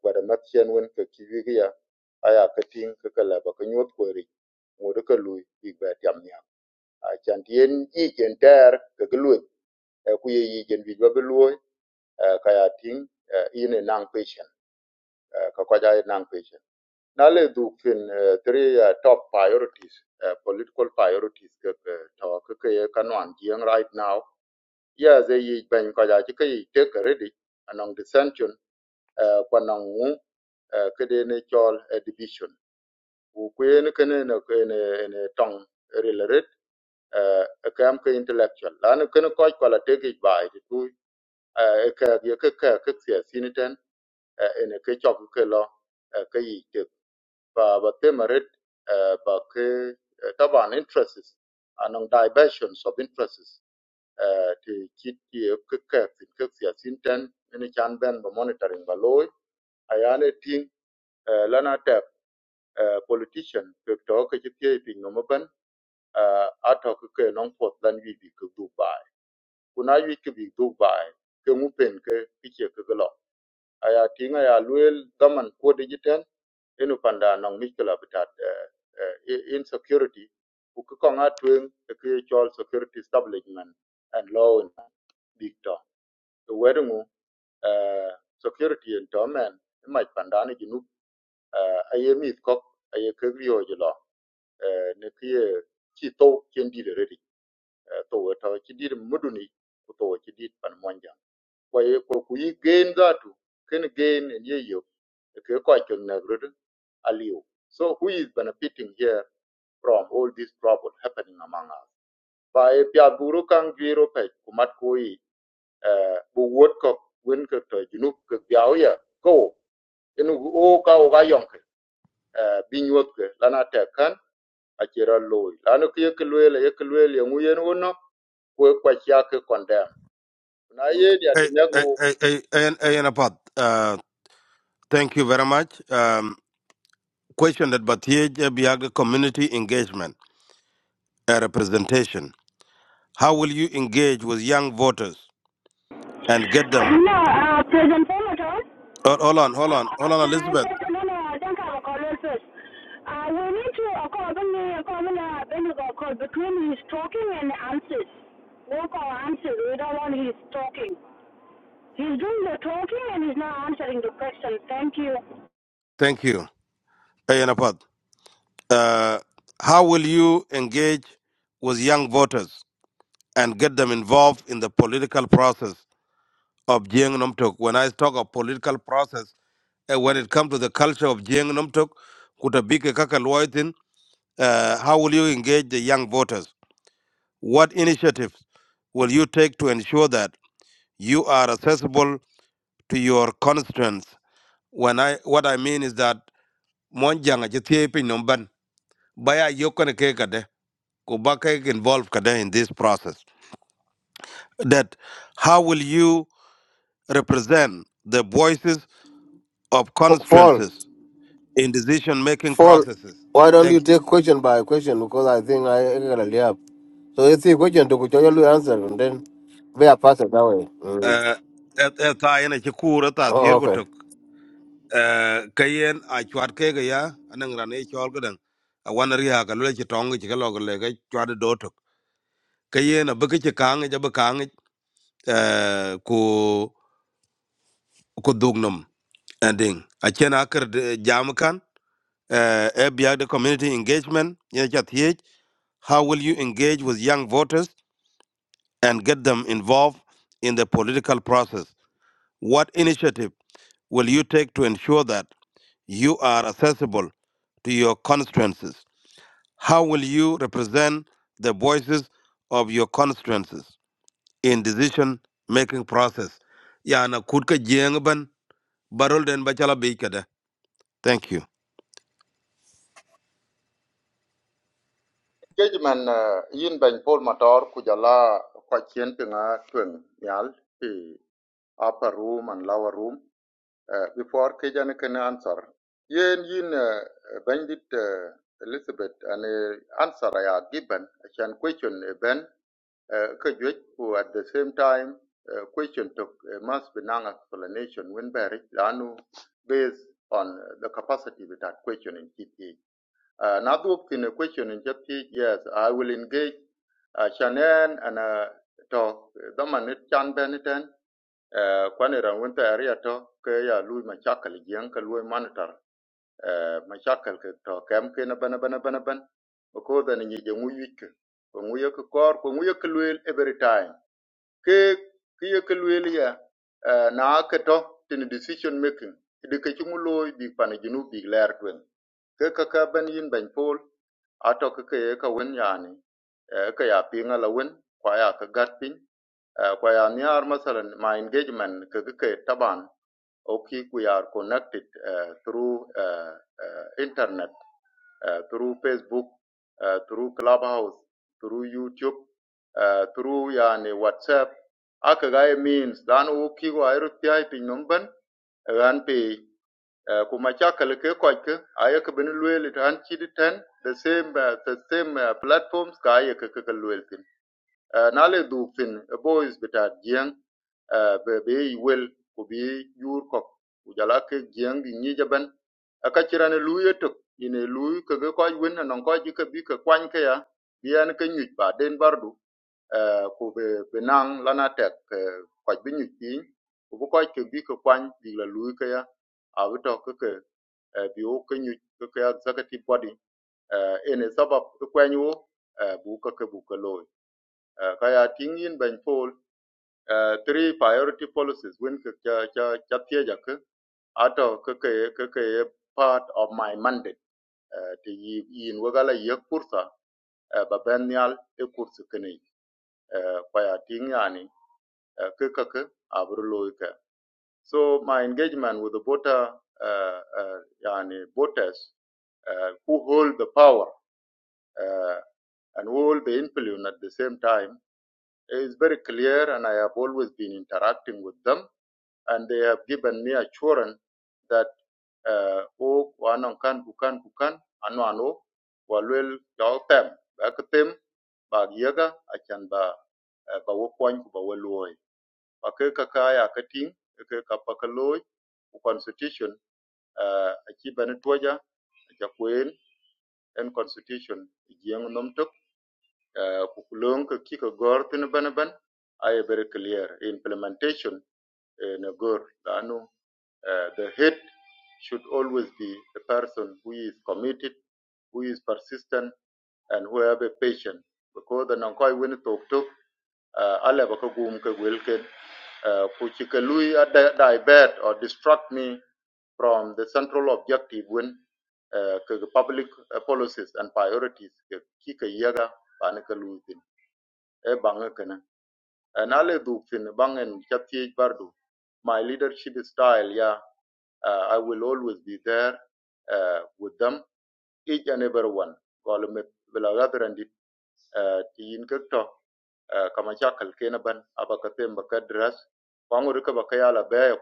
S7: wada matchen wen ka kiwi ki ya aya ka ting ka kala ba ka nyot ko ri ngode ka lui bi ba a chan yi chen ter gluet ku ye yi chen bi ba luoi kaya ting ine nang patient uh, ka ko jai nang peche na le eh, three eh, top priorities eh, political priorities ke ke to ke ke ye right now ya ze yi ben ko ja ke yi take ready anong dissension eh, kwa ngu eh, ke ne chol eh, division kuen kene ne ne ne tong rilaret eh akam ke intellectual lan kene ko ko la te gi bai ti tu eh ka ye ka ka ka sia siniten eh ke chok ke lo eh, ke yi te ba ba te maret eh ba ke eh, taban interests anong diversions of interests eh ti kit ye ke ka ti ke sia siniten ne chan ben ba monitoring ba loy ayane ting eh, lana uh, politician ke to ke ti pye pi no ban uh, a to ke ke non pot lan wi bi ke dubai kuna wi ke bi dubai ke mu pen ke ti ke ke lo aya tinga ya luel daman ko de jiten enu panda non mi ke la bitat uh, uh, i- insecurity ku ke konga twen ke e chol security establishment and law in big to the wedding uh, security and to men might pandani jinu uh, ayemi kok ayekegrio ne ke chi to to ta chi di to wa pan monja ko ye ko ku gain da tu ken gain ne ye yo ke ko chen na gru aliu so who is benefiting here from all this trouble happening among us by pia guru kang giro pe kumat koi eh, bu wot ko wen ke to junuk ke biao ya ko enu o ka o ga yong ke eh, bin wot ke lana te kan achira loy lanu ki yek luel yek luel ye nguyen wono ko kwa cha ke condemn na ye dia
S5: Hey,
S7: tinegu
S5: hey, hey, hey, hey, hey, Anapath, uh, thank you very much. Um, question that Batiej Biaga community engagement and representation. How will you engage with young voters and get them?
S23: No, uh, President Pomoton,
S5: Oh, hold on, hold on, hold on,
S23: can I
S5: Elizabeth.
S23: say, to no, no, I think I'll call it first. Uh, we need to accommodate uh, a uh, common, uh, when you go call between his talking and answers. Work or answers, we don't want his talking. He's doing the talking and he's not answering the question. Thank you.
S5: Thank you. Hey, Anapath, uh, how will you engage with young voters and get them involved in the political process of Jiang Nomtok? When I talk of political process, eh, when it comes to the culture of Jiang Nomtok, kutabike kaka Uh, how will you engage the young voters? What initiatives will you take to ensure that you are accessible to your constituents? When I what I mean is that monjang achi thiep piny nom ban, baya yokane ke kade ko ba ke involved kade in this process. That how will you represent the voices of
S3: Fall,
S5: constituencies in decision making
S3: fall.
S5: processes?
S3: Why don't you
S5: Thank you.
S3: take question by question? Because I think I I gotta lay up. So it's a question to kuchoya answer and then we are passed that way. Mm.
S5: Uh, et- et- ta ene chi kur, eta
S3: Oh,
S5: thir
S3: okay.
S5: gutuk. Eh, ka yen a chwat ke ga ya anang ran e chol ga dang a wan ri ha ka le chi tong chi ka lo ga le ga chwat do tok ka a bu ke chi kang ja bu kang eh ku ku dug ending a chen a ker de- jam kan eh e biya the community engagement ye cha thiech how will you engage with young voters and get them involved in the political process what initiative will you take to ensure that you are accessible to your constituencies How will you represent the voices of your constituencies in decision making process? Yana kutka jengban barol den bachala bikada. Thank you.
S7: judgment uh, yin ban pol motor kujala kwa chien pinga twen nyal pi upper room and lower room Uh, before Kajan can answer, yen yin uh, bandit uh, Elizabeth an uh, answer I are given. I can question uh, Ben uh, Kajwit, who at the same time uh, question took uh, must be non explanation when Barry Lanu based on uh, the capacity with that question in TPH. Uh, na duok question in Japanese, yes, I will engage uh, Shannon and uh, talk. Daman it chan beniten, uh, kwani ran winter area talk, ke ya lui machakal jiang ka lui monitor. Uh, machakal talk. to kem ke na bana bana bana ban. Because then you ngi je ngu We Ko ngu yik kor, ko ngu yik every time ke ke ye ke luel eh, na ke to tin decision making de ke chungu loy bi pan junu bi ler twen ke ka ka ban yin ban pol ato ke ke ka wen yani eh, ka ya pinga la wen kwa ya ka gat pin eh, kwa ya ni ar masalan my engagement ke ke ke taban o we are connected eh, through eh, eh, internet uh, through Facebook, uh, through Clubhouse, through YouTube, uh, through yani WhatsApp. Aka gaya means dan u kigo ayro tiai pin numban ran pe uh, kuma chakal ke koy ke aya ke ben luel it chi di ten the same uh, the same uh, platforms ka aya ke ke luel tin nale du fin eh, boys beta jiang eh, be be i wel ku bi yur kok ku jala ke jiang di jaban aka luye tok ine luy ke ko wen non ko ji ke bi ke kwan ke ya bi an ke nyut ba den bardu eh, be be nang lana tek eh, ko bi nyu pin ku ko ke bi ke kwan bi la luy ke ya a bi ke ke eh, bi o ke nyu ke ke executive body eh, ene sabab ke kwan yo eh, bu ke ke bu ke loy uh, kaya ting yin ban pol uh, three priority policies when ka cha cha cha ja ka ato ka ka part of my mandate uh, to yi yin wagala ye kursa uh, ba ben yal e kursu kene uh, kaya ting yani uh, ka ka ka abru ka so my engagement with the voter uh, uh, yani voters uh, who hold the power uh, and who hold the influence at the same time is very clear and I have always been interacting with them and they have given me assurance that uh, o wanon kan kukan kukan ano ano walwel jaw tem ba ka ba ga yaga akan ba eh, ba wo kwan ku ba wo loy ba ka ka kaya ka constitution uh, aki bani toja ja kwen en constitution jeng nomtok tok eh, ku kulon ka ki ay very clear implementation eh, na gor lanu uh, the head should always be a person who is committed, who is persistent, and who have a patience. Because the Nankoi when talk to uh, ale ba ka gum ka gwel ken, uh, a di- divert or distract me from the central objective when uh, public uh, policies and priorities ka ki yaga ba ni ka lui thin. E and ale du fin bang and chatie bardu my leadership style yeah uh, i will always be there uh, with them each and every one Call me, will gather and uh, ti yin kek to uh, kama chakal kena ban aba ka pemba ka dras kwangu rika ba ka yala be ya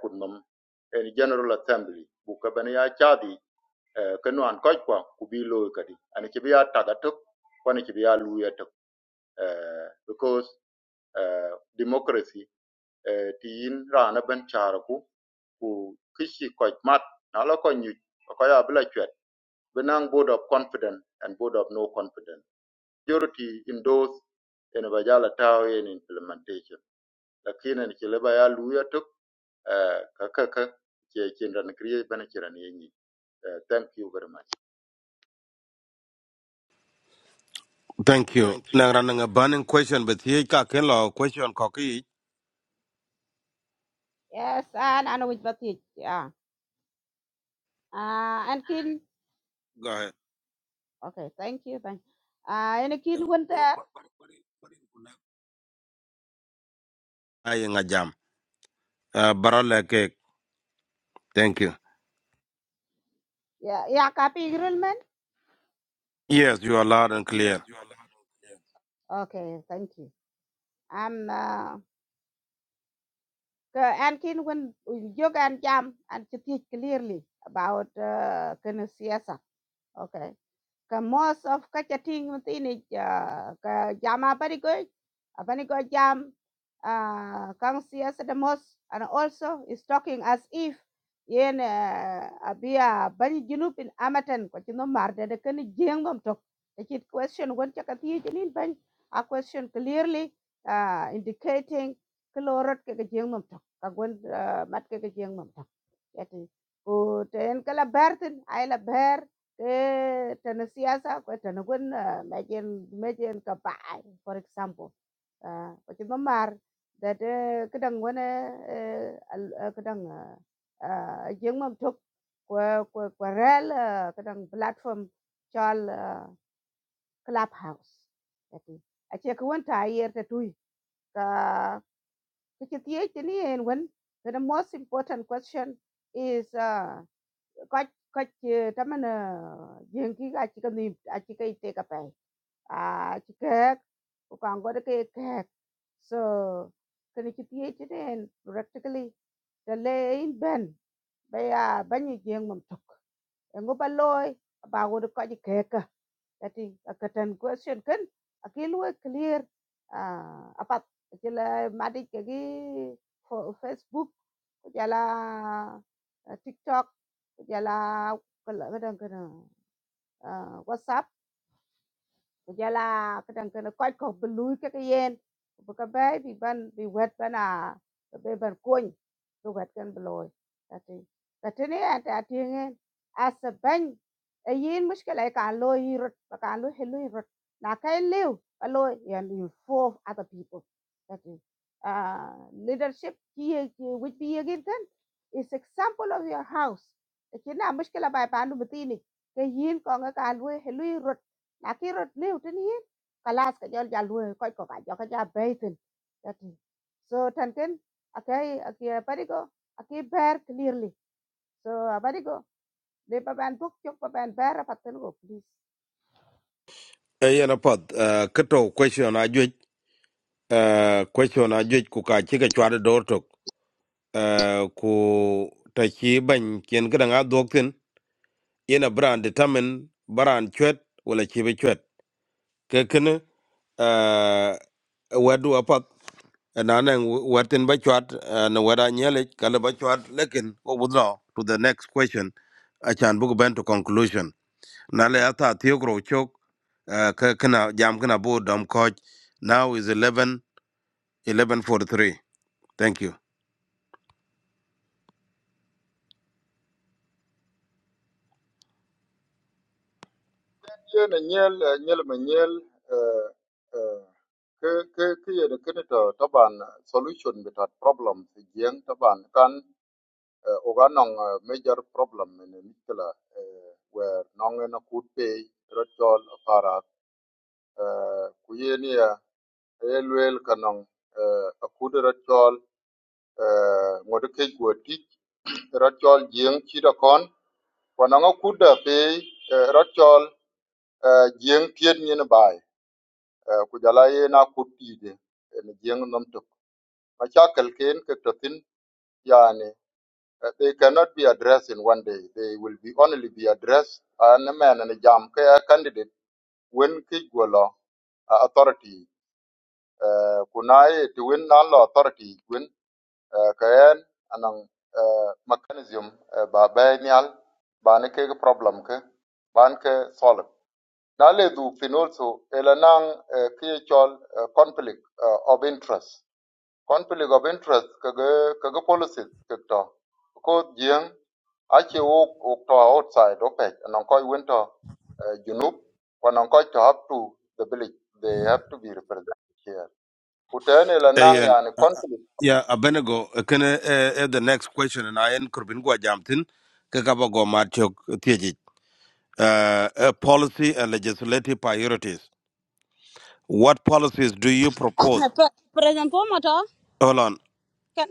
S7: en general assembly bu ka ya chadi uh, ka nuan koj kwa ku bi loy kadi ani ki bi kwani ki luya tok uh, because uh, democracy uh, ti yin rana ban chara ku kishi koj mat na la Okoya Bila Chwet, Benang Board of confident and Board of No Confidence. Majority in those in Bajala Tao in implementation. Lakini ni Chileba ya Luya Tuk, uh, Kakaka, Chindan Kriya Banachiran Yenyi. Uh, Thank you very much.
S5: Thank you. Nangra nanga banning question but here ka kenlo question koki
S20: yes and I know which ba ti ah ah an kin okay thank you thank ah and kin wen there.
S5: ayanga jam. Uh, barol la cake. Thank you.
S20: Yeah, yeah, copy, pi
S5: Yes, you are loud and clear.
S20: okay thank you And uh, ke an kin wen jog an jam an ti clearly about uh, ken siasa okay ka most of ka cha ting ma ti ni ah, ka jama pari go apani go jam ah, kang siya sa the most and also is talking as if yen ah, abia bani junub in amatan ko chino mar de kan jeng nom tok the kid question won cha ka ti jinin ban a question clearly ah, indicating kalorot ke jeng nom tok ka gon ah, mat ke jeng nom tok yati ko ten kala bertin ay la ber te tana siyasa ko tana gunna mejen mejen ka bai for example ah, ko ti mamar da de kedang wana eh, al- eh, kedang ah, ah, jeng mam tok ko ko ko rel ah, kedang platform chal ah, clubhouse ati ache ko wanta yer ta tui ka kichi tiye ni en wan the most important question is uh, Koch koch taman jengki ga chika ni achika ite ka pai a chika ko kangor ke kek so kani chi tie chi den practically the lay in ben ba ya ban ni jeng mum tok ngo ba loy ba go ko ji kek Jadi agadan question kan aki clear ah, apat jela madi kegi Facebook jela eh, TikTok jela kadang-kadang uh, WhatsApp. kujala kadang kana koy ko bului ka yen bu ka bay bi ban bi wet bana be ban koñ bu wet kan bloy tati tati ne ata tingen asa ban a yin mushkila ka lo yirot ba ka lo helu yirot na kai lew a lo yan you four other people tati uh, leadership ki ki which be again kan is example of your house kina mushkila bay panu bitini ka yin ko nga ka lo helu yirot lakini liu tin yin kalas ka jol jal we koy ko ka jo ka ja baitin tati so tanken akai akai parigo akai bear clearly so parigo le pa ban book chok pa ban bear patel go please
S5: Ayana pod uh, kato question ajuj uh, question ajuj kuka chika chwada dortok uh, ku tachi ban kien kadanga doktin yena brand determine brand chwet wala chibe chwet Kekene, kene uh, wadu apat nanang watin ba chwat uh, na wada nyele kala ba chwat lekin ko wudra to the next question achan book ben to conclusion nale ata thiogro chok uh, ke kana jam kana bo dom coach now is eleven eleven forty three. thank you
S7: Yen Nyel, eh, Nyel Manyel, uh, uh, ke ke ke yen kene to taban solution bitat problem fi jeng taban can. uh, oga nong uh, major problem in mikla uh, where nong na could pay rotol para uh, kuyenia elwel kanong uh, akud rotol uh, ngod ke gwati rotol jeng chida kon wanang akuda pe uh, rotol uh, jeng tied nyen bai uh, kujala ye na kutide en jeng nomtok machakal ken ke totin yani Uh, they cannot be addressed in one day. They will be only be addressed and a man and a jam kaya candidate when kigwala authority uh, kunai to win all authority when uh, kayan anang uh, mechanism uh, ba ba nial ba ne ke problem ke ban ke solve. Na le du fin also elanang uh, kaya chol uh, conflict uh, of interest conflict of interest kaga kaga policies kakto ko jeng ache wo to outside opec and koi winter uh, junub when koi to have to the village they have to be represented here kutene la nang
S5: ayen
S7: yani
S5: uh, uh,
S7: conflict
S5: yeah abenego uh, kene uh, uh, the next question and i en kurbin gwa jamtin ke kaba go ma chok uh, a policy and legislative priorities. What policies do you propose?
S23: Pre- President Pomoto?
S5: Hold on,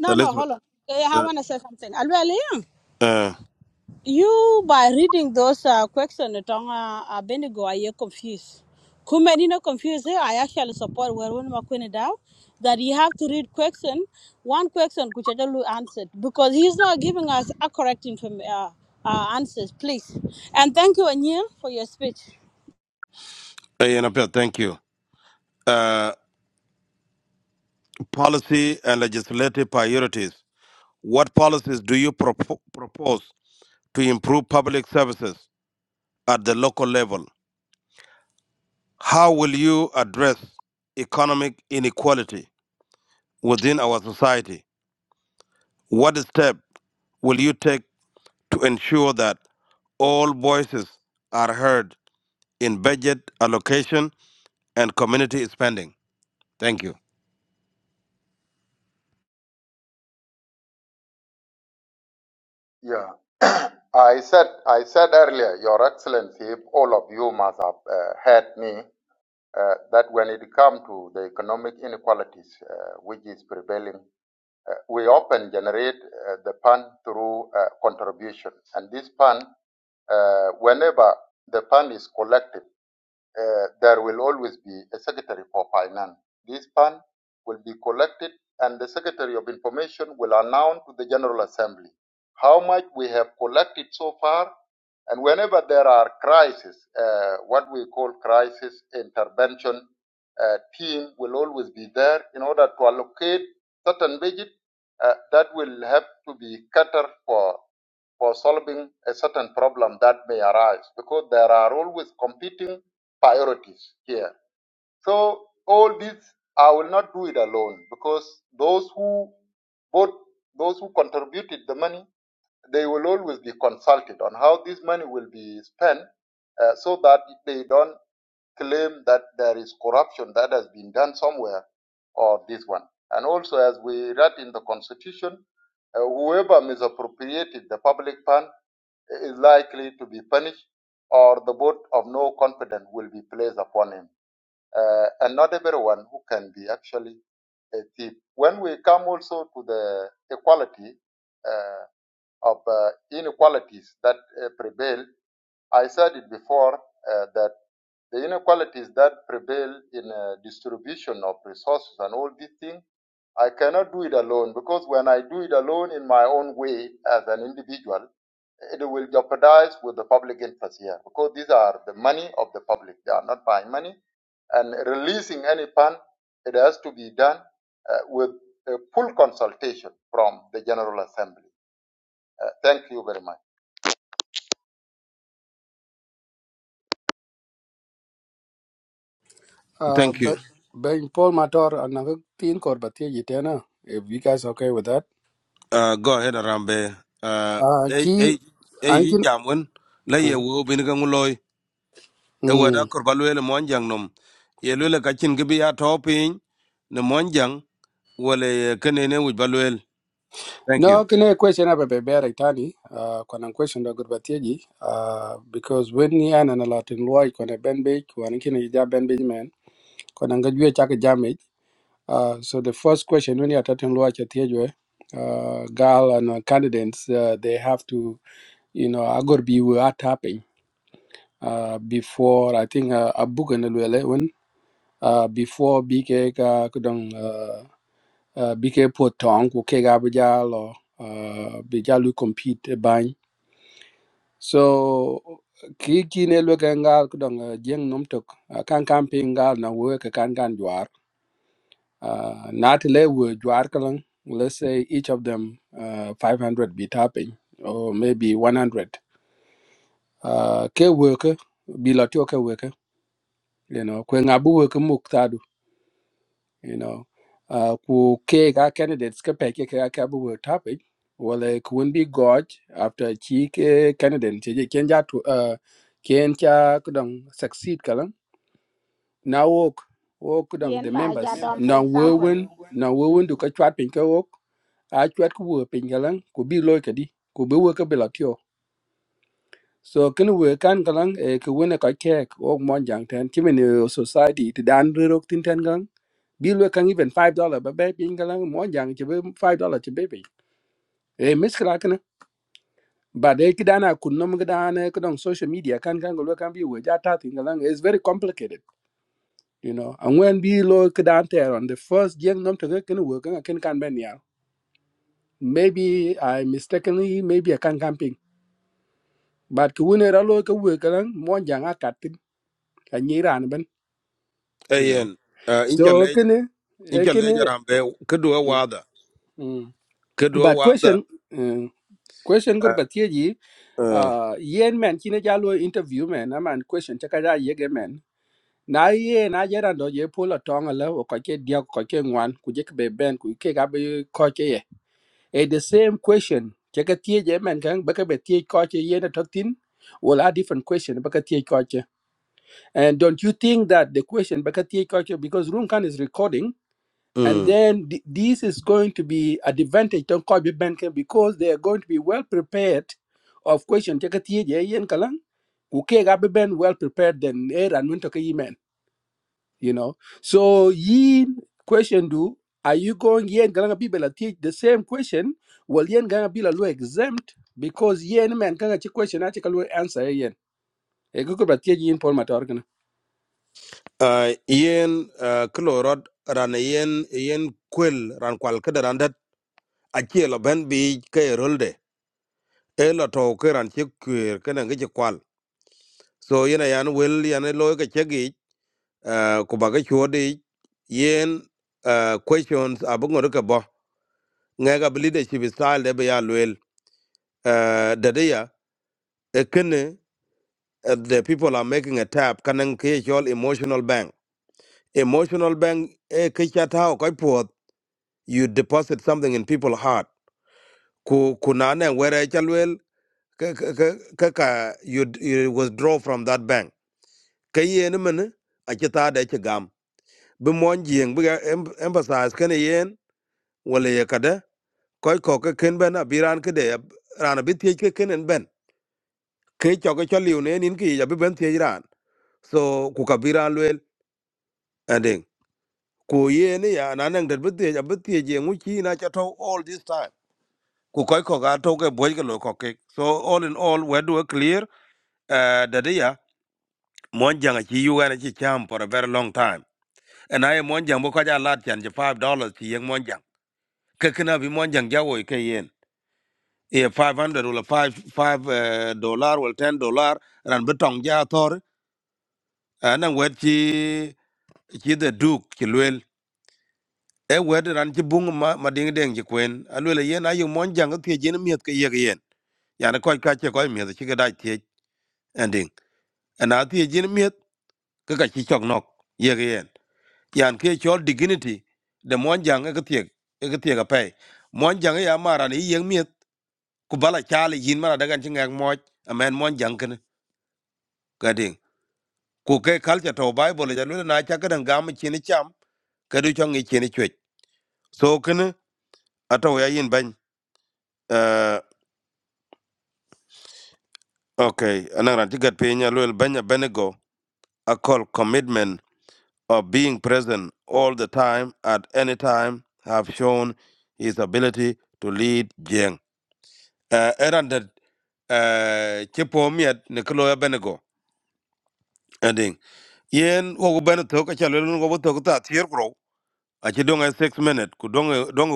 S23: no, no,
S5: Elizabeth.
S23: hold on. Eh, I
S5: Uh,
S23: want to say something. Alwali?
S5: uh,
S23: You by reading those uh, questions, Tonga uh, Benigo, I you confused. Kumeni no confused. eh, I actually support Warun Makwini Dow that you have to read question one question which I don't know answered because he's not giving us a correct inform- uh, uh, answers. Please and thank you Anil for your speech.
S5: Ayanapia, thank you. Uh, policy and legislative priorities. What policies do you propo- propose to improve public services at the local level? How will you address economic inequality within our society? What step will you take to ensure that all voices are heard in budget allocation and community spending. Thank you.
S7: yeah I said I said earlier, Your Excellency, if all of you must have uh, heard me, uh, that when it comes to the economic inequalities uh, which is prevailing Uh, we often generate uh, the fund through uh, contribution. And this fund, uh, whenever the fund is collected, uh, there will always be a secretary for finance. This fund will be collected and the secretary of information will announce to the general assembly how much we have collected so far and whenever there are crises, uh, what we call crisis intervention uh, team will always be there in order to allocate certain budget uh, that will have to be catered for for solving a certain problem that may arise because there are always competing priorities here. So all this, I will not do it alone because those who both those who contributed the money, they will always be consulted on how this money will be spent, uh, so that they don't claim that there is corruption that has been done somewhere or this one. And also, as we read in the constitution, uh, whoever misappropriated the public fund is likely to be punished, or the vote of no confidence will be placed upon him uh, and not everyone who can be actually a thief. When we come also to the equality uh, of uh, inequalities that uh, prevail, I said it before uh, that the inequalities that prevail in uh, distribution of resources and all these things, I cannot do it alone because when I do it alone in my own way as an individual, it will jeopardize with the public interest here because these are the money of the public. They are not buying money. And releasing any fund, it has to be done uh, with a full consultation from the General Assembly. Uh, thank you very much.
S24: Uh,
S5: Thank
S24: but
S5: you.
S24: Ben Paul Mator another teen corbatia yitena. If you guys okay with that.
S5: Uh, go ahead, Arambe. Uh,
S24: Uh,
S5: eh,
S24: key
S5: eh, eh, yi
S24: ankin.
S5: jamwen, la ye
S24: Uh,
S5: wo bin ga nguloi, e wada
S24: mm.
S5: kurba lwele monjang nom. Ye lwele kachin gibi ya topin, ne monjang, wale ye kenene wujba lwele. Thank
S24: No,
S5: you.
S24: can I question up a baby tani. Uh, kwana question da gurbatia ji. Uh, because when ni an an a lot in loy kwana ben bake kwana kin ja ben bake man kwana ngajwe chaka jamage. Uh, so the first question when you are talking loy chatiajwe. Uh, girl and uh, candidates, uh, they have to, you know, I got be biwa tapping. uh, before I think uh, a and eleven uh, before BK ka kudong uh, uh, BK potong ku ke ga bija uh, bija compete e bany so ki ki ne lu ka ngal kudong uh, jeng nom tok uh, kan kan pingal na wo ka kan kan jwar uh, not le wo jwar kalang let's say each of them uh, 500 be tapping or maybe 100 uh, ke worker bi lo worker you know kwe Abu worker you know uh, ku ke ga candidates ka peke ka ka bu topic wala ku won bi god after chi ke candidate che je ken ja tu uh, ken cha kudang succeed kalang na wok wok kudang the
S20: kien ba
S24: members
S20: ja dom for
S24: na wowen na wowen du
S20: example
S24: ka chat pin ka wok a chat ku wo pin kalang ku bi loy ka di ku bi wo ka bi la tyo so kin wo kan kalang e ku won ka kek wok mon jang ten chi men society ti dan ro tin ten bill we can even five dollar ba be pin kala mo jang ci be five dollar ci bebe e miskala kana ba de kidana kun nom kidana ko don social media kan kan lo kan bi we ja ta tin kala it's very complicated you know and when bi lo kidan there on the first jeng nom to kan we kan kan can can ben ya maybe i mistakenly maybe i can camping but ku ne ra lo ka we kala mo jang akatin a nyiran ben
S5: Eh,
S24: you know
S5: yen, uh,
S24: so
S5: incha lej,
S24: can it
S5: incha
S24: can
S5: lej
S24: kene
S5: Arambe, kedua wada, kedua
S24: but question
S5: wada.
S24: uh, question
S5: Uh,
S24: gurbatie
S5: uh,
S24: uh, yen men kine jalo interview men aman question chaka ja yege men na ye na jera ndo je pula tonga la o koke dia koke ngwan ku je be ben ku ke ga be koke ye e the same question chaka tie je men kan ba ka be tie koke ye na tokin well a different question ba ka tie koke and don't you think that the question ba ka tie koke because room can is recording and
S5: mm.
S24: then th- this is going to be advantage to Kobe Banking because they are going to be well prepared of question take a yen kalang uke ga be ben well prepared than air and winter men you know so yin question do are you going yen gonna be bela teach the same question well yen gonna be la exempt because yen man kanga chi question achi kalu answer yen e go ba teach yin Paul Matar
S5: uh, yen uh, kilorod ran yen yen kwel ran kwal kada ran dat achiel ben bi ke rolde e lo to ke ran che kwer ke ngi che kwal so yen yan wel yan lo ke che gi uh, ku ba ke chodi yen uh, questions abungor ke bo nga ga leadership style de be ya wel uh, de de ya e kene uh, the people are making a tap kanang ke chol emotional bank emotional bank e ke cha ta ko you deposit something in people's heart ku kunane where chalwel kaka, you, you withdraw from that bank ka yen men a chita da ci gam jing bi emphasize kene yen wale ye Koi koka ko ka ken ben abiran ke de ran bi tie ke ken en ben ke cho ke chaliu ne nin ki ya bi ben ran so ku ka biran lwel ending ku yen ya nanen det bi tie bi tie je na chato all this time ku koy ko ga to ke boy ke lo ko ke so all in all we do clear uh, that yeah, mon jang chi you gonna chi cham for a very long time and i am mon jang bo ko ja lat chan ji 5 dollars chi yeng mon jang ke kana bi mon jang ja wo ke yen e 500 or 5 5 uh, dollar or 10 dollar ran betong ja tor anan we chi chi the duke chi lwel e we ran chi bung ma ma ding deng ji kwen a lwel yen ayu mon jang ke jen miet ke yeg yen yani ko ka che ko miet chi ga da che And ana ti jin miet ka ka chi chok nok ye ge yen yan ke chol dignity de mon jang e ka tiek e ka tiek a pe mon jang ya mara ni yeng miet ku bala chali yin mara daga chi ngak moj amen mon jang ken ka ding ku ke kal cha to bible ja lu na cha ka dan gam chi ni cham ka du chong ni chi ni chwech so ken ato ya yin ban uh, okay anan ran ti gat pe nya lu ban ya benego a call commitment of being present all the time at any time have shown his ability to lead Jiang. Uh, eran da uh, chipo miat nikolo benego. Ending. Yen wogu beneto ka chalo lun wogu ta tier grow. Achi donga six minute ku dongo donga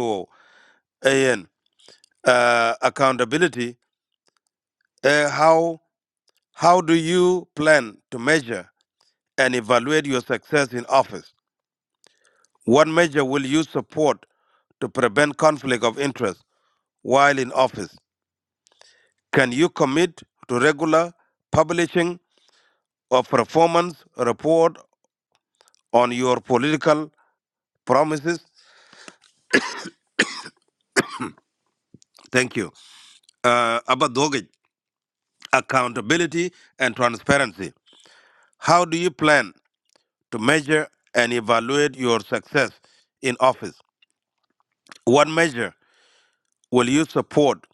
S5: uh, accountability. Uh, how how do you plan to measure and evaluate your success in office? What measure will you support to prevent conflict of interest? while in office? Can you commit to regular publishing of performance report on your political promises? Thank you. Uh, about Dogej, accountability and transparency. How do you plan to measure and evaluate your success in office? What measure will you support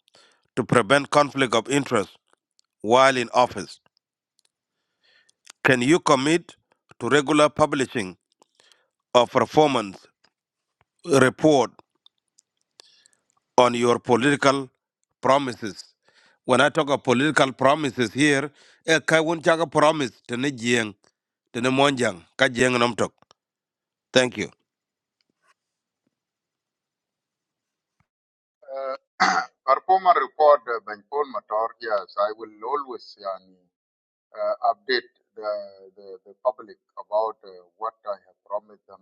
S5: to prevent conflict of interest while in office? Can you commit to regular publishing of performance report on your political promises. When I talk of political promises here, a kaiwun chaka promise to ne jieng, to ne monjang, ka jieng nom tok. Thank you.
S7: Our former report, uh, by Paul Mator, yes, I will always yani, uh, update the, the, the public about uh, what I have promised them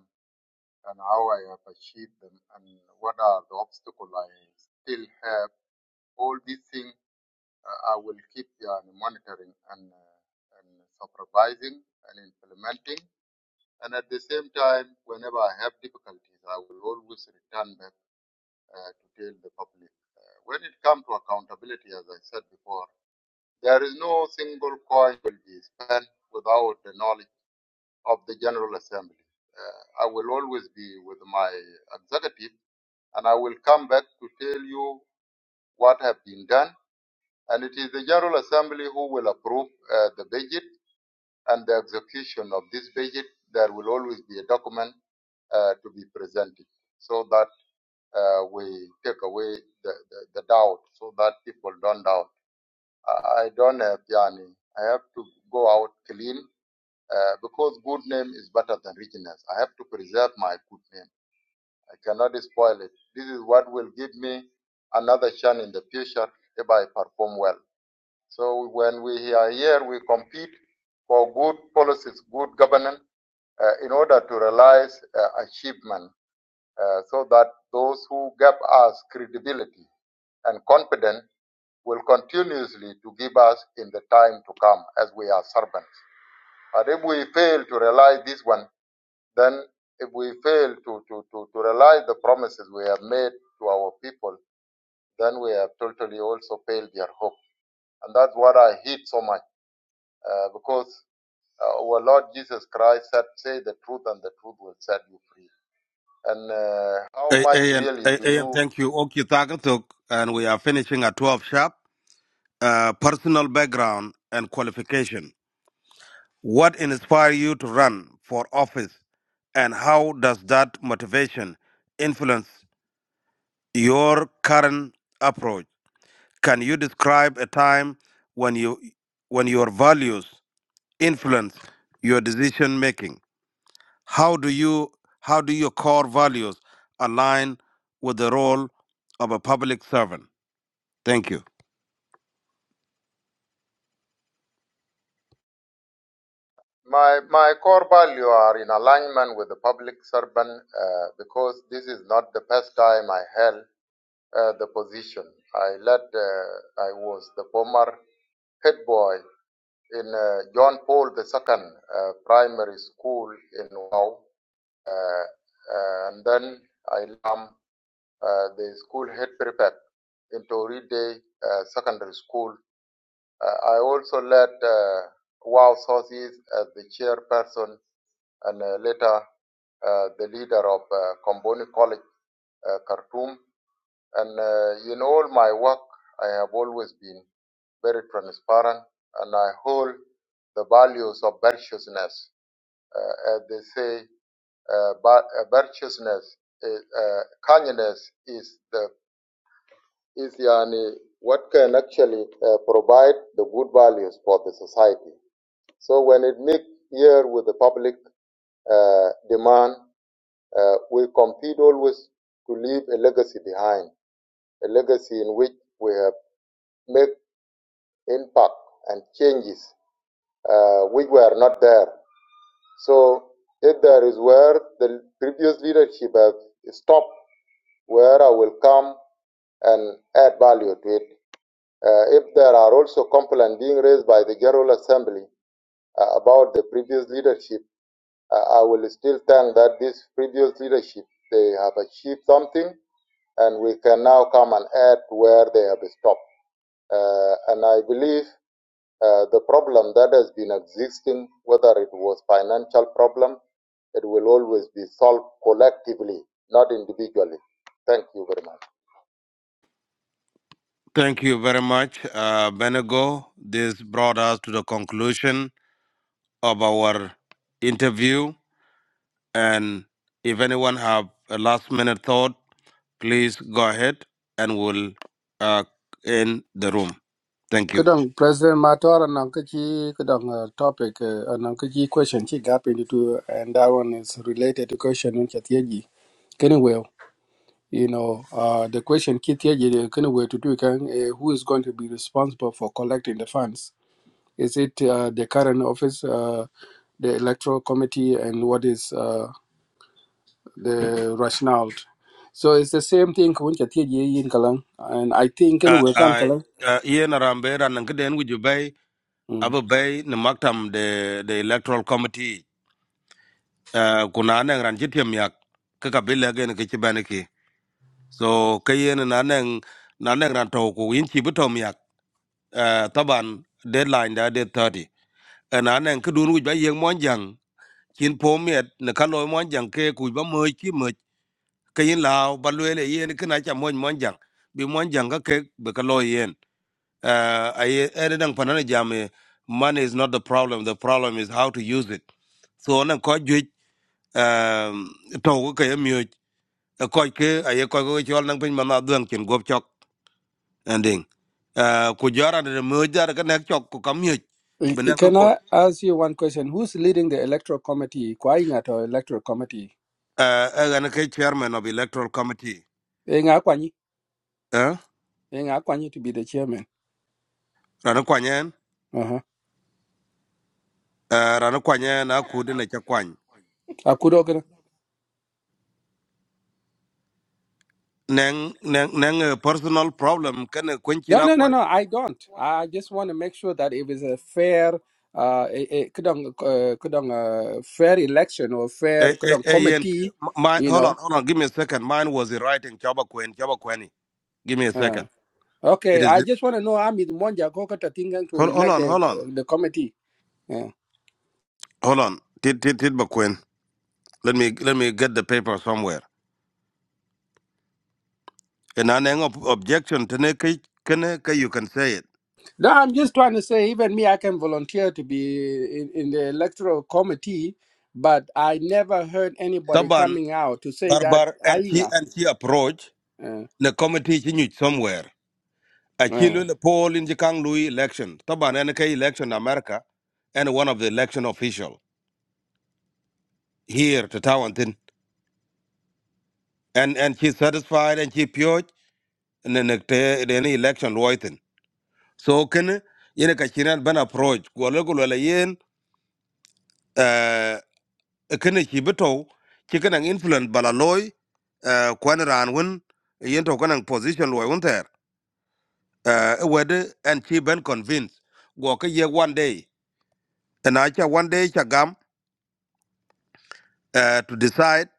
S7: and how I have achieved them and what are the obstacles I still have all these things uh, I will keep yani, monitoring and, uh, and supervising and implementing. And at the same time, whenever I have difficulties, I will always return back uh, to tell the public. Uh, when it comes to accountability, as I said before, there is no single coin will be spent without the knowledge of the General Assembly. Uh, I will always be with my executive, and I will come back to tell you what have been done And it is the General Assembly who will approve uh, the budget and the execution of this budget. There will always be a document uh, to be presented so that uh, we take away the, the, the doubt so that people don't doubt. I I don't have yani. I have to go out clean uh, because good name is better than richness. I have to preserve my good name. I cannot spoil it. This is what will give me another chance in the future if I perform well. So when we are here, we compete for good policies, good governance, uh, in order to realize uh, achievement uh, so that those who gave us credibility and confidence will continuously to give us in the time to come as we are servants. But if we fail to realize this one, then if we fail to, to, to, to realize the promises we have made to our people, then we have totally also failed their hope. And that's what I hate so much uh, because Uh, our Lord Jesus Christ said, Say the truth, and the truth will set you free. And uh, how
S5: A-
S7: much
S5: AM,
S7: really do
S5: A- AM,
S7: you?
S5: thank you. Okay, Tagatuk, and we are finishing at 12 sharp. Uh, personal background and qualification. What inspired you to run for office, and how does that motivation influence your current approach? Can you describe a time when you when your values influence your decision making? How do you how do your core values align with the role of a public servant? Thank you.
S7: My, my core value are in alignment with the public servant uh, because this is not the first time I held uh, the position. I led, uh, I was the former head boy in uh, John Paul II uh, Primary School in Wow. Uh, uh, and then I am uh, the school head prefect into Oride uh, Secondary School. Uh, I also led uh, WOW Sources as the chairperson and uh, later uh, the leader of uh, Comboni College, uh, Khartoum. And uh, in all my work, I have always been very transparent and I hold the values of virtuousness. Uh, as they say, uh, but, uh, virtuousness, is, uh, kindness is the is yani what can actually uh, provide the good values for the society. So when it meet here with the public uh, demand, uh, we compete always to leave a legacy behind, a legacy in which we have made impact and changes uh, which were not there. So if there is where the previous leadership has stopped, where I will come and add value to it Uh, if there are also complaints being raised by the General Assembly uh, about the previous leadership, uh, I will still thank that this previous leadership, they have achieved something and we can now come and add where they have stopped. Uh, and I believe uh, the problem that has been existing, whether it was financial problem, it will always be solved collectively, not individually. Thank you very much.
S5: Thank you very much, uh, Benego. This brought us to the conclusion of our interview. And if anyone have a last minute thought, please go ahead and we'll uh, end the room. Thank you.
S24: kadang president matar anang ka chi kadang uh, topic uh, anang ka question She gap into two, and that one is related to question in chatyeji can well you know uh, the question kityeji can well to do can uh, who is going to be responsible for collecting the funds is it uh, the current office uh, the electoral committee and what is uh, the rationale so it's the same thing kun chatyeji yin kalang and i think
S5: Uh,
S24: can well kan
S5: uh,
S24: kalang
S5: uh, Ian Arambe and Kiden with you bay,
S24: Hmm.
S5: Abu Bay, Namaktam, the, the electoral committee, uh, Kunana and Ranjitium Yak, Kakabila again, Kichibaniki. So Kayen and Anang, Nanang Rantoku, Inchi Butom Yak, uh, Taban, deadline that day thirty. And Anang Kudun with Bay Yang Monjang, Chin Pomiat, Nakalo Monjang, Ke Kuba Mochi Much, Kayin Lao, Baluele, Yen Kanacha Mon Monjang, Be Monjanga Kek, Bekalo Yen. uh, I editing panana jam eh, money is not the problem. The problem is how to use it. So on a coach um to ka yemi a coach I aye ko ko chol nang pin mana duang chen gop chok ending. Uh ku jara de mu jara ka nek chok ku kam yut
S24: Eh, eh,
S5: benang ko
S24: Can
S5: ko
S24: I ask you one question? Who's leading the electoral committee? Kwai at our electoral committee.
S5: uh an ke chairman of electoral committee.
S24: Eh, nga kwanyi.
S5: Eh
S24: Eh, nga kwanyi to be the chairman.
S5: rana kwanyen
S24: Uh-huh.
S5: uh rana kwanyen na ku de na cha kwany.
S24: Akudo gana-
S5: Neng neng neng eh, personal problem kan kwen
S24: No,
S5: china
S24: no, no,
S5: kwany
S24: no. I don't. I just want to make sure that it is a fair, uh, eh, eh, kudong, uh, kudong, uh, fair election or fair
S5: Hey, hey,
S24: kudong
S5: hey, Ian,
S24: committee.
S5: m- mine,
S24: You
S5: hold
S24: know.
S5: on, hold on. Give me a second. Mine was the writing Chaba Queen, Chaba Queni. Give me a
S24: Uh,
S5: second. It
S24: okay. I
S5: is. it.
S24: just want to know. I'm in Monja Kokata Tingan to
S5: Hold, hold
S24: elect
S5: on,
S24: the
S5: hold on,
S24: uh, the committee. Uh,
S5: hold on. Tid, tid, tid, Queen. Let me, let me get the paper somewhere. And an ob- objection to ne kai- kene kai you can say it.
S24: No, I'm just trying to say, even me, I can volunteer to be in, in the electoral committee, but I never heard anybody
S5: Taban
S24: coming out to say that
S5: barbar and she
S24: Ainga.
S5: and she approach the committee she knew somewhere. A chilo the poll in the Kang Louis election. Taban and election in America and one of the election official here to Tawantin. And and she satisfied and she pure. ne ne te de ne election loiten so ken yene ka chinan ban approach ko le ko le yen eh ken chi beto chi ken an influence bala loy eh kwan ran won yen to kan position loy won ter eh wed and chi ben convince go ka ye one day and acha one day cha gam eh to decide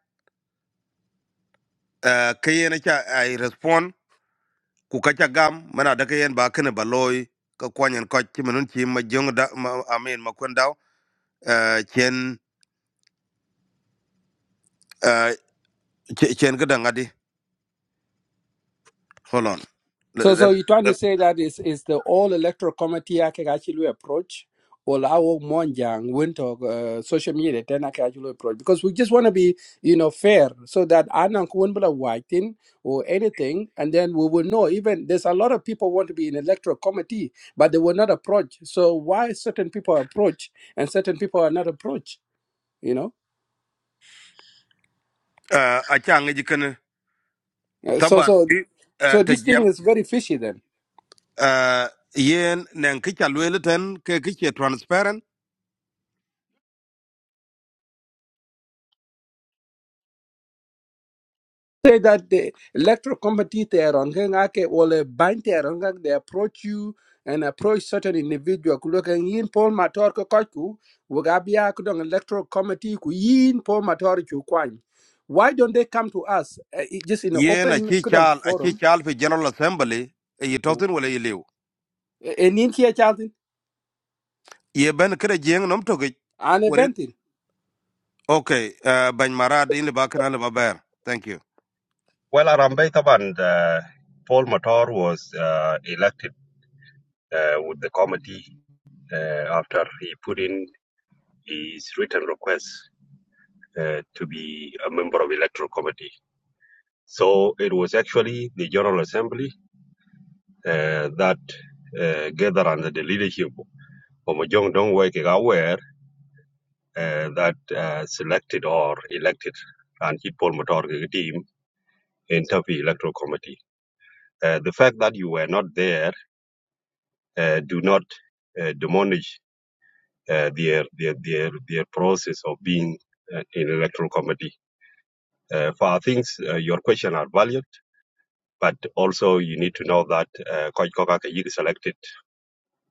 S5: eh ke yene cha i respond ku ka cha gam mana da ke yen ba ken ba loy ka kwanyen ko chi menun chi ma jong da ma amen ma kwendao Uh, ch- chen ka dang Hold on. L-
S24: So,
S5: l-
S24: so you're
S5: l-
S24: trying to say that is is the all electoral committee I can actually approach, or our Monjang went to uh, social media then I can actually approach because we just want to be you know fair so that Anang won't be whiting or anything, and then we will know. Even there's a lot of people want to be in electoral committee, but they will not approach. So why certain people approach and certain people are not approach? You know,
S5: Uh, a ngi jikan
S24: Uh, so
S5: taban
S24: so
S5: bi uh,
S24: so
S5: ta
S24: this thing
S5: jam
S24: is very fishy then.
S5: uh, yen nen ki cha lwele ten ke ki che transparent
S24: say that the electoral committee they are on Gengake will bind they are on gang. they approach you and approach certain individual ku look and yin Paul Mator ko koiku wugabia kudong electoral committee ku yin Paul Mator ku kwan. Why don't they come to us uh, it- just in an
S5: yen a
S24: open
S5: chi
S24: kudong
S5: chal a chi
S24: forum?
S5: chal fi general assembly e yi
S24: Uh,
S5: totin wala yi liu
S24: And in here Charlton
S5: ye ben kre jeng nom to ge
S24: and a
S5: wala
S24: bentin.
S5: okay uh, ban marad in ba kana le maber thank you
S25: Well, Arambe Taban, uh, Paul Matar was uh, elected uh, with the committee uh, after he put in his written request uh, to be a member of electoral committee. So it was actually the General Assembly uh, that uh, gathered under the leadership of Mojong Dongwei Kigawer uh, that uh, selected or elected Ranjit Paul Matar Keki team into the electoral committee. Uh, the fact that you were not there uh, do not uh, demolish uh, their, their their their process of being uh, in electoral committee. Uh, for our things, uh, your question are valued, but also you need to know that uh, Coach Kokak is selected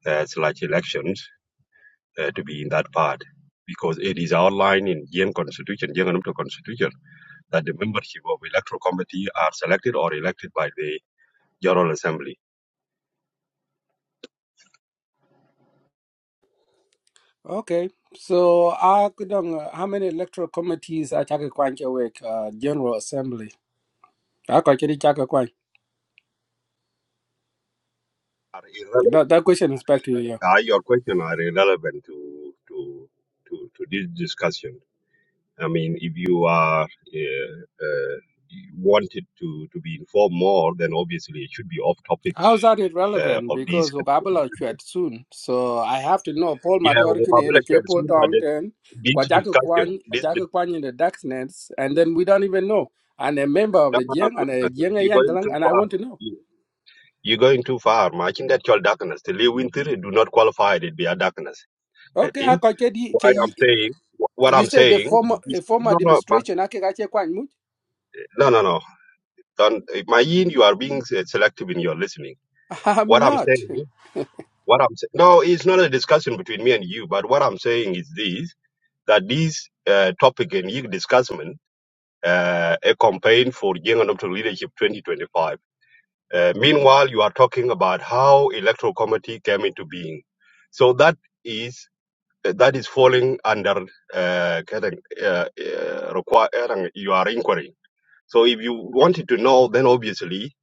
S25: as large elections uh, to be in that part because it is outlined in Yen Constitution, Yen Anumto Constitution, that the membership of electoral committee are selected or elected by the General Assembly.
S24: Okay. So uh, kudong uh, how many electoral committees are Chaka Kwanche work uh, General Assembly? I chaka Kwan.
S25: Are irrelevant.
S24: That, that question is back to you. yeah.
S25: Uh, your question are irrelevant to to to, to this discussion I mean, if you are uh, uh, wanted to, to be informed more, then obviously it should be off topics
S24: How's that
S25: uh,
S24: irrelevant?
S25: of these.
S24: Because Okabala chat soon, so I have to know Paul
S25: Yeah, well,
S24: Matorkin in a
S25: like you had
S24: Kepo
S25: seen, but that-
S24: Tongton,
S25: these
S24: Kwajaka Kwan,
S25: discussions, this discussion, this dis-
S24: Jaka Kwan in the Darkness, and then we don't even know. And a member of
S25: no,
S24: the
S25: no, no,
S24: Jiang
S25: no,
S24: and
S25: no, no.
S24: a
S25: no.
S24: Jiang
S25: you're going
S24: Yangalang,
S25: too
S24: and I
S25: far.
S24: want to know.
S25: You- You're going too far. I think that your darkness, the live winter, do not qualify it be a darkness. I
S24: Okay, I
S25: think
S24: can get the-
S25: why
S24: can you
S25: I'm saying what
S24: you
S25: I'm
S24: said the
S25: saying.
S24: former
S25: is-
S24: a former
S25: No, no, but,
S24: demonstration. I can actually quite much.
S25: no, no, no. Don't, my yin, you are being uh, selective in your listening.
S24: I'm
S25: What I'm
S24: not.
S25: saying. What I'm saying, no, it's not a discussion between me and you, but what I'm saying is this, that this uh, topic and you discussion, uh, a campaign for young and up to leadership 2025. Uh, meanwhile, you are talking about how electoral committee came into being. So that is, uh, that is falling under, uh, kind of, uh, uh, require, uh, you are inquiring. So if you wanted to know, then obviously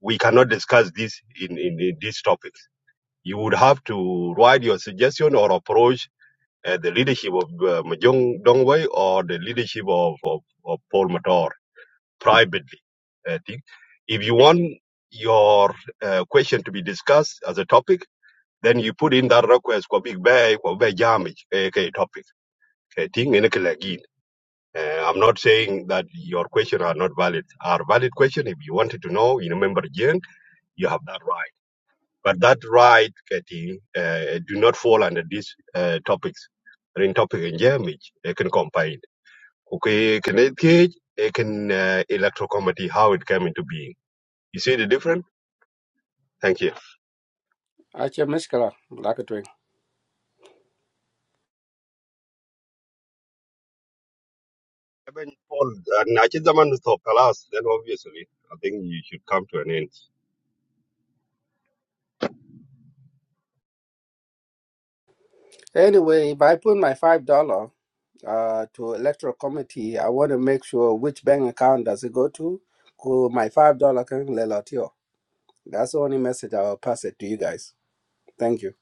S25: we cannot discuss this in, in, in this topic you would have to write your suggestion or approach uh, the leadership of uh, Mahjong Dongwei or the leadership of, of, of Paul Matar privately. I think. If you want your uh, question to be discussed as a topic, then you put in that request for big bay for big damage okay topic. Okay, thing. in a again. Uh, I'm not saying that your question are not valid. Are valid question. If you wanted to know, you remember again, you have that right. But that right, Katie, uh, do not fall under these uh, topics. Rin topic in Germany, they can combine. Okay, can it cage? They can uh, electro comedy, how it came into being. You see the difference? Thank you.
S24: Ache like a Twin.
S25: Eben, Paul, uh, na chi zaman na stop kalas, then obviously, I think you should come to an end.
S24: Anyway, if I put my $5. uh, to electoral committee, I want to make sure which bank account does it go to. Go my five dollar can lelatio. That's the only message I will pass it to you guys. Thank you.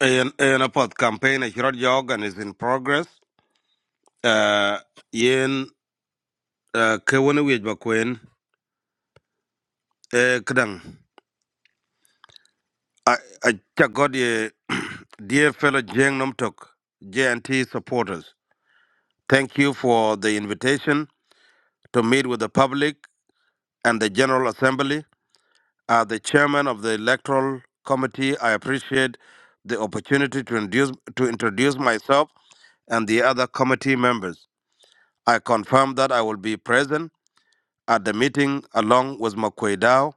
S5: yen yen a pod campaign a shirot jog and is in progress uh, yen uh, ke wona wej ba kwen e kadang I I just got a dear fellow Jiang Nomtok, JNT supporters. Thank you for the invitation to meet with the public and the General Assembly. As the chairman of the Electoral Committee, I appreciate the opportunity to introduce to introduce myself and the other committee members. I confirm that I will be present at the meeting along with Makwei Dao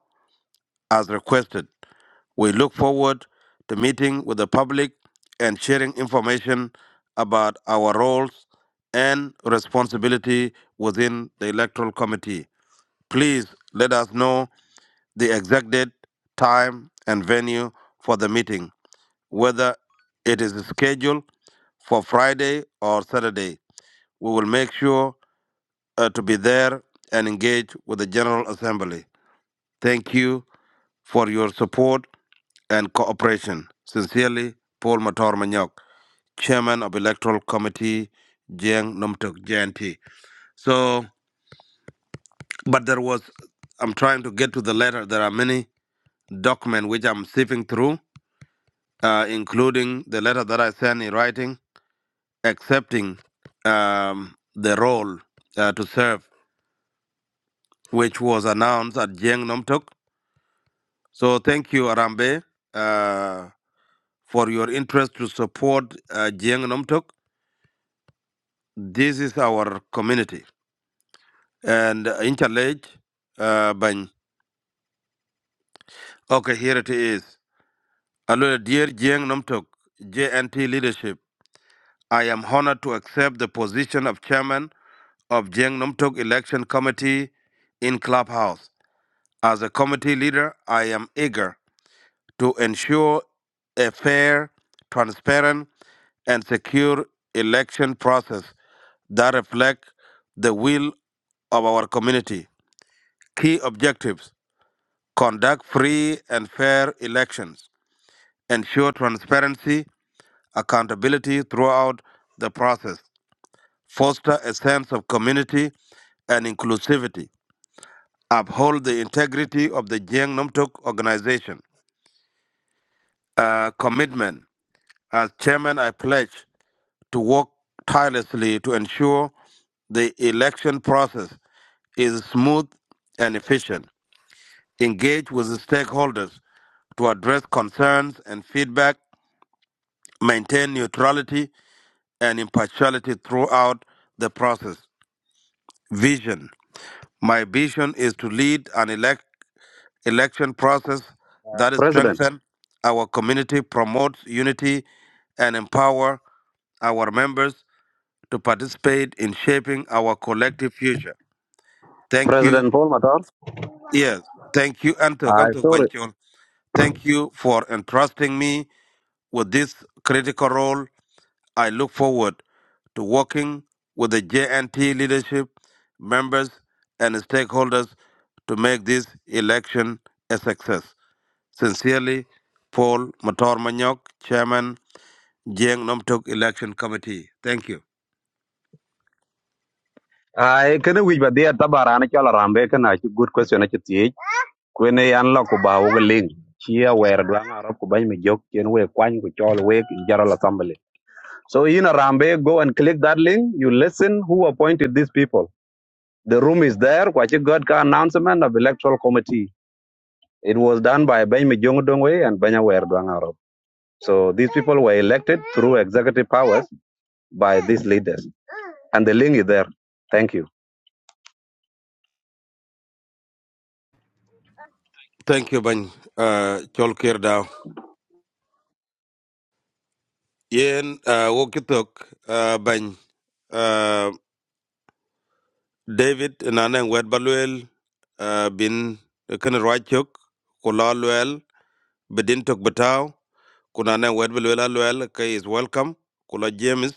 S5: as requested. We look forward to meeting with the public and sharing information about our roles and responsibility within the Electoral Committee. Please let us know the exact date, time, and venue for the meeting, whether it is scheduled for Friday or Saturday. We will make sure uh, to be there and engage with the General Assembly. Thank you for your support and cooperation. Sincerely, Paul Mator Manyok, Chairman of Electoral Committee, Jiang Nomtok, JNP. So, but there was, I'm trying to get to the letter. There are many documents which I'm sifting through, uh, including the letter that I sent in writing, accepting um, the role uh, to serve, which was announced at Jiang Nomtok. So, thank you, Arambe, uh, for your interest to support uh, Jiang Nomtok This is our community. And uh, in challenge, uh, Bany. Okay, here it is. Hello, dear Jiang Nomtok, JNT leadership. I am honored to accept the position of chairman of Jiang Nomtok election committee in Clubhouse. As a committee leader, I am eager to ensure a fair, transparent, and secure election process that reflects the will of our community. Key objectives conduct free and fair elections, ensure transparency, accountability throughout the process, foster a sense of community and inclusivity, uphold the integrity of the Jiang Numtuk organization. Uh, commitment. As chairman, I pledge to work tirelessly to ensure the election process is smooth and efficient. Engage with the stakeholders to address concerns and feedback maintain neutrality and impartiality throughout the process. Vision. My vision is to lead an elec election process that
S2: president
S5: strengthens our community, promotes unity, and empower our members to participate in shaping our collective future. Thank you.
S2: president paul matar
S5: Yes. Thank you, Antok,
S2: i
S5: Antok
S2: sorry
S5: Banchol. Thank you for entrusting me with this critical role I look forward to working with the JNT leadership, members, and stakeholders to make this election a success. Sincerely, Paul Mator Manyok, Chairman, Jiang Nomtok Election Committee. Thank you.
S2: i kene wi ba dia tabara ne chala rambe kana good question ati kwene yan lo ku ba wo ling chia wer dwang arab ku bany mi jok chen we kwany ku chol we ki general assembly so in arambe go and click that link you listen who appointed these people the room is there kwachi god ka announcement of electoral committee it was done by bany mi and banya wer so these people were elected through executive powers by these leaders and the link is there thank you
S5: Thank you, Bany. Uh, Cholkir Dao. Yen uh, Wokitok, uh, Bany. Uh, David Nanang Wedbaluel, uh, Bin Kan Rwachok, Kulaluel, Bedintok Batao. kuna na wet bi luel aluel is welcome kula james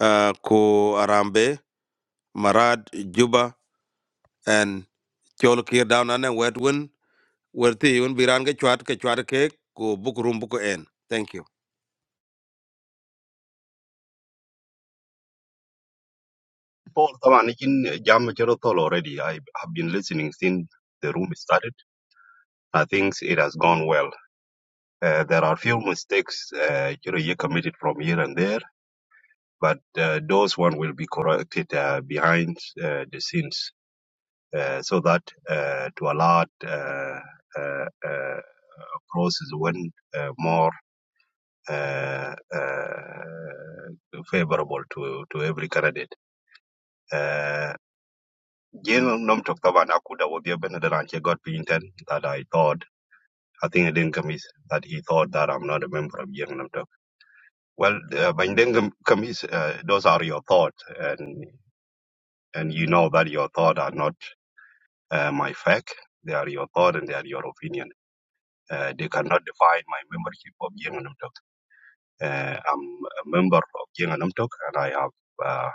S5: uh, ku arambe marad juba and chol kir down ane wet win Werti thi biran bi ran ke chwat ke chwat ke ku book rum buk en thank you
S25: Paul, طبعا يمكن jam chero already. I have been listening since the room started. I think it has gone well. Uh, there are few mistakes uh, you know you committed from here and there, but uh, those one will be corrected uh, behind uh, the scenes, uh, so that uh, to allow uh, uh, uh, process when uh, more uh, uh, favorable to to every candidate. Uh, jeno nom tok taban akuda wobia benedalan che got pinten that I thought I think I didn't commit that he thought that I'm not a member of Jeng Well, uh, Bindengum Kamis, uh, those are your thoughts, and and you know that your thoughts are not uh, my fact. They are your thought and they are your opinion. Uh, they cannot define my membership of Yenganamtok. Uh, I'm a member of Yenganamtok, and I have uh,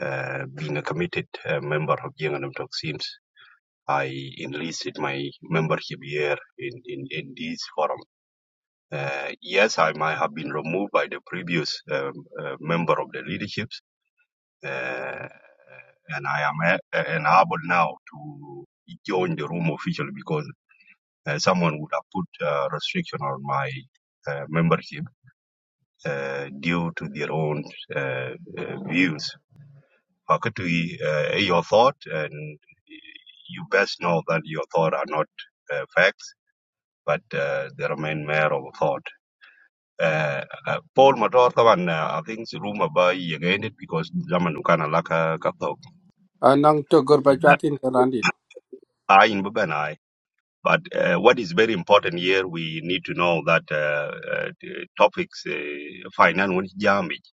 S25: uh, been a committed uh, member of Yenganamtok since I enlisted my membership here in in, in this forum. Uh, yes, I might have been removed by the previous um, uh, member of the leadership uh, and I am uh, unable now to join the room officially because uh, someone would have put uh, restriction on my uh, membership uh, due to their own uh, uh, views. Fakatui, uh, your thought, and you best know that your thought are not uh, facts, but uh, they remain mere of thought. Uh, uh, Paul Mator, Tawan, uh, I think the rumor by again it because Zaman Ukana Laka Kathok.
S24: Anong to gurbachatin karandit.
S25: I in Bubana But uh, what is very important here, we need to know that uh, uh, the topics uh, finance when jamage,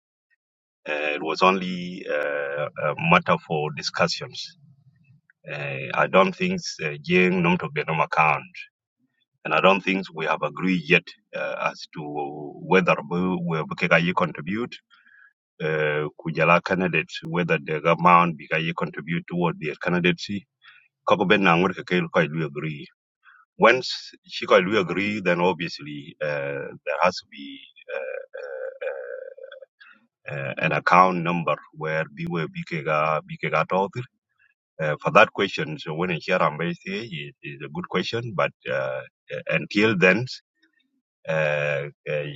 S25: uh, it was only uh, a matter for discussions. Uh, I don't think Jing uh, Numtok Denom account, and I don't think we have agreed yet uh, as to whether we we Bukekayi contribute, uh, Kujala candidates, whether the government Bikayi contribute toward their candidacy. Kako ben na ngwer kekel ko ilu agree Once Chicago agree, then obviously uh, there has to be uh, an account number where Biwe Bikega Bikega Tautir. Uh, for that question, so when in Sharam is, is a good question, but uh, until then, uh,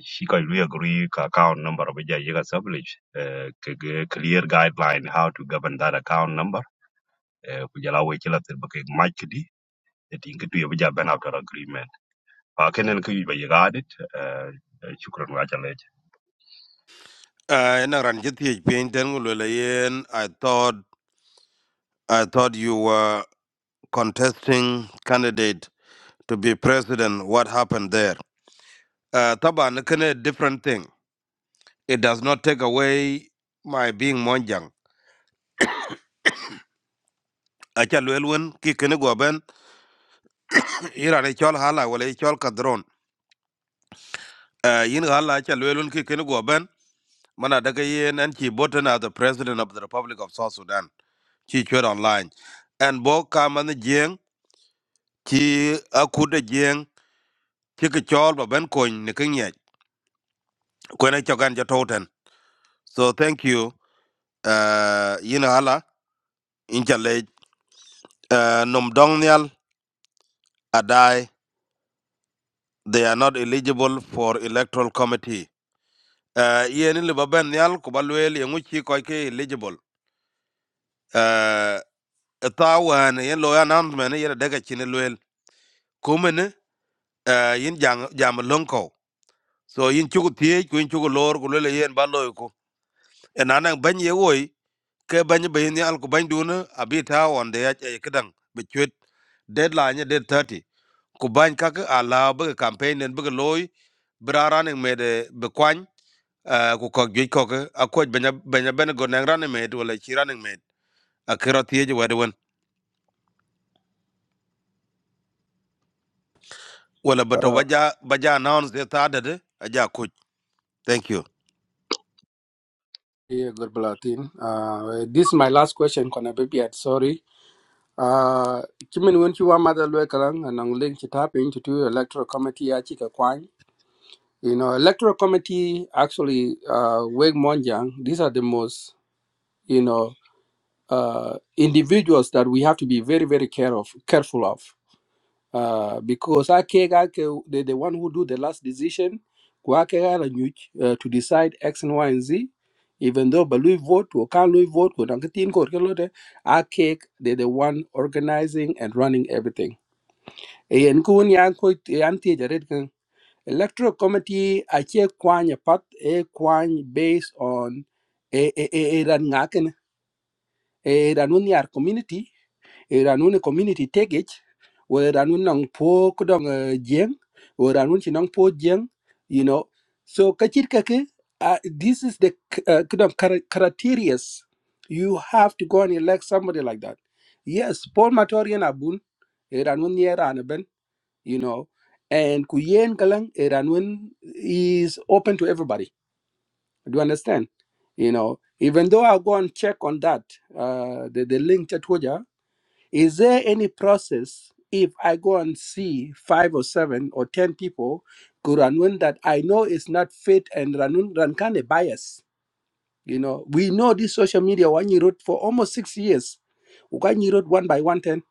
S25: Chicago agree ka account number of Jayaga Sublish, uh, ka- ga- clear guideline how to govern that account number. Uh, Kujala Wechila Tirbake Machidi, the Tinkitu Yabaja Ben after agreement. Pakenen Kuyu by Yadit, uh, Shukran Rajalech.
S5: uh, ena Ranjit, ji thi pin ten yen i thought i thought you were contesting candidate to be president what happened there uh, taban kene different thing it does not take away my being monjang acha luel win ki kene go ira ne chol hala wala i chol kadron uh, yin hala cha lwelun ki kin go ben mana daga yen en chi boten as the president of the republic of south sudan chi chwer online and bo ka man jeng chi akude jeng chi ki chol ba ben koin ne kin ye ko ne chogan ja toten so thank you uh, yin hala in cha le uh, nom dong nyal adai they are not eligible for electoral committee uh, yen ni le ba ben nyal ko ba lwel ye chi ko ke eligible Eh, ta wan yen lo announcement yen daga chin lwel kumene eh, yin jang jam lonko so yin chugu tie ku yin chugu lor ku lele yen ba loy ku enana ban ye woi ke ban be yin al ku ban duna abi ta wan de ya ke kedang be chwet deadline de 30 ku ban ka ka ala be campaign den be loy braran me de be kwan ku ko gi ko ke akoj benya benya ben go nang ran me de wala chi ran me akira tie je wedwen wala bato
S24: Uh,
S5: baja baja announce de ta de aja Thank you.
S24: yeah, gurbalatin. Uh, this is my last question. Kona baby, I'm sorry. Uh, chimin when you mother lwe karang anong link to tap into to electoral committee achika kwang. You know, electoral committee actually uh wake monjang. These are the most you know uh, individuals that we have to be very very care of, careful of uh, because ake ake the, the one who do the last decision ku ake ara nyuch, uh, to decide x and y and z even though but we vote or can we vote ko dang tin ko ke lote ake they the one organizing and running everything e en ko ni an ko anti ti jaret kan electoral committee ake kwanya pat e kwany based on e e e e ran ngaken e ran yar community Iranun community take wo Iranun nang po kudong jeng, wo Iranun chi nang po jeng, you know. So kachir kake, uh, this is the k- uh, kudong chara- criteria. You have to go and elect somebody like that. Yes, Paul Matorian Abun, Iranun Yeranaben, you know. And Kuyen Kalang, Iranun is open to everybody. Do you understand? You know, even though I'll go and check on that, uh, the, the link, is there any process if I go and see five or seven or ten people go Ranun that I know is not fit and Ranun Rankane bias? You know, we know this social media one you wrote for almost six years. One you wrote one by one ten.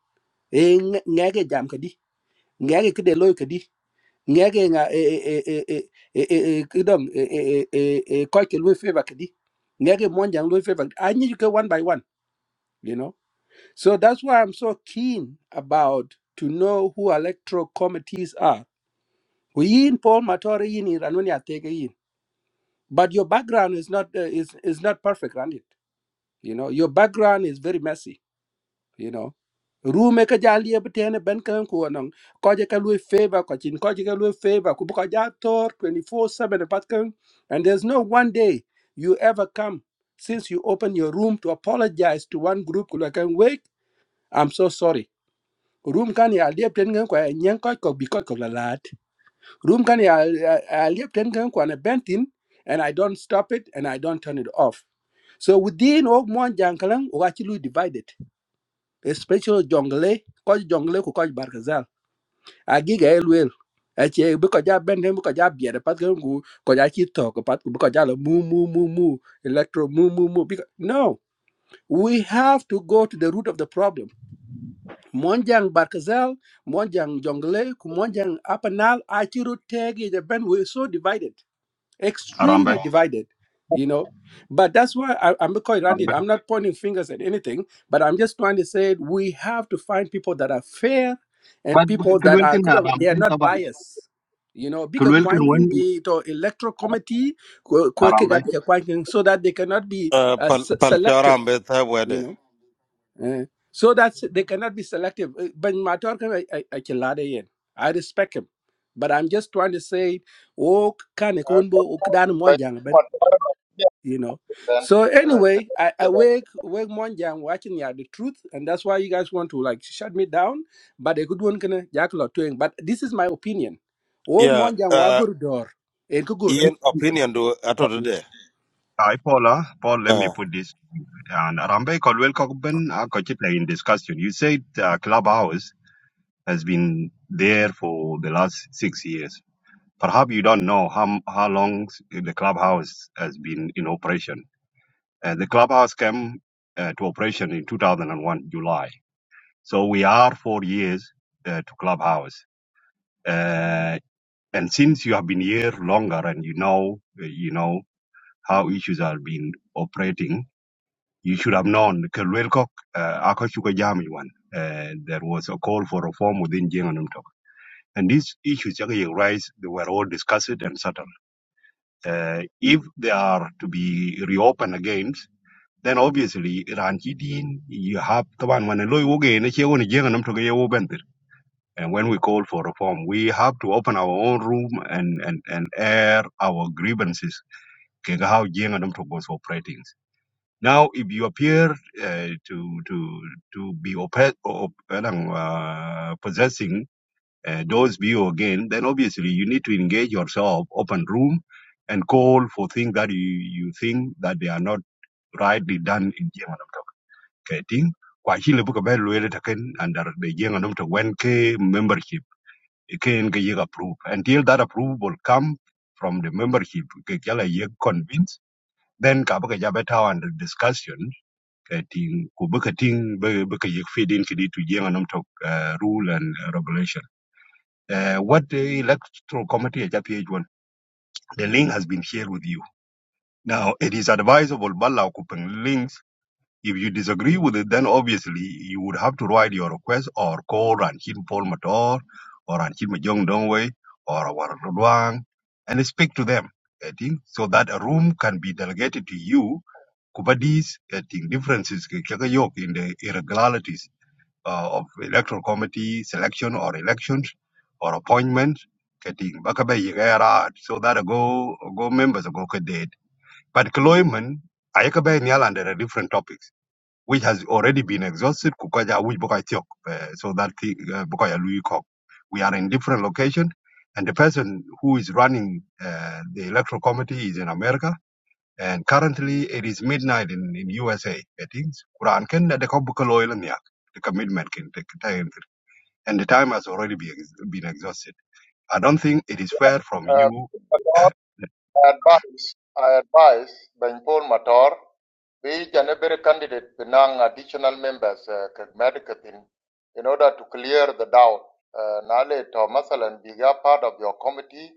S24: Eh, nge- ngeke jam kadi ngeke kide loy kadi ngeke nga e e e e e e kidong e e e e koike loy favor kadi ngeke monjang loy favor. I need you go one by one. You know. So that's why I'm so keen about to know who electoral committees are. We in Paul Matori in Iranonia take in. But your background is not uh, is is not perfect, Randy. You know, your background is very messy, you know. Rume ka jali ebtene ben kan ko non ko je ka lui favor ko chin ko je ka lui favor ku bu ko ja tor 24/7 pat kan and there's no one day you ever come since you open your room to apologize to one group like I'm wake I'm so sorry room kan ya liep ten ngen kwa nyen koy ko bi koy ko la lat room kan ya ya liep ten ngen kwa na bentin and i don't stop it and i don't turn it off so within og mon jankalang o achi lu divided especially jongle ko jongle ko ko barkazal agiga elwel ache bi ko ja benden bi ko ja biere pat ko ngu ko ja chi to ko pat bi ko ja la mu mu mu mu electro mu mu mu bi ko- no we have to go to the root of the problem Monjang Barkazel, Monjang Jongle, Kumonjang Apanal, Achiru Tegi, the band were so divided,
S25: Arambe.
S24: extremely divided, you know. But that's why I, I'm quite ranted.
S25: Arambe.
S24: I'm not pointing fingers at anything, but I'm just trying to say we have to find people that are fair and
S25: But
S24: people that are
S25: Kulwilkin
S24: could they are
S25: Arambe
S24: not
S25: Taban.
S24: biased. You know, big
S25: Kulwilkin
S24: acquainting
S25: when
S24: the to electoral committee, kwe- kweke ga
S25: Arambe.
S24: bika kwankin, so that they cannot be
S5: Uh,
S24: uh,
S5: pal,
S24: se-
S5: pal,
S24: selective.
S5: charam be tha
S24: You
S5: wede.
S24: know. Eh, so that's they cannot be selective. Eh, But Matar I I I can lie there, yeah. I respect him, but I'm just trying to say, oh, can kunbo ukdan monjang ben, you know. So anyway, I, I
S7: Uh,
S24: wake wake monjang watching yeah the truth, and that's why you guys want to like shut me down. But a good one can jack lot doing. But this is my opinion. Oh
S5: Yeah.
S24: monjang
S5: Uh,
S24: wagurudor, en kugurku.
S5: Ian opinion do ato today.
S25: I Paula, Paul, let me
S5: Uh,
S25: put this and Arambe Caldwell Cockburn are constantly in discussion. You said uh, Clubhouse has been there for the last six years. Perhaps you don't know how how long the Clubhouse has been in operation. Uh, the Clubhouse came uh, to operation in 2001 July. So we are four years uh, to Clubhouse Uh, And since you have been here longer and you know, uh, you know how issues are being operating, you should have known. Ke Luel Kok, uh, ako shuka jami wan. Uh, there was a call for reform within Jenganum Tok. And these issues that you raised, they were all discussed and settled. Uh, if they are to be reopened again, then obviously Ranchi Dean, you have the one when a lawyer again, a chair on a Jenganum Tok, and when we call for reform, we have to open our own room and, and, and air our grievances. okay, How Jing and Mtoko was operating. Now, if you appear uh, to to to be oppress, op, uh, possessing uh, those view again, then obviously you need to engage yourself, open room, and call for things that you, you think that they are not rightly done in Jing and Mtoko. Okay, thing. Kwa hile buka belu ele taken under the Jing and Mtoko 1K membership can ke yek approve until that approval come from the membership ke jala yek convince then ka baka jabe ta under discussion ke ting ku baka ting be baka yek feed in kidi to jenga nam tok uh, rule and regulation uh, what the electoral committee at page one the link has been shared with you now it is advisable bala ku peng links If you disagree with it, then obviously you would have to write your request or call Ranjit Paul Mator or Ranjit Majong Dongwei or our Luang and speak to them. I think so that a room can be delegated to you. Kubadis, I think differences ke- ke- ke- yok in the irregularities uh, of electoral committee selection or elections or appointment. I think bakabe yigera so that a go go members a go date. But Kloyman, I nyal under a different topics which has already been exhausted kukaja which bukai tiok eh, so that thi- eh, bukai ya Kok. we are in different location and the person who is running uh, the electoral committee is in America and currently it is midnight in, in USA I think Quran ken de ko bukai loyal the commitment can take kitayen and the time has already been, been exhausted I don't think it is fair from
S7: Uh,
S25: you
S7: Matar, I advise, I advise Ben Paul Matar, be each and every candidate benang additional members uh, Kagmadikatin in order to clear the doubt. Uh, Nale to Masalan be a part of your committee,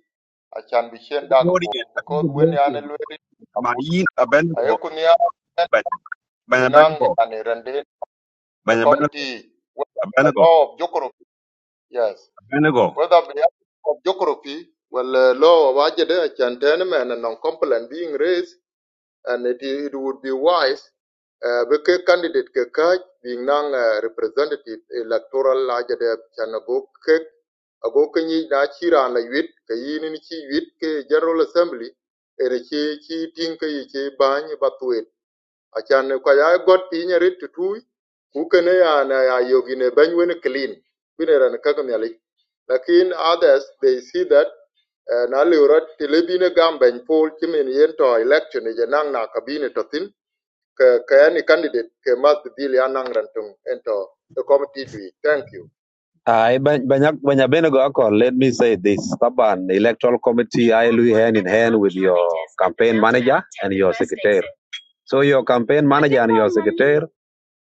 S7: I can be shen
S25: Good morning,
S7: dagpo
S25: I think
S7: because
S25: good
S7: when you are
S25: morning.
S7: lweri
S25: My
S7: abun,
S25: in Abednego,
S7: ayokunia
S25: but- but
S7: benang
S25: Abednego,
S7: yani rende
S25: but
S7: a committee with a law of Jokoro. Yes. whether be of geography, well, uh, law of agenda, gentlemen, and non-compliant being raised, and it, it would be wise, uh, because candidate kekaj being non uh, representative electoral agenda, and go kek, ago kanyi na chira la yuit, ka yi ni chi yuit ke General Assembly, and chi chi ting ka yi chi bany batu achan ko ya got piny erit tutui ku kene ya na ya yogine bany wen clean bine ran kaka miali lakin others they see that eh, na liurat tilebine gam bany pol chimen yen to election je nang na kabine to thin ke ke any candidate ke mas bili anang rantung ento the committee do it." thank you
S2: I Banyabenego Akol, let me say this. Taban Electoral Committee, I will hand in hand with your campaign manager and your secretary. So your campaign manager and your secretary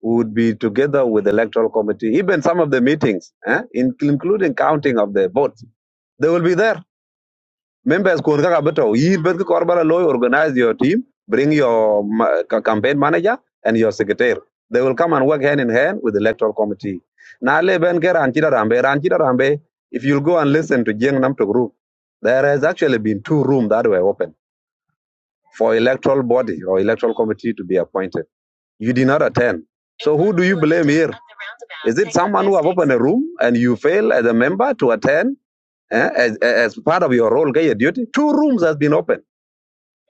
S2: would be together with the electoral committee, even some of the meetings, eh, in- including counting of the votes. They will be there members kun kaka beto yir bet ko korbala loy organize your team bring your campaign manager and your secretary they will come and work hand in hand with the electoral committee na le ben ke ran chida rambe ran if you'll go and listen to jeng namto group there has actually been two rooms that were open for electoral body or electoral committee to be appointed you did not attend so who do you blame here is it someone who have opened a room and you fail as a member to attend eh, as, as part of your role your duty two rooms has been open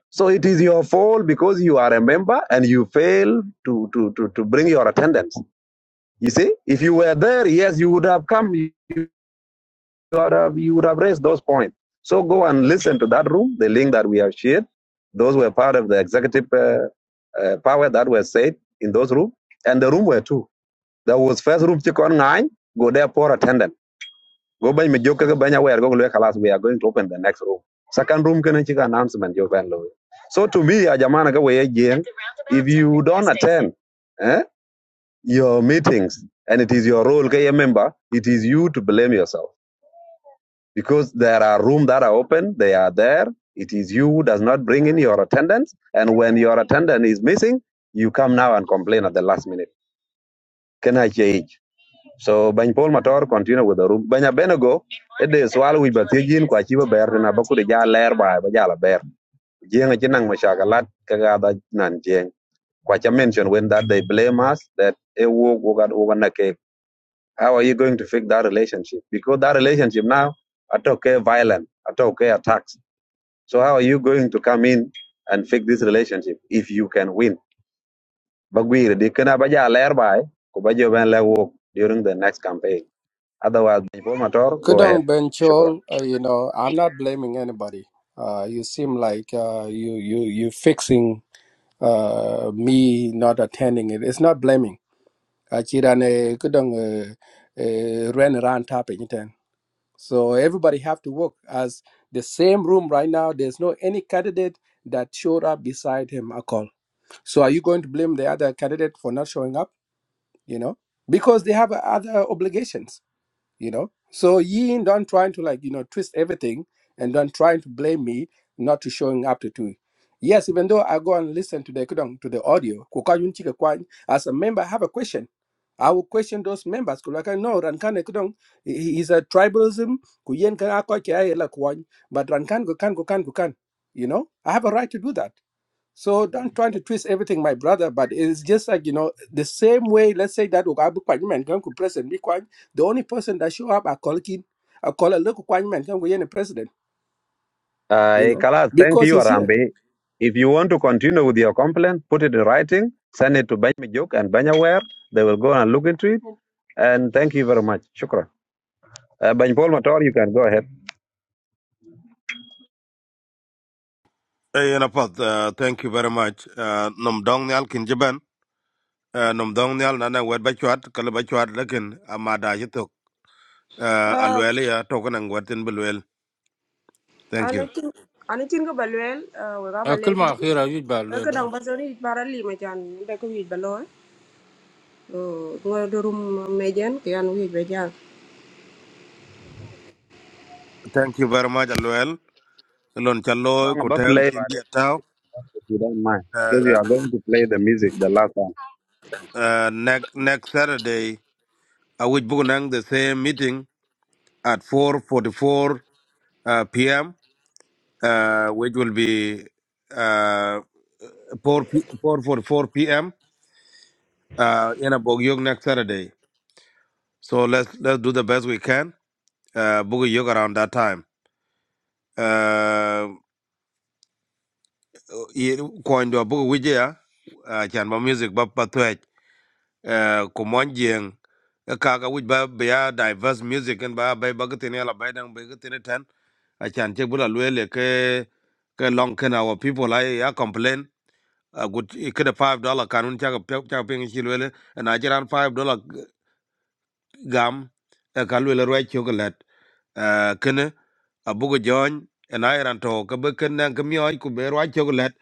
S2: so it is your fault because you are a member and you fail to, to, to, to bring your attendance. You see, if you were there, yes, you would have come, you would have, you would have raised those points. So go and listen to that room, the link that we have shared. Those were part of the executive uh, uh, power that were said in those rooms, and the room were two. There was first room, Chikon Ngai, go there, poor attendance. Go by me joke by aware go look alas we are going to open the next room. Second room can chicken announcement you can lower. So to me, a jamana go way again. If you don't attend eh, your meetings and it is your role, okay, member, it is you to blame yourself because there are rooms that are open. They are there. It is you who does not bring in your attendance. And when your attendance is missing, you come now and complain at the last minute. Can I change? So Bany Paul Mator continue with the room. Banya Benego ede swal wic ba thiec yen kua ci ba ber tena ba kude ja ler ba ba jala ber jeng ci nang ma shakalat ka ga da nan jeng kua cha mention when that they blame us that e wo wo ga over na ke how are you going to fix that relationship because that relationship now atoke violent atoke attacks so how are you going to come in and fix this relationship if you can win ba gwir di kana ba ja ler ba ko ba jo ben le wo during the next campaign otherwise informator go ahead
S24: Kudong
S2: shukran
S24: Benchol, uh, you know, I'm not blaming anybody. Uh, you seem like uh, you you you fixing uh, me not attending it. It's not blaming. Achirane kudong uh, uh, ran around topic iten. So everybody have to work as the same room right now. There's no any candidate that showed up beside him at all. So are you going to blame the other candidate for not showing up? You know, because they have other obligations you know so yin don't trying to like you know twist everything and don't trying to blame me not to showing up to two yes even though i go and listen to the kudong to the audio kuka yun chika kwan, as a member i have a question i will question those members Ku Like I know, rankan eh, kudong is a tribalism Ku Yen kan ako kia ela kwan, but rankan go kan go kan go kan you know i have a right to do that so don't try to twist everything, my brother. But it's just like you know the same way. Let's say that Ugabu Kwanyman Ganku president, Mikwan, the only person that show up, I call Kin, I call a local Kwanyman Ganku President,
S2: Uh,
S24: you
S2: hey,
S24: know,
S2: Kalas, thank
S24: because
S2: you,
S24: he's here.
S2: Arambi. If you want to continue with your complaint, put it in writing, send it to Banyajuk and Banyaware. They will go and look into it. And thank you very much. Shukran. Uh, Bany Paul Mator, you can go ahead.
S5: Ian apat. Uh, thank you very much. Uh, nom dong nyal kin jiban. Uh, nom dong nyal nana wed ba kalu kala lakin amada jitok. Uh,
S4: Ah,
S5: alwele ya token ang wetin belwel. Thank
S4: ana
S5: you.
S4: tin ana tin ko balwel we ga
S13: Uh,
S4: balej
S13: Kilma akhira yuj ba
S4: ben
S13: le
S4: ko
S13: la.
S4: dang basoni bara lima chan be ko wi baloy. o ngodo rum mejen ke an wi be
S5: Thank you very much alwel. Lon chalo
S2: Song about
S5: kuteo
S2: play,
S5: chindi
S2: but
S5: atao.
S2: if you don't mind, because you
S5: Uh,
S2: are going to play the music the last time.
S5: uh, next next Saturday, I will book the same meeting at 4:44 uh, p.m. uh, which will be uh, 4, p- 4, 4, 4 p.m. Uh, in a Bogyog next Saturday. So let's let's do the best we can. Uh, Bogyog around that time. Uh, coin do Bogu Wijaya, Chanba music, Bapa Twitch, Kumonjing, a Kaka, which be a diverse music and by Bagatin, Alabama, Bagatin, a chan Chebula Luele, Ke Long can our people, I complain. a gut ikede five dollar kanun chaka pe- chaka ping chilwele na chiran five dollar g- gam e kalwele rwa chokolet kene abugo jony en airan to ke be kene ke mioj ku be rwa chokolet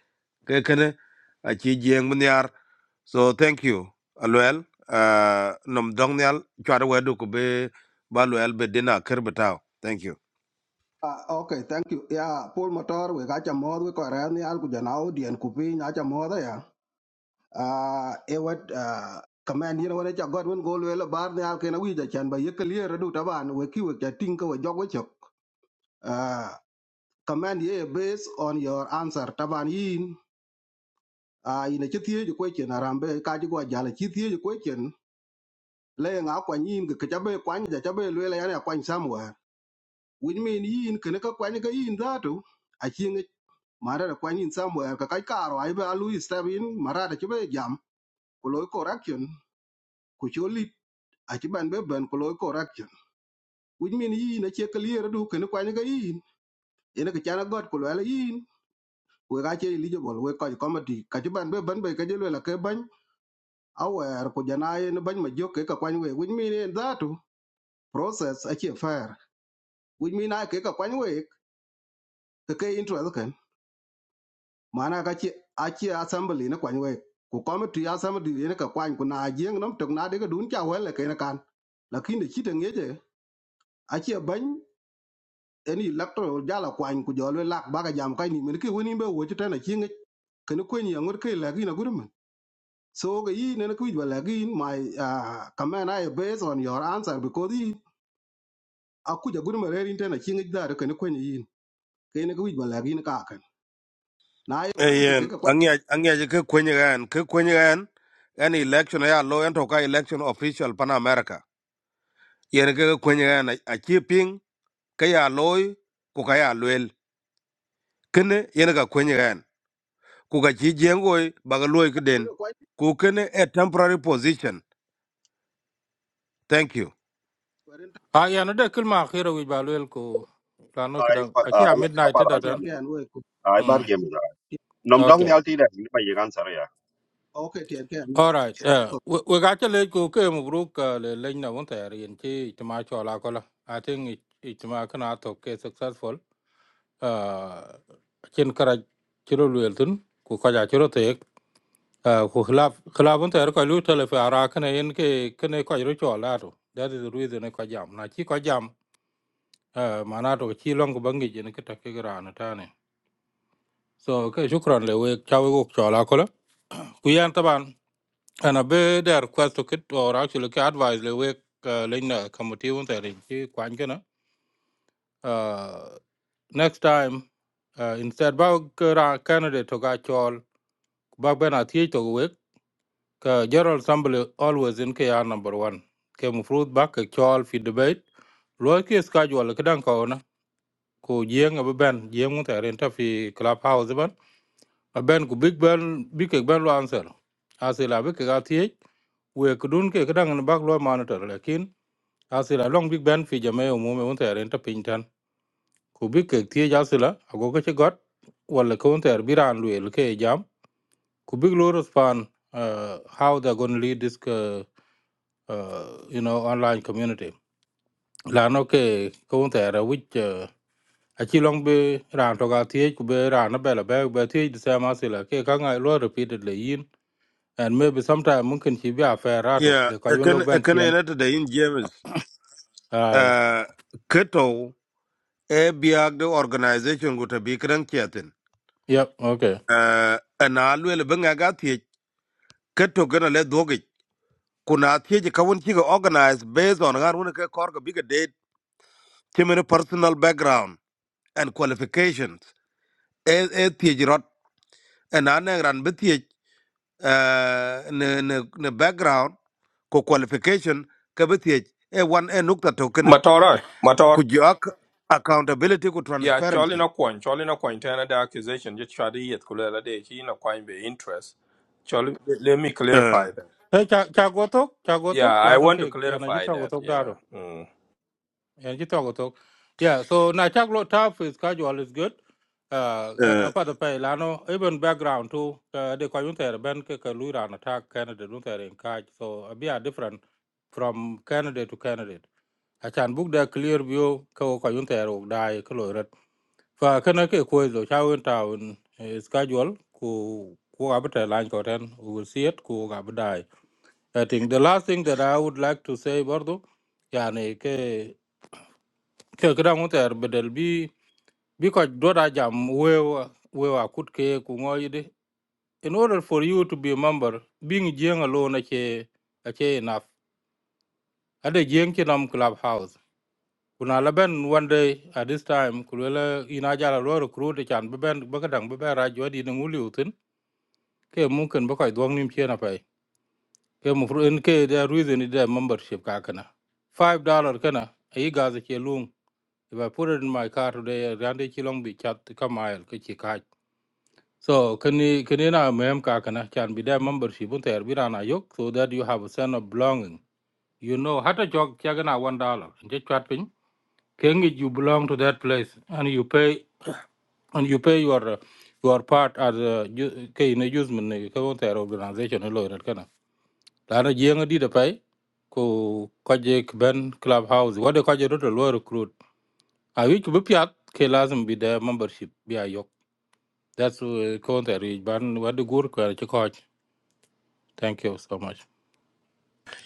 S5: ke kene a chi jieng mniar so thank you alwel uh, nom dong nyal chwar wedu ku be ba lwel be dina ker betaw thank you
S26: Ah, okay, thank you. Yeah, Paul Motor, we got a mod, we got any algo janao, dian kupi, nacha mod, yeah. Ah, eh, what, ah, command, you know, when I got one goal, well, a bar, the alkena wija chan, but you clear, do taban, we ki, we think, we jog, we chok. Ah, command, yeah, based on your answer, taban yin, ah, in a chithi, you question, arambe, kaji go jala, chithi, you question, laying out when yin, the kwan, jachabe, lwela, yana, kwan somewhere, which mean yin, kanaka, kwan, yin, that, too. mara kwa nyin somewhere ka kai karo ai ba lu step mara da chibe jam ko loy correction ku choli a chi be ben ko loy correction which mean yi na che clear du ken kwa ni ga yin ene ka chana god ko la yin we ga che eligible we ko comedy ka chi ban be ben be ka je la ke ban awer ko jana ye ban ma jok ka kwa ni we which mean that process a che fair which mean na ke ka kwa we ke ke interest kan. mana ka ci a ci assembly ne kwany wek ku committee assembly ne ka kwany ku na jeng nom tok na de ka dun cha wele ke ne kan lakini ci te ngeje a ci ban en electoral jala kwany ku jolwe lak baga jam kai ni men ke woni be wo ci tana ci ngi ken ko ni ngur ke la gina gurum so ga yi ne na ku ba la gin my uh, comment i based on your answer because yi a ku ja gurum re rin tana ci ngi da ken ko ni yin ke ne ku ba la gin ka kan na yi ban ke ke
S5: ayen
S26: ka kwany
S5: angya angya ke kwenye gan ke kwenye gan an election ya lo en to ka election official pan america yen ke kwenye gan a chi ping ke ya loy ku ka ya lwel kene yen ka kwenye gan ku ka chi jengo ba ga loy
S26: ke
S5: den
S26: kwany
S5: ku kene a temporary position thank you
S26: ko ren
S13: Ha yan de kilma akhira yuj ba le ku lano
S25: ai
S13: kadang.
S25: pa-
S13: Aki a
S25: ai
S13: midnight
S25: apara
S13: da tan.
S25: jamu
S26: ke an we ku
S25: ai bar
S13: Mm.
S25: jamu nom dong
S13: Okay.
S25: ni alti dah ini bayi kan ya
S26: okay tiyan
S13: All right. Yeah. We we got to let go. Okay, Mubruk. The line now on there. In case it might show like all. I think it it might can out okay successful. Uh, chin kara chiro luelton. Ku kaja chiro tek. Uh, ku khilaf khilaf on there. Kalu tele fe ara kene in ke kene kaja show la to. That is the reason ko jam. Na chi ko jam. Uh, mana to chi long ko bangi jene ke takke gara na tane. So ke shukran le we chawe ko show la all. Ku yan taban. And a bit the request to kit or actually ki advise le wek uh, lin committee on the chi kwan kana. Uh, next time uh, instead ba kara candidate to ga chol ba ben a thi to wek ka general assembly always in ki are number 1. Ke mu fruit ba ka chol fi debate lo ki schedule ki dan ko na ko jeng a ben jeng mun ta ren ta fi clubhouse ban a ben ku big ben big ben lo answer. Asila be ka ga thi we kudun ke kadang ni bak lo monitor lakin asila long big band fi jame umume won ter enta pintan ku big ke tie jasila ago ke che got wala ko won ter biran luel ke e jam ku big lo respond uh, how they're going to lead this uh, uh, you know online community la no ke ko won ter which uh, achi long be ran to ga tie ku be ran na be la be be tie de sama sila ke ka ngai lo repeatedly yin and maybe sometime mungkin chi bi aferato
S5: yeah
S13: le ka
S5: e
S13: yun log
S5: kene e
S13: ban
S5: kene
S13: chien
S5: yen ta da in james
S13: ai
S5: uh keto e biag the organization go ta bi kran chatin
S13: yep okay
S5: uh ana lwel benga ga ti keto gana le dogi kuna ti ka won chi ga organize based on har won ke kor ga biga date kimene personal background and qualifications e e thiec rot ena ne ran bi thiec eh, ne ne ne background ko qualification ke bi thiec e wan e nukta tokene
S1: motor oi,
S5: ku
S1: motor
S5: jok accountability ku
S1: Yeah, Charlie
S5: transparency
S1: no coin, Charlie no coin. Tana the accusation just try to yet kulala de he no coin be interest. Charlie, let let me
S5: uh,
S1: clarify that.
S13: Hey, cha chagotok,
S1: Yeah,
S13: chagotok,
S1: I
S13: lano
S1: want to
S13: ke, yana
S1: clarify
S13: jita
S1: that.
S13: gotok
S1: Yeah.
S13: daro,
S1: Mm.
S13: yana jita gotok. Yeah, so na chaglo tough is casual is good. Uh,
S5: uh,
S13: apart the pay lano even background too. Uh, they de kwa yunta ben ke ke luira na tag candidate yunta in kaj. So a bit different from candidate to candidate. I can book the clear view ke o kwa yunta ero Die ke loiret. Fa kana ke kwe zo cha yunta un is casual ku ku abita line koten. We will see it ku abita I think the last thing that I would like to say برضو يعني ك كده متر بدل بي because دودا jam we we wa kut ke ku in order for you to be a member being young alone ache ache enough ade jeng ke nam clubhouse kuna laben one day at this time kulela ina jala lo recruit e chan beben bakadang beben ra jodi ne nguli utin ke mungkin bakoy dwang nim chena pai ke mu fru en ke the reason is the membership ka kana 5 dollar kana ayi gaza ke lung if i put it in my car today rande ki long bi chat ka mile ke ki ka so kani kani na mem ka kana can be the membership un ter bi rana yok so that you have a sense of belonging you know hata jog chagana 1 dollar je chat pin kengi you belong to that place and you pay and you pay your uh, your part as a ju- ke in a usement ne ka un ter organization lo ret lana jeng di da pai ko kaje k ben clubhouse wade kaje roto lo recruit a wi ku piat ke lazim bi da membership bi a that's uh, counter ban wade gur ko ci coach thank you so much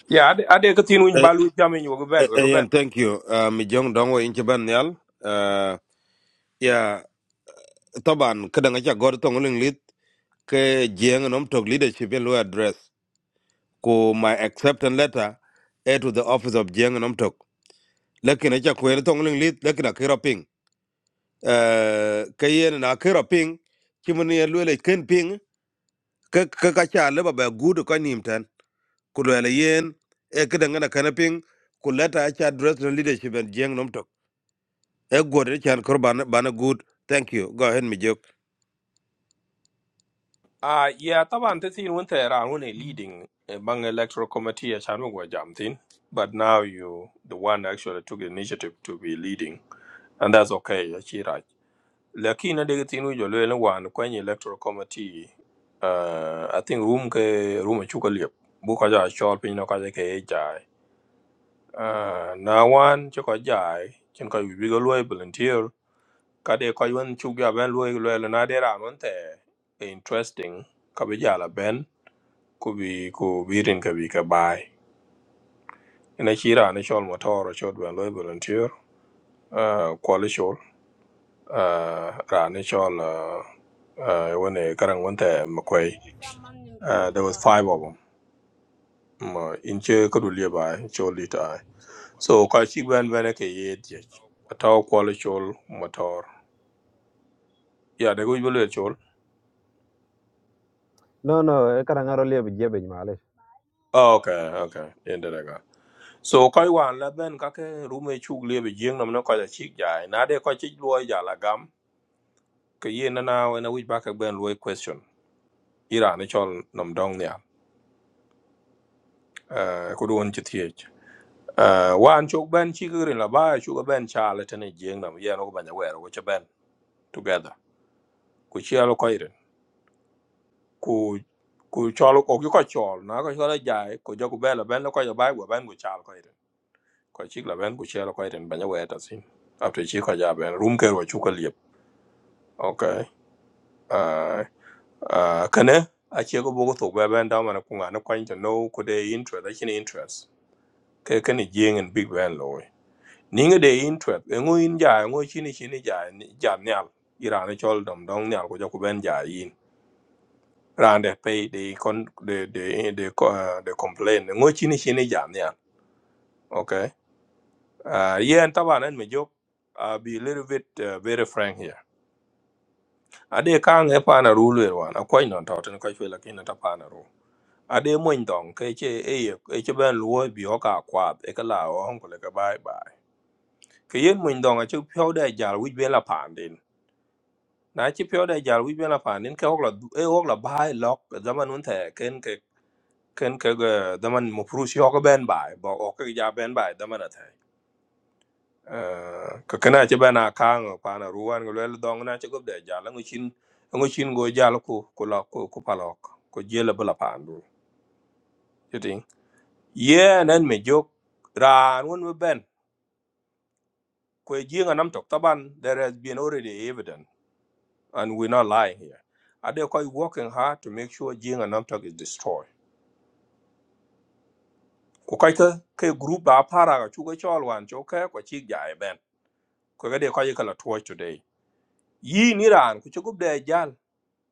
S1: Yeah, ade ade katin win
S5: eh,
S1: balu jamin wo ben
S5: eh, eh,
S1: wo ben.
S5: yan thank you uh, mi jong dongo inche ban nyal uh, ya taban kadanga cha god tong ling lit ke jeng nom tok leadership in lawyer address ku my acceptance letter e to the office of jeng nom tok lakini cha kwere tong ling lit lakini akira uh, ka yen na kira ping kimin yen lwele ken ping ka ka ka cha leba ba gudu ka nimtan. tan ku lwele yen e kida ngana kana ping ku leta cha dress na leadership and jeng nom tok e gode chan kor bana bana good thank you go ahead mi jok
S1: Ah, yeah, taban te tin won tera won a leading eh, bang electoral committee a chan jam tin. But now you the one actually took the initiative to be leading and that's okay. Achira. Laki na dega tinu jo lwe na wan kwenye electoral committee. Uh, I think room ke room chuka liep. Bu kaja chol pin no kaja ke e jai. Uh, na wan chuka jai. Chen kai wibi go lwe volunteer. Kade kai wan chuk ya ben lwe lwe le na dera monte. Interesting. Kabe la ben. Kubi kubirin kabi kabai. Ina chira ane chol motor chod ben lwe volunteer. Uh, kwali chol. Uh, ra ane chol uh, uh, wane karang wante makwai. Uh, there was five of them. Mm, uh, In che kadulia by chol it I. So kachi ban ban ke ye jech. A tau kwala chol motor. Yeah, they go ibele chol.
S2: No, no, kara ngaro liye bije be nyale.
S1: Oh, okay, okay. Ende daga. So koi wan la ben kake rume chuk liye be nam namna koi chik jai. Na de koi chik luo ja la gam. Ke ye na na wena wich back ben luo question. Ira ne chol nam dong niya. Uh, kudun chithiech. Uh, wan chuk ben chikurin la ba chuk ben cha la tene jing nam. Yeah, no ban ja wero. Wacha ben together. ku cielo koiren ku ku chol ko ki ko chol na ko chola jai ko jogu bela ben ko jo bai go ben go chal koiren ko chik la ben ku cielo koiren banya weta sin after chi ko ja ben rum ker go chuka liep okay uh uh kane a che go bogo to ba ben da mana ku ngana ko into no ko de interest a chin interest ke ke ni jing and big ben loy ninga de interest e ngo in ja ngo chini chini ja ja nyal irane chol dom dong nyal ko jo ku ben ja Around they pay the con the the the co- uh, the complaint. Ngo chini chini jam yeah. Okay. Uh, yeah, and taban and me joke. I'll be a little bit uh, very frank here. Ade kang e pa na rule we wan. Akwa ino tau tena kwa chwe lakini na tapa na rule. Ade mo indong ke che e ye e che ben luo bi oka kwab e ka la o hong kule ka bye bye. Ke yen mo indong a che pyo da jal wich ben la pandin. Na che pyo da jal wich ben la pandin ke hok la e hok la bye lok zaman un the ken ken ke ga daman mo furu shi ko ben bai ba o ke ja ben bai daman ta eh ka kana ce bana kan pa na ruwan go le dong na ce go de ja la ngin ngin go ja la ko ko la ko ko palok ko je la bala pa ndu yeti ye nan me jok ran won me ben ko ji nga nam tok taban there has been already evident and we are not lying here are they quite working hard to make sure ji nga nam is destroyed ko kai group da para ga chu ga chol wan cho ka ko chi ja e ko gade ko yekala to today yin iran ku chugub de jal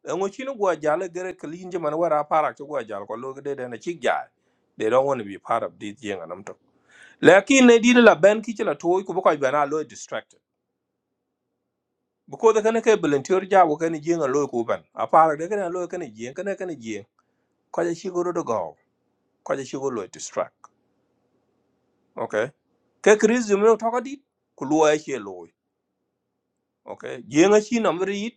S1: en chino gwa jal eh, gere klin je man wara para chu gwa jal ko lo gade de na chik jal they don't want to be part of this yang anam to lakin ne dina la ban, ki chela to ku ko bana lo distracted because the kana ke volunteer ja ko kana jing a lo ku ban a para de kana lo kana jing kana kana jing ko ja shigoro do go ko ja shigoro lo distract okay ke kriz jumno to ko dit ku lo ya che lo okay jing a chi namri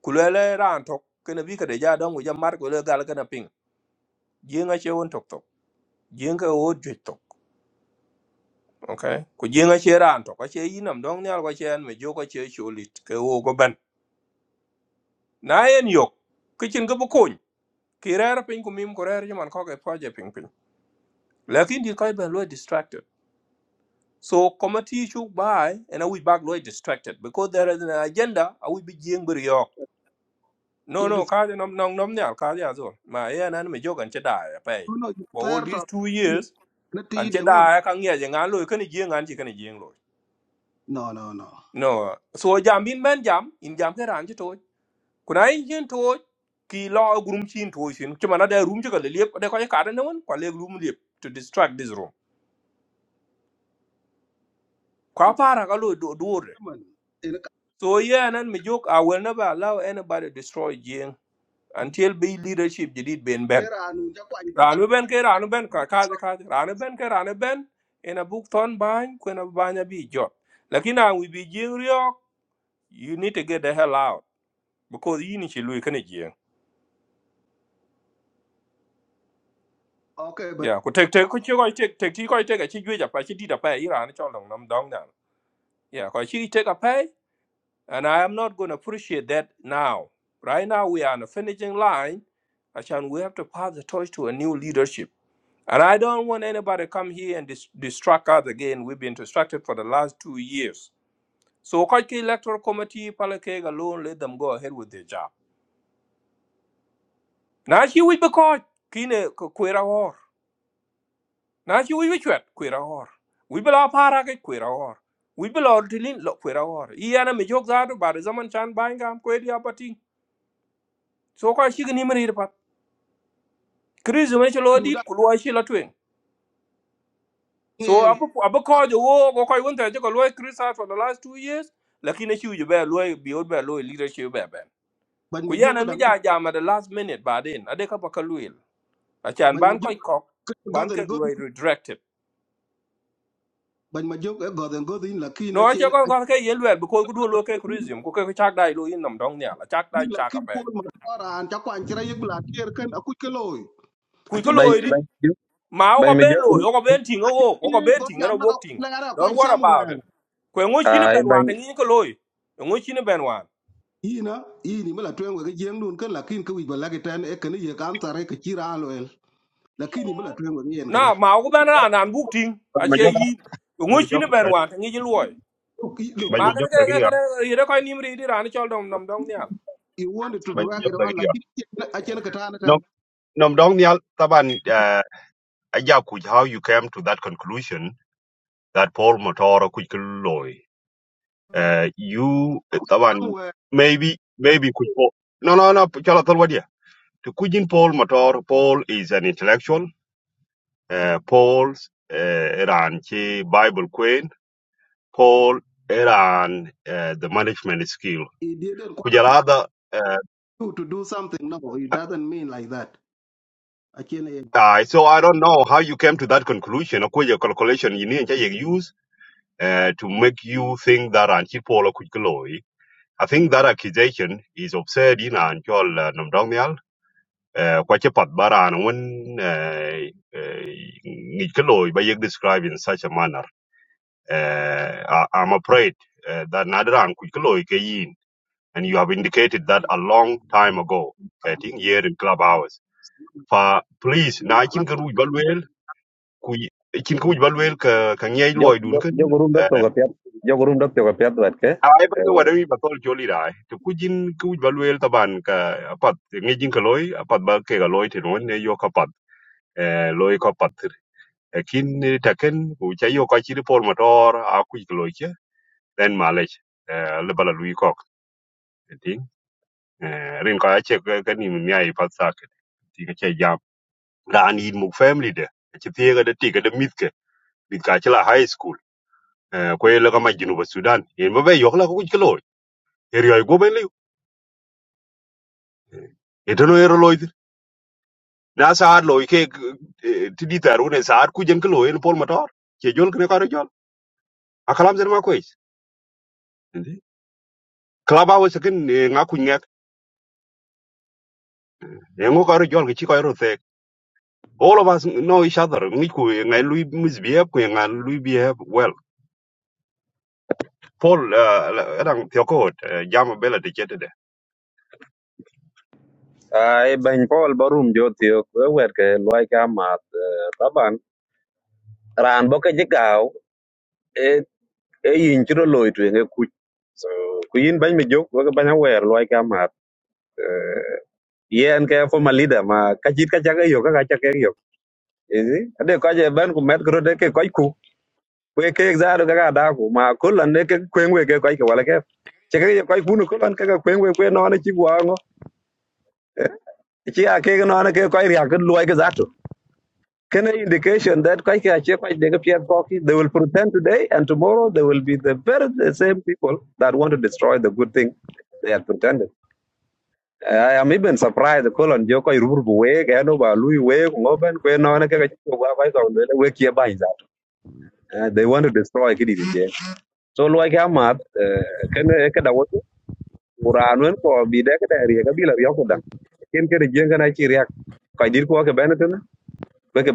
S1: kulele ran tok kene bi kede ja don ja mar kule gal kana ping jinga che won tok tok jinga wo jwe tok okay ku jinga che ran tok a che yinam don nyal ko chen me jo ko che cholit ke wo go ben na en yok kichin go bokon ki rer ping ku mim ko rer man ko ke proje ping ping lakin di kai ben lo distracted so committee should buy and i will back lo distracted because there is an agenda i will be jing bir yok no
S26: Ye du
S1: no ka nom nom nom nyal ka ja zo ma ye nan me jo gan che da pe
S26: no
S1: for
S26: ther
S1: all
S26: to
S1: these two
S26: ni
S1: years
S26: na
S1: an
S26: ti de
S1: che
S26: ngor.
S1: da ka ngia je ngan loy kan ji ngan ji kan ji loy
S26: No no no.
S1: no so jam bin ben jam in jam ke ran ji to kuna in jin to ki lo gurum chin to shin ki mana da room ji ka le lep da ka ka da non ka le room lep to distract this room kwa
S26: Anu,
S1: para ka lo do do re
S26: man en ka
S1: so yeah nan mi jok i will never allow anybody to destroy jing until be leadership ji dit ben ben
S26: era anu ja kwa ni ta.
S1: ranu ben ke ranu ben ka ka ka ranu ben ke ranu ben ena buk ton bany kwena banya bi jot lakini we be bi jing you need to get the hell out because you need to lose energy.
S26: Okay ba
S1: Yeah, ko tek tek ko chi go take, take, chi go take a chi jwe ja pa chi di da pa ira ni chol down. Yeah, ko chi take a pay and I am not going to appreciate that now. Right now we are on a finishing line and we have to pass the torch to a new leadership. And I don't want anybody to come here and dis- distract us again. We've been distracted for the last two years. So ko ki electoral committee palakeg alone let them go ahead with their job. Now chi wi be ko kine ko kwera na ci wic bi cuɛt kuit aɣɔr wic bi la paar akic kuit aɣɔr wic bi lɔ tilin lɔ kuit aɣɔr yiɛn amic ök do bad zaman chan bany gam kuet dia pati so ka shi kenim riir pat kris wen ci lɔ
S26: du
S1: dit
S26: da
S1: ku luɔi ci la tueŋ so
S26: ngien
S1: abi kɔɔc owook okɔc wen thɛr ci kɔ luɔi criticize for the last two years lakin aci wic bɛ luɔi biot bɛ luɔi leadership bɛ bɛn
S26: ban
S1: ku
S26: ma
S1: yiɛn
S26: jok da
S1: ami
S26: ngan
S1: ja jam at the last minute ba den baden adekapaka lueel acan
S26: ban ma
S1: ban
S26: jok
S1: kɔc kɔk ban
S26: goden
S1: kek
S26: god
S1: luɔi redirected
S26: ban ma jok e goden god in lakin na
S1: no che
S26: chen
S1: kon kon ke ye lwe bi ko ku du lo ke criticism ku ke ku chak dai lo yin nam dong nya la chak
S26: ni
S1: dai chak a
S26: lakin po
S1: pe
S26: ma fara an ja kwa ni ra yek la tier ken aku ke loy. A
S1: ku
S26: che
S1: ko
S26: ti
S1: lo
S2: Bany
S1: ri
S2: Banyajuk,
S1: ma o ko ben lo
S2: Banyajuk,
S1: o ko ben ting
S26: a
S1: o
S26: che ti
S1: o ko ben
S26: go
S1: ting
S26: jam
S1: na
S26: na ka
S1: wok ting
S26: na ara kwa
S1: don't
S26: ni
S1: worry about
S26: somewhere.
S1: it ku ngo chi ne
S2: uh,
S1: ben wa ke
S2: Banyajuk,
S1: ni ko lo ngo chi ne ben wa
S26: Ina ini mala twen ga jeng dun ken lakin ku ba la ten e ken ye kan tare ke chira lakini mula twengo yen gade
S1: na ma o ko ben ra nan buk ting a che
S25: majok
S1: yi ngo chi
S25: majok
S1: ne ben wa ke ni lo
S26: look he- look
S1: ma
S26: look
S1: ke ne
S25: majok lagi
S1: ke
S25: ya
S1: ke ye ko ni mri di ra ni chol dom nam dong nya
S26: he wanted to drag
S25: majok
S26: it on
S25: lagi ya
S26: lakini achel katana
S25: nom
S26: tan
S25: nom dong ni al taban eh, aja ku how you came to that conclusion that Paul Motor ku loy uh, you eh, taban
S26: somewhere
S25: maybe maybe ku no no no chala tolwa dia to kujin Paul Motor Paul is an intellectual uh, Paul's uh, ran chi Bible queen Paul Era and uh, the management skill.
S26: he didn't qualify
S25: Kujalada, uh,
S26: you to do something no it doesn't mean like that achel
S25: uh, so I don't know how you came to that conclusion. Or could your calculation you need to use uh, to make you think that Anchi Paul Kujaloi. I think that accusation is absurd in Anchol Namdongyal. Kwache Patbara and when Nikoloi by described in such a manner. Uh, I, I'm afraid uh, that Nadra and Kujaloi and you have indicated that a long time ago, getting here in Clubhouse. For please, na chin ka ruj balwel, ku chin ka ruj balwel ka ka ngej loy dun kan.
S2: Jogurum Daptogapiat, Jogurum
S25: Ay
S2: Daptogapiat,
S25: ba ka wada mi batol choli rai. To kujin jin ka ruj balwel taban ka apat ngejin ka loy, apat ba ke ka loy tin won ne yo ka pat. Eh, Loy ka pat. Kin taken ku cha ka chiri pol motor a ku ka loy che. Then malech. Eh, le bala lui kok. Ting. Eh, rin ka che ka ni mi ai pat sak. Ting che ran in muk family de ci piega de tiga de mitke bit ka ci la high school Eh, ko yela ka majinu ba sudan en ba be yok la ko ci loy er yoy go ben lew etano er loy dir na saar loy ke eh, ti di taru ne saar ku jen ko loy en pol motor ci jol ko ne ka ro jol akalam zer ma ko is klaba wo se ken nga ku ngek e ngo ka ro jol ki ci ko ro te all of us know each other ngi ku e ngai lui misbehave ku e ngai lui behave well paul eh, la- adang tyokot jam bela de
S2: ay ben pol barum jotio wer ke loy ka mat eh, taban ran bo ke jigaw e e yin chiro loy tu nge ku so ku yin ben mi jok wa ban wer loy ka mat eh, yen ke fo malida ma ka jit ka jaga yo ka ka jaga yo izi ade ko je ben ku met gro de ke koy ku we ke exaro ka da ku ma kulan ne ke kwen we ke koy ke wala ke chege koy ku no kulan ke kwen we kwen no ne chi gwa ngo chi a ke no ne ke koy ria ke loy ke za Can I indication that quite a check, quite they appear cocky, they will pretend today and tomorrow they will be the very the same people that want to destroy the good thing they had pretended. I am even surprised the colon Joko Rubuweg, Anova Louis Weg, Moban, Kwenon, Wake Yabanza. They want to destroy Kiddy. So like Amat, uh, can I can I want to run for be there? Can I react? Can I react? Can I react? Can I react? Can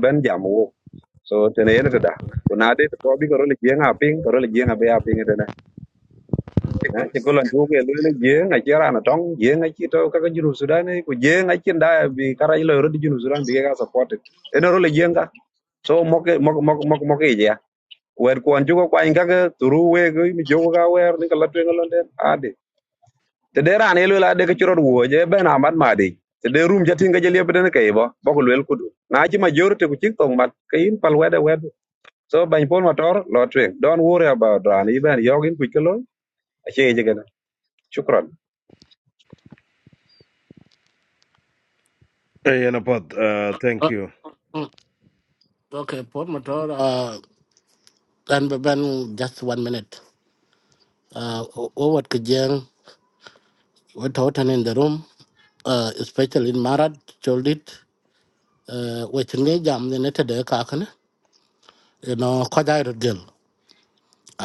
S2: I react? so tene yen da ko na de ko bi ko le jeng a ping ko le jeng a be a ping de na e ko lan ju ke le le jeng a chera na tong jeng a chi to ka ka junu sudan ko jeng a chin da bi kara ilo ro di junu sudan bi ka support e no le jeng ka so mo ke mo mo mo mo ke ya wer ko an ju ko kwa inga ke turu we ko mi jo ga wer ni ka la twen lon de a de te de ran e le la de ke chro wo je be na mat ma de te de rum jatin ga je le be de ke bo bo ko le ku du na chi majority ku chi tong mat ke in pal we de so ban pol motor lo tweng don't worry about ran even yogin ku kelo ache je gana shukran
S5: e yen apat uh, thank
S6: Uh,
S5: you
S6: mm, okay por motor uh dan be ban just one minute uh o wat ke jeng we to in the room uh especially in marat choldit uh we chinge jam ne ne te de ka kana you know ko dai rot gel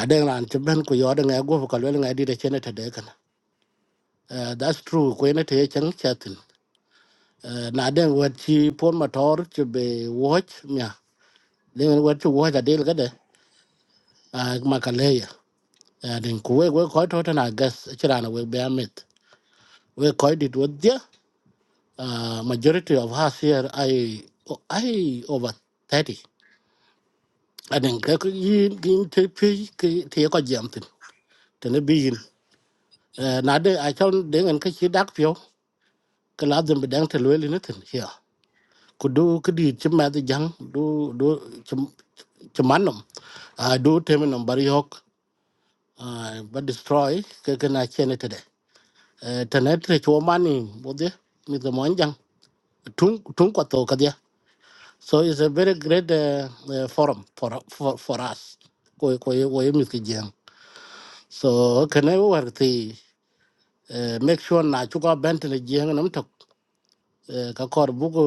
S6: aden ran che ben ku yo de ngai go ko le ngai di de chene te de Uh, that's true. Kwene te chang chatin. Uh, na den wat chi pon motor to be watch mia. Den wat to watch a deal gade. Uh, makaleya. Uh, den kuwe we koi to na gas chirana we be amit. We koi dit wat dia. Uh, majority of us here I I over 30. I think yin yin te pi ki te ko jamtin. Tene bi yin. Uh, na de I chon den en ka chi dak pio. Kala den bedang te lweli nitin here. ku du ku di ci med jang du du ci ci manum a du temi nam bari yok ba destroy ke ke na chene tede tenet re cho mani bode mi de mon jang tung tung ko to ka dia so it's a very great uh, uh, forum for for for us ko ko ko mi ke jang so ke ne war ti eh, make sure na chu ko bent ne jang nam tok eh, ka kor bugo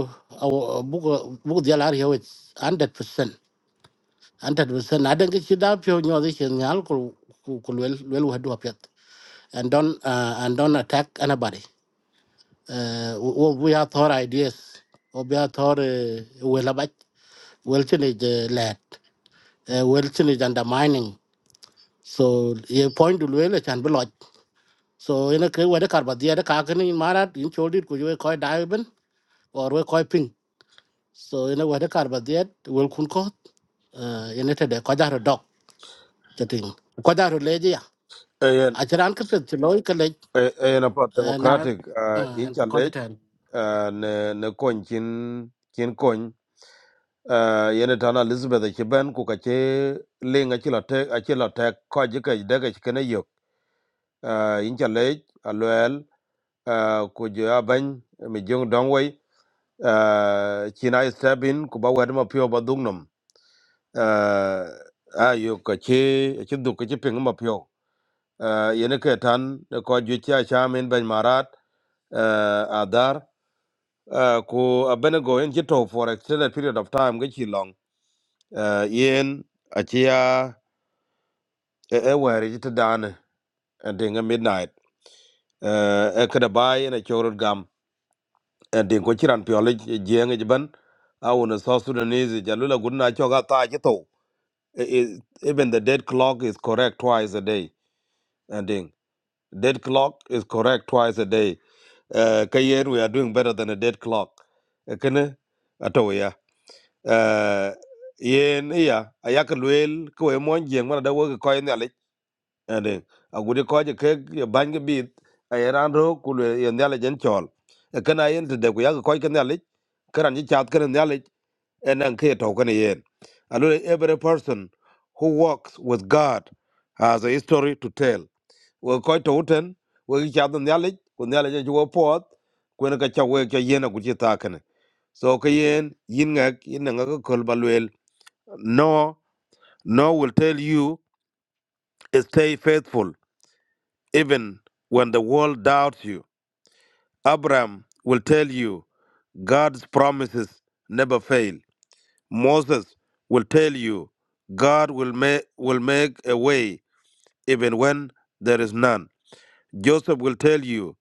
S6: bugo bugo dia lar yo 100% hundred percent. I don't get you that pure new addition alcohol could well well do a pet and don't uh, and don't attack anybody. Uh, we we are thought ideas. or We are thought uh, well about wilting is lad. Wilting is undermining. So your point to well it can be lodged. So in a case where the carbadia the carcani in Marat in Chodit could you call diamond or we call ping. So in a way the carbadia will kun coat. Uh, in it a quadar dog. The thing. Quadar lady
S5: ayen
S6: I ke pet loi ke lec
S5: ayen apa
S6: na
S5: democratic uh, in
S6: an ti kɔc
S5: challenge
S6: ten
S5: uh, ne ne kon chin chin kon uh, yene tana elizabeth chiben ku kache linga chila te achila te ko jike daga uh, incha lej aloel uh, ku jo abany mi jong dong wai uh, china step in ku ba wed ma pio ba dung nom uh, ayo ka chi chi du ka chi ping ma pio uh, yene ke tan ko ju cha cha min ban marat uh, adar uh, ku abene go en chi to for extended period of time ga chi long uh, yen achia e e wari chi ta dane dinga midnight uh, e kada bai ene chorot gam Eh, din ko chiran piole jeng ban awon so sudanese jalula gunna choga ta jito I- I- even the dead clock is correct twice a day and then, dead clock is correct twice a day uh, kayen we are doing better than a dead clock Eh, kene ato ya Eh, yen ya ayak luel ko e mon jeng mana da wo ko ane agudi koje ke bange bit ayeran ro kulu yendale jen chol E kana yen de ku yag koje kana lich karan ji chat kana nyale enan ke to kana yen alo every person who walks with god has a history to tell we ko to uten we gi chat nyale ku nyale je jo pot ku ne ka cha we ke yen ku ji ta kana so ke yen yin ngak yin ngak ko kol balwel no no will tell you stay faithful Even when the world doubts you, Abraham will tell you God's promises never fail. Moses will tell you God will, ma- will make a way even when there is none. Joseph will tell you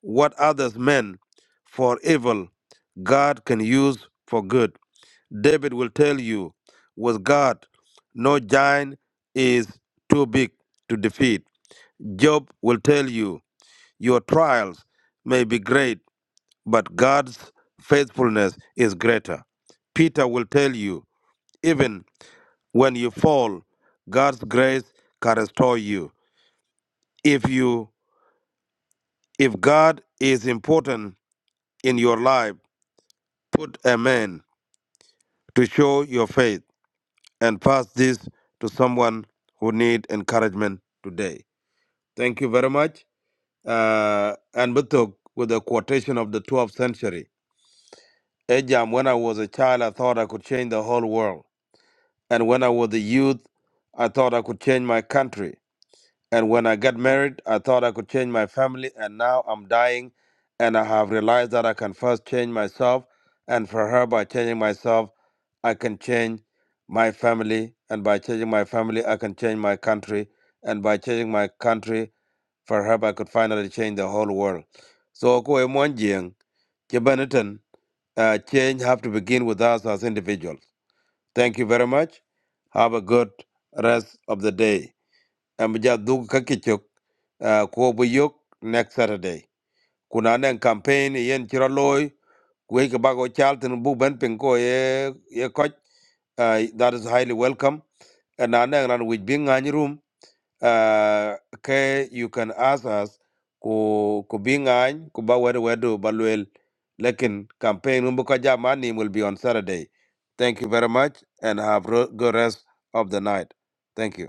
S5: what others meant for evil, God can use for good. David will tell you with God, no giant is too big to defeat. Job will tell you Your trials may be great, but God's faithfulness is greater. Peter will tell you, even when you fall, God's grace can restore you. If you if God is important in your life, put amen to show your faith and pass this to someone who need encouragement today. Thank you very much. Uh, and Butuk with a quotation of the 12th century. Ajam, when I was a child, I thought I could change the whole world. And when I was a youth, I thought I could change my country. And when I got married, I thought I could change my family. And now I'm dying, and I have realized that I can first change myself. And for her, by changing myself, I can change my family. And by changing my family, I can change my country. And by changing my country, for her, I could finally change the whole world. So, ko Kebanatan, uh, change have to begin with us as individuals. Thank you very much. Have a good rest of the day. Amja dug kakichok uh, ko buyok next Saturday. Kuna campaign yen chiraloy kuwe bago chalten bu ben pinko ye ye koch. Uh, that is highly welcome. And anang ran with being any room uh, ke you can ask us ku ku bi ngany ku ba wedu wedu ba luel lekin campaign umbu ka jama ni will be on saturday thank you very much and have ro- good rest of the night thank you